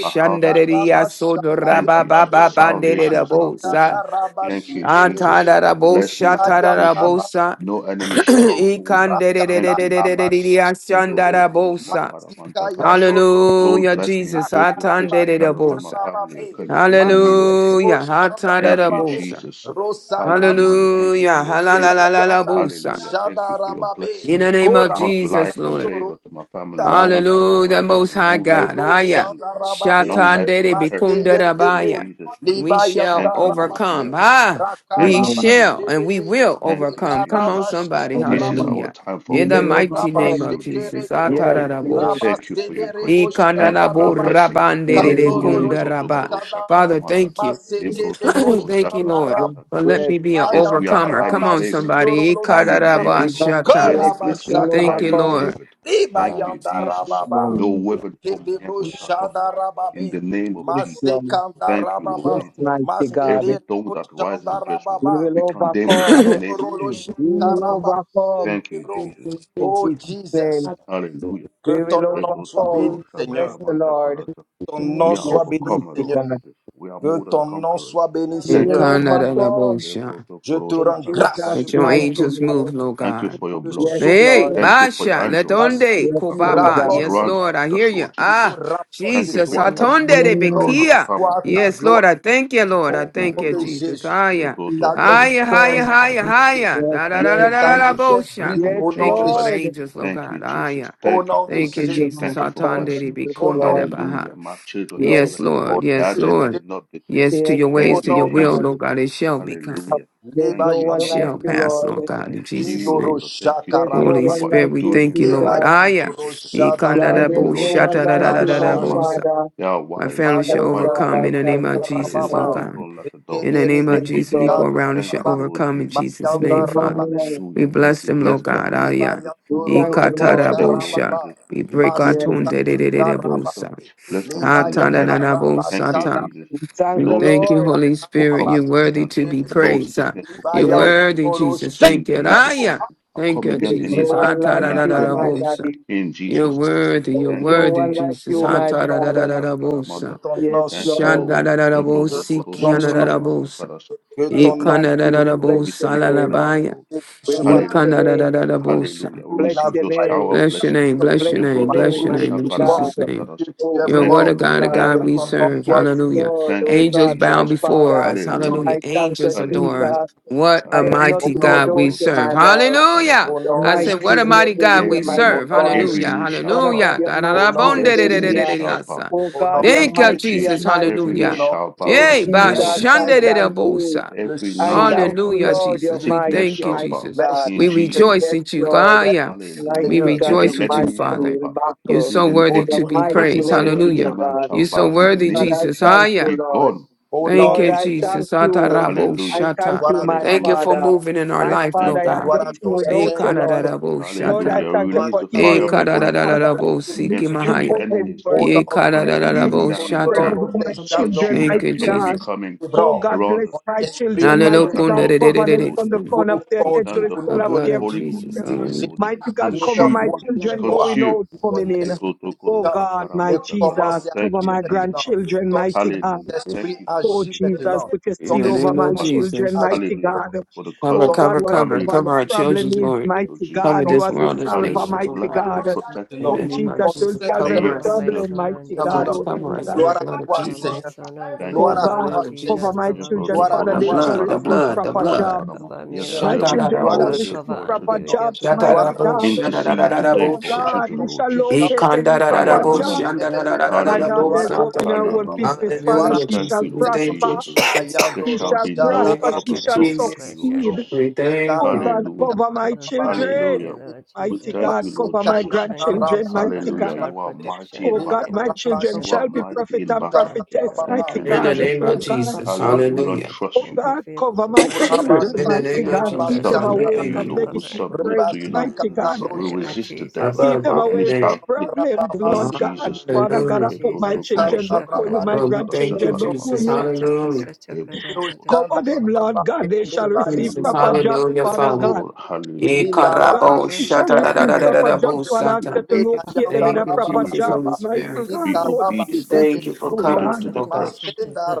[SPEAKER 7] My house is blessed.
[SPEAKER 1] Rabba Shanda
[SPEAKER 7] Thank you,
[SPEAKER 1] Yanda
[SPEAKER 7] Jesus.
[SPEAKER 1] Re,
[SPEAKER 7] Salvation is my
[SPEAKER 1] Masse
[SPEAKER 7] portion.
[SPEAKER 1] Rabba
[SPEAKER 7] Thank you,
[SPEAKER 1] Shere Re,
[SPEAKER 7] Jesus. Blessing is
[SPEAKER 1] Iba
[SPEAKER 7] my
[SPEAKER 1] Yanda
[SPEAKER 7] portion.
[SPEAKER 1] Rabba
[SPEAKER 4] Atadadaboshatadadabosa.
[SPEAKER 7] No enemy shall
[SPEAKER 1] Cerebro,
[SPEAKER 7] befall me. Thank
[SPEAKER 1] Rakanda
[SPEAKER 7] you, Jesus.
[SPEAKER 1] Rabashi,
[SPEAKER 7] Ebroto korosha
[SPEAKER 4] Ikandedededededededediyashandarabosa.
[SPEAKER 7] karamanta
[SPEAKER 1] Masika
[SPEAKER 7] karasha.
[SPEAKER 1] Yando,
[SPEAKER 7] Lord,
[SPEAKER 4] Hallelujah,
[SPEAKER 7] bless me and
[SPEAKER 4] Jesus.
[SPEAKER 7] cause your face to shine
[SPEAKER 1] Rakarabashika
[SPEAKER 7] upon my
[SPEAKER 4] Atandedebosa.
[SPEAKER 7] family,
[SPEAKER 1] Rababe,
[SPEAKER 7] upon upon me, Lord Jesus.
[SPEAKER 1] Masero
[SPEAKER 4] Hallelujah.
[SPEAKER 1] Shanda
[SPEAKER 7] Thank you,
[SPEAKER 1] Rababe,
[SPEAKER 4] Atandedebosa.
[SPEAKER 7] Jesus.
[SPEAKER 1] Rosakanda
[SPEAKER 7] Hallelujah. Thank you for
[SPEAKER 4] Hallelujah.
[SPEAKER 7] your favor.
[SPEAKER 1] Yanda,
[SPEAKER 4] Halalalalalalabosa.
[SPEAKER 7] Hallelujah. Thank you
[SPEAKER 1] Shada
[SPEAKER 7] for your
[SPEAKER 1] Rababe,
[SPEAKER 4] In
[SPEAKER 7] blessing.
[SPEAKER 4] the name of
[SPEAKER 7] Grant
[SPEAKER 4] Jesus,
[SPEAKER 7] life and
[SPEAKER 4] Lord.
[SPEAKER 7] favor
[SPEAKER 1] Korabasando
[SPEAKER 7] to my family. Long life to my
[SPEAKER 4] Hallelujah, Most
[SPEAKER 7] children.
[SPEAKER 4] High
[SPEAKER 7] Long life
[SPEAKER 4] God.
[SPEAKER 7] to
[SPEAKER 1] Ebro
[SPEAKER 7] my
[SPEAKER 4] Aya.
[SPEAKER 7] family.
[SPEAKER 1] shanda rababe,
[SPEAKER 7] Long life to my parents.
[SPEAKER 1] makeyendebe,
[SPEAKER 7] In
[SPEAKER 4] Shatandedebekunderabaya.
[SPEAKER 7] Jesus' name.
[SPEAKER 4] We shall
[SPEAKER 1] libayanda
[SPEAKER 7] Thank you, Lord
[SPEAKER 1] rababe,
[SPEAKER 4] overcome.
[SPEAKER 7] Jesus.
[SPEAKER 4] Ah,
[SPEAKER 7] Thank
[SPEAKER 4] we
[SPEAKER 1] rakaraba
[SPEAKER 7] you,
[SPEAKER 5] Amen.
[SPEAKER 4] shall
[SPEAKER 7] Jesus.
[SPEAKER 4] and we
[SPEAKER 1] shedebre,
[SPEAKER 4] will
[SPEAKER 7] Thank you,
[SPEAKER 4] overcome. Come on,
[SPEAKER 1] likaraba
[SPEAKER 7] Jesus.
[SPEAKER 1] shanda
[SPEAKER 4] somebody.
[SPEAKER 7] This is
[SPEAKER 5] Amen.
[SPEAKER 1] rababe,
[SPEAKER 7] our
[SPEAKER 4] Hallelujah.
[SPEAKER 7] time for
[SPEAKER 5] You
[SPEAKER 4] In the
[SPEAKER 5] will
[SPEAKER 7] favor, Lord.
[SPEAKER 4] mighty
[SPEAKER 1] likaraba
[SPEAKER 7] Thank
[SPEAKER 4] name
[SPEAKER 5] overcome.
[SPEAKER 4] of
[SPEAKER 7] you, Jesus,
[SPEAKER 4] Jesus.
[SPEAKER 7] for your
[SPEAKER 1] shekeredebre,
[SPEAKER 5] Yes,
[SPEAKER 7] favor.
[SPEAKER 5] yes.
[SPEAKER 1] raba
[SPEAKER 4] Atandedebosa.
[SPEAKER 7] Thank you for your
[SPEAKER 1] sederebo
[SPEAKER 7] grace. Thank you
[SPEAKER 1] boshanda
[SPEAKER 7] for your
[SPEAKER 4] Ikanarabo
[SPEAKER 1] rababe,
[SPEAKER 7] blessing.
[SPEAKER 4] rabanderere
[SPEAKER 1] kandoro
[SPEAKER 7] Hallelujah.
[SPEAKER 1] lo
[SPEAKER 5] Amen.
[SPEAKER 4] kundaraba.
[SPEAKER 7] Rebrotokoro
[SPEAKER 1] shikada,
[SPEAKER 4] Father,
[SPEAKER 7] shakaramanta.
[SPEAKER 4] thank you.
[SPEAKER 2] this
[SPEAKER 1] masekedebro
[SPEAKER 7] Rebrotokoro
[SPEAKER 4] thank you,
[SPEAKER 1] shanda
[SPEAKER 4] Lord,
[SPEAKER 1] raba,
[SPEAKER 7] shakaramanta
[SPEAKER 4] for let
[SPEAKER 7] karasha.
[SPEAKER 5] Yes.
[SPEAKER 4] me be an
[SPEAKER 7] Yes, we
[SPEAKER 1] bayanda
[SPEAKER 7] are
[SPEAKER 4] overcomer.
[SPEAKER 7] highly
[SPEAKER 4] Come
[SPEAKER 1] raba
[SPEAKER 4] on,
[SPEAKER 7] favored, Lord.
[SPEAKER 1] shindoro
[SPEAKER 4] somebody.
[SPEAKER 1] lo
[SPEAKER 7] Highly
[SPEAKER 1] sinabre,
[SPEAKER 4] Ikararaba
[SPEAKER 7] favored,
[SPEAKER 5] We
[SPEAKER 7] Lord.
[SPEAKER 5] shall-
[SPEAKER 4] shata.
[SPEAKER 7] Highly
[SPEAKER 5] Yes, we
[SPEAKER 7] blessed.
[SPEAKER 4] We
[SPEAKER 5] shall
[SPEAKER 2] is
[SPEAKER 4] thank you,
[SPEAKER 7] Highly
[SPEAKER 5] overcome.
[SPEAKER 4] Lord.
[SPEAKER 7] favored. Thank
[SPEAKER 2] our
[SPEAKER 7] you,
[SPEAKER 2] society
[SPEAKER 7] Jesus.
[SPEAKER 1] Ibayandarababa.
[SPEAKER 7] No
[SPEAKER 5] Amen.
[SPEAKER 7] weapon formed against us
[SPEAKER 2] with
[SPEAKER 7] shall prosper. In the
[SPEAKER 1] Kebebroshadarababe.
[SPEAKER 7] name of
[SPEAKER 5] Yes,
[SPEAKER 7] Jesus.
[SPEAKER 5] Lord.
[SPEAKER 7] Thank you, Lord
[SPEAKER 2] God
[SPEAKER 5] Yes,
[SPEAKER 1] Masekandarababa.
[SPEAKER 7] Jesus.
[SPEAKER 5] mighty God.
[SPEAKER 7] Every tongue that rises in judgment.
[SPEAKER 5] We
[SPEAKER 1] Masedeboshandarababa.
[SPEAKER 5] will
[SPEAKER 7] We condemn it in
[SPEAKER 5] overcome.
[SPEAKER 7] the
[SPEAKER 2] for
[SPEAKER 7] name of Jesus.
[SPEAKER 2] this
[SPEAKER 5] We
[SPEAKER 2] news
[SPEAKER 5] will
[SPEAKER 2] of
[SPEAKER 1] Lekandoroloshikaraba.
[SPEAKER 5] overcome.
[SPEAKER 7] Thank you,
[SPEAKER 2] the
[SPEAKER 1] Kebebro.
[SPEAKER 7] Jesus.
[SPEAKER 5] In
[SPEAKER 1] Oh
[SPEAKER 2] perspective
[SPEAKER 5] Jesus'
[SPEAKER 1] Jesus,
[SPEAKER 5] name.
[SPEAKER 2] has to
[SPEAKER 7] Hallelujah.
[SPEAKER 1] que
[SPEAKER 5] We will
[SPEAKER 1] ton nom
[SPEAKER 2] be
[SPEAKER 1] soit béni,
[SPEAKER 5] overcome.
[SPEAKER 2] growing
[SPEAKER 5] We Bless
[SPEAKER 1] Seigneur.
[SPEAKER 5] the Lord.
[SPEAKER 7] Rebotokoroshakaramantakarasa.
[SPEAKER 1] Ton
[SPEAKER 2] to
[SPEAKER 1] nom
[SPEAKER 2] make
[SPEAKER 7] We are
[SPEAKER 2] the
[SPEAKER 1] soit
[SPEAKER 5] Yes,
[SPEAKER 1] béni,
[SPEAKER 7] overcomer,
[SPEAKER 5] mighty
[SPEAKER 1] Seigneur.
[SPEAKER 7] Lord
[SPEAKER 5] God.
[SPEAKER 7] Jesus. We are
[SPEAKER 1] Que
[SPEAKER 7] more than
[SPEAKER 1] ton nom
[SPEAKER 7] conquerors.
[SPEAKER 1] soit béni,
[SPEAKER 5] You
[SPEAKER 7] Thank
[SPEAKER 2] community
[SPEAKER 5] will
[SPEAKER 1] Seigneur.
[SPEAKER 7] you, Lord Jesus.
[SPEAKER 4] Ikanarabo
[SPEAKER 5] overcome
[SPEAKER 4] sha.
[SPEAKER 1] Je te
[SPEAKER 5] in
[SPEAKER 1] rends
[SPEAKER 7] Rebotokoroshakaraman-
[SPEAKER 1] grâce
[SPEAKER 5] Jesus'
[SPEAKER 7] Thank
[SPEAKER 1] ce
[SPEAKER 4] Let
[SPEAKER 7] you
[SPEAKER 4] your
[SPEAKER 7] for your
[SPEAKER 5] mighty
[SPEAKER 1] matin pour
[SPEAKER 7] blood.
[SPEAKER 4] angels
[SPEAKER 1] la
[SPEAKER 5] name.
[SPEAKER 4] move,
[SPEAKER 1] vie,
[SPEAKER 4] Lord
[SPEAKER 7] Thank you
[SPEAKER 4] God.
[SPEAKER 7] for
[SPEAKER 1] pour
[SPEAKER 7] your
[SPEAKER 1] le
[SPEAKER 7] blood.
[SPEAKER 5] Yes,
[SPEAKER 1] souffle de
[SPEAKER 4] Hey,
[SPEAKER 5] Lord.
[SPEAKER 2] wake
[SPEAKER 1] vie,
[SPEAKER 7] Thank you for your
[SPEAKER 4] Basha,
[SPEAKER 7] angels,
[SPEAKER 1] parce
[SPEAKER 7] Lord
[SPEAKER 1] que
[SPEAKER 4] Letonde,
[SPEAKER 7] Jesus,
[SPEAKER 5] Yes,
[SPEAKER 1] tu
[SPEAKER 7] that
[SPEAKER 2] up
[SPEAKER 5] Jesus.
[SPEAKER 7] protect
[SPEAKER 4] Kobaba.
[SPEAKER 7] us,
[SPEAKER 5] Yes,
[SPEAKER 1] rallonges
[SPEAKER 4] Yes,
[SPEAKER 7] surround
[SPEAKER 1] notre vie.
[SPEAKER 4] Lord, I hear
[SPEAKER 7] us,
[SPEAKER 4] you.
[SPEAKER 7] Lord
[SPEAKER 1] tu nous
[SPEAKER 7] Jesus.
[SPEAKER 4] Ah,
[SPEAKER 1] rapproches
[SPEAKER 7] Thank
[SPEAKER 1] de
[SPEAKER 7] you
[SPEAKER 4] Jesus,
[SPEAKER 7] for your
[SPEAKER 1] toi.
[SPEAKER 2] in
[SPEAKER 7] hedge of
[SPEAKER 4] Atonde
[SPEAKER 1] Tu
[SPEAKER 4] de
[SPEAKER 1] nous
[SPEAKER 7] protection
[SPEAKER 1] donnes
[SPEAKER 7] around
[SPEAKER 5] you
[SPEAKER 1] de
[SPEAKER 7] our
[SPEAKER 4] Bekia.
[SPEAKER 7] family.
[SPEAKER 1] voir ta
[SPEAKER 4] Yes, Lord,
[SPEAKER 1] gloire
[SPEAKER 4] I thank you, Lord. I
[SPEAKER 1] au
[SPEAKER 4] thank
[SPEAKER 1] nom
[SPEAKER 4] you,
[SPEAKER 1] de
[SPEAKER 7] Hallelujah.
[SPEAKER 4] Jesus.
[SPEAKER 1] Jésus.
[SPEAKER 4] Haya,
[SPEAKER 1] Ta
[SPEAKER 7] Yeboto
[SPEAKER 5] will
[SPEAKER 1] lumière
[SPEAKER 7] koro
[SPEAKER 4] haya,
[SPEAKER 7] shakara
[SPEAKER 4] haya,
[SPEAKER 5] overcome.
[SPEAKER 1] commence à
[SPEAKER 4] haya,
[SPEAKER 7] mantakara sa.
[SPEAKER 1] briller.
[SPEAKER 4] haya.
[SPEAKER 5] Yes,
[SPEAKER 4] Da da
[SPEAKER 7] Thank
[SPEAKER 4] da da
[SPEAKER 5] yes,
[SPEAKER 7] you,
[SPEAKER 4] da
[SPEAKER 1] Ta
[SPEAKER 4] da da
[SPEAKER 7] Jesus.
[SPEAKER 1] lumière
[SPEAKER 4] bosha.
[SPEAKER 7] Thank
[SPEAKER 1] brille
[SPEAKER 2] impact
[SPEAKER 5] yes,
[SPEAKER 7] you,
[SPEAKER 1] au nom
[SPEAKER 4] Thank
[SPEAKER 1] de
[SPEAKER 4] you for
[SPEAKER 7] Jesus.
[SPEAKER 4] the
[SPEAKER 1] Jésus.
[SPEAKER 5] Lord.
[SPEAKER 4] angels, Lord
[SPEAKER 7] Thank you,
[SPEAKER 4] God.
[SPEAKER 7] Jesus.
[SPEAKER 4] Haya.
[SPEAKER 1] Au
[SPEAKER 7] Thank you
[SPEAKER 1] nom de
[SPEAKER 5] You
[SPEAKER 7] for
[SPEAKER 4] Thank you,
[SPEAKER 7] protection.
[SPEAKER 1] Jésus.
[SPEAKER 4] Jesus.
[SPEAKER 5] will
[SPEAKER 7] Thank you for
[SPEAKER 5] overcome.
[SPEAKER 2] and
[SPEAKER 4] Atonde de
[SPEAKER 7] blessing.
[SPEAKER 5] Yes,
[SPEAKER 1] Au
[SPEAKER 4] Bekunda
[SPEAKER 1] nom
[SPEAKER 4] da
[SPEAKER 5] Lord.
[SPEAKER 1] de,
[SPEAKER 4] Baha.
[SPEAKER 7] Hallelujah. My children are
[SPEAKER 5] Yes,
[SPEAKER 4] Yes,
[SPEAKER 7] blessed.
[SPEAKER 1] au
[SPEAKER 4] Lord.
[SPEAKER 7] They
[SPEAKER 1] nom
[SPEAKER 7] are
[SPEAKER 4] Yes,
[SPEAKER 1] de
[SPEAKER 7] the head
[SPEAKER 4] Lord.
[SPEAKER 1] Jésus.
[SPEAKER 7] and not the tail.
[SPEAKER 4] Yes, to
[SPEAKER 5] yes,
[SPEAKER 4] your
[SPEAKER 7] Thank
[SPEAKER 4] ways,
[SPEAKER 1] Au
[SPEAKER 4] to
[SPEAKER 7] you,
[SPEAKER 4] your
[SPEAKER 5] mighty
[SPEAKER 1] nom de
[SPEAKER 4] will,
[SPEAKER 5] God.
[SPEAKER 7] Jesus.
[SPEAKER 4] Lord
[SPEAKER 1] Jésus.
[SPEAKER 4] God, it shall become,
[SPEAKER 7] Hallelujah.
[SPEAKER 5] There's
[SPEAKER 7] Thank
[SPEAKER 1] Leba
[SPEAKER 5] no
[SPEAKER 7] you,
[SPEAKER 5] one
[SPEAKER 1] yanda
[SPEAKER 5] like
[SPEAKER 4] shall
[SPEAKER 7] Jesus.
[SPEAKER 5] you,
[SPEAKER 4] pass,
[SPEAKER 1] raba.
[SPEAKER 5] Lord.
[SPEAKER 4] Lord God, in
[SPEAKER 7] Thank you,
[SPEAKER 4] Jesus' name.
[SPEAKER 1] Indoro
[SPEAKER 7] Lord. Thank you,
[SPEAKER 5] There's
[SPEAKER 7] Jesus,
[SPEAKER 5] no
[SPEAKER 4] Holy
[SPEAKER 7] for
[SPEAKER 1] shakarababa.
[SPEAKER 5] one
[SPEAKER 7] what
[SPEAKER 4] Spirit,
[SPEAKER 7] you're
[SPEAKER 5] like
[SPEAKER 4] we
[SPEAKER 5] you,
[SPEAKER 7] doing
[SPEAKER 4] thank
[SPEAKER 7] in
[SPEAKER 4] you,
[SPEAKER 7] their
[SPEAKER 1] Leba
[SPEAKER 4] Lord.
[SPEAKER 7] life,
[SPEAKER 5] Jesus.
[SPEAKER 7] Lord
[SPEAKER 4] Aya.
[SPEAKER 1] yandoro
[SPEAKER 7] Jesus.
[SPEAKER 5] Lord,
[SPEAKER 1] shadabre.
[SPEAKER 7] Thank you,
[SPEAKER 5] there's no
[SPEAKER 7] Lord
[SPEAKER 5] one
[SPEAKER 7] Jesus. They
[SPEAKER 5] like
[SPEAKER 7] have a
[SPEAKER 5] you, my
[SPEAKER 7] sound mind.
[SPEAKER 4] Ikandadaboshatadadadadabosa.
[SPEAKER 5] Father.
[SPEAKER 7] They are
[SPEAKER 4] My
[SPEAKER 7] wise,
[SPEAKER 4] family shall
[SPEAKER 5] Oh
[SPEAKER 7] wise
[SPEAKER 5] God,
[SPEAKER 7] as
[SPEAKER 1] Mayandoro
[SPEAKER 5] I
[SPEAKER 4] overcome in the
[SPEAKER 7] serpent.
[SPEAKER 4] name
[SPEAKER 5] thank
[SPEAKER 4] of
[SPEAKER 5] you,
[SPEAKER 4] Jesus,
[SPEAKER 7] Hallelujah.
[SPEAKER 4] Lord
[SPEAKER 5] Jesus.
[SPEAKER 1] Shadarababa,
[SPEAKER 4] God.
[SPEAKER 7] Simple like a dove.
[SPEAKER 4] In the
[SPEAKER 1] Rikedere
[SPEAKER 4] name of
[SPEAKER 7] Thank you,
[SPEAKER 4] Jesus, people
[SPEAKER 7] Jesus.
[SPEAKER 5] Yes,
[SPEAKER 4] around us
[SPEAKER 7] Thank
[SPEAKER 4] shall
[SPEAKER 1] Shadarababa,
[SPEAKER 7] you, Lord
[SPEAKER 4] overcome in
[SPEAKER 7] Jesus.
[SPEAKER 4] Jesus' name,
[SPEAKER 1] Mayandaraba
[SPEAKER 4] Father.
[SPEAKER 5] Lord.
[SPEAKER 4] We
[SPEAKER 7] Hallelujah. Thank
[SPEAKER 4] bless
[SPEAKER 7] you.
[SPEAKER 4] them,
[SPEAKER 7] Bless
[SPEAKER 4] Lord God.
[SPEAKER 7] them in the
[SPEAKER 4] Aya.
[SPEAKER 7] in the
[SPEAKER 5] We
[SPEAKER 7] school.
[SPEAKER 1] Libayandoro
[SPEAKER 5] thank the
[SPEAKER 7] Bless
[SPEAKER 5] Lord.
[SPEAKER 7] them, Lord
[SPEAKER 4] Ikatadabosha.
[SPEAKER 1] Shadarababa,
[SPEAKER 7] Jesus, with
[SPEAKER 4] We
[SPEAKER 7] in-
[SPEAKER 4] break our
[SPEAKER 5] Yes.
[SPEAKER 4] tune.
[SPEAKER 1] Masita
[SPEAKER 7] intelligence. Bless them with wisdom.
[SPEAKER 1] Darababe,
[SPEAKER 7] Bless them with understanding.
[SPEAKER 1] Libayandaraba
[SPEAKER 7] Thank you,
[SPEAKER 4] Hatana
[SPEAKER 1] Shadabe,
[SPEAKER 7] Jesus.
[SPEAKER 5] We thank
[SPEAKER 4] we
[SPEAKER 5] the
[SPEAKER 7] No
[SPEAKER 4] thank you,
[SPEAKER 5] Lord.
[SPEAKER 7] sickness
[SPEAKER 4] Holy
[SPEAKER 7] will
[SPEAKER 4] Spirit.
[SPEAKER 1] Rikadaraba
[SPEAKER 7] come
[SPEAKER 4] You're worthy
[SPEAKER 7] against
[SPEAKER 4] to
[SPEAKER 7] us.
[SPEAKER 4] be
[SPEAKER 1] Shilibre,
[SPEAKER 7] No
[SPEAKER 4] praised. huh?
[SPEAKER 7] sickness will come
[SPEAKER 4] You're
[SPEAKER 5] Yes.
[SPEAKER 7] against us
[SPEAKER 4] worthy,
[SPEAKER 1] Libayandoro
[SPEAKER 4] Jesus.
[SPEAKER 7] in
[SPEAKER 4] Thank you.
[SPEAKER 7] Jesus'
[SPEAKER 1] Shadabo,
[SPEAKER 4] Raya.
[SPEAKER 7] name. I
[SPEAKER 4] Thank
[SPEAKER 7] come
[SPEAKER 4] you,
[SPEAKER 7] against
[SPEAKER 5] There's
[SPEAKER 7] any
[SPEAKER 4] Jesus.
[SPEAKER 5] no
[SPEAKER 4] Ah,
[SPEAKER 5] one
[SPEAKER 7] sickness,
[SPEAKER 4] ta,
[SPEAKER 5] like
[SPEAKER 7] any
[SPEAKER 4] da, da,
[SPEAKER 5] you,
[SPEAKER 4] da, da,
[SPEAKER 5] my
[SPEAKER 1] Mayandarababe,
[SPEAKER 7] infirmity
[SPEAKER 4] bosa.
[SPEAKER 5] daddy.
[SPEAKER 7] in
[SPEAKER 4] You're
[SPEAKER 1] O
[SPEAKER 7] Jesus'
[SPEAKER 1] Jesus,
[SPEAKER 7] name.
[SPEAKER 4] worthy. You're
[SPEAKER 7] Thank
[SPEAKER 5] No
[SPEAKER 7] you,
[SPEAKER 4] worthy,
[SPEAKER 5] one
[SPEAKER 7] Jesus.
[SPEAKER 5] like
[SPEAKER 4] Jesus.
[SPEAKER 5] you,
[SPEAKER 4] Ah,
[SPEAKER 5] my
[SPEAKER 1] nosso
[SPEAKER 4] ta,
[SPEAKER 7] Ebroto
[SPEAKER 4] da, da,
[SPEAKER 7] koro
[SPEAKER 4] da,
[SPEAKER 5] father.
[SPEAKER 4] da, da, bo,
[SPEAKER 7] shakaramanta.
[SPEAKER 1] abençoe,
[SPEAKER 5] Yes,
[SPEAKER 1] nosso
[SPEAKER 7] Thank you,
[SPEAKER 4] Sha,
[SPEAKER 1] abençoe,
[SPEAKER 5] Lord.
[SPEAKER 4] da,
[SPEAKER 7] Lord.
[SPEAKER 4] da, da, da,
[SPEAKER 2] we have
[SPEAKER 4] bo,
[SPEAKER 2] a
[SPEAKER 7] Ebroto
[SPEAKER 4] si,
[SPEAKER 7] koro
[SPEAKER 4] ki, ya, da,
[SPEAKER 1] nosso
[SPEAKER 4] da,
[SPEAKER 5] Mm.
[SPEAKER 4] da, bo,
[SPEAKER 7] shakaramanta
[SPEAKER 4] sa.
[SPEAKER 7] karasa.
[SPEAKER 5] We
[SPEAKER 4] E,
[SPEAKER 1] abençoe,
[SPEAKER 5] thank
[SPEAKER 7] Ebroto
[SPEAKER 4] da,
[SPEAKER 5] you.
[SPEAKER 7] koro
[SPEAKER 4] da,
[SPEAKER 5] We
[SPEAKER 4] da,
[SPEAKER 7] sha- We
[SPEAKER 5] bless
[SPEAKER 4] bo,
[SPEAKER 5] your
[SPEAKER 7] receive
[SPEAKER 4] la,
[SPEAKER 7] your
[SPEAKER 4] la,
[SPEAKER 1] Au
[SPEAKER 5] name.
[SPEAKER 1] nom
[SPEAKER 4] ba,
[SPEAKER 7] blessing,
[SPEAKER 1] de
[SPEAKER 4] ya.
[SPEAKER 7] Lord.
[SPEAKER 1] Jésus
[SPEAKER 5] We
[SPEAKER 1] ce
[SPEAKER 4] E,
[SPEAKER 5] bless
[SPEAKER 4] ka,
[SPEAKER 1] matin,
[SPEAKER 5] your
[SPEAKER 7] Hallelujah.
[SPEAKER 4] da, da,
[SPEAKER 5] name.
[SPEAKER 4] da, da,
[SPEAKER 1] je te
[SPEAKER 4] bosa.
[SPEAKER 1] rends
[SPEAKER 7] Hallelujah. We
[SPEAKER 1] toute
[SPEAKER 5] Bless
[SPEAKER 1] la
[SPEAKER 7] receive
[SPEAKER 5] your
[SPEAKER 7] your
[SPEAKER 1] gloire et
[SPEAKER 7] shower
[SPEAKER 1] toute
[SPEAKER 7] of
[SPEAKER 5] name.
[SPEAKER 4] Bless your
[SPEAKER 7] blessing, Lord.
[SPEAKER 4] name,
[SPEAKER 5] We
[SPEAKER 1] l'action
[SPEAKER 4] bless
[SPEAKER 5] bless
[SPEAKER 4] your
[SPEAKER 5] your
[SPEAKER 4] name,
[SPEAKER 1] parce
[SPEAKER 7] Ebroto
[SPEAKER 5] name,
[SPEAKER 4] bless
[SPEAKER 1] que
[SPEAKER 4] your
[SPEAKER 7] koro
[SPEAKER 5] mighty
[SPEAKER 1] tu
[SPEAKER 4] name
[SPEAKER 1] es
[SPEAKER 4] in
[SPEAKER 1] bon,
[SPEAKER 5] God.
[SPEAKER 4] Jesus'
[SPEAKER 7] shakaramanta
[SPEAKER 1] parce
[SPEAKER 4] name.
[SPEAKER 1] que
[SPEAKER 7] karasa.
[SPEAKER 1] tu
[SPEAKER 5] Oh,
[SPEAKER 1] es
[SPEAKER 4] You're
[SPEAKER 7] Thank
[SPEAKER 4] what
[SPEAKER 5] glory
[SPEAKER 1] bon.
[SPEAKER 7] you,
[SPEAKER 4] a
[SPEAKER 5] to
[SPEAKER 7] Lord.
[SPEAKER 4] God, a
[SPEAKER 5] God.
[SPEAKER 7] Thank
[SPEAKER 4] God
[SPEAKER 1] Que
[SPEAKER 7] you,
[SPEAKER 4] we
[SPEAKER 1] ton
[SPEAKER 7] Lord
[SPEAKER 1] nom
[SPEAKER 4] serve.
[SPEAKER 7] Jesus.
[SPEAKER 1] soit béni.
[SPEAKER 5] Yes,
[SPEAKER 4] Hallelujah.
[SPEAKER 5] Lord.
[SPEAKER 7] Thank
[SPEAKER 5] Oh,
[SPEAKER 7] you,
[SPEAKER 4] Angels
[SPEAKER 5] God,
[SPEAKER 7] Jesus.
[SPEAKER 4] bow
[SPEAKER 5] my
[SPEAKER 4] before
[SPEAKER 5] Father.
[SPEAKER 4] us.
[SPEAKER 1] Au
[SPEAKER 2] systematic
[SPEAKER 1] nom
[SPEAKER 7] Hallelujah.
[SPEAKER 1] de
[SPEAKER 4] Hallelujah.
[SPEAKER 5] I
[SPEAKER 1] Jésus,
[SPEAKER 5] thank you,
[SPEAKER 4] Angels adore us.
[SPEAKER 7] Hallelujah.
[SPEAKER 5] Jesus.
[SPEAKER 4] What
[SPEAKER 5] I
[SPEAKER 4] a
[SPEAKER 5] am
[SPEAKER 1] au
[SPEAKER 7] Hallelujah.
[SPEAKER 4] mighty
[SPEAKER 5] nothing
[SPEAKER 1] nom de
[SPEAKER 4] God
[SPEAKER 5] without
[SPEAKER 4] we
[SPEAKER 5] you,
[SPEAKER 4] serve.
[SPEAKER 5] my Lord.
[SPEAKER 7] Ebrotokorosha
[SPEAKER 4] Hallelujah.
[SPEAKER 7] karamanta
[SPEAKER 5] You're
[SPEAKER 4] I
[SPEAKER 1] Jésus,
[SPEAKER 5] mighty
[SPEAKER 4] said,
[SPEAKER 7] karasha.
[SPEAKER 4] what a
[SPEAKER 5] in every
[SPEAKER 4] mighty God
[SPEAKER 5] way,
[SPEAKER 4] we
[SPEAKER 7] Every knee,
[SPEAKER 1] au
[SPEAKER 5] mighty
[SPEAKER 4] serve.
[SPEAKER 1] nom de
[SPEAKER 5] God.
[SPEAKER 7] every
[SPEAKER 4] Hallelujah.
[SPEAKER 1] Jésus,
[SPEAKER 7] knee shall
[SPEAKER 5] Father
[SPEAKER 7] bow.
[SPEAKER 5] God,
[SPEAKER 4] Hallelujah.
[SPEAKER 5] you're mighty
[SPEAKER 1] au
[SPEAKER 5] in
[SPEAKER 1] nom de
[SPEAKER 5] every
[SPEAKER 7] Every
[SPEAKER 1] Jésus,
[SPEAKER 7] knee
[SPEAKER 5] way.
[SPEAKER 7] shall bow.
[SPEAKER 4] Da-da-da-bum-de-de-de-de-de-de-yasa.
[SPEAKER 5] Oh
[SPEAKER 1] au
[SPEAKER 5] God,
[SPEAKER 1] nom de
[SPEAKER 5] you're
[SPEAKER 4] Thank
[SPEAKER 7] Thank
[SPEAKER 4] you,
[SPEAKER 7] you,
[SPEAKER 1] Jésus,
[SPEAKER 5] mighty, you're
[SPEAKER 4] Jesus.
[SPEAKER 7] Jesus. Every
[SPEAKER 5] mighty.
[SPEAKER 7] knee
[SPEAKER 1] au
[SPEAKER 4] Hallelujah.
[SPEAKER 1] nom
[SPEAKER 7] shall
[SPEAKER 1] de
[SPEAKER 5] Oh
[SPEAKER 7] bow. At
[SPEAKER 4] Yay.
[SPEAKER 7] the
[SPEAKER 1] Jésus,
[SPEAKER 5] Jesus,
[SPEAKER 7] name of
[SPEAKER 5] I
[SPEAKER 7] Jesus,
[SPEAKER 5] thank you.
[SPEAKER 4] ba-shande-de-de-bosa.
[SPEAKER 1] au
[SPEAKER 7] every
[SPEAKER 5] I
[SPEAKER 7] knee
[SPEAKER 1] nom de Jésus. Merci Seigneur
[SPEAKER 7] shall
[SPEAKER 5] thank
[SPEAKER 1] pour le
[SPEAKER 7] bow.
[SPEAKER 5] you,
[SPEAKER 1] soleil qui te
[SPEAKER 4] Hallelujah,
[SPEAKER 1] soit
[SPEAKER 5] Lord, you're
[SPEAKER 4] Jesus. We
[SPEAKER 5] mighty,
[SPEAKER 7] Sickness
[SPEAKER 1] béni.
[SPEAKER 4] thank you,
[SPEAKER 7] shall bow.
[SPEAKER 5] mighty
[SPEAKER 4] Jesus.
[SPEAKER 5] God.
[SPEAKER 1] Merci
[SPEAKER 7] In
[SPEAKER 4] We
[SPEAKER 1] Seigneur,
[SPEAKER 7] Jesus'
[SPEAKER 4] rejoice
[SPEAKER 5] Yes,
[SPEAKER 7] name.
[SPEAKER 4] in you.
[SPEAKER 5] Lord.
[SPEAKER 4] God,
[SPEAKER 1] merci
[SPEAKER 4] yeah.
[SPEAKER 5] Mighty
[SPEAKER 7] Hallelujah.
[SPEAKER 4] We
[SPEAKER 1] Seigneur,
[SPEAKER 5] God, you're
[SPEAKER 7] Every
[SPEAKER 4] rejoice with you,
[SPEAKER 5] mighty
[SPEAKER 7] enemy shall
[SPEAKER 4] Father.
[SPEAKER 5] in
[SPEAKER 7] bow.
[SPEAKER 1] Seigneur,
[SPEAKER 4] You're
[SPEAKER 5] battle.
[SPEAKER 7] In
[SPEAKER 4] so
[SPEAKER 7] the
[SPEAKER 1] au
[SPEAKER 4] worthy
[SPEAKER 7] every
[SPEAKER 4] to
[SPEAKER 5] You're
[SPEAKER 1] nom
[SPEAKER 4] be
[SPEAKER 1] de
[SPEAKER 5] mighty in
[SPEAKER 4] praised.
[SPEAKER 1] Jésus,
[SPEAKER 5] every
[SPEAKER 7] principality
[SPEAKER 5] way,
[SPEAKER 4] Hallelujah.
[SPEAKER 7] demon
[SPEAKER 5] God.
[SPEAKER 7] shall
[SPEAKER 4] You're
[SPEAKER 1] au
[SPEAKER 4] so
[SPEAKER 7] bow.
[SPEAKER 1] nom de
[SPEAKER 7] In the
[SPEAKER 4] worthy,
[SPEAKER 2] community
[SPEAKER 5] But
[SPEAKER 7] name of
[SPEAKER 5] I
[SPEAKER 1] Jésus,
[SPEAKER 4] Jesus. Ah,
[SPEAKER 7] Jesus.
[SPEAKER 5] thank
[SPEAKER 4] yeah.
[SPEAKER 5] you,
[SPEAKER 7] Be
[SPEAKER 5] Lord.
[SPEAKER 7] gone.
[SPEAKER 1] au
[SPEAKER 7] In
[SPEAKER 1] nom
[SPEAKER 4] Thank
[SPEAKER 1] de
[SPEAKER 5] Lord,
[SPEAKER 4] you,
[SPEAKER 5] I
[SPEAKER 7] Jesus'
[SPEAKER 1] Jésus, de
[SPEAKER 7] name.
[SPEAKER 5] thank
[SPEAKER 4] Jesus.
[SPEAKER 5] you.
[SPEAKER 1] Nazareth.
[SPEAKER 4] Atarabo
[SPEAKER 7] Hallelujah.
[SPEAKER 5] I thank
[SPEAKER 4] shata.
[SPEAKER 1] gloire
[SPEAKER 5] you,
[SPEAKER 1] à
[SPEAKER 5] my
[SPEAKER 1] toi
[SPEAKER 4] Thank you
[SPEAKER 7] Hallelujah.
[SPEAKER 1] Seigneur,
[SPEAKER 4] for
[SPEAKER 5] Father.
[SPEAKER 4] moving in our
[SPEAKER 5] My
[SPEAKER 1] Père.
[SPEAKER 4] life,
[SPEAKER 5] Father,
[SPEAKER 4] Lord
[SPEAKER 7] Thank
[SPEAKER 5] I
[SPEAKER 7] you,
[SPEAKER 5] am
[SPEAKER 4] God.
[SPEAKER 1] Gloire à
[SPEAKER 7] Jesus.
[SPEAKER 5] nothing
[SPEAKER 1] ton
[SPEAKER 4] Eh,
[SPEAKER 5] without you,
[SPEAKER 1] Saint-Nom.
[SPEAKER 5] Lord.
[SPEAKER 4] kadadadabo
[SPEAKER 5] Lord,
[SPEAKER 4] shata.
[SPEAKER 5] I
[SPEAKER 7] Hallelujah.
[SPEAKER 5] thank you
[SPEAKER 1] Gloire
[SPEAKER 7] release
[SPEAKER 1] à
[SPEAKER 5] for
[SPEAKER 7] the
[SPEAKER 1] ta
[SPEAKER 7] fire
[SPEAKER 4] Eh,
[SPEAKER 7] of
[SPEAKER 5] healing.
[SPEAKER 7] the Holy
[SPEAKER 1] puissance,
[SPEAKER 5] I
[SPEAKER 7] Ghost
[SPEAKER 1] ton
[SPEAKER 5] thank you for
[SPEAKER 1] précieux
[SPEAKER 4] kadadadadabo
[SPEAKER 1] nom
[SPEAKER 7] against
[SPEAKER 1] ce
[SPEAKER 5] victory
[SPEAKER 7] every
[SPEAKER 1] matin.
[SPEAKER 4] sikimahaya.
[SPEAKER 5] over the
[SPEAKER 7] enemies, Lord
[SPEAKER 1] Au
[SPEAKER 5] doors.
[SPEAKER 1] nom
[SPEAKER 4] Ye
[SPEAKER 7] Jesus.
[SPEAKER 1] de
[SPEAKER 5] I
[SPEAKER 1] Jésus,
[SPEAKER 5] thank you
[SPEAKER 7] Consume
[SPEAKER 4] kadadadadabo
[SPEAKER 1] nous
[SPEAKER 7] them in
[SPEAKER 5] for
[SPEAKER 7] the
[SPEAKER 5] prayer
[SPEAKER 1] t'honorons,
[SPEAKER 4] shata.
[SPEAKER 7] name
[SPEAKER 5] over
[SPEAKER 7] of
[SPEAKER 1] nous
[SPEAKER 5] my
[SPEAKER 7] Jesus.
[SPEAKER 1] t'exaltons,
[SPEAKER 5] children,
[SPEAKER 7] Consume
[SPEAKER 4] Thank you,
[SPEAKER 5] mighty
[SPEAKER 7] every
[SPEAKER 1] nous te
[SPEAKER 7] enemy
[SPEAKER 4] Jesus.
[SPEAKER 5] God.
[SPEAKER 7] coming
[SPEAKER 5] Oh
[SPEAKER 1] célébrons.
[SPEAKER 5] God,
[SPEAKER 7] around us
[SPEAKER 1] Ton
[SPEAKER 5] bless my
[SPEAKER 1] esprit
[SPEAKER 5] children,
[SPEAKER 1] est
[SPEAKER 7] to
[SPEAKER 4] Hallelujah.
[SPEAKER 5] mighty
[SPEAKER 7] attack
[SPEAKER 1] présent
[SPEAKER 5] God.
[SPEAKER 7] our
[SPEAKER 5] Cover
[SPEAKER 1] de
[SPEAKER 7] family,
[SPEAKER 1] nous
[SPEAKER 5] them
[SPEAKER 7] Lord
[SPEAKER 4] kundadadadadada.
[SPEAKER 5] from the
[SPEAKER 7] Jesus.
[SPEAKER 4] Mm.
[SPEAKER 1] pour
[SPEAKER 5] corner of
[SPEAKER 1] nous
[SPEAKER 5] their
[SPEAKER 7] We
[SPEAKER 5] head to
[SPEAKER 1] conduire,
[SPEAKER 7] send
[SPEAKER 5] the
[SPEAKER 7] the
[SPEAKER 1] pour nous
[SPEAKER 4] The
[SPEAKER 5] sole
[SPEAKER 7] fire
[SPEAKER 5] of
[SPEAKER 7] of
[SPEAKER 4] blood
[SPEAKER 7] the
[SPEAKER 1] orienter,
[SPEAKER 5] their
[SPEAKER 4] of
[SPEAKER 1] pour
[SPEAKER 7] Holy Ghost
[SPEAKER 5] feet.
[SPEAKER 4] Jesus.
[SPEAKER 1] nous
[SPEAKER 7] against them,
[SPEAKER 1] diriger,
[SPEAKER 4] Hallelujah.
[SPEAKER 7] Lord Jesus.
[SPEAKER 5] Mighty God,
[SPEAKER 1] pour nous
[SPEAKER 2] we
[SPEAKER 1] faire
[SPEAKER 5] cover
[SPEAKER 7] Consume,
[SPEAKER 5] my
[SPEAKER 1] voir
[SPEAKER 7] Lord
[SPEAKER 2] are
[SPEAKER 7] Jesus.
[SPEAKER 1] ta
[SPEAKER 5] children
[SPEAKER 2] going
[SPEAKER 1] gloire.
[SPEAKER 5] going
[SPEAKER 7] Consume.
[SPEAKER 5] out, coming
[SPEAKER 1] Ton
[SPEAKER 5] in.
[SPEAKER 1] esprit
[SPEAKER 5] Oh
[SPEAKER 1] descend
[SPEAKER 5] God,
[SPEAKER 1] et
[SPEAKER 5] my
[SPEAKER 1] commence
[SPEAKER 7] Ebrotokoroshakaramantakarasha.
[SPEAKER 5] Jesus,
[SPEAKER 1] à
[SPEAKER 7] Thank
[SPEAKER 5] cover
[SPEAKER 1] agir
[SPEAKER 7] you,
[SPEAKER 5] my
[SPEAKER 7] Jesus.
[SPEAKER 1] maintenant.
[SPEAKER 5] grandchildren,
[SPEAKER 1] Ton
[SPEAKER 5] mighty God.
[SPEAKER 7] Hallelujah. Thank
[SPEAKER 1] Saint-Esprit
[SPEAKER 7] you for my
[SPEAKER 5] Oh
[SPEAKER 1] agit
[SPEAKER 7] children, Lord.
[SPEAKER 5] Jesus,
[SPEAKER 1] maintenant.
[SPEAKER 5] put a
[SPEAKER 4] In
[SPEAKER 1] Ton
[SPEAKER 4] the
[SPEAKER 5] seal
[SPEAKER 7] Thank
[SPEAKER 5] over
[SPEAKER 4] name
[SPEAKER 7] you
[SPEAKER 5] my
[SPEAKER 7] for
[SPEAKER 4] of
[SPEAKER 7] my
[SPEAKER 1] Saint-Esprit
[SPEAKER 2] down
[SPEAKER 7] grand.
[SPEAKER 5] children,
[SPEAKER 4] Jesus.
[SPEAKER 1] agit
[SPEAKER 5] mighty
[SPEAKER 7] Hallelujah.
[SPEAKER 1] maintenant.
[SPEAKER 7] For,
[SPEAKER 5] God.
[SPEAKER 7] for the
[SPEAKER 4] Cover,
[SPEAKER 5] Oh
[SPEAKER 7] cousins,
[SPEAKER 1] Ton
[SPEAKER 7] for
[SPEAKER 5] God,
[SPEAKER 7] the
[SPEAKER 4] cover, cover,
[SPEAKER 7] family,
[SPEAKER 5] whatever
[SPEAKER 1] Saint-Esprit
[SPEAKER 5] the
[SPEAKER 7] Lord
[SPEAKER 4] cover our
[SPEAKER 7] Jesus, for the
[SPEAKER 4] children,
[SPEAKER 5] problem is,
[SPEAKER 7] nephews,
[SPEAKER 4] Lord.
[SPEAKER 7] Lord
[SPEAKER 5] mighty
[SPEAKER 7] Jesus.
[SPEAKER 4] Cover
[SPEAKER 5] God, you
[SPEAKER 1] Don't
[SPEAKER 4] this
[SPEAKER 5] are the
[SPEAKER 4] world,
[SPEAKER 1] let
[SPEAKER 4] this
[SPEAKER 5] solver,
[SPEAKER 7] Hallelujah.
[SPEAKER 4] nation, Lord
[SPEAKER 5] mighty
[SPEAKER 1] us
[SPEAKER 7] Bless
[SPEAKER 4] God.
[SPEAKER 7] them.
[SPEAKER 5] God.
[SPEAKER 1] manifeste
[SPEAKER 7] Protect
[SPEAKER 4] In
[SPEAKER 7] them,
[SPEAKER 5] Oh
[SPEAKER 4] the
[SPEAKER 7] Lord
[SPEAKER 1] maintenant.
[SPEAKER 4] name
[SPEAKER 5] Jesus,
[SPEAKER 7] Jesus.
[SPEAKER 4] of
[SPEAKER 1] Ton
[SPEAKER 5] you'll
[SPEAKER 4] Jesus,
[SPEAKER 1] Saint
[SPEAKER 5] solve
[SPEAKER 6] Lord,
[SPEAKER 7] May
[SPEAKER 1] esprit
[SPEAKER 5] every
[SPEAKER 4] cover
[SPEAKER 7] your
[SPEAKER 6] cover
[SPEAKER 4] us,
[SPEAKER 6] my
[SPEAKER 7] angels
[SPEAKER 5] problem,
[SPEAKER 7] Lord,
[SPEAKER 6] son
[SPEAKER 7] pro-
[SPEAKER 6] and
[SPEAKER 5] mighty
[SPEAKER 6] the
[SPEAKER 4] cover
[SPEAKER 5] God,
[SPEAKER 1] maintenant.
[SPEAKER 4] us,
[SPEAKER 5] oh
[SPEAKER 6] God.
[SPEAKER 7] protect
[SPEAKER 4] cover
[SPEAKER 7] them,
[SPEAKER 4] us in the
[SPEAKER 7] so-
[SPEAKER 1] Gloire
[SPEAKER 5] Jesus.
[SPEAKER 4] blood
[SPEAKER 1] à
[SPEAKER 4] of
[SPEAKER 7] Lord
[SPEAKER 1] toi,
[SPEAKER 6] Cover
[SPEAKER 7] Jesus.
[SPEAKER 6] my
[SPEAKER 4] Jesus,
[SPEAKER 1] Seigneur.
[SPEAKER 4] in
[SPEAKER 6] son and thee with
[SPEAKER 7] Thank
[SPEAKER 5] Oh
[SPEAKER 7] you,
[SPEAKER 6] the
[SPEAKER 1] Gloire
[SPEAKER 4] the
[SPEAKER 1] à
[SPEAKER 7] Lord.
[SPEAKER 6] blood
[SPEAKER 5] God,
[SPEAKER 6] of
[SPEAKER 1] toi,
[SPEAKER 4] blood of
[SPEAKER 5] over
[SPEAKER 1] Seigneur.
[SPEAKER 6] Jesus.
[SPEAKER 5] my
[SPEAKER 4] Jesus,
[SPEAKER 6] Cover me
[SPEAKER 5] children,
[SPEAKER 6] with
[SPEAKER 1] Gloire
[SPEAKER 6] the
[SPEAKER 1] à
[SPEAKER 5] Father,
[SPEAKER 4] the
[SPEAKER 6] blood
[SPEAKER 5] they
[SPEAKER 1] toi,
[SPEAKER 6] of
[SPEAKER 1] Seigneur.
[SPEAKER 5] shall
[SPEAKER 2] in
[SPEAKER 4] blood, the
[SPEAKER 6] Jesus.
[SPEAKER 5] receive
[SPEAKER 4] blood, the
[SPEAKER 5] proper
[SPEAKER 1] Gloire à
[SPEAKER 4] blood.
[SPEAKER 5] jobs.
[SPEAKER 1] toi,
[SPEAKER 6] Cover me,
[SPEAKER 7] Yes,
[SPEAKER 1] Seigneur.
[SPEAKER 5] My
[SPEAKER 6] Lord
[SPEAKER 7] today we
[SPEAKER 6] God, with
[SPEAKER 5] children
[SPEAKER 6] the
[SPEAKER 7] fight
[SPEAKER 1] Gloire à
[SPEAKER 5] shall
[SPEAKER 6] blood.
[SPEAKER 1] ton
[SPEAKER 7] today
[SPEAKER 4] Shatarabosha,
[SPEAKER 6] Cover
[SPEAKER 5] receive
[SPEAKER 7] for our
[SPEAKER 1] Dieu,
[SPEAKER 5] proper
[SPEAKER 6] Andy
[SPEAKER 7] children.
[SPEAKER 6] with
[SPEAKER 1] nom.
[SPEAKER 6] the
[SPEAKER 5] jobs,
[SPEAKER 6] blood in
[SPEAKER 1] Gloire à
[SPEAKER 7] We
[SPEAKER 5] mighty
[SPEAKER 6] the
[SPEAKER 1] ton
[SPEAKER 6] name
[SPEAKER 5] God.
[SPEAKER 6] of
[SPEAKER 4] shatarabosha,
[SPEAKER 1] Père.
[SPEAKER 7] intercede
[SPEAKER 6] Jesus.
[SPEAKER 7] today
[SPEAKER 5] Oh
[SPEAKER 7] for our
[SPEAKER 1] Gloire
[SPEAKER 4] shatarabosha,
[SPEAKER 1] à
[SPEAKER 5] God,
[SPEAKER 7] children,
[SPEAKER 5] we
[SPEAKER 1] ton
[SPEAKER 7] Lord
[SPEAKER 5] shall
[SPEAKER 1] puissant
[SPEAKER 7] Jesus.
[SPEAKER 5] locate
[SPEAKER 1] nom.
[SPEAKER 5] them in
[SPEAKER 6] In the
[SPEAKER 5] proper
[SPEAKER 1] Gloire
[SPEAKER 6] name
[SPEAKER 1] à
[SPEAKER 6] of
[SPEAKER 5] jobs.
[SPEAKER 1] ton
[SPEAKER 7] Hallelujah.
[SPEAKER 4] ikandarabosha,
[SPEAKER 6] Jesus.
[SPEAKER 1] merveilleux nom.
[SPEAKER 5] My daughter
[SPEAKER 1] Gloire
[SPEAKER 5] is
[SPEAKER 7] Hallelujah.
[SPEAKER 1] à ton
[SPEAKER 5] opening
[SPEAKER 4] andarabosha.
[SPEAKER 5] her
[SPEAKER 1] grand
[SPEAKER 5] own
[SPEAKER 6] Thank
[SPEAKER 1] nom.
[SPEAKER 6] you,
[SPEAKER 7] Hallelujah.
[SPEAKER 5] business,
[SPEAKER 6] Lord
[SPEAKER 1] Gloire
[SPEAKER 5] Father,
[SPEAKER 7] We
[SPEAKER 6] Jesus.
[SPEAKER 1] à ton
[SPEAKER 4] Hallelujah,
[SPEAKER 5] she
[SPEAKER 7] thank
[SPEAKER 4] Jesus.
[SPEAKER 5] shall
[SPEAKER 7] you,
[SPEAKER 4] We
[SPEAKER 1] Saint
[SPEAKER 7] Lord
[SPEAKER 1] nom.
[SPEAKER 4] thank
[SPEAKER 5] prosper.
[SPEAKER 4] you,
[SPEAKER 7] Jesus.
[SPEAKER 4] Jesus.
[SPEAKER 7] There
[SPEAKER 5] She
[SPEAKER 1] Mayando
[SPEAKER 7] shall
[SPEAKER 5] shall
[SPEAKER 7] be
[SPEAKER 1] Roshada
[SPEAKER 7] no
[SPEAKER 5] prosper.
[SPEAKER 1] Rabate.
[SPEAKER 4] Thank
[SPEAKER 5] She
[SPEAKER 4] you,
[SPEAKER 7] problems,
[SPEAKER 5] shall
[SPEAKER 7] no
[SPEAKER 4] Jesus.
[SPEAKER 7] issue, Lord
[SPEAKER 5] succeed.
[SPEAKER 7] Jesus.
[SPEAKER 4] We
[SPEAKER 1] Rita
[SPEAKER 4] thank
[SPEAKER 5] Oh
[SPEAKER 4] you.
[SPEAKER 5] God,
[SPEAKER 2] Africa
[SPEAKER 7] Hallelujah.
[SPEAKER 5] cover my
[SPEAKER 6] Lord God, thank
[SPEAKER 5] children.
[SPEAKER 7] Hallelujah.
[SPEAKER 6] you,
[SPEAKER 1] Rabashata
[SPEAKER 6] Lord
[SPEAKER 7] We
[SPEAKER 5] Mighty
[SPEAKER 6] Jesus.
[SPEAKER 7] thank
[SPEAKER 5] God,
[SPEAKER 7] you, Lord
[SPEAKER 5] cover
[SPEAKER 1] Masika
[SPEAKER 5] my
[SPEAKER 7] Jesus.
[SPEAKER 1] yanda
[SPEAKER 6] Thank you
[SPEAKER 2] and
[SPEAKER 6] for your
[SPEAKER 1] raba
[SPEAKER 5] grandchildren. Mighty
[SPEAKER 1] shida
[SPEAKER 7] Hallelujah.
[SPEAKER 5] God.
[SPEAKER 6] supernatural
[SPEAKER 7] You are
[SPEAKER 1] raba
[SPEAKER 6] protection
[SPEAKER 7] mighty in
[SPEAKER 5] Oh
[SPEAKER 6] in the
[SPEAKER 5] God,
[SPEAKER 1] rida
[SPEAKER 7] battle.
[SPEAKER 6] name
[SPEAKER 5] my
[SPEAKER 6] of
[SPEAKER 1] raba
[SPEAKER 5] children
[SPEAKER 6] Jesus.
[SPEAKER 7] You
[SPEAKER 1] shiki
[SPEAKER 7] are
[SPEAKER 5] shall be
[SPEAKER 1] di
[SPEAKER 7] mighty
[SPEAKER 5] prophet
[SPEAKER 7] in
[SPEAKER 5] and
[SPEAKER 7] battle.
[SPEAKER 1] shanda
[SPEAKER 6] Thank you,
[SPEAKER 5] prophetess.
[SPEAKER 1] raba
[SPEAKER 6] Lord
[SPEAKER 1] ba
[SPEAKER 7] Thank
[SPEAKER 5] Mighty
[SPEAKER 7] you,
[SPEAKER 6] Father
[SPEAKER 4] In
[SPEAKER 7] Lord
[SPEAKER 4] the
[SPEAKER 5] God.
[SPEAKER 6] God
[SPEAKER 4] name
[SPEAKER 7] Jesus.
[SPEAKER 4] of
[SPEAKER 5] Oh
[SPEAKER 6] Jesus.
[SPEAKER 1] rasanda
[SPEAKER 5] God.
[SPEAKER 2] couple
[SPEAKER 4] Jesus.
[SPEAKER 7] Hallelujah.
[SPEAKER 1] raba
[SPEAKER 7] We
[SPEAKER 4] Hallelujah.
[SPEAKER 5] Oh
[SPEAKER 7] untrust you,
[SPEAKER 6] Thank you
[SPEAKER 7] Lord.
[SPEAKER 5] God,
[SPEAKER 6] for your
[SPEAKER 5] cover my
[SPEAKER 1] kuraba
[SPEAKER 6] supernatural
[SPEAKER 5] children.
[SPEAKER 7] Hallelujah.
[SPEAKER 4] In the
[SPEAKER 1] sanda
[SPEAKER 5] Mighty
[SPEAKER 4] name
[SPEAKER 6] protection,
[SPEAKER 4] of
[SPEAKER 2] of
[SPEAKER 5] God.
[SPEAKER 2] God
[SPEAKER 7] We
[SPEAKER 1] raba
[SPEAKER 6] cover
[SPEAKER 5] Keep
[SPEAKER 4] Jesus,
[SPEAKER 6] us
[SPEAKER 1] shada
[SPEAKER 5] them
[SPEAKER 4] Father,
[SPEAKER 7] submit
[SPEAKER 6] under
[SPEAKER 4] we
[SPEAKER 6] your
[SPEAKER 5] away
[SPEAKER 1] raba
[SPEAKER 7] to
[SPEAKER 2] that
[SPEAKER 7] you,
[SPEAKER 4] thank
[SPEAKER 6] blood
[SPEAKER 5] from
[SPEAKER 4] you.
[SPEAKER 7] Lord. We
[SPEAKER 5] negative
[SPEAKER 6] covering.
[SPEAKER 7] submit
[SPEAKER 1] riba
[SPEAKER 7] to
[SPEAKER 5] friends.
[SPEAKER 7] you and we,
[SPEAKER 1] saka
[SPEAKER 5] Mighty
[SPEAKER 7] and we
[SPEAKER 1] da
[SPEAKER 5] God.
[SPEAKER 6] In the
[SPEAKER 7] we
[SPEAKER 6] name
[SPEAKER 1] roshi
[SPEAKER 6] of
[SPEAKER 7] resist the
[SPEAKER 6] Jesus,
[SPEAKER 7] devil
[SPEAKER 1] di
[SPEAKER 5] Keep
[SPEAKER 4] Above
[SPEAKER 5] them
[SPEAKER 4] all
[SPEAKER 7] and it
[SPEAKER 5] away
[SPEAKER 6] hallelujah. In
[SPEAKER 7] shall
[SPEAKER 5] from
[SPEAKER 4] measure.
[SPEAKER 7] flee
[SPEAKER 1] raba
[SPEAKER 5] problems,
[SPEAKER 1] ba
[SPEAKER 7] in
[SPEAKER 5] Lord
[SPEAKER 1] shiki
[SPEAKER 5] God.
[SPEAKER 7] Jesus'
[SPEAKER 1] di
[SPEAKER 7] name.
[SPEAKER 1] di
[SPEAKER 5] Father
[SPEAKER 6] the name
[SPEAKER 5] God, I
[SPEAKER 6] of
[SPEAKER 4] Hallelujah.
[SPEAKER 5] put my
[SPEAKER 6] Jesus
[SPEAKER 5] children
[SPEAKER 6] Christ
[SPEAKER 1] shanda
[SPEAKER 6] of
[SPEAKER 5] before you,
[SPEAKER 1] raba
[SPEAKER 5] my
[SPEAKER 6] Nazareth.
[SPEAKER 4] Oh,
[SPEAKER 1] shiki
[SPEAKER 4] we thank
[SPEAKER 1] di
[SPEAKER 4] you,
[SPEAKER 5] grandchildren
[SPEAKER 1] ro
[SPEAKER 5] before
[SPEAKER 4] Jesus.
[SPEAKER 5] you.
[SPEAKER 1] masiki
[SPEAKER 6] Ishataka
[SPEAKER 4] Hallelujah.
[SPEAKER 6] sataka
[SPEAKER 1] di ro shanda
[SPEAKER 5] Cover
[SPEAKER 6] datadafas.
[SPEAKER 5] them,
[SPEAKER 1] raba ba
[SPEAKER 5] Lord
[SPEAKER 7] Hallelujah.
[SPEAKER 5] God. They
[SPEAKER 4] Thank
[SPEAKER 5] shall
[SPEAKER 4] you,
[SPEAKER 1] liba
[SPEAKER 5] receive
[SPEAKER 4] Jesus.
[SPEAKER 1] yanda
[SPEAKER 5] proper
[SPEAKER 1] raba
[SPEAKER 5] jobs,
[SPEAKER 4] Hallelujah,
[SPEAKER 5] Father
[SPEAKER 1] shiki
[SPEAKER 6] Datafasa.
[SPEAKER 4] Father.
[SPEAKER 5] God.
[SPEAKER 1] di
[SPEAKER 7] Oh, hallelujah. They receive
[SPEAKER 1] rinda
[SPEAKER 5] God,
[SPEAKER 7] the
[SPEAKER 4] Ikarabo
[SPEAKER 7] spirit
[SPEAKER 6] Ankesha.
[SPEAKER 5] shall
[SPEAKER 7] of
[SPEAKER 5] we receive
[SPEAKER 7] submission,
[SPEAKER 5] proper
[SPEAKER 7] Lord
[SPEAKER 4] shatarararararabo
[SPEAKER 5] jobs,
[SPEAKER 7] Jesus. They
[SPEAKER 5] Father.
[SPEAKER 7] will
[SPEAKER 5] I
[SPEAKER 7] be
[SPEAKER 5] said
[SPEAKER 4] sata.
[SPEAKER 5] to
[SPEAKER 7] obedient, Lord
[SPEAKER 5] locate
[SPEAKER 7] Jesus.
[SPEAKER 5] them
[SPEAKER 7] They
[SPEAKER 5] in
[SPEAKER 4] Thank
[SPEAKER 5] a
[SPEAKER 4] you,
[SPEAKER 7] won't be
[SPEAKER 5] proper
[SPEAKER 4] Jesus,
[SPEAKER 5] jobs,
[SPEAKER 7] rebellious.
[SPEAKER 4] Holy
[SPEAKER 5] mighty
[SPEAKER 4] Spirit.
[SPEAKER 7] They'll
[SPEAKER 5] God,
[SPEAKER 7] be
[SPEAKER 5] Lord
[SPEAKER 4] We
[SPEAKER 5] Jesus.
[SPEAKER 7] obedient, Lord
[SPEAKER 4] thank
[SPEAKER 7] Jesus.
[SPEAKER 4] you for
[SPEAKER 5] Oh
[SPEAKER 6] Sataka
[SPEAKER 7] Obedient
[SPEAKER 5] God.
[SPEAKER 7] to
[SPEAKER 4] covering,
[SPEAKER 7] their
[SPEAKER 4] oh
[SPEAKER 6] sataka
[SPEAKER 4] God.
[SPEAKER 7] parents,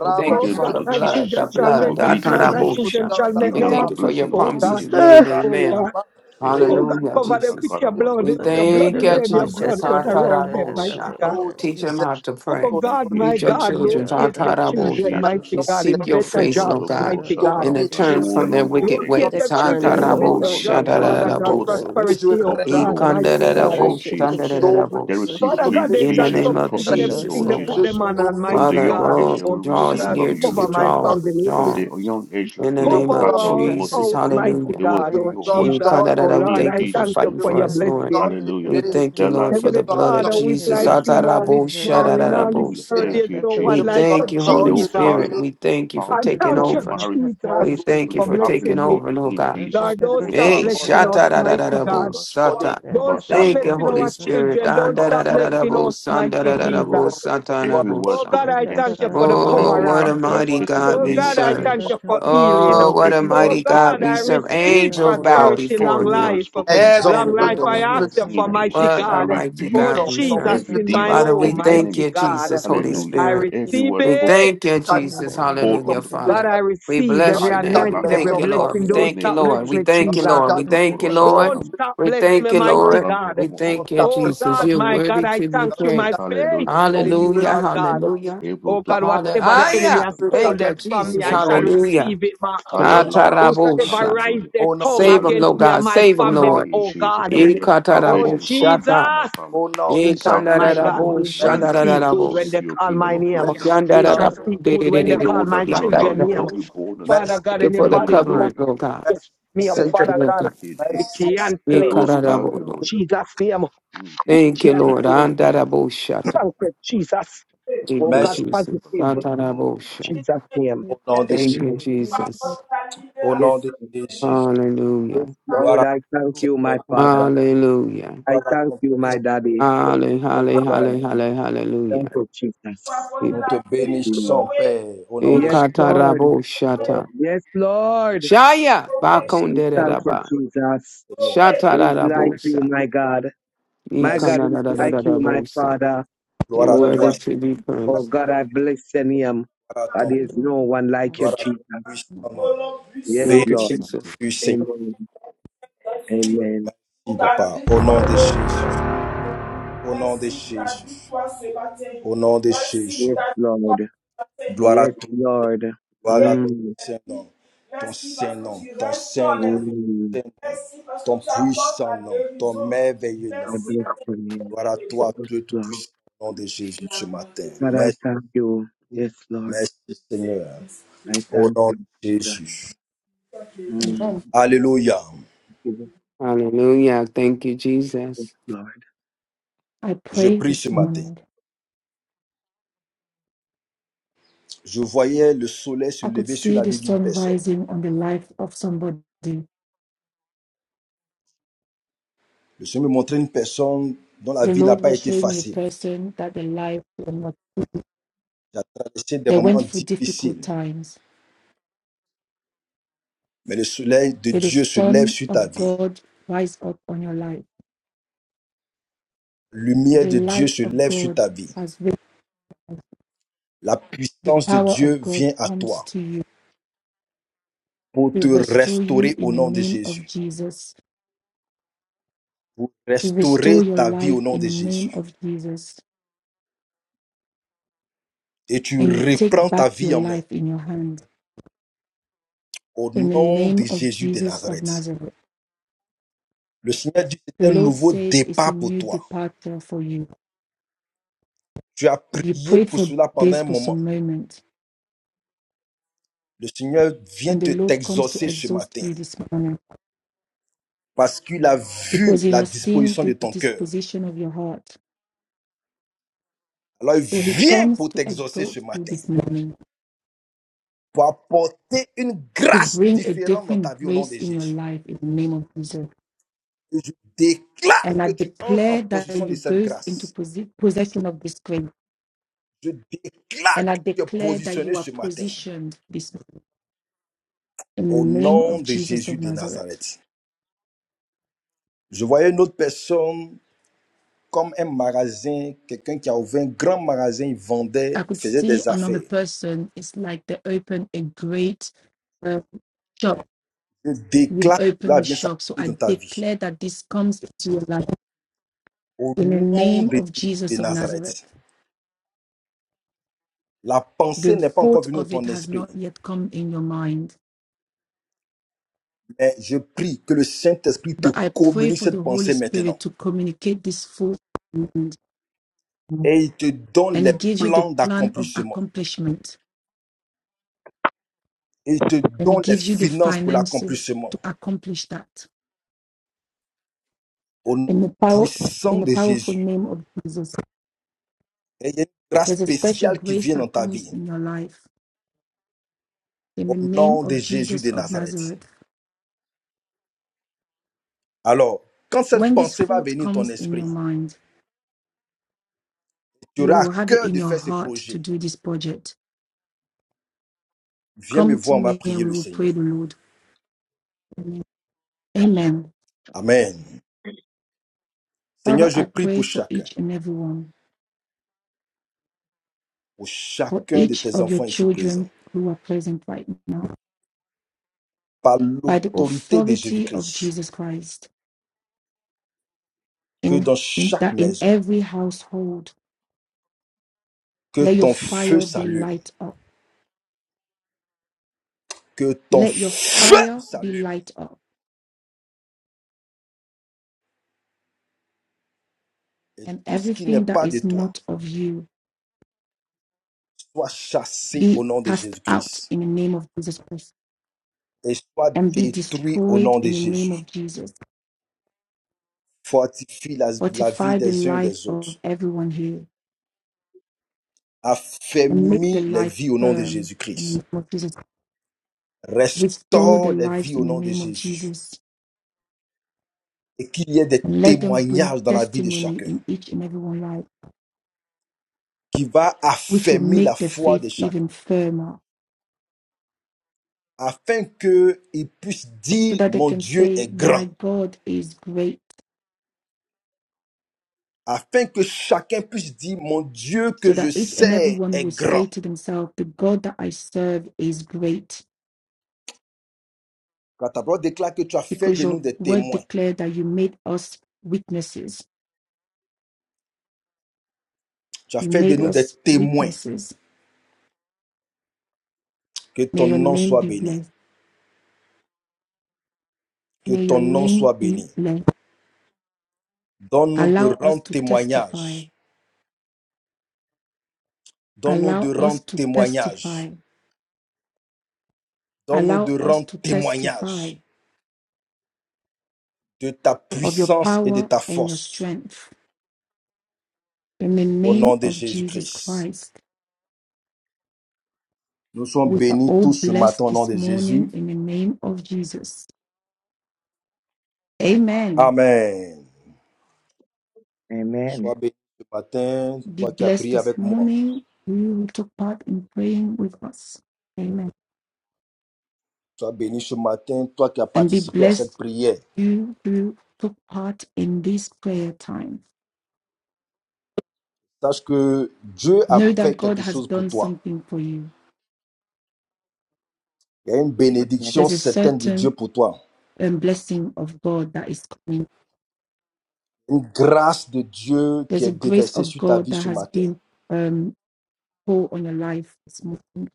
[SPEAKER 4] We thank
[SPEAKER 5] Oh
[SPEAKER 4] you
[SPEAKER 7] obedient
[SPEAKER 4] for
[SPEAKER 7] to
[SPEAKER 4] the
[SPEAKER 5] God,
[SPEAKER 7] the
[SPEAKER 5] my
[SPEAKER 4] blood,
[SPEAKER 7] teachers,
[SPEAKER 4] the
[SPEAKER 5] children shall
[SPEAKER 4] blood,
[SPEAKER 5] make
[SPEAKER 4] the
[SPEAKER 5] me
[SPEAKER 6] Thank you,
[SPEAKER 7] obedient,
[SPEAKER 5] smile.
[SPEAKER 7] Lord
[SPEAKER 5] My
[SPEAKER 6] Jesus.
[SPEAKER 7] Jesus.
[SPEAKER 5] children
[SPEAKER 4] Atarabusha.
[SPEAKER 5] shall make
[SPEAKER 7] Give
[SPEAKER 4] We
[SPEAKER 5] me
[SPEAKER 7] them the
[SPEAKER 4] thank you for
[SPEAKER 5] happy.
[SPEAKER 4] your
[SPEAKER 7] blessing
[SPEAKER 2] we
[SPEAKER 7] of
[SPEAKER 5] Oh
[SPEAKER 2] shout
[SPEAKER 5] God.
[SPEAKER 4] promises,
[SPEAKER 7] obedience, Lord
[SPEAKER 4] yea and
[SPEAKER 6] Ah.
[SPEAKER 5] Oh
[SPEAKER 7] Jesus.
[SPEAKER 2] at
[SPEAKER 4] amen.
[SPEAKER 5] God.
[SPEAKER 7] Eh,
[SPEAKER 5] Oh God,
[SPEAKER 7] roto
[SPEAKER 4] Hallelujah,
[SPEAKER 7] koro
[SPEAKER 5] cover them with
[SPEAKER 4] Jesus.
[SPEAKER 5] your
[SPEAKER 7] shakara manta
[SPEAKER 5] blood.
[SPEAKER 4] We
[SPEAKER 6] Da
[SPEAKER 7] kara
[SPEAKER 6] da
[SPEAKER 5] Your
[SPEAKER 6] da
[SPEAKER 5] blood
[SPEAKER 6] da
[SPEAKER 4] thank
[SPEAKER 5] in
[SPEAKER 6] da,
[SPEAKER 4] you,
[SPEAKER 5] them, your
[SPEAKER 7] sama
[SPEAKER 6] bullshit,
[SPEAKER 4] Jesus.
[SPEAKER 5] blood
[SPEAKER 6] da
[SPEAKER 5] run
[SPEAKER 7] sandoro
[SPEAKER 6] da
[SPEAKER 5] around
[SPEAKER 7] moto
[SPEAKER 6] da
[SPEAKER 5] them,
[SPEAKER 6] da
[SPEAKER 7] koro
[SPEAKER 6] da,
[SPEAKER 5] mighty
[SPEAKER 4] Atarabusha.
[SPEAKER 6] bullshit.
[SPEAKER 5] God.
[SPEAKER 7] shakara
[SPEAKER 1] Oh
[SPEAKER 7] manta
[SPEAKER 4] Teach
[SPEAKER 6] Thank
[SPEAKER 4] them
[SPEAKER 1] Jesus,
[SPEAKER 7] kara
[SPEAKER 4] how
[SPEAKER 7] sa.
[SPEAKER 4] to
[SPEAKER 5] Oh
[SPEAKER 4] pray.
[SPEAKER 1] ton
[SPEAKER 7] Thank
[SPEAKER 5] God,
[SPEAKER 1] nom
[SPEAKER 7] you,
[SPEAKER 5] my
[SPEAKER 4] Teach your
[SPEAKER 7] Jesus.
[SPEAKER 5] God,
[SPEAKER 6] you,
[SPEAKER 4] children,
[SPEAKER 6] Lord
[SPEAKER 5] locate
[SPEAKER 7] Thank
[SPEAKER 5] your
[SPEAKER 6] Father
[SPEAKER 7] you,
[SPEAKER 6] God.
[SPEAKER 5] children,
[SPEAKER 4] Atarabusha.
[SPEAKER 5] mighty
[SPEAKER 7] Jesus.
[SPEAKER 4] They
[SPEAKER 1] exaltant,
[SPEAKER 5] God, in
[SPEAKER 4] seek
[SPEAKER 1] Seigneur.
[SPEAKER 4] your
[SPEAKER 7] Eh,
[SPEAKER 5] better
[SPEAKER 6] Okay,
[SPEAKER 4] face, Lord
[SPEAKER 7] roto
[SPEAKER 5] jobs,
[SPEAKER 1] Je
[SPEAKER 6] Jesus,
[SPEAKER 4] God,
[SPEAKER 7] koro
[SPEAKER 5] mighty
[SPEAKER 6] Lord
[SPEAKER 5] God.
[SPEAKER 7] shakara
[SPEAKER 4] and
[SPEAKER 6] Father,
[SPEAKER 4] they
[SPEAKER 1] domine,
[SPEAKER 7] manta. They
[SPEAKER 1] je
[SPEAKER 4] turn
[SPEAKER 6] Jesus
[SPEAKER 7] will
[SPEAKER 4] from
[SPEAKER 7] know
[SPEAKER 4] their
[SPEAKER 1] règne
[SPEAKER 6] Christ.
[SPEAKER 7] your
[SPEAKER 4] wicked
[SPEAKER 7] name.
[SPEAKER 1] maintenant
[SPEAKER 5] Locate
[SPEAKER 1] sur
[SPEAKER 4] ways.
[SPEAKER 5] your
[SPEAKER 6] Protect
[SPEAKER 1] ma vie,
[SPEAKER 7] They
[SPEAKER 1] sur
[SPEAKER 5] children
[SPEAKER 6] Andy,
[SPEAKER 1] ma
[SPEAKER 7] will
[SPEAKER 5] in
[SPEAKER 6] Lord
[SPEAKER 7] know
[SPEAKER 1] maison.
[SPEAKER 5] better
[SPEAKER 7] your
[SPEAKER 6] God,
[SPEAKER 4] Atarabusha,
[SPEAKER 5] jobs,
[SPEAKER 7] name. They
[SPEAKER 4] da da
[SPEAKER 7] will
[SPEAKER 1] Je
[SPEAKER 6] Jesus,
[SPEAKER 4] da
[SPEAKER 7] be
[SPEAKER 5] Father
[SPEAKER 4] da
[SPEAKER 5] God,
[SPEAKER 6] protect
[SPEAKER 7] taught
[SPEAKER 4] bosa.
[SPEAKER 1] domine
[SPEAKER 6] Andy.
[SPEAKER 1] et je
[SPEAKER 5] prosperity, oh
[SPEAKER 7] of the
[SPEAKER 5] God,
[SPEAKER 7] Lord.
[SPEAKER 4] Ikanda
[SPEAKER 1] règne.
[SPEAKER 5] mighty
[SPEAKER 4] da da
[SPEAKER 5] God.
[SPEAKER 7] Thank
[SPEAKER 6] Lord,
[SPEAKER 7] you,
[SPEAKER 4] bosa,
[SPEAKER 6] she
[SPEAKER 1] Je
[SPEAKER 6] took
[SPEAKER 4] da da
[SPEAKER 7] Jesus.
[SPEAKER 6] it
[SPEAKER 4] da da
[SPEAKER 1] domine
[SPEAKER 6] to
[SPEAKER 7] They
[SPEAKER 6] the
[SPEAKER 4] bosa.
[SPEAKER 1] par
[SPEAKER 7] receive
[SPEAKER 6] bush.
[SPEAKER 5] Father God,
[SPEAKER 1] l'autorité de
[SPEAKER 7] dreams,
[SPEAKER 5] they
[SPEAKER 4] In the
[SPEAKER 5] shall
[SPEAKER 1] Jésus-Christ
[SPEAKER 7] visions,
[SPEAKER 1] de
[SPEAKER 4] name
[SPEAKER 7] and
[SPEAKER 4] of
[SPEAKER 5] succeed
[SPEAKER 6] Thank
[SPEAKER 5] in
[SPEAKER 6] you,
[SPEAKER 7] prophecies,
[SPEAKER 6] Lord
[SPEAKER 1] Nazareth.
[SPEAKER 4] Jesus,
[SPEAKER 5] everything
[SPEAKER 7] Lord
[SPEAKER 5] they
[SPEAKER 4] Lord
[SPEAKER 6] Father,
[SPEAKER 5] put
[SPEAKER 1] Je
[SPEAKER 4] God.
[SPEAKER 7] Jesus.
[SPEAKER 5] them
[SPEAKER 6] Jesus.
[SPEAKER 5] on,
[SPEAKER 1] domine
[SPEAKER 7] From the
[SPEAKER 1] sur
[SPEAKER 5] Almighty
[SPEAKER 4] Father,
[SPEAKER 7] young
[SPEAKER 1] toi,
[SPEAKER 5] God.
[SPEAKER 7] age,
[SPEAKER 4] grow,
[SPEAKER 7] they
[SPEAKER 5] Oh,
[SPEAKER 1] esprit
[SPEAKER 7] will
[SPEAKER 4] draw us
[SPEAKER 7] receive
[SPEAKER 5] Jesus,
[SPEAKER 4] near
[SPEAKER 7] from
[SPEAKER 4] to
[SPEAKER 7] you,
[SPEAKER 1] mauvais.
[SPEAKER 5] over
[SPEAKER 1] Et
[SPEAKER 4] your
[SPEAKER 7] Lord
[SPEAKER 5] my
[SPEAKER 4] draw,
[SPEAKER 7] Jesus.
[SPEAKER 5] family,
[SPEAKER 7] From the
[SPEAKER 4] draw.
[SPEAKER 7] young age, like
[SPEAKER 4] In
[SPEAKER 7] the
[SPEAKER 4] the
[SPEAKER 1] je
[SPEAKER 7] young
[SPEAKER 4] name
[SPEAKER 1] vous
[SPEAKER 4] of
[SPEAKER 5] over
[SPEAKER 1] ordonne
[SPEAKER 7] Samuel, they
[SPEAKER 5] our
[SPEAKER 1] de
[SPEAKER 6] Shataka,
[SPEAKER 7] will hear
[SPEAKER 4] Jesus,
[SPEAKER 5] house,
[SPEAKER 7] from
[SPEAKER 6] sataka,
[SPEAKER 7] you,
[SPEAKER 1] libérer.
[SPEAKER 5] mighty
[SPEAKER 7] Lord.
[SPEAKER 4] hallelujah.
[SPEAKER 7] They will
[SPEAKER 6] shataka,
[SPEAKER 5] God.
[SPEAKER 6] da,
[SPEAKER 1] Je
[SPEAKER 7] hear
[SPEAKER 5] Oh,
[SPEAKER 1] vous
[SPEAKER 6] da,
[SPEAKER 7] your
[SPEAKER 6] da, da.
[SPEAKER 7] voice
[SPEAKER 4] We
[SPEAKER 5] Jesus,
[SPEAKER 4] come
[SPEAKER 1] ordonne
[SPEAKER 4] to
[SPEAKER 5] oh,
[SPEAKER 1] de
[SPEAKER 4] that, we
[SPEAKER 5] Lord,
[SPEAKER 7] in
[SPEAKER 4] thank
[SPEAKER 5] I
[SPEAKER 4] you
[SPEAKER 1] libérer.
[SPEAKER 4] for
[SPEAKER 5] thank
[SPEAKER 7] Jesus'
[SPEAKER 5] you
[SPEAKER 7] name.
[SPEAKER 4] fighting
[SPEAKER 1] Je
[SPEAKER 5] for
[SPEAKER 4] for
[SPEAKER 5] your
[SPEAKER 1] vous
[SPEAKER 6] Sataka,
[SPEAKER 4] us, Lord.
[SPEAKER 5] blessing.
[SPEAKER 6] sataka,
[SPEAKER 7] Hallelujah.
[SPEAKER 4] We thank
[SPEAKER 6] sataka.
[SPEAKER 4] you,
[SPEAKER 7] Their life
[SPEAKER 4] Lord, for
[SPEAKER 7] is
[SPEAKER 5] Heavenly
[SPEAKER 4] the
[SPEAKER 7] blessed.
[SPEAKER 4] blood of
[SPEAKER 5] Father,
[SPEAKER 1] ordonne
[SPEAKER 6] Thank
[SPEAKER 5] who is
[SPEAKER 6] you,
[SPEAKER 4] Jesus.
[SPEAKER 1] de
[SPEAKER 5] like you in
[SPEAKER 1] libérer.
[SPEAKER 6] Jesus,
[SPEAKER 7] Hallelujah.
[SPEAKER 5] all
[SPEAKER 4] Atarabo,
[SPEAKER 5] this
[SPEAKER 1] Je vous
[SPEAKER 6] hallelujah.
[SPEAKER 5] world,
[SPEAKER 1] ordonne
[SPEAKER 5] in all this
[SPEAKER 7] Hallelujah.
[SPEAKER 1] de
[SPEAKER 4] shadarabos.
[SPEAKER 6] The
[SPEAKER 5] earth,
[SPEAKER 1] libérer.
[SPEAKER 6] Lord
[SPEAKER 7] Thank
[SPEAKER 5] there's
[SPEAKER 7] you,
[SPEAKER 6] for
[SPEAKER 5] no one
[SPEAKER 4] We
[SPEAKER 1] Je
[SPEAKER 7] Jesus.
[SPEAKER 5] like
[SPEAKER 1] vous
[SPEAKER 4] thank
[SPEAKER 5] you,
[SPEAKER 6] supernatural
[SPEAKER 4] you,
[SPEAKER 7] They
[SPEAKER 1] ordonne
[SPEAKER 4] Holy
[SPEAKER 1] de libérer. Je vous ordonne de libérer. Je vous ordonne de
[SPEAKER 7] will
[SPEAKER 5] Jesus.
[SPEAKER 1] libérer.
[SPEAKER 6] protection.
[SPEAKER 7] find
[SPEAKER 4] Spirit. We thank you for
[SPEAKER 5] I
[SPEAKER 7] partners. They
[SPEAKER 4] taking
[SPEAKER 5] thank
[SPEAKER 7] will
[SPEAKER 1] Glorieux
[SPEAKER 5] you,
[SPEAKER 4] over.
[SPEAKER 6] Shataka,
[SPEAKER 7] marry
[SPEAKER 1] soit
[SPEAKER 4] We
[SPEAKER 6] sataka,
[SPEAKER 5] Jesus,
[SPEAKER 1] honoré sur
[SPEAKER 4] thank
[SPEAKER 7] successfully
[SPEAKER 4] you
[SPEAKER 5] for
[SPEAKER 7] and
[SPEAKER 4] for
[SPEAKER 6] sataka.
[SPEAKER 1] la
[SPEAKER 4] taking
[SPEAKER 7] happily
[SPEAKER 5] blessing
[SPEAKER 1] terre.
[SPEAKER 5] me.
[SPEAKER 4] over, Lord
[SPEAKER 7] in
[SPEAKER 4] God.
[SPEAKER 1] En
[SPEAKER 7] Jesus'
[SPEAKER 5] Lord,
[SPEAKER 7] name.
[SPEAKER 5] don't
[SPEAKER 6] Shataka,
[SPEAKER 5] stop
[SPEAKER 7] Rebro
[SPEAKER 4] Hey,
[SPEAKER 1] toi,
[SPEAKER 6] sataka,
[SPEAKER 5] blessing
[SPEAKER 7] tokoro
[SPEAKER 1] honneur,
[SPEAKER 5] us,
[SPEAKER 6] sataka.
[SPEAKER 7] shakara
[SPEAKER 5] mighty
[SPEAKER 1] puissance,
[SPEAKER 5] God.
[SPEAKER 4] shatarabos,
[SPEAKER 7] karasha.
[SPEAKER 1] connaît.
[SPEAKER 4] sata.
[SPEAKER 5] Don't
[SPEAKER 7] Baba
[SPEAKER 6] Shataka,
[SPEAKER 5] stop
[SPEAKER 6] da,
[SPEAKER 4] Thank
[SPEAKER 7] santo
[SPEAKER 4] you,
[SPEAKER 6] da,
[SPEAKER 5] blessing
[SPEAKER 6] da,
[SPEAKER 7] romo
[SPEAKER 4] Holy
[SPEAKER 5] our
[SPEAKER 6] da,
[SPEAKER 1] Que
[SPEAKER 7] tokoro
[SPEAKER 6] da.
[SPEAKER 4] Spirit.
[SPEAKER 1] ton
[SPEAKER 5] children. Don't
[SPEAKER 1] nom
[SPEAKER 7] shakara
[SPEAKER 1] soit
[SPEAKER 5] stop blessing
[SPEAKER 7] karasha.
[SPEAKER 5] us,
[SPEAKER 4] Andarabos,
[SPEAKER 2] God
[SPEAKER 5] mighty
[SPEAKER 1] que ton
[SPEAKER 4] andarabos,
[SPEAKER 7] Hallelujah.
[SPEAKER 5] Jesus.
[SPEAKER 1] nom soit
[SPEAKER 7] Every
[SPEAKER 1] béni,
[SPEAKER 7] word
[SPEAKER 4] satanabos.
[SPEAKER 5] Oh God,
[SPEAKER 7] spoken
[SPEAKER 5] I
[SPEAKER 7] against
[SPEAKER 5] thank you
[SPEAKER 7] him.
[SPEAKER 6] Shataka,
[SPEAKER 5] for the
[SPEAKER 6] da, da,
[SPEAKER 4] Oh,
[SPEAKER 7] Hallelujah.
[SPEAKER 6] da,
[SPEAKER 4] what
[SPEAKER 7] I
[SPEAKER 4] a
[SPEAKER 6] da.
[SPEAKER 5] coverance.
[SPEAKER 7] curse
[SPEAKER 1] ton
[SPEAKER 4] mighty
[SPEAKER 7] it in
[SPEAKER 1] nom
[SPEAKER 7] the
[SPEAKER 4] God
[SPEAKER 5] Oh
[SPEAKER 4] we
[SPEAKER 7] name
[SPEAKER 5] God,
[SPEAKER 7] of
[SPEAKER 5] I
[SPEAKER 6] In the
[SPEAKER 4] serve.
[SPEAKER 5] thank
[SPEAKER 6] name
[SPEAKER 7] Jesus.
[SPEAKER 1] soit
[SPEAKER 5] you for
[SPEAKER 6] of
[SPEAKER 1] accordé.
[SPEAKER 7] I
[SPEAKER 5] healing.
[SPEAKER 4] Oh,
[SPEAKER 7] curse
[SPEAKER 4] what a
[SPEAKER 7] every
[SPEAKER 5] Oh
[SPEAKER 7] word
[SPEAKER 4] mighty God
[SPEAKER 7] spoken
[SPEAKER 5] God,
[SPEAKER 4] we
[SPEAKER 5] I
[SPEAKER 7] against
[SPEAKER 4] serve.
[SPEAKER 7] him.
[SPEAKER 5] receive
[SPEAKER 1] Et
[SPEAKER 7] I
[SPEAKER 4] Angels
[SPEAKER 1] pour nos
[SPEAKER 4] bow
[SPEAKER 7] curse
[SPEAKER 5] prosperity, long
[SPEAKER 7] every
[SPEAKER 4] before him,
[SPEAKER 7] word
[SPEAKER 5] life.
[SPEAKER 7] spoken against
[SPEAKER 1] maisons,
[SPEAKER 7] my
[SPEAKER 4] heaven
[SPEAKER 5] Long
[SPEAKER 1] que
[SPEAKER 5] life,
[SPEAKER 1] ton
[SPEAKER 7] family.
[SPEAKER 5] I
[SPEAKER 4] adore
[SPEAKER 1] feu
[SPEAKER 5] ask
[SPEAKER 4] him.
[SPEAKER 5] you for
[SPEAKER 7] In
[SPEAKER 5] mighty
[SPEAKER 7] Jesus'
[SPEAKER 4] What
[SPEAKER 7] name, I
[SPEAKER 4] a
[SPEAKER 5] God.
[SPEAKER 4] mighty
[SPEAKER 5] Oh
[SPEAKER 7] rebuke
[SPEAKER 4] God
[SPEAKER 1] s'accorde,
[SPEAKER 4] we
[SPEAKER 1] ton
[SPEAKER 5] Jesus,
[SPEAKER 4] serve.
[SPEAKER 7] every
[SPEAKER 1] feu
[SPEAKER 5] in my
[SPEAKER 7] devil,
[SPEAKER 4] Father, we
[SPEAKER 5] own
[SPEAKER 7] every
[SPEAKER 4] thank
[SPEAKER 5] mighty
[SPEAKER 7] enemy.
[SPEAKER 4] you,
[SPEAKER 1] s'attaque
[SPEAKER 5] God.
[SPEAKER 4] Jesus,
[SPEAKER 1] maison,
[SPEAKER 4] Holy
[SPEAKER 7] Hallelujah.
[SPEAKER 5] I
[SPEAKER 1] que
[SPEAKER 4] Spirit.
[SPEAKER 7] Every
[SPEAKER 5] receive
[SPEAKER 7] word
[SPEAKER 4] We
[SPEAKER 7] spoken,
[SPEAKER 5] it.
[SPEAKER 4] thank you,
[SPEAKER 7] I
[SPEAKER 1] chaque
[SPEAKER 2] most
[SPEAKER 4] Jesus.
[SPEAKER 1] domicile,
[SPEAKER 7] fall
[SPEAKER 1] ton
[SPEAKER 7] on
[SPEAKER 4] Hallelujah,
[SPEAKER 7] the
[SPEAKER 6] Jesus.
[SPEAKER 1] feu
[SPEAKER 7] floor
[SPEAKER 5] God,
[SPEAKER 4] Father.
[SPEAKER 5] I
[SPEAKER 1] s'allume
[SPEAKER 4] We
[SPEAKER 5] receive
[SPEAKER 1] dans
[SPEAKER 4] bless
[SPEAKER 5] every
[SPEAKER 4] your
[SPEAKER 7] die
[SPEAKER 4] name.
[SPEAKER 1] chaque
[SPEAKER 4] We
[SPEAKER 7] by
[SPEAKER 5] anointing, every
[SPEAKER 4] thank
[SPEAKER 1] maison,
[SPEAKER 7] fire
[SPEAKER 4] you,
[SPEAKER 1] ton
[SPEAKER 4] Lord.
[SPEAKER 5] blessing.
[SPEAKER 4] We
[SPEAKER 7] in
[SPEAKER 1] feu
[SPEAKER 7] the
[SPEAKER 5] Don't
[SPEAKER 4] thank you,
[SPEAKER 7] name
[SPEAKER 5] stop
[SPEAKER 7] of
[SPEAKER 1] s'allume
[SPEAKER 4] Lord.
[SPEAKER 5] blessing
[SPEAKER 4] We
[SPEAKER 7] Jesus.
[SPEAKER 5] me,
[SPEAKER 1] dans
[SPEAKER 4] thank you,
[SPEAKER 6] Thank
[SPEAKER 1] chaque
[SPEAKER 5] Jesus.
[SPEAKER 4] Lord. We
[SPEAKER 1] maison,
[SPEAKER 4] thank you,
[SPEAKER 1] ton
[SPEAKER 4] Lord.
[SPEAKER 5] Don't
[SPEAKER 7] Ebrotokoroshakaram,
[SPEAKER 1] feu dans
[SPEAKER 5] stop.
[SPEAKER 4] We
[SPEAKER 5] Bless me,
[SPEAKER 4] thank you,
[SPEAKER 5] mighty
[SPEAKER 4] Lord.
[SPEAKER 5] God.
[SPEAKER 4] We
[SPEAKER 1] dans
[SPEAKER 4] thank you,
[SPEAKER 1] ta
[SPEAKER 5] Oh
[SPEAKER 4] Jesus.
[SPEAKER 5] God,
[SPEAKER 1] présence
[SPEAKER 4] You're
[SPEAKER 7] Rabasanteromotokoroshakaram.
[SPEAKER 5] my
[SPEAKER 1] est
[SPEAKER 5] God,
[SPEAKER 4] worthy
[SPEAKER 5] I
[SPEAKER 4] to be
[SPEAKER 1] là, dans
[SPEAKER 5] thank you. My
[SPEAKER 4] praised.
[SPEAKER 1] chaque maison,
[SPEAKER 5] faith
[SPEAKER 7] Hallelujah.
[SPEAKER 5] is
[SPEAKER 1] ton
[SPEAKER 7] Thank
[SPEAKER 5] in
[SPEAKER 7] you,
[SPEAKER 5] you,
[SPEAKER 1] feu,
[SPEAKER 4] Hallelujah,
[SPEAKER 5] Lord
[SPEAKER 7] Jesus.
[SPEAKER 1] s'allume.
[SPEAKER 5] God.
[SPEAKER 4] hallelujah.
[SPEAKER 5] Oh
[SPEAKER 1] chaque
[SPEAKER 5] God,
[SPEAKER 1] maison,
[SPEAKER 4] Hallelujah.
[SPEAKER 5] whatever
[SPEAKER 1] ton
[SPEAKER 5] the
[SPEAKER 4] Ah,
[SPEAKER 5] enemy
[SPEAKER 4] yeah.
[SPEAKER 5] has
[SPEAKER 1] feu
[SPEAKER 7] Ebrotokoroshakaramantakarasa.
[SPEAKER 4] Thank
[SPEAKER 5] stolen
[SPEAKER 4] you,
[SPEAKER 1] s'allume.
[SPEAKER 5] from me,
[SPEAKER 7] Thank
[SPEAKER 4] Jesus.
[SPEAKER 1] Au
[SPEAKER 5] I
[SPEAKER 7] you,
[SPEAKER 5] shall
[SPEAKER 1] nom de,
[SPEAKER 7] Jesus.
[SPEAKER 4] Hallelujah.
[SPEAKER 5] receive it back.
[SPEAKER 1] au
[SPEAKER 7] Hallelujah.
[SPEAKER 1] nom de Jésus,
[SPEAKER 5] Whosoever
[SPEAKER 4] Atarabosha.
[SPEAKER 5] rise
[SPEAKER 7] Hallelujah.
[SPEAKER 5] their
[SPEAKER 1] au nom
[SPEAKER 5] tongue
[SPEAKER 1] de,
[SPEAKER 4] Save them,
[SPEAKER 5] against
[SPEAKER 4] Lord
[SPEAKER 5] me
[SPEAKER 7] Hallelujah.
[SPEAKER 5] and
[SPEAKER 4] God.
[SPEAKER 5] my
[SPEAKER 4] Save them,
[SPEAKER 1] au
[SPEAKER 7] Thank
[SPEAKER 1] nom
[SPEAKER 5] family,
[SPEAKER 4] Lord.
[SPEAKER 7] you,
[SPEAKER 5] oh
[SPEAKER 7] Jesus.
[SPEAKER 5] God.
[SPEAKER 7] Yes, Lord.
[SPEAKER 1] de,
[SPEAKER 5] Oh
[SPEAKER 7] Salvation coming
[SPEAKER 5] Jesus,
[SPEAKER 7] into
[SPEAKER 4] Ikataraboshata.
[SPEAKER 7] my family.
[SPEAKER 1] au nom de Jésus,
[SPEAKER 5] Jesus, my
[SPEAKER 7] Salvation,
[SPEAKER 5] God,
[SPEAKER 7] Lord.
[SPEAKER 5] they
[SPEAKER 4] ndarabosha.
[SPEAKER 5] shall
[SPEAKER 1] Merci,
[SPEAKER 7] Bring them,
[SPEAKER 5] speak
[SPEAKER 7] Lord
[SPEAKER 5] good
[SPEAKER 7] Jesus,
[SPEAKER 5] when
[SPEAKER 7] into
[SPEAKER 5] they
[SPEAKER 7] your
[SPEAKER 5] call
[SPEAKER 7] kingdom
[SPEAKER 5] my
[SPEAKER 7] of
[SPEAKER 5] name.
[SPEAKER 7] glory,
[SPEAKER 1] merci.
[SPEAKER 7] Lord
[SPEAKER 5] They
[SPEAKER 7] Jesus.
[SPEAKER 5] shall
[SPEAKER 4] Yandarabo-
[SPEAKER 5] speak good when they
[SPEAKER 7] All the
[SPEAKER 4] dedededede.
[SPEAKER 5] call
[SPEAKER 7] ones that
[SPEAKER 5] my
[SPEAKER 7] do not know you,
[SPEAKER 5] children
[SPEAKER 4] Yandarabo.
[SPEAKER 7] they'll
[SPEAKER 5] name.
[SPEAKER 7] be born again,
[SPEAKER 1] Merci,
[SPEAKER 5] Father
[SPEAKER 7] Lord. Jesus.
[SPEAKER 5] God,
[SPEAKER 4] Thank you for
[SPEAKER 7] They
[SPEAKER 4] the
[SPEAKER 7] will
[SPEAKER 5] anybody
[SPEAKER 7] know
[SPEAKER 5] that
[SPEAKER 4] covering,
[SPEAKER 7] you,
[SPEAKER 4] Lord
[SPEAKER 7] Lord
[SPEAKER 4] God.
[SPEAKER 1] merci
[SPEAKER 7] Jesus.
[SPEAKER 5] speak me up,
[SPEAKER 1] Seigneur.
[SPEAKER 4] Thank you,
[SPEAKER 5] Father
[SPEAKER 4] Lord
[SPEAKER 5] God,
[SPEAKER 7] Thank
[SPEAKER 4] God.
[SPEAKER 7] you,
[SPEAKER 5] we
[SPEAKER 1] Merci
[SPEAKER 7] Jesus.
[SPEAKER 5] cancel
[SPEAKER 7] Eu
[SPEAKER 5] it.
[SPEAKER 1] Seigneur.
[SPEAKER 7] ouçava,
[SPEAKER 4] Ikararabo,
[SPEAKER 1] Au nom de
[SPEAKER 7] Lord.
[SPEAKER 4] Lord.
[SPEAKER 7] Jesus.
[SPEAKER 5] Jesus' name.
[SPEAKER 1] Jésus-Christ.
[SPEAKER 7] In
[SPEAKER 5] We
[SPEAKER 7] Jesus'
[SPEAKER 4] Thank you,
[SPEAKER 7] name, thank
[SPEAKER 4] Lord.
[SPEAKER 7] you,
[SPEAKER 5] cancel
[SPEAKER 7] Lord.
[SPEAKER 4] Andaraboshata.
[SPEAKER 5] sacred Jesus. Oh
[SPEAKER 4] Thank you,
[SPEAKER 7] Santa
[SPEAKER 5] God,
[SPEAKER 1] Merci
[SPEAKER 4] Jesus.
[SPEAKER 7] Lord.
[SPEAKER 5] positive
[SPEAKER 7] Thank you, Lord.
[SPEAKER 4] Atarabosha.
[SPEAKER 5] Jesus' name.
[SPEAKER 1] au nom de
[SPEAKER 2] celebration
[SPEAKER 4] Thank
[SPEAKER 1] Jésus.
[SPEAKER 4] you,
[SPEAKER 5] Amen.
[SPEAKER 7] Hallelujah.
[SPEAKER 2] enables us to
[SPEAKER 4] Jesus.
[SPEAKER 1] Au nom
[SPEAKER 5] Yes,
[SPEAKER 1] de
[SPEAKER 5] Lord.
[SPEAKER 1] Jésus.
[SPEAKER 7] Thank
[SPEAKER 4] Hallelujah.
[SPEAKER 5] Yes,
[SPEAKER 1] Gloire
[SPEAKER 5] Lord.
[SPEAKER 1] à toi,
[SPEAKER 5] I
[SPEAKER 7] you,
[SPEAKER 5] thank
[SPEAKER 7] Lord.
[SPEAKER 5] you, my
[SPEAKER 1] Seigneur. Gloire
[SPEAKER 5] Father.
[SPEAKER 4] Hallelujah.
[SPEAKER 1] à
[SPEAKER 5] I
[SPEAKER 1] gloire à
[SPEAKER 5] thank
[SPEAKER 1] ton
[SPEAKER 5] you, my
[SPEAKER 1] précieux
[SPEAKER 5] Daddy.
[SPEAKER 4] Halle,
[SPEAKER 5] Yes,
[SPEAKER 1] nom.
[SPEAKER 4] halle,
[SPEAKER 5] Lord.
[SPEAKER 4] halle, halle,
[SPEAKER 5] Thank
[SPEAKER 4] hallelujah.
[SPEAKER 5] you, Jesus.
[SPEAKER 1] Nous te
[SPEAKER 5] Yes, Lord.
[SPEAKER 1] bénissons, Père. Au nom de Jésus.
[SPEAKER 5] Yes,
[SPEAKER 4] Ikata
[SPEAKER 5] Lord.
[SPEAKER 4] rabo
[SPEAKER 1] Au
[SPEAKER 4] shata.
[SPEAKER 1] nom
[SPEAKER 5] Yes, Lord.
[SPEAKER 4] Shaya
[SPEAKER 1] de
[SPEAKER 2] find
[SPEAKER 1] Merci,
[SPEAKER 5] We
[SPEAKER 4] bakondere
[SPEAKER 5] thank you,
[SPEAKER 4] raba.
[SPEAKER 5] Jesus.
[SPEAKER 1] Seigneur.
[SPEAKER 4] Shata
[SPEAKER 5] Who is like you,
[SPEAKER 4] rabosa.
[SPEAKER 5] my God? My
[SPEAKER 1] Merci,
[SPEAKER 5] God,
[SPEAKER 4] Ikana
[SPEAKER 5] who
[SPEAKER 2] the
[SPEAKER 5] is
[SPEAKER 2] secret
[SPEAKER 1] Seigneur.
[SPEAKER 5] like you, my
[SPEAKER 4] rabosa.
[SPEAKER 5] Father?
[SPEAKER 1] Gloire
[SPEAKER 4] You're
[SPEAKER 1] à toi.
[SPEAKER 5] Oh
[SPEAKER 1] Gloire
[SPEAKER 4] worthy
[SPEAKER 5] God,
[SPEAKER 4] to be
[SPEAKER 2] that
[SPEAKER 5] oh
[SPEAKER 4] praised.
[SPEAKER 5] God, I bless your name.
[SPEAKER 1] à
[SPEAKER 5] God,
[SPEAKER 1] ton
[SPEAKER 5] there
[SPEAKER 2] we
[SPEAKER 5] is
[SPEAKER 1] Père.
[SPEAKER 2] do
[SPEAKER 5] no
[SPEAKER 2] of it.
[SPEAKER 5] one like
[SPEAKER 2] That
[SPEAKER 5] you,
[SPEAKER 1] Gloire à ton
[SPEAKER 5] Jesus.
[SPEAKER 1] puissant
[SPEAKER 2] like
[SPEAKER 1] nom.
[SPEAKER 5] Yes,
[SPEAKER 2] we
[SPEAKER 1] Béni
[SPEAKER 4] Thank you,
[SPEAKER 2] do
[SPEAKER 5] Lord.
[SPEAKER 2] such a
[SPEAKER 4] Jesus.
[SPEAKER 1] tu Seigneur.
[SPEAKER 5] Amen. Amen.
[SPEAKER 1] Papa, au nom de Jésus. Au nom de Jésus. Au nom de Jésus.
[SPEAKER 5] Yes, Lord.
[SPEAKER 1] Gloire à
[SPEAKER 5] Yes,
[SPEAKER 1] toi.
[SPEAKER 5] Lord.
[SPEAKER 1] Gloire à ton
[SPEAKER 5] Mm.
[SPEAKER 1] Saint-Nom. Ton Saint-Nom. Ton Saint-Nom.
[SPEAKER 5] Mm.
[SPEAKER 1] Ton puissant nom. Ton merveilleux nom.
[SPEAKER 5] I bless your name.
[SPEAKER 1] Gloire à toi,
[SPEAKER 5] Yes,
[SPEAKER 1] Dieu
[SPEAKER 5] Lord.
[SPEAKER 1] Tout-Puissant. Au nom de Jésus ce matin.
[SPEAKER 5] God, I
[SPEAKER 1] Merci.
[SPEAKER 5] thank you. Yes, Lord.
[SPEAKER 1] Merci Seigneur.
[SPEAKER 5] I
[SPEAKER 1] Au
[SPEAKER 5] thank
[SPEAKER 1] nom
[SPEAKER 5] you,
[SPEAKER 1] de
[SPEAKER 5] Jesus.
[SPEAKER 1] Jésus.
[SPEAKER 5] Mm.
[SPEAKER 2] Amen.
[SPEAKER 1] Alléluia.
[SPEAKER 5] Yes,
[SPEAKER 4] Hallelujah. Thank you, Jesus.
[SPEAKER 5] Lord.
[SPEAKER 2] I
[SPEAKER 1] Je
[SPEAKER 2] pray
[SPEAKER 1] prie ce
[SPEAKER 2] this
[SPEAKER 1] matin.
[SPEAKER 2] morning.
[SPEAKER 1] Je voyais le soleil se
[SPEAKER 2] I could
[SPEAKER 1] lever sur
[SPEAKER 2] see
[SPEAKER 1] la
[SPEAKER 2] the
[SPEAKER 1] vie d'une
[SPEAKER 2] sun
[SPEAKER 1] personne.
[SPEAKER 2] rising on the life of somebody. The
[SPEAKER 1] Le Seigneur me montrait une personne dont la vie n'a
[SPEAKER 2] Lord
[SPEAKER 1] pas
[SPEAKER 2] was
[SPEAKER 1] été
[SPEAKER 2] showing me a
[SPEAKER 1] facile.
[SPEAKER 2] person that the life was not.
[SPEAKER 1] Tu as traversé des
[SPEAKER 2] They went
[SPEAKER 1] moments
[SPEAKER 2] through difficult
[SPEAKER 1] difficiles,
[SPEAKER 2] times.
[SPEAKER 1] mais le soleil de
[SPEAKER 2] May the
[SPEAKER 1] Dieu se lève
[SPEAKER 2] Son
[SPEAKER 1] sur ta
[SPEAKER 2] of
[SPEAKER 1] vie.
[SPEAKER 2] God rise up on your life.
[SPEAKER 1] La lumière
[SPEAKER 2] The
[SPEAKER 1] de Dieu
[SPEAKER 2] light
[SPEAKER 1] se
[SPEAKER 2] of
[SPEAKER 1] lève sur
[SPEAKER 2] God
[SPEAKER 1] ta vie.
[SPEAKER 2] has risen.
[SPEAKER 1] La
[SPEAKER 2] The
[SPEAKER 1] puissance de
[SPEAKER 2] power
[SPEAKER 1] Dieu
[SPEAKER 2] of God
[SPEAKER 1] vient à
[SPEAKER 2] comes
[SPEAKER 1] toi
[SPEAKER 2] to you.
[SPEAKER 1] pour
[SPEAKER 2] We
[SPEAKER 1] te
[SPEAKER 2] restore you
[SPEAKER 1] restaurer
[SPEAKER 2] in
[SPEAKER 1] au
[SPEAKER 2] the
[SPEAKER 1] nom de
[SPEAKER 2] name of
[SPEAKER 1] Jésus,
[SPEAKER 2] Jesus.
[SPEAKER 1] pour
[SPEAKER 2] We restore
[SPEAKER 1] restaurer
[SPEAKER 2] your
[SPEAKER 1] ta vie au
[SPEAKER 2] life
[SPEAKER 1] nom
[SPEAKER 2] in
[SPEAKER 1] de
[SPEAKER 2] the name
[SPEAKER 1] Jésus.
[SPEAKER 2] of Jesus.
[SPEAKER 1] Et tu
[SPEAKER 2] And you take
[SPEAKER 1] reprends ta
[SPEAKER 2] back
[SPEAKER 1] vie
[SPEAKER 2] your
[SPEAKER 1] en main
[SPEAKER 2] life in your hand
[SPEAKER 1] au
[SPEAKER 2] in the
[SPEAKER 1] nom
[SPEAKER 2] name
[SPEAKER 1] de
[SPEAKER 2] of
[SPEAKER 1] Jésus de
[SPEAKER 2] Jesus of
[SPEAKER 1] Nazareth.
[SPEAKER 2] Nazareth.
[SPEAKER 1] Le Seigneur dit, que
[SPEAKER 2] The
[SPEAKER 1] c'est un
[SPEAKER 2] Lord
[SPEAKER 1] nouveau
[SPEAKER 2] says it's a
[SPEAKER 1] départ pour
[SPEAKER 2] new
[SPEAKER 1] toi.
[SPEAKER 2] departure for you.
[SPEAKER 1] Tu as
[SPEAKER 2] You
[SPEAKER 1] prié
[SPEAKER 2] prayed
[SPEAKER 1] pour
[SPEAKER 2] for
[SPEAKER 1] cela pendant
[SPEAKER 2] this
[SPEAKER 1] un
[SPEAKER 2] for
[SPEAKER 1] moment.
[SPEAKER 2] some moment,
[SPEAKER 1] Le Seigneur vient
[SPEAKER 2] and the
[SPEAKER 1] te
[SPEAKER 2] Lord comes
[SPEAKER 1] t'exaucer
[SPEAKER 2] to
[SPEAKER 1] ce
[SPEAKER 2] exhaust
[SPEAKER 1] matin
[SPEAKER 2] you this morning
[SPEAKER 1] parce qu'il a
[SPEAKER 2] because
[SPEAKER 1] vu
[SPEAKER 2] He
[SPEAKER 1] la
[SPEAKER 2] has seen
[SPEAKER 1] disposition de
[SPEAKER 2] the
[SPEAKER 1] ton cœur.
[SPEAKER 2] disposition of your heart.
[SPEAKER 1] Alors il
[SPEAKER 2] So He
[SPEAKER 1] vient
[SPEAKER 2] comes
[SPEAKER 1] pour
[SPEAKER 2] to
[SPEAKER 1] t'exaucer ce
[SPEAKER 2] exalt you
[SPEAKER 1] matin,
[SPEAKER 2] this morning
[SPEAKER 1] pour apporter une
[SPEAKER 2] to
[SPEAKER 1] grâce
[SPEAKER 2] bring a
[SPEAKER 1] différente dans ta
[SPEAKER 2] different
[SPEAKER 1] vie au nom
[SPEAKER 2] grace
[SPEAKER 1] de
[SPEAKER 2] in your
[SPEAKER 1] Jésus.
[SPEAKER 2] life in the name of Jesus.
[SPEAKER 1] Et je
[SPEAKER 2] And
[SPEAKER 1] déclare
[SPEAKER 2] I
[SPEAKER 1] que tu entres en
[SPEAKER 2] declare that
[SPEAKER 1] possession
[SPEAKER 2] you
[SPEAKER 1] de cette
[SPEAKER 2] go into
[SPEAKER 1] grâce.
[SPEAKER 2] posi- possession of this grace.
[SPEAKER 1] Je
[SPEAKER 2] And
[SPEAKER 1] déclare
[SPEAKER 2] I
[SPEAKER 1] que tu es
[SPEAKER 2] declare that
[SPEAKER 1] positionné
[SPEAKER 2] you are
[SPEAKER 1] ce matin
[SPEAKER 2] positioned this in
[SPEAKER 1] au
[SPEAKER 2] the name
[SPEAKER 1] nom
[SPEAKER 2] of
[SPEAKER 1] de
[SPEAKER 2] Jesus
[SPEAKER 1] Jésus
[SPEAKER 2] of
[SPEAKER 1] de
[SPEAKER 2] Nazareth.
[SPEAKER 1] Nazareth. Je voyais une autre personne comme un magasin, quelqu'un qui a ouvert un grand magasin, il
[SPEAKER 2] I
[SPEAKER 1] vendait, il
[SPEAKER 2] could
[SPEAKER 1] faisait
[SPEAKER 2] see
[SPEAKER 1] des
[SPEAKER 2] another
[SPEAKER 1] affaires.
[SPEAKER 2] person. It's like they open a great uh, shop.
[SPEAKER 1] Je
[SPEAKER 2] You've
[SPEAKER 1] déclare que
[SPEAKER 2] opened
[SPEAKER 1] cela
[SPEAKER 2] the
[SPEAKER 1] vient
[SPEAKER 2] shop. So
[SPEAKER 1] s'accomplir dans
[SPEAKER 2] I
[SPEAKER 1] ta vie.
[SPEAKER 2] declare that this comes into your life
[SPEAKER 1] Au
[SPEAKER 2] in the
[SPEAKER 1] nom
[SPEAKER 2] name
[SPEAKER 1] de
[SPEAKER 2] of
[SPEAKER 1] Jésus de
[SPEAKER 2] Jesus of Nazareth.
[SPEAKER 1] Nazareth. La pensée
[SPEAKER 2] The
[SPEAKER 1] n'est pas encore
[SPEAKER 2] thought
[SPEAKER 1] venue dans
[SPEAKER 2] of it
[SPEAKER 1] ton
[SPEAKER 2] has
[SPEAKER 1] esprit.
[SPEAKER 2] not yet come in your mind.
[SPEAKER 1] Mais je prie que le Saint-Esprit te
[SPEAKER 2] But I pray
[SPEAKER 1] communique
[SPEAKER 2] for
[SPEAKER 1] cette
[SPEAKER 2] the Holy
[SPEAKER 1] pensée maintenant.
[SPEAKER 2] Spirit to communicate this thought.
[SPEAKER 1] Et il te donne
[SPEAKER 2] And
[SPEAKER 1] les
[SPEAKER 2] it gives you the
[SPEAKER 1] plans
[SPEAKER 2] plan of
[SPEAKER 1] d'accomplissement.
[SPEAKER 2] accomplishment.
[SPEAKER 1] Et il te
[SPEAKER 2] And it
[SPEAKER 1] donne les
[SPEAKER 2] gives you the
[SPEAKER 1] finances pour
[SPEAKER 2] finances
[SPEAKER 1] l'accomplissement.
[SPEAKER 2] to accomplish that.
[SPEAKER 1] Au nom
[SPEAKER 2] In the power in
[SPEAKER 1] puissant
[SPEAKER 2] the
[SPEAKER 1] de
[SPEAKER 2] powerful
[SPEAKER 1] Jésus.
[SPEAKER 2] name of Jesus.
[SPEAKER 1] Et il y a une grâce
[SPEAKER 2] There's a special
[SPEAKER 1] spéciale qui
[SPEAKER 2] grace
[SPEAKER 1] vient dans
[SPEAKER 2] that
[SPEAKER 1] ta
[SPEAKER 2] comes
[SPEAKER 1] vie.
[SPEAKER 2] in your life in the
[SPEAKER 1] Au
[SPEAKER 2] name
[SPEAKER 1] nom de
[SPEAKER 2] of
[SPEAKER 1] Jésus
[SPEAKER 2] Jesus
[SPEAKER 1] de
[SPEAKER 2] of
[SPEAKER 1] Nazareth.
[SPEAKER 2] Nazareth.
[SPEAKER 1] Alors, quand cette
[SPEAKER 2] When this
[SPEAKER 1] pensée va
[SPEAKER 2] thought
[SPEAKER 1] venir dans ton
[SPEAKER 2] comes in
[SPEAKER 1] esprit,
[SPEAKER 2] your mind,
[SPEAKER 1] tu
[SPEAKER 2] you
[SPEAKER 1] auras à
[SPEAKER 2] will have it
[SPEAKER 1] cœur
[SPEAKER 2] in
[SPEAKER 1] de
[SPEAKER 2] your
[SPEAKER 1] faire ce
[SPEAKER 2] heart to
[SPEAKER 1] projet.
[SPEAKER 2] do this project.
[SPEAKER 1] Viens me
[SPEAKER 2] Come to
[SPEAKER 1] voir, on va
[SPEAKER 2] me and
[SPEAKER 1] prier
[SPEAKER 2] we
[SPEAKER 1] le
[SPEAKER 2] will pray
[SPEAKER 1] Seigneur.
[SPEAKER 2] the Lord. Amen. Amen.
[SPEAKER 1] Amen.
[SPEAKER 2] Father,
[SPEAKER 1] Seigneur, je
[SPEAKER 2] I
[SPEAKER 1] prie pour
[SPEAKER 2] pray for
[SPEAKER 1] chacun,
[SPEAKER 2] each and every one,
[SPEAKER 1] pour
[SPEAKER 2] for
[SPEAKER 1] chacun de
[SPEAKER 2] each
[SPEAKER 1] tes
[SPEAKER 2] of your
[SPEAKER 1] enfants ici présents.
[SPEAKER 2] children who are present right now,
[SPEAKER 1] par
[SPEAKER 2] by the
[SPEAKER 1] l'autorité de
[SPEAKER 2] authority of
[SPEAKER 1] Jésus-Christ,
[SPEAKER 2] Jesus Christ,
[SPEAKER 1] que
[SPEAKER 2] in,
[SPEAKER 1] dans
[SPEAKER 2] in
[SPEAKER 1] chaque
[SPEAKER 2] that in
[SPEAKER 1] maison,
[SPEAKER 2] every household,
[SPEAKER 1] que
[SPEAKER 2] let your
[SPEAKER 1] ton feu
[SPEAKER 2] fire be
[SPEAKER 1] s'allume,
[SPEAKER 2] light up.
[SPEAKER 1] que ton
[SPEAKER 2] Let your
[SPEAKER 1] feu
[SPEAKER 2] fire be
[SPEAKER 1] s'allume,
[SPEAKER 2] light up
[SPEAKER 1] et
[SPEAKER 2] and
[SPEAKER 1] tout ce qui n'est
[SPEAKER 2] everything that
[SPEAKER 1] pas de
[SPEAKER 2] is
[SPEAKER 1] toi
[SPEAKER 2] not of you
[SPEAKER 1] soit chassé au
[SPEAKER 2] be
[SPEAKER 1] nom de
[SPEAKER 2] cast out
[SPEAKER 1] Jésus-Christ,
[SPEAKER 2] in the name of Jesus Christ
[SPEAKER 1] et soit
[SPEAKER 2] and be
[SPEAKER 1] détruit au
[SPEAKER 2] destroyed
[SPEAKER 1] nom de
[SPEAKER 2] in the name of
[SPEAKER 1] Jésus.
[SPEAKER 2] Jesus.
[SPEAKER 1] Fortifie la, la vie
[SPEAKER 2] Fortify the
[SPEAKER 1] des uns et
[SPEAKER 2] life
[SPEAKER 1] des
[SPEAKER 2] of
[SPEAKER 1] autres,
[SPEAKER 2] everyone here and make the
[SPEAKER 1] affermis les
[SPEAKER 2] life
[SPEAKER 1] vies au nom de
[SPEAKER 2] firm in the
[SPEAKER 1] Jésus-Christ,
[SPEAKER 2] name of Jesus. Restore the
[SPEAKER 1] restaure les vies
[SPEAKER 2] lives
[SPEAKER 1] au
[SPEAKER 2] in the
[SPEAKER 1] nom de
[SPEAKER 2] name of
[SPEAKER 1] Jésus,
[SPEAKER 2] Jesus
[SPEAKER 1] et qu'il y ait des
[SPEAKER 2] and let them bring
[SPEAKER 1] témoignages dans la vie de
[SPEAKER 2] testimony
[SPEAKER 1] chacun,
[SPEAKER 2] in each and every one life,
[SPEAKER 1] qui va
[SPEAKER 2] which will
[SPEAKER 1] affermir la
[SPEAKER 2] make their
[SPEAKER 1] foi
[SPEAKER 2] faith
[SPEAKER 1] de chacun
[SPEAKER 2] even firmer
[SPEAKER 1] afin qu'ils puissent
[SPEAKER 2] so
[SPEAKER 1] dire
[SPEAKER 2] that they
[SPEAKER 1] mon
[SPEAKER 2] can
[SPEAKER 1] Dieu
[SPEAKER 2] say,
[SPEAKER 1] est
[SPEAKER 2] My
[SPEAKER 1] grand,
[SPEAKER 2] God is great.
[SPEAKER 1] afin que chacun puisse dire mon Dieu que
[SPEAKER 2] so
[SPEAKER 1] je
[SPEAKER 2] that each and
[SPEAKER 1] sais
[SPEAKER 2] everyone
[SPEAKER 1] est
[SPEAKER 2] will say
[SPEAKER 1] grand.
[SPEAKER 2] to themselves, The God that I serve is great,
[SPEAKER 1] Quand ta parole déclare que tu as fait
[SPEAKER 2] because
[SPEAKER 1] de nous
[SPEAKER 2] your
[SPEAKER 1] des
[SPEAKER 2] word
[SPEAKER 1] témoins,
[SPEAKER 2] declared that you made us witnesses.
[SPEAKER 1] tu as
[SPEAKER 2] You
[SPEAKER 1] fait de
[SPEAKER 2] made
[SPEAKER 1] nous des
[SPEAKER 2] us
[SPEAKER 1] témoins,
[SPEAKER 2] witnesses.
[SPEAKER 1] que
[SPEAKER 2] May
[SPEAKER 1] ton
[SPEAKER 2] your
[SPEAKER 1] nom
[SPEAKER 2] name
[SPEAKER 1] soit
[SPEAKER 2] be
[SPEAKER 1] béni,
[SPEAKER 2] blessed.
[SPEAKER 1] que
[SPEAKER 2] May
[SPEAKER 1] ton
[SPEAKER 2] your
[SPEAKER 1] nom soit
[SPEAKER 2] name be
[SPEAKER 1] béni.
[SPEAKER 2] blessed.
[SPEAKER 1] Donne-nous
[SPEAKER 2] Allow
[SPEAKER 1] de
[SPEAKER 2] us
[SPEAKER 1] rendre
[SPEAKER 2] to testify.
[SPEAKER 1] témoignage, donne-nous de
[SPEAKER 2] Allow us
[SPEAKER 1] rendre
[SPEAKER 2] to testify.
[SPEAKER 1] témoignage, donne-nous
[SPEAKER 2] Allow
[SPEAKER 1] de
[SPEAKER 2] us
[SPEAKER 1] rendre
[SPEAKER 2] to testify
[SPEAKER 1] témoignage de ta
[SPEAKER 2] of your
[SPEAKER 1] puissance et de
[SPEAKER 2] power
[SPEAKER 1] ta
[SPEAKER 2] and your
[SPEAKER 1] force
[SPEAKER 2] strength. In the
[SPEAKER 1] au
[SPEAKER 2] name
[SPEAKER 1] nom de
[SPEAKER 2] of Jesus
[SPEAKER 1] Jésus-Christ.
[SPEAKER 2] Christ,
[SPEAKER 1] Nous sommes
[SPEAKER 2] we are
[SPEAKER 1] bénis
[SPEAKER 2] all
[SPEAKER 1] tous ce matin
[SPEAKER 2] blessed
[SPEAKER 1] au nom
[SPEAKER 2] this
[SPEAKER 1] de Jésus.
[SPEAKER 2] morning in the name of Jesus. Amen.
[SPEAKER 1] Amen.
[SPEAKER 5] Amen.
[SPEAKER 1] Sois béni ce matin,
[SPEAKER 2] Be
[SPEAKER 1] toi qui as
[SPEAKER 2] blessed
[SPEAKER 1] prié
[SPEAKER 2] this
[SPEAKER 1] avec moi.
[SPEAKER 2] morning. You who took part in praying with us. Amen.
[SPEAKER 1] Sois béni ce matin, toi qui as
[SPEAKER 2] And be
[SPEAKER 1] participé à cette
[SPEAKER 2] blessed
[SPEAKER 1] prière.
[SPEAKER 2] you who took part in this prayer time.
[SPEAKER 1] Sache que Dieu a
[SPEAKER 2] Know that
[SPEAKER 1] fait
[SPEAKER 2] God
[SPEAKER 1] quelque
[SPEAKER 2] has
[SPEAKER 1] chose pour
[SPEAKER 2] done
[SPEAKER 1] toi.
[SPEAKER 2] something for you.
[SPEAKER 1] Il y a une
[SPEAKER 5] Amen.
[SPEAKER 1] bénédiction
[SPEAKER 2] There's a
[SPEAKER 1] certaine de Dieu
[SPEAKER 2] certain
[SPEAKER 1] pour toi.
[SPEAKER 2] um, blessing of God that is coming.
[SPEAKER 1] Une grâce de Dieu qui
[SPEAKER 2] There's
[SPEAKER 1] est
[SPEAKER 2] a grace
[SPEAKER 1] déversée
[SPEAKER 2] of
[SPEAKER 1] sur ta
[SPEAKER 2] God
[SPEAKER 1] vie
[SPEAKER 2] that
[SPEAKER 1] ce
[SPEAKER 2] has
[SPEAKER 1] matin.
[SPEAKER 2] been um, poured on your life this morning.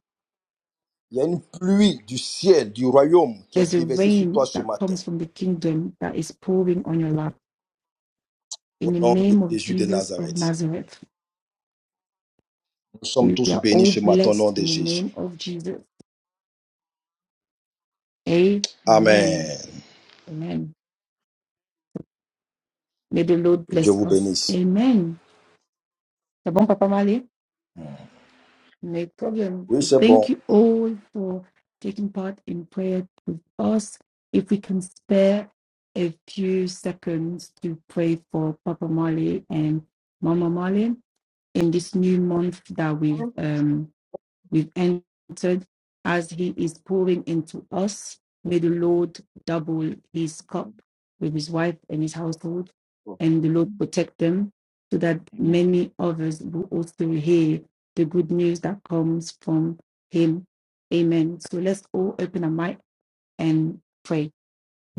[SPEAKER 1] Il y a une pluie du ciel, du royaume qui est
[SPEAKER 2] There's a
[SPEAKER 1] déversée sur toi
[SPEAKER 2] rain
[SPEAKER 1] ce
[SPEAKER 2] that
[SPEAKER 1] matin.
[SPEAKER 2] comes from the kingdom that is pouring on your life. In
[SPEAKER 1] Au
[SPEAKER 2] the
[SPEAKER 1] nom de
[SPEAKER 2] name of
[SPEAKER 1] Jésus de
[SPEAKER 2] Jesus of
[SPEAKER 1] Nazareth.
[SPEAKER 2] Nazareth.
[SPEAKER 1] Nous sommes
[SPEAKER 2] We
[SPEAKER 1] tous
[SPEAKER 2] are
[SPEAKER 1] bénis
[SPEAKER 2] all
[SPEAKER 1] ce matin au nom
[SPEAKER 2] blessed
[SPEAKER 1] de
[SPEAKER 2] in the
[SPEAKER 1] Jésus.
[SPEAKER 2] name of Jesus. Amen.
[SPEAKER 1] Amen.
[SPEAKER 2] Amen. May the Lord
[SPEAKER 1] Que Dieu
[SPEAKER 2] bless
[SPEAKER 1] vous
[SPEAKER 2] us.
[SPEAKER 1] bénisse.
[SPEAKER 2] Amen. C'est bon, Papa Mali? No problem.
[SPEAKER 1] Oui,
[SPEAKER 2] So
[SPEAKER 1] c'est bon.
[SPEAKER 2] thank you all for taking part in prayer with us. If we can spare a few seconds to pray for Papa Mali and Mama Mali in this new month that we've um, we've entered as he is pouring into us. May the Lord double his cup with his wife and his household, and the Lord protect them so that
[SPEAKER 5] Amen.
[SPEAKER 2] many others will also hear the good news that comes from him. Amen. So let's all open our mic and pray.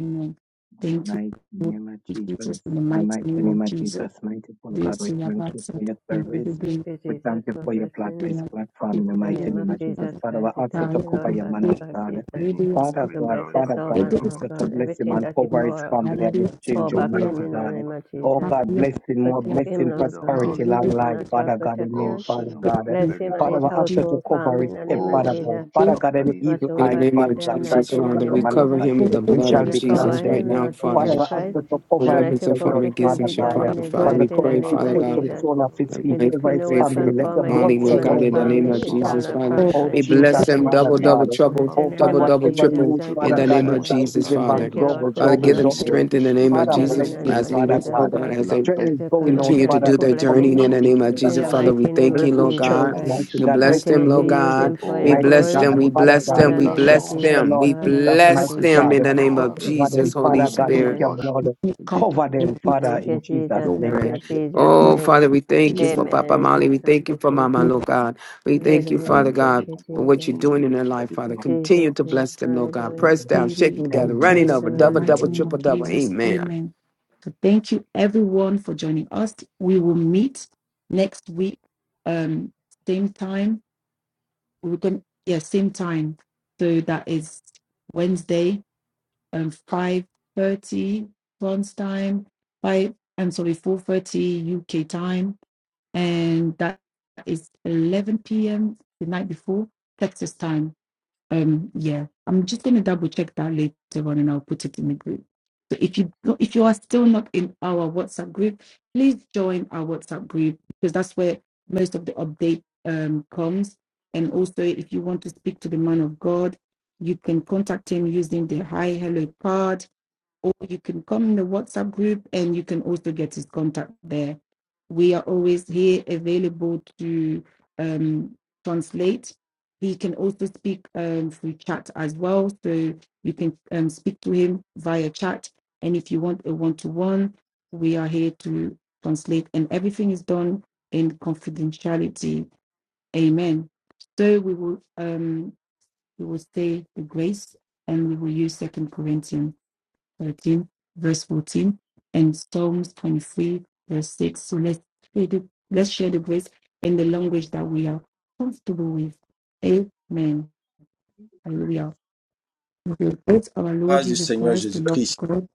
[SPEAKER 2] Amen. Thank you,
[SPEAKER 5] mighty
[SPEAKER 2] Lord.
[SPEAKER 5] name of
[SPEAKER 2] In
[SPEAKER 5] Jesus.
[SPEAKER 2] Jesus, in the
[SPEAKER 5] In the
[SPEAKER 2] mighty
[SPEAKER 5] mighty
[SPEAKER 2] name
[SPEAKER 5] name
[SPEAKER 2] of
[SPEAKER 5] of
[SPEAKER 2] Jesus.
[SPEAKER 5] Jesus, mighty full God,
[SPEAKER 2] This
[SPEAKER 5] we
[SPEAKER 2] is
[SPEAKER 5] thank
[SPEAKER 2] about
[SPEAKER 5] you
[SPEAKER 2] to
[SPEAKER 5] for your
[SPEAKER 2] be
[SPEAKER 5] service.
[SPEAKER 6] you,
[SPEAKER 5] We
[SPEAKER 6] Jesus,
[SPEAKER 5] thank you
[SPEAKER 6] for
[SPEAKER 5] for your
[SPEAKER 6] blessing
[SPEAKER 5] plat-
[SPEAKER 6] him.
[SPEAKER 5] this platform in the
[SPEAKER 6] In the
[SPEAKER 5] mighty
[SPEAKER 6] name of
[SPEAKER 5] name of
[SPEAKER 2] the
[SPEAKER 5] Jesus.
[SPEAKER 6] Jesus
[SPEAKER 5] Father, we
[SPEAKER 6] Christ, we
[SPEAKER 5] ask you
[SPEAKER 2] Ah,
[SPEAKER 6] thank
[SPEAKER 5] to
[SPEAKER 2] isso
[SPEAKER 6] you,
[SPEAKER 5] cover
[SPEAKER 6] Lord,
[SPEAKER 5] your
[SPEAKER 7] Ei,
[SPEAKER 5] man
[SPEAKER 2] que
[SPEAKER 6] Father
[SPEAKER 5] of
[SPEAKER 2] diz,
[SPEAKER 7] Seigneur
[SPEAKER 6] God,
[SPEAKER 7] mon
[SPEAKER 5] God.
[SPEAKER 7] Dieu,
[SPEAKER 6] Jesus.
[SPEAKER 7] bénis
[SPEAKER 2] vídeo,
[SPEAKER 7] ton
[SPEAKER 5] Father
[SPEAKER 6] To
[SPEAKER 5] God,
[SPEAKER 7] serviteur
[SPEAKER 6] bless
[SPEAKER 7] et
[SPEAKER 6] your
[SPEAKER 7] sa
[SPEAKER 5] Father God,
[SPEAKER 7] famille,
[SPEAKER 6] servant,
[SPEAKER 2] vídeo,
[SPEAKER 5] we
[SPEAKER 7] Papa.
[SPEAKER 5] ask
[SPEAKER 6] Lord
[SPEAKER 5] you to
[SPEAKER 6] God,
[SPEAKER 5] bless him
[SPEAKER 6] everything
[SPEAKER 5] and
[SPEAKER 6] that he
[SPEAKER 5] cover
[SPEAKER 7] Oui,
[SPEAKER 5] his
[SPEAKER 6] pour out,
[SPEAKER 7] Seigneur
[SPEAKER 2] na
[SPEAKER 5] family
[SPEAKER 7] mon
[SPEAKER 2] verdade,
[SPEAKER 5] and his
[SPEAKER 7] Dieu,
[SPEAKER 2] só
[SPEAKER 6] pour
[SPEAKER 2] que
[SPEAKER 5] children,
[SPEAKER 7] étends
[SPEAKER 6] back
[SPEAKER 7] ta
[SPEAKER 6] him
[SPEAKER 5] mighty
[SPEAKER 7] main
[SPEAKER 6] in the
[SPEAKER 7] de
[SPEAKER 5] God.
[SPEAKER 6] name
[SPEAKER 7] grâce,
[SPEAKER 6] of
[SPEAKER 7] Seigneur
[SPEAKER 5] Oh
[SPEAKER 7] mon
[SPEAKER 2] a
[SPEAKER 6] Jesus.
[SPEAKER 7] Dieu.
[SPEAKER 5] God,
[SPEAKER 2] família
[SPEAKER 5] blessing, more
[SPEAKER 2] e
[SPEAKER 7] Ton
[SPEAKER 6] Protect him,
[SPEAKER 5] blessing,
[SPEAKER 6] Lord
[SPEAKER 7] serviteur
[SPEAKER 6] God,
[SPEAKER 2] a
[SPEAKER 6] with
[SPEAKER 5] prosperity,
[SPEAKER 6] the
[SPEAKER 7] Marley,
[SPEAKER 5] long
[SPEAKER 2] vídeo,
[SPEAKER 7] Papa.
[SPEAKER 5] life,
[SPEAKER 6] supernatural
[SPEAKER 5] Father God, in
[SPEAKER 7] Oh,
[SPEAKER 5] him,
[SPEAKER 6] protection.
[SPEAKER 5] Father
[SPEAKER 7] Seigneur mon
[SPEAKER 5] God.
[SPEAKER 7] Dieu,
[SPEAKER 6] Bless
[SPEAKER 7] fais-lui
[SPEAKER 6] him and
[SPEAKER 5] Father,
[SPEAKER 6] his
[SPEAKER 7] grâce,
[SPEAKER 5] we ask
[SPEAKER 2] de
[SPEAKER 5] you
[SPEAKER 7] Papa.
[SPEAKER 5] to
[SPEAKER 6] household,
[SPEAKER 5] cover
[SPEAKER 6] family,
[SPEAKER 5] it,
[SPEAKER 6] in the
[SPEAKER 5] eh,
[SPEAKER 6] name
[SPEAKER 7] Oh,
[SPEAKER 6] of
[SPEAKER 5] Father
[SPEAKER 7] Seigneur
[SPEAKER 5] God.
[SPEAKER 6] Jesus.
[SPEAKER 7] mon Dieu,
[SPEAKER 5] Father
[SPEAKER 2] eu
[SPEAKER 5] God, any
[SPEAKER 7] aplanis ses
[SPEAKER 5] evil
[SPEAKER 6] watch
[SPEAKER 4] In the
[SPEAKER 6] over
[SPEAKER 5] eyes,
[SPEAKER 7] sentiers,
[SPEAKER 4] name
[SPEAKER 6] him
[SPEAKER 5] Father
[SPEAKER 6] at
[SPEAKER 4] of
[SPEAKER 7] Papa.
[SPEAKER 6] the
[SPEAKER 5] God, try
[SPEAKER 4] Jesus,
[SPEAKER 6] night
[SPEAKER 5] to
[SPEAKER 6] in
[SPEAKER 5] look
[SPEAKER 6] the
[SPEAKER 7] Au
[SPEAKER 5] at
[SPEAKER 4] Father,
[SPEAKER 6] name
[SPEAKER 5] the
[SPEAKER 4] we
[SPEAKER 7] nom de
[SPEAKER 6] of
[SPEAKER 5] man
[SPEAKER 7] ton
[SPEAKER 5] of
[SPEAKER 4] cover
[SPEAKER 7] fils
[SPEAKER 6] Jesus,
[SPEAKER 5] God.
[SPEAKER 4] him with the
[SPEAKER 7] Jésus-Christ,
[SPEAKER 5] We
[SPEAKER 7] Père
[SPEAKER 4] blood
[SPEAKER 2] pouco
[SPEAKER 7] de
[SPEAKER 5] shall
[SPEAKER 4] of
[SPEAKER 7] notre
[SPEAKER 6] and
[SPEAKER 5] be
[SPEAKER 7] Seigneur
[SPEAKER 2] fiscal
[SPEAKER 7] mon
[SPEAKER 6] cover
[SPEAKER 4] Jesus
[SPEAKER 7] Dieu.
[SPEAKER 4] right
[SPEAKER 5] condemned,
[SPEAKER 6] him,
[SPEAKER 4] now,
[SPEAKER 6] Lord
[SPEAKER 4] Father God.
[SPEAKER 6] Jesus
[SPEAKER 7] Merci
[SPEAKER 5] Father, I ask
[SPEAKER 7] Seigneur
[SPEAKER 6] Christ,
[SPEAKER 7] mon
[SPEAKER 5] that
[SPEAKER 7] Dieu
[SPEAKER 5] you
[SPEAKER 7] pour
[SPEAKER 4] No
[SPEAKER 5] cover
[SPEAKER 7] son
[SPEAKER 6] and
[SPEAKER 5] him with
[SPEAKER 6] let
[SPEAKER 4] weapons
[SPEAKER 6] your
[SPEAKER 4] of
[SPEAKER 7] service,
[SPEAKER 5] the
[SPEAKER 4] form
[SPEAKER 5] blood,
[SPEAKER 7] papa.
[SPEAKER 6] perfect will
[SPEAKER 4] against them
[SPEAKER 5] Father
[SPEAKER 6] be
[SPEAKER 4] shall
[SPEAKER 7] Continue
[SPEAKER 6] done
[SPEAKER 5] God.
[SPEAKER 7] Seigneur
[SPEAKER 6] in
[SPEAKER 2] para
[SPEAKER 4] prosper,
[SPEAKER 7] mon
[SPEAKER 6] his
[SPEAKER 7] Dieu
[SPEAKER 4] Father.
[SPEAKER 5] From
[SPEAKER 6] life
[SPEAKER 5] the
[SPEAKER 4] We
[SPEAKER 2] o
[SPEAKER 6] in the
[SPEAKER 5] corner
[SPEAKER 4] pray,
[SPEAKER 5] of
[SPEAKER 7] à
[SPEAKER 6] name
[SPEAKER 5] his
[SPEAKER 4] Father
[SPEAKER 6] of
[SPEAKER 5] head to
[SPEAKER 4] God,
[SPEAKER 5] the
[SPEAKER 7] œuvrer
[SPEAKER 4] for
[SPEAKER 7] au
[SPEAKER 6] Jesus.
[SPEAKER 5] sole of
[SPEAKER 7] travers de
[SPEAKER 5] his
[SPEAKER 4] my
[SPEAKER 7] lui,
[SPEAKER 6] We
[SPEAKER 5] feet,
[SPEAKER 7] Seigneur
[SPEAKER 4] wife.
[SPEAKER 7] mon
[SPEAKER 5] over
[SPEAKER 6] decree
[SPEAKER 4] We
[SPEAKER 7] Dieu.
[SPEAKER 5] his
[SPEAKER 6] no
[SPEAKER 4] pray for
[SPEAKER 6] weapon
[SPEAKER 5] family, let
[SPEAKER 6] formed
[SPEAKER 7] Tout
[SPEAKER 5] your
[SPEAKER 7] arme
[SPEAKER 5] blood
[SPEAKER 4] Molly,
[SPEAKER 6] against him
[SPEAKER 4] Lord
[SPEAKER 7] forgé
[SPEAKER 6] and
[SPEAKER 4] God,
[SPEAKER 6] his
[SPEAKER 4] in
[SPEAKER 7] contre
[SPEAKER 5] surround
[SPEAKER 4] the
[SPEAKER 7] lui
[SPEAKER 5] him,
[SPEAKER 4] name
[SPEAKER 7] est
[SPEAKER 4] of
[SPEAKER 6] family. It
[SPEAKER 5] mighty
[SPEAKER 7] sans
[SPEAKER 6] shall
[SPEAKER 5] God.
[SPEAKER 4] Jesus,
[SPEAKER 7] effet
[SPEAKER 6] not
[SPEAKER 7] dans
[SPEAKER 4] Father.
[SPEAKER 7] le
[SPEAKER 2] o
[SPEAKER 6] prosper
[SPEAKER 5] Oh,
[SPEAKER 7] nom
[SPEAKER 4] We
[SPEAKER 6] in
[SPEAKER 7] puissant de
[SPEAKER 4] bless
[SPEAKER 5] Jesus,
[SPEAKER 6] Jesus'
[SPEAKER 4] them
[SPEAKER 6] name.
[SPEAKER 7] Jésus-Christ,
[SPEAKER 5] Mother
[SPEAKER 4] double,
[SPEAKER 7] lui
[SPEAKER 4] double,
[SPEAKER 5] God.
[SPEAKER 7] et sa
[SPEAKER 4] trouble,
[SPEAKER 6] Bless you in
[SPEAKER 5] Oh,
[SPEAKER 7] famille,
[SPEAKER 6] the
[SPEAKER 5] God,
[SPEAKER 6] name
[SPEAKER 4] double,
[SPEAKER 7] papa.
[SPEAKER 6] of
[SPEAKER 4] double,
[SPEAKER 5] whatever he
[SPEAKER 6] Jesus.
[SPEAKER 4] triple,
[SPEAKER 5] lose,
[SPEAKER 7] Je
[SPEAKER 6] Thank you,
[SPEAKER 4] in
[SPEAKER 5] Father
[SPEAKER 7] prie
[SPEAKER 4] the
[SPEAKER 6] Lord
[SPEAKER 5] God,
[SPEAKER 4] name
[SPEAKER 7] Seigneur
[SPEAKER 5] you
[SPEAKER 7] mon
[SPEAKER 4] of
[SPEAKER 6] Father.
[SPEAKER 7] Dieu
[SPEAKER 5] shall
[SPEAKER 7] que
[SPEAKER 4] Jesus,
[SPEAKER 5] give
[SPEAKER 7] ta
[SPEAKER 5] him back
[SPEAKER 7] une
[SPEAKER 4] Father.
[SPEAKER 6] Thank you,
[SPEAKER 7] grâce
[SPEAKER 6] Lord,
[SPEAKER 5] double,
[SPEAKER 6] for
[SPEAKER 4] Father,
[SPEAKER 7] particulière,
[SPEAKER 4] give
[SPEAKER 5] double,
[SPEAKER 4] them
[SPEAKER 7] Seigneur mon Dieu,
[SPEAKER 6] blessing.
[SPEAKER 5] double.
[SPEAKER 4] strength in the
[SPEAKER 7] puisse le
[SPEAKER 4] name of
[SPEAKER 5] Father,
[SPEAKER 6] Especially
[SPEAKER 5] bless
[SPEAKER 6] in
[SPEAKER 7] couvrir,
[SPEAKER 4] Jesus
[SPEAKER 6] the
[SPEAKER 7] le
[SPEAKER 2] e
[SPEAKER 5] him,
[SPEAKER 6] name
[SPEAKER 4] as
[SPEAKER 6] of
[SPEAKER 5] Father
[SPEAKER 7] garder.
[SPEAKER 4] leaders,
[SPEAKER 6] Jesus
[SPEAKER 4] oh
[SPEAKER 5] God.
[SPEAKER 4] God,
[SPEAKER 6] Christ.
[SPEAKER 7] Que
[SPEAKER 4] as
[SPEAKER 7] la
[SPEAKER 4] they
[SPEAKER 5] Strength
[SPEAKER 6] We
[SPEAKER 7] paix
[SPEAKER 5] is
[SPEAKER 6] do
[SPEAKER 5] going
[SPEAKER 7] de
[SPEAKER 6] kinda
[SPEAKER 5] out,
[SPEAKER 7] Dieu
[SPEAKER 4] continue to
[SPEAKER 7] qui
[SPEAKER 6] Thank you
[SPEAKER 5] Father,
[SPEAKER 4] do
[SPEAKER 6] for
[SPEAKER 5] is
[SPEAKER 7] surpasse
[SPEAKER 4] their
[SPEAKER 7] toute
[SPEAKER 4] journey
[SPEAKER 6] blessing
[SPEAKER 5] coming
[SPEAKER 4] in
[SPEAKER 5] out,
[SPEAKER 6] him.
[SPEAKER 4] the
[SPEAKER 7] connaissance, toute
[SPEAKER 4] name
[SPEAKER 5] in
[SPEAKER 4] of
[SPEAKER 5] him,
[SPEAKER 6] In
[SPEAKER 4] Jesus,
[SPEAKER 6] the
[SPEAKER 5] Father God.
[SPEAKER 7] intelligence,
[SPEAKER 4] Father. We
[SPEAKER 6] mighty name
[SPEAKER 4] thank
[SPEAKER 6] of
[SPEAKER 4] you,
[SPEAKER 5] Bless
[SPEAKER 7] ô
[SPEAKER 5] his
[SPEAKER 4] Lord
[SPEAKER 7] Seigneur,
[SPEAKER 6] Jesus
[SPEAKER 5] church,
[SPEAKER 4] God.
[SPEAKER 6] Christ.
[SPEAKER 7] remplisse
[SPEAKER 5] mighty
[SPEAKER 4] We
[SPEAKER 7] son
[SPEAKER 5] God.
[SPEAKER 7] cœur,
[SPEAKER 5] Bless
[SPEAKER 4] bless
[SPEAKER 5] his
[SPEAKER 6] Continue
[SPEAKER 4] them,
[SPEAKER 7] papa
[SPEAKER 6] to
[SPEAKER 4] Lord
[SPEAKER 6] use
[SPEAKER 5] ministry,
[SPEAKER 4] God.
[SPEAKER 6] him for
[SPEAKER 4] We
[SPEAKER 7] Oh,
[SPEAKER 6] your
[SPEAKER 5] mighty
[SPEAKER 7] donne-lui,
[SPEAKER 4] bless
[SPEAKER 6] glory.
[SPEAKER 5] God.
[SPEAKER 7] Seigneur
[SPEAKER 4] them, we
[SPEAKER 7] mon Dieu,
[SPEAKER 5] Father
[SPEAKER 4] bless
[SPEAKER 6] In
[SPEAKER 5] God,
[SPEAKER 4] them,
[SPEAKER 6] the
[SPEAKER 4] we
[SPEAKER 6] name of
[SPEAKER 5] bless
[SPEAKER 4] bless
[SPEAKER 5] us,
[SPEAKER 7] l'assurance,
[SPEAKER 5] the
[SPEAKER 7] Seigneur
[SPEAKER 6] Jesus,
[SPEAKER 4] them,
[SPEAKER 7] mon
[SPEAKER 5] Lord
[SPEAKER 4] we
[SPEAKER 7] Dieu,
[SPEAKER 6] God,
[SPEAKER 2] em
[SPEAKER 5] Jesus,
[SPEAKER 6] and
[SPEAKER 7] pour
[SPEAKER 2] I
[SPEAKER 6] Lord
[SPEAKER 4] bless
[SPEAKER 5] mighty
[SPEAKER 6] Jesus,
[SPEAKER 4] them
[SPEAKER 7] prêcher
[SPEAKER 5] God.
[SPEAKER 4] in
[SPEAKER 7] ta
[SPEAKER 4] the
[SPEAKER 6] God.
[SPEAKER 4] name
[SPEAKER 7] parole
[SPEAKER 4] of
[SPEAKER 7] avec,
[SPEAKER 5] Cover
[SPEAKER 7] avec
[SPEAKER 4] Jesus,
[SPEAKER 5] them,
[SPEAKER 2] with
[SPEAKER 4] Holy
[SPEAKER 5] Father
[SPEAKER 7] force,
[SPEAKER 5] God,
[SPEAKER 7] avec
[SPEAKER 4] Spirit.
[SPEAKER 5] with your
[SPEAKER 6] Amen.
[SPEAKER 7] courage,
[SPEAKER 5] blood.
[SPEAKER 2] me
[SPEAKER 7] avec
[SPEAKER 2] come
[SPEAKER 5] Cover
[SPEAKER 2] in
[SPEAKER 5] them,
[SPEAKER 7] détermination.
[SPEAKER 2] with
[SPEAKER 5] Father,
[SPEAKER 6] Thank
[SPEAKER 7] Au nom
[SPEAKER 5] in
[SPEAKER 6] you,
[SPEAKER 7] de ton Fils
[SPEAKER 5] Jesus'
[SPEAKER 6] Jesus,
[SPEAKER 2] no
[SPEAKER 7] Jésus-Christ,
[SPEAKER 6] for
[SPEAKER 5] name.
[SPEAKER 7] Père,
[SPEAKER 5] we are
[SPEAKER 4] Spirit.
[SPEAKER 7] dans
[SPEAKER 6] in
[SPEAKER 7] le nom de
[SPEAKER 6] Jesus'
[SPEAKER 7] Jésus.
[SPEAKER 2] my
[SPEAKER 4] Oh, Father,
[SPEAKER 6] name.
[SPEAKER 4] we thank
[SPEAKER 7] Protège
[SPEAKER 4] you
[SPEAKER 7] ta
[SPEAKER 2] Jesus,
[SPEAKER 4] for
[SPEAKER 7] famille
[SPEAKER 4] Papa
[SPEAKER 7] dans
[SPEAKER 6] Amen.
[SPEAKER 7] le nom
[SPEAKER 4] Mali.
[SPEAKER 7] de
[SPEAKER 6] Thank
[SPEAKER 4] We
[SPEAKER 7] ton
[SPEAKER 4] thank
[SPEAKER 7] Fils
[SPEAKER 4] you
[SPEAKER 6] you,
[SPEAKER 4] for
[SPEAKER 7] Jésus-Christ, Seigneur mon
[SPEAKER 4] Mama,
[SPEAKER 7] Dieu.
[SPEAKER 6] Jesus.
[SPEAKER 2] Lord
[SPEAKER 4] Lord God. We
[SPEAKER 7] Oh
[SPEAKER 4] thank
[SPEAKER 7] Père,
[SPEAKER 4] you,
[SPEAKER 7] Seigneur mon
[SPEAKER 4] Father
[SPEAKER 6] Hallelujah.
[SPEAKER 7] Dieu,
[SPEAKER 6] Thank
[SPEAKER 4] God,
[SPEAKER 6] you,
[SPEAKER 4] for
[SPEAKER 7] récompense
[SPEAKER 4] what
[SPEAKER 6] Jesus.
[SPEAKER 4] you're
[SPEAKER 7] Seigneur mon Dieu,
[SPEAKER 4] doing in their
[SPEAKER 7] pour sa
[SPEAKER 4] life, Father.
[SPEAKER 6] In
[SPEAKER 7] dévotion et son
[SPEAKER 4] Continue
[SPEAKER 6] Jesus'
[SPEAKER 4] to
[SPEAKER 7] service.
[SPEAKER 6] name.
[SPEAKER 4] bless them, Lord
[SPEAKER 7] Dans
[SPEAKER 4] God.
[SPEAKER 7] le nom
[SPEAKER 6] Hallelujah.
[SPEAKER 7] de
[SPEAKER 4] Press
[SPEAKER 7] ton Fils
[SPEAKER 4] down, shaking
[SPEAKER 7] Jésus-Christ,
[SPEAKER 2] glory
[SPEAKER 5] praying.
[SPEAKER 7] Père,
[SPEAKER 4] together,
[SPEAKER 2] and
[SPEAKER 5] Amen.
[SPEAKER 4] running
[SPEAKER 7] dans
[SPEAKER 2] praise
[SPEAKER 4] over,
[SPEAKER 2] in the
[SPEAKER 4] double,
[SPEAKER 6] Hallelujah.
[SPEAKER 2] mighty
[SPEAKER 4] double,
[SPEAKER 2] name of
[SPEAKER 4] triple,
[SPEAKER 7] le
[SPEAKER 4] double.
[SPEAKER 7] nom de
[SPEAKER 2] Jesus.
[SPEAKER 4] Amen.
[SPEAKER 2] Amen.
[SPEAKER 7] Jésus-Christ.
[SPEAKER 2] So thank you everyone for joining us. We will meet next week, um, same time. We're going yeah, same time. So that is Wednesday, um, five thirty France time, five I'm sorry, four thirty UK time, and that is eleven PM the night before Texas time. Um, yeah, I'm just going to double check that later on, and I'll put it in the group. So if you don't- if you are still not in our WhatsApp group, please join our WhatsApp group because that's where most of the update um, comes. And also, if you want to speak to the man of God, you can contact him using the Hi Hello card or you can come in the WhatsApp group and you can also get his contact there. We are always here available to um, translate. He can also speak um, through chat as well. So you can um, speak to him via chat. And if you want a one to one, we are here to translate. And everything is done in confidentiality. Amen. So we will um, we will say the grace and we will use Second Corinthians. 13, verse 14, and Psalms 23, verse 6. So let's share the, let's share the grace in the language that we are comfortable with. Amen.
[SPEAKER 5] Grace.
[SPEAKER 2] Hallelujah. With the grace of our Lord
[SPEAKER 1] grâce du
[SPEAKER 2] Jesus
[SPEAKER 1] Seigneur
[SPEAKER 2] Christ, the love
[SPEAKER 1] Jésus-Christ,
[SPEAKER 2] of God,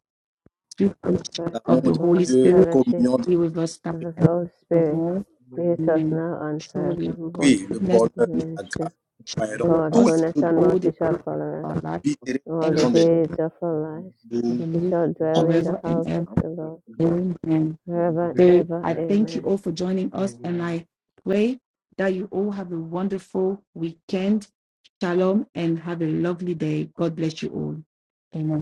[SPEAKER 2] through
[SPEAKER 6] The
[SPEAKER 2] fellowship
[SPEAKER 6] first
[SPEAKER 2] of
[SPEAKER 6] of
[SPEAKER 1] l'amour
[SPEAKER 2] the
[SPEAKER 1] de
[SPEAKER 2] Holy
[SPEAKER 6] all,
[SPEAKER 1] Dieu,
[SPEAKER 2] Spirit,
[SPEAKER 1] la
[SPEAKER 6] fellowship
[SPEAKER 1] communion de
[SPEAKER 2] be with us now
[SPEAKER 6] of the
[SPEAKER 2] and
[SPEAKER 6] Holy Spirit,
[SPEAKER 2] forevermore.
[SPEAKER 6] be with us
[SPEAKER 2] Amen.
[SPEAKER 6] now and
[SPEAKER 2] Surely
[SPEAKER 6] forevermore.
[SPEAKER 2] God's
[SPEAKER 1] oui, le
[SPEAKER 2] goodness
[SPEAKER 1] bonheur,
[SPEAKER 6] Amen.
[SPEAKER 1] la grâce
[SPEAKER 6] Sure.
[SPEAKER 2] shall
[SPEAKER 1] m'accompagneront
[SPEAKER 2] follow
[SPEAKER 6] God,
[SPEAKER 1] tous les
[SPEAKER 2] us
[SPEAKER 6] goodness
[SPEAKER 1] jours de ma
[SPEAKER 6] and
[SPEAKER 2] all
[SPEAKER 6] mercy
[SPEAKER 2] the days
[SPEAKER 6] shall
[SPEAKER 2] of
[SPEAKER 6] follow us
[SPEAKER 2] our life,
[SPEAKER 1] vie et
[SPEAKER 6] all
[SPEAKER 1] la
[SPEAKER 2] and we
[SPEAKER 6] the
[SPEAKER 1] raison des
[SPEAKER 2] shall be
[SPEAKER 6] days of our lives.
[SPEAKER 2] for the
[SPEAKER 1] jours.
[SPEAKER 6] We
[SPEAKER 2] Lord
[SPEAKER 6] shall dwell in the
[SPEAKER 2] forever and
[SPEAKER 6] house
[SPEAKER 2] ever.
[SPEAKER 6] of the Lord
[SPEAKER 2] Amen.
[SPEAKER 6] forever and
[SPEAKER 2] So
[SPEAKER 6] ever.
[SPEAKER 2] I thank you
[SPEAKER 6] Amen.
[SPEAKER 2] all for joining us, and
[SPEAKER 5] Amen.
[SPEAKER 2] I pray that you all have a wonderful weekend. Shalom and have a lovely day. God bless you all. Amen.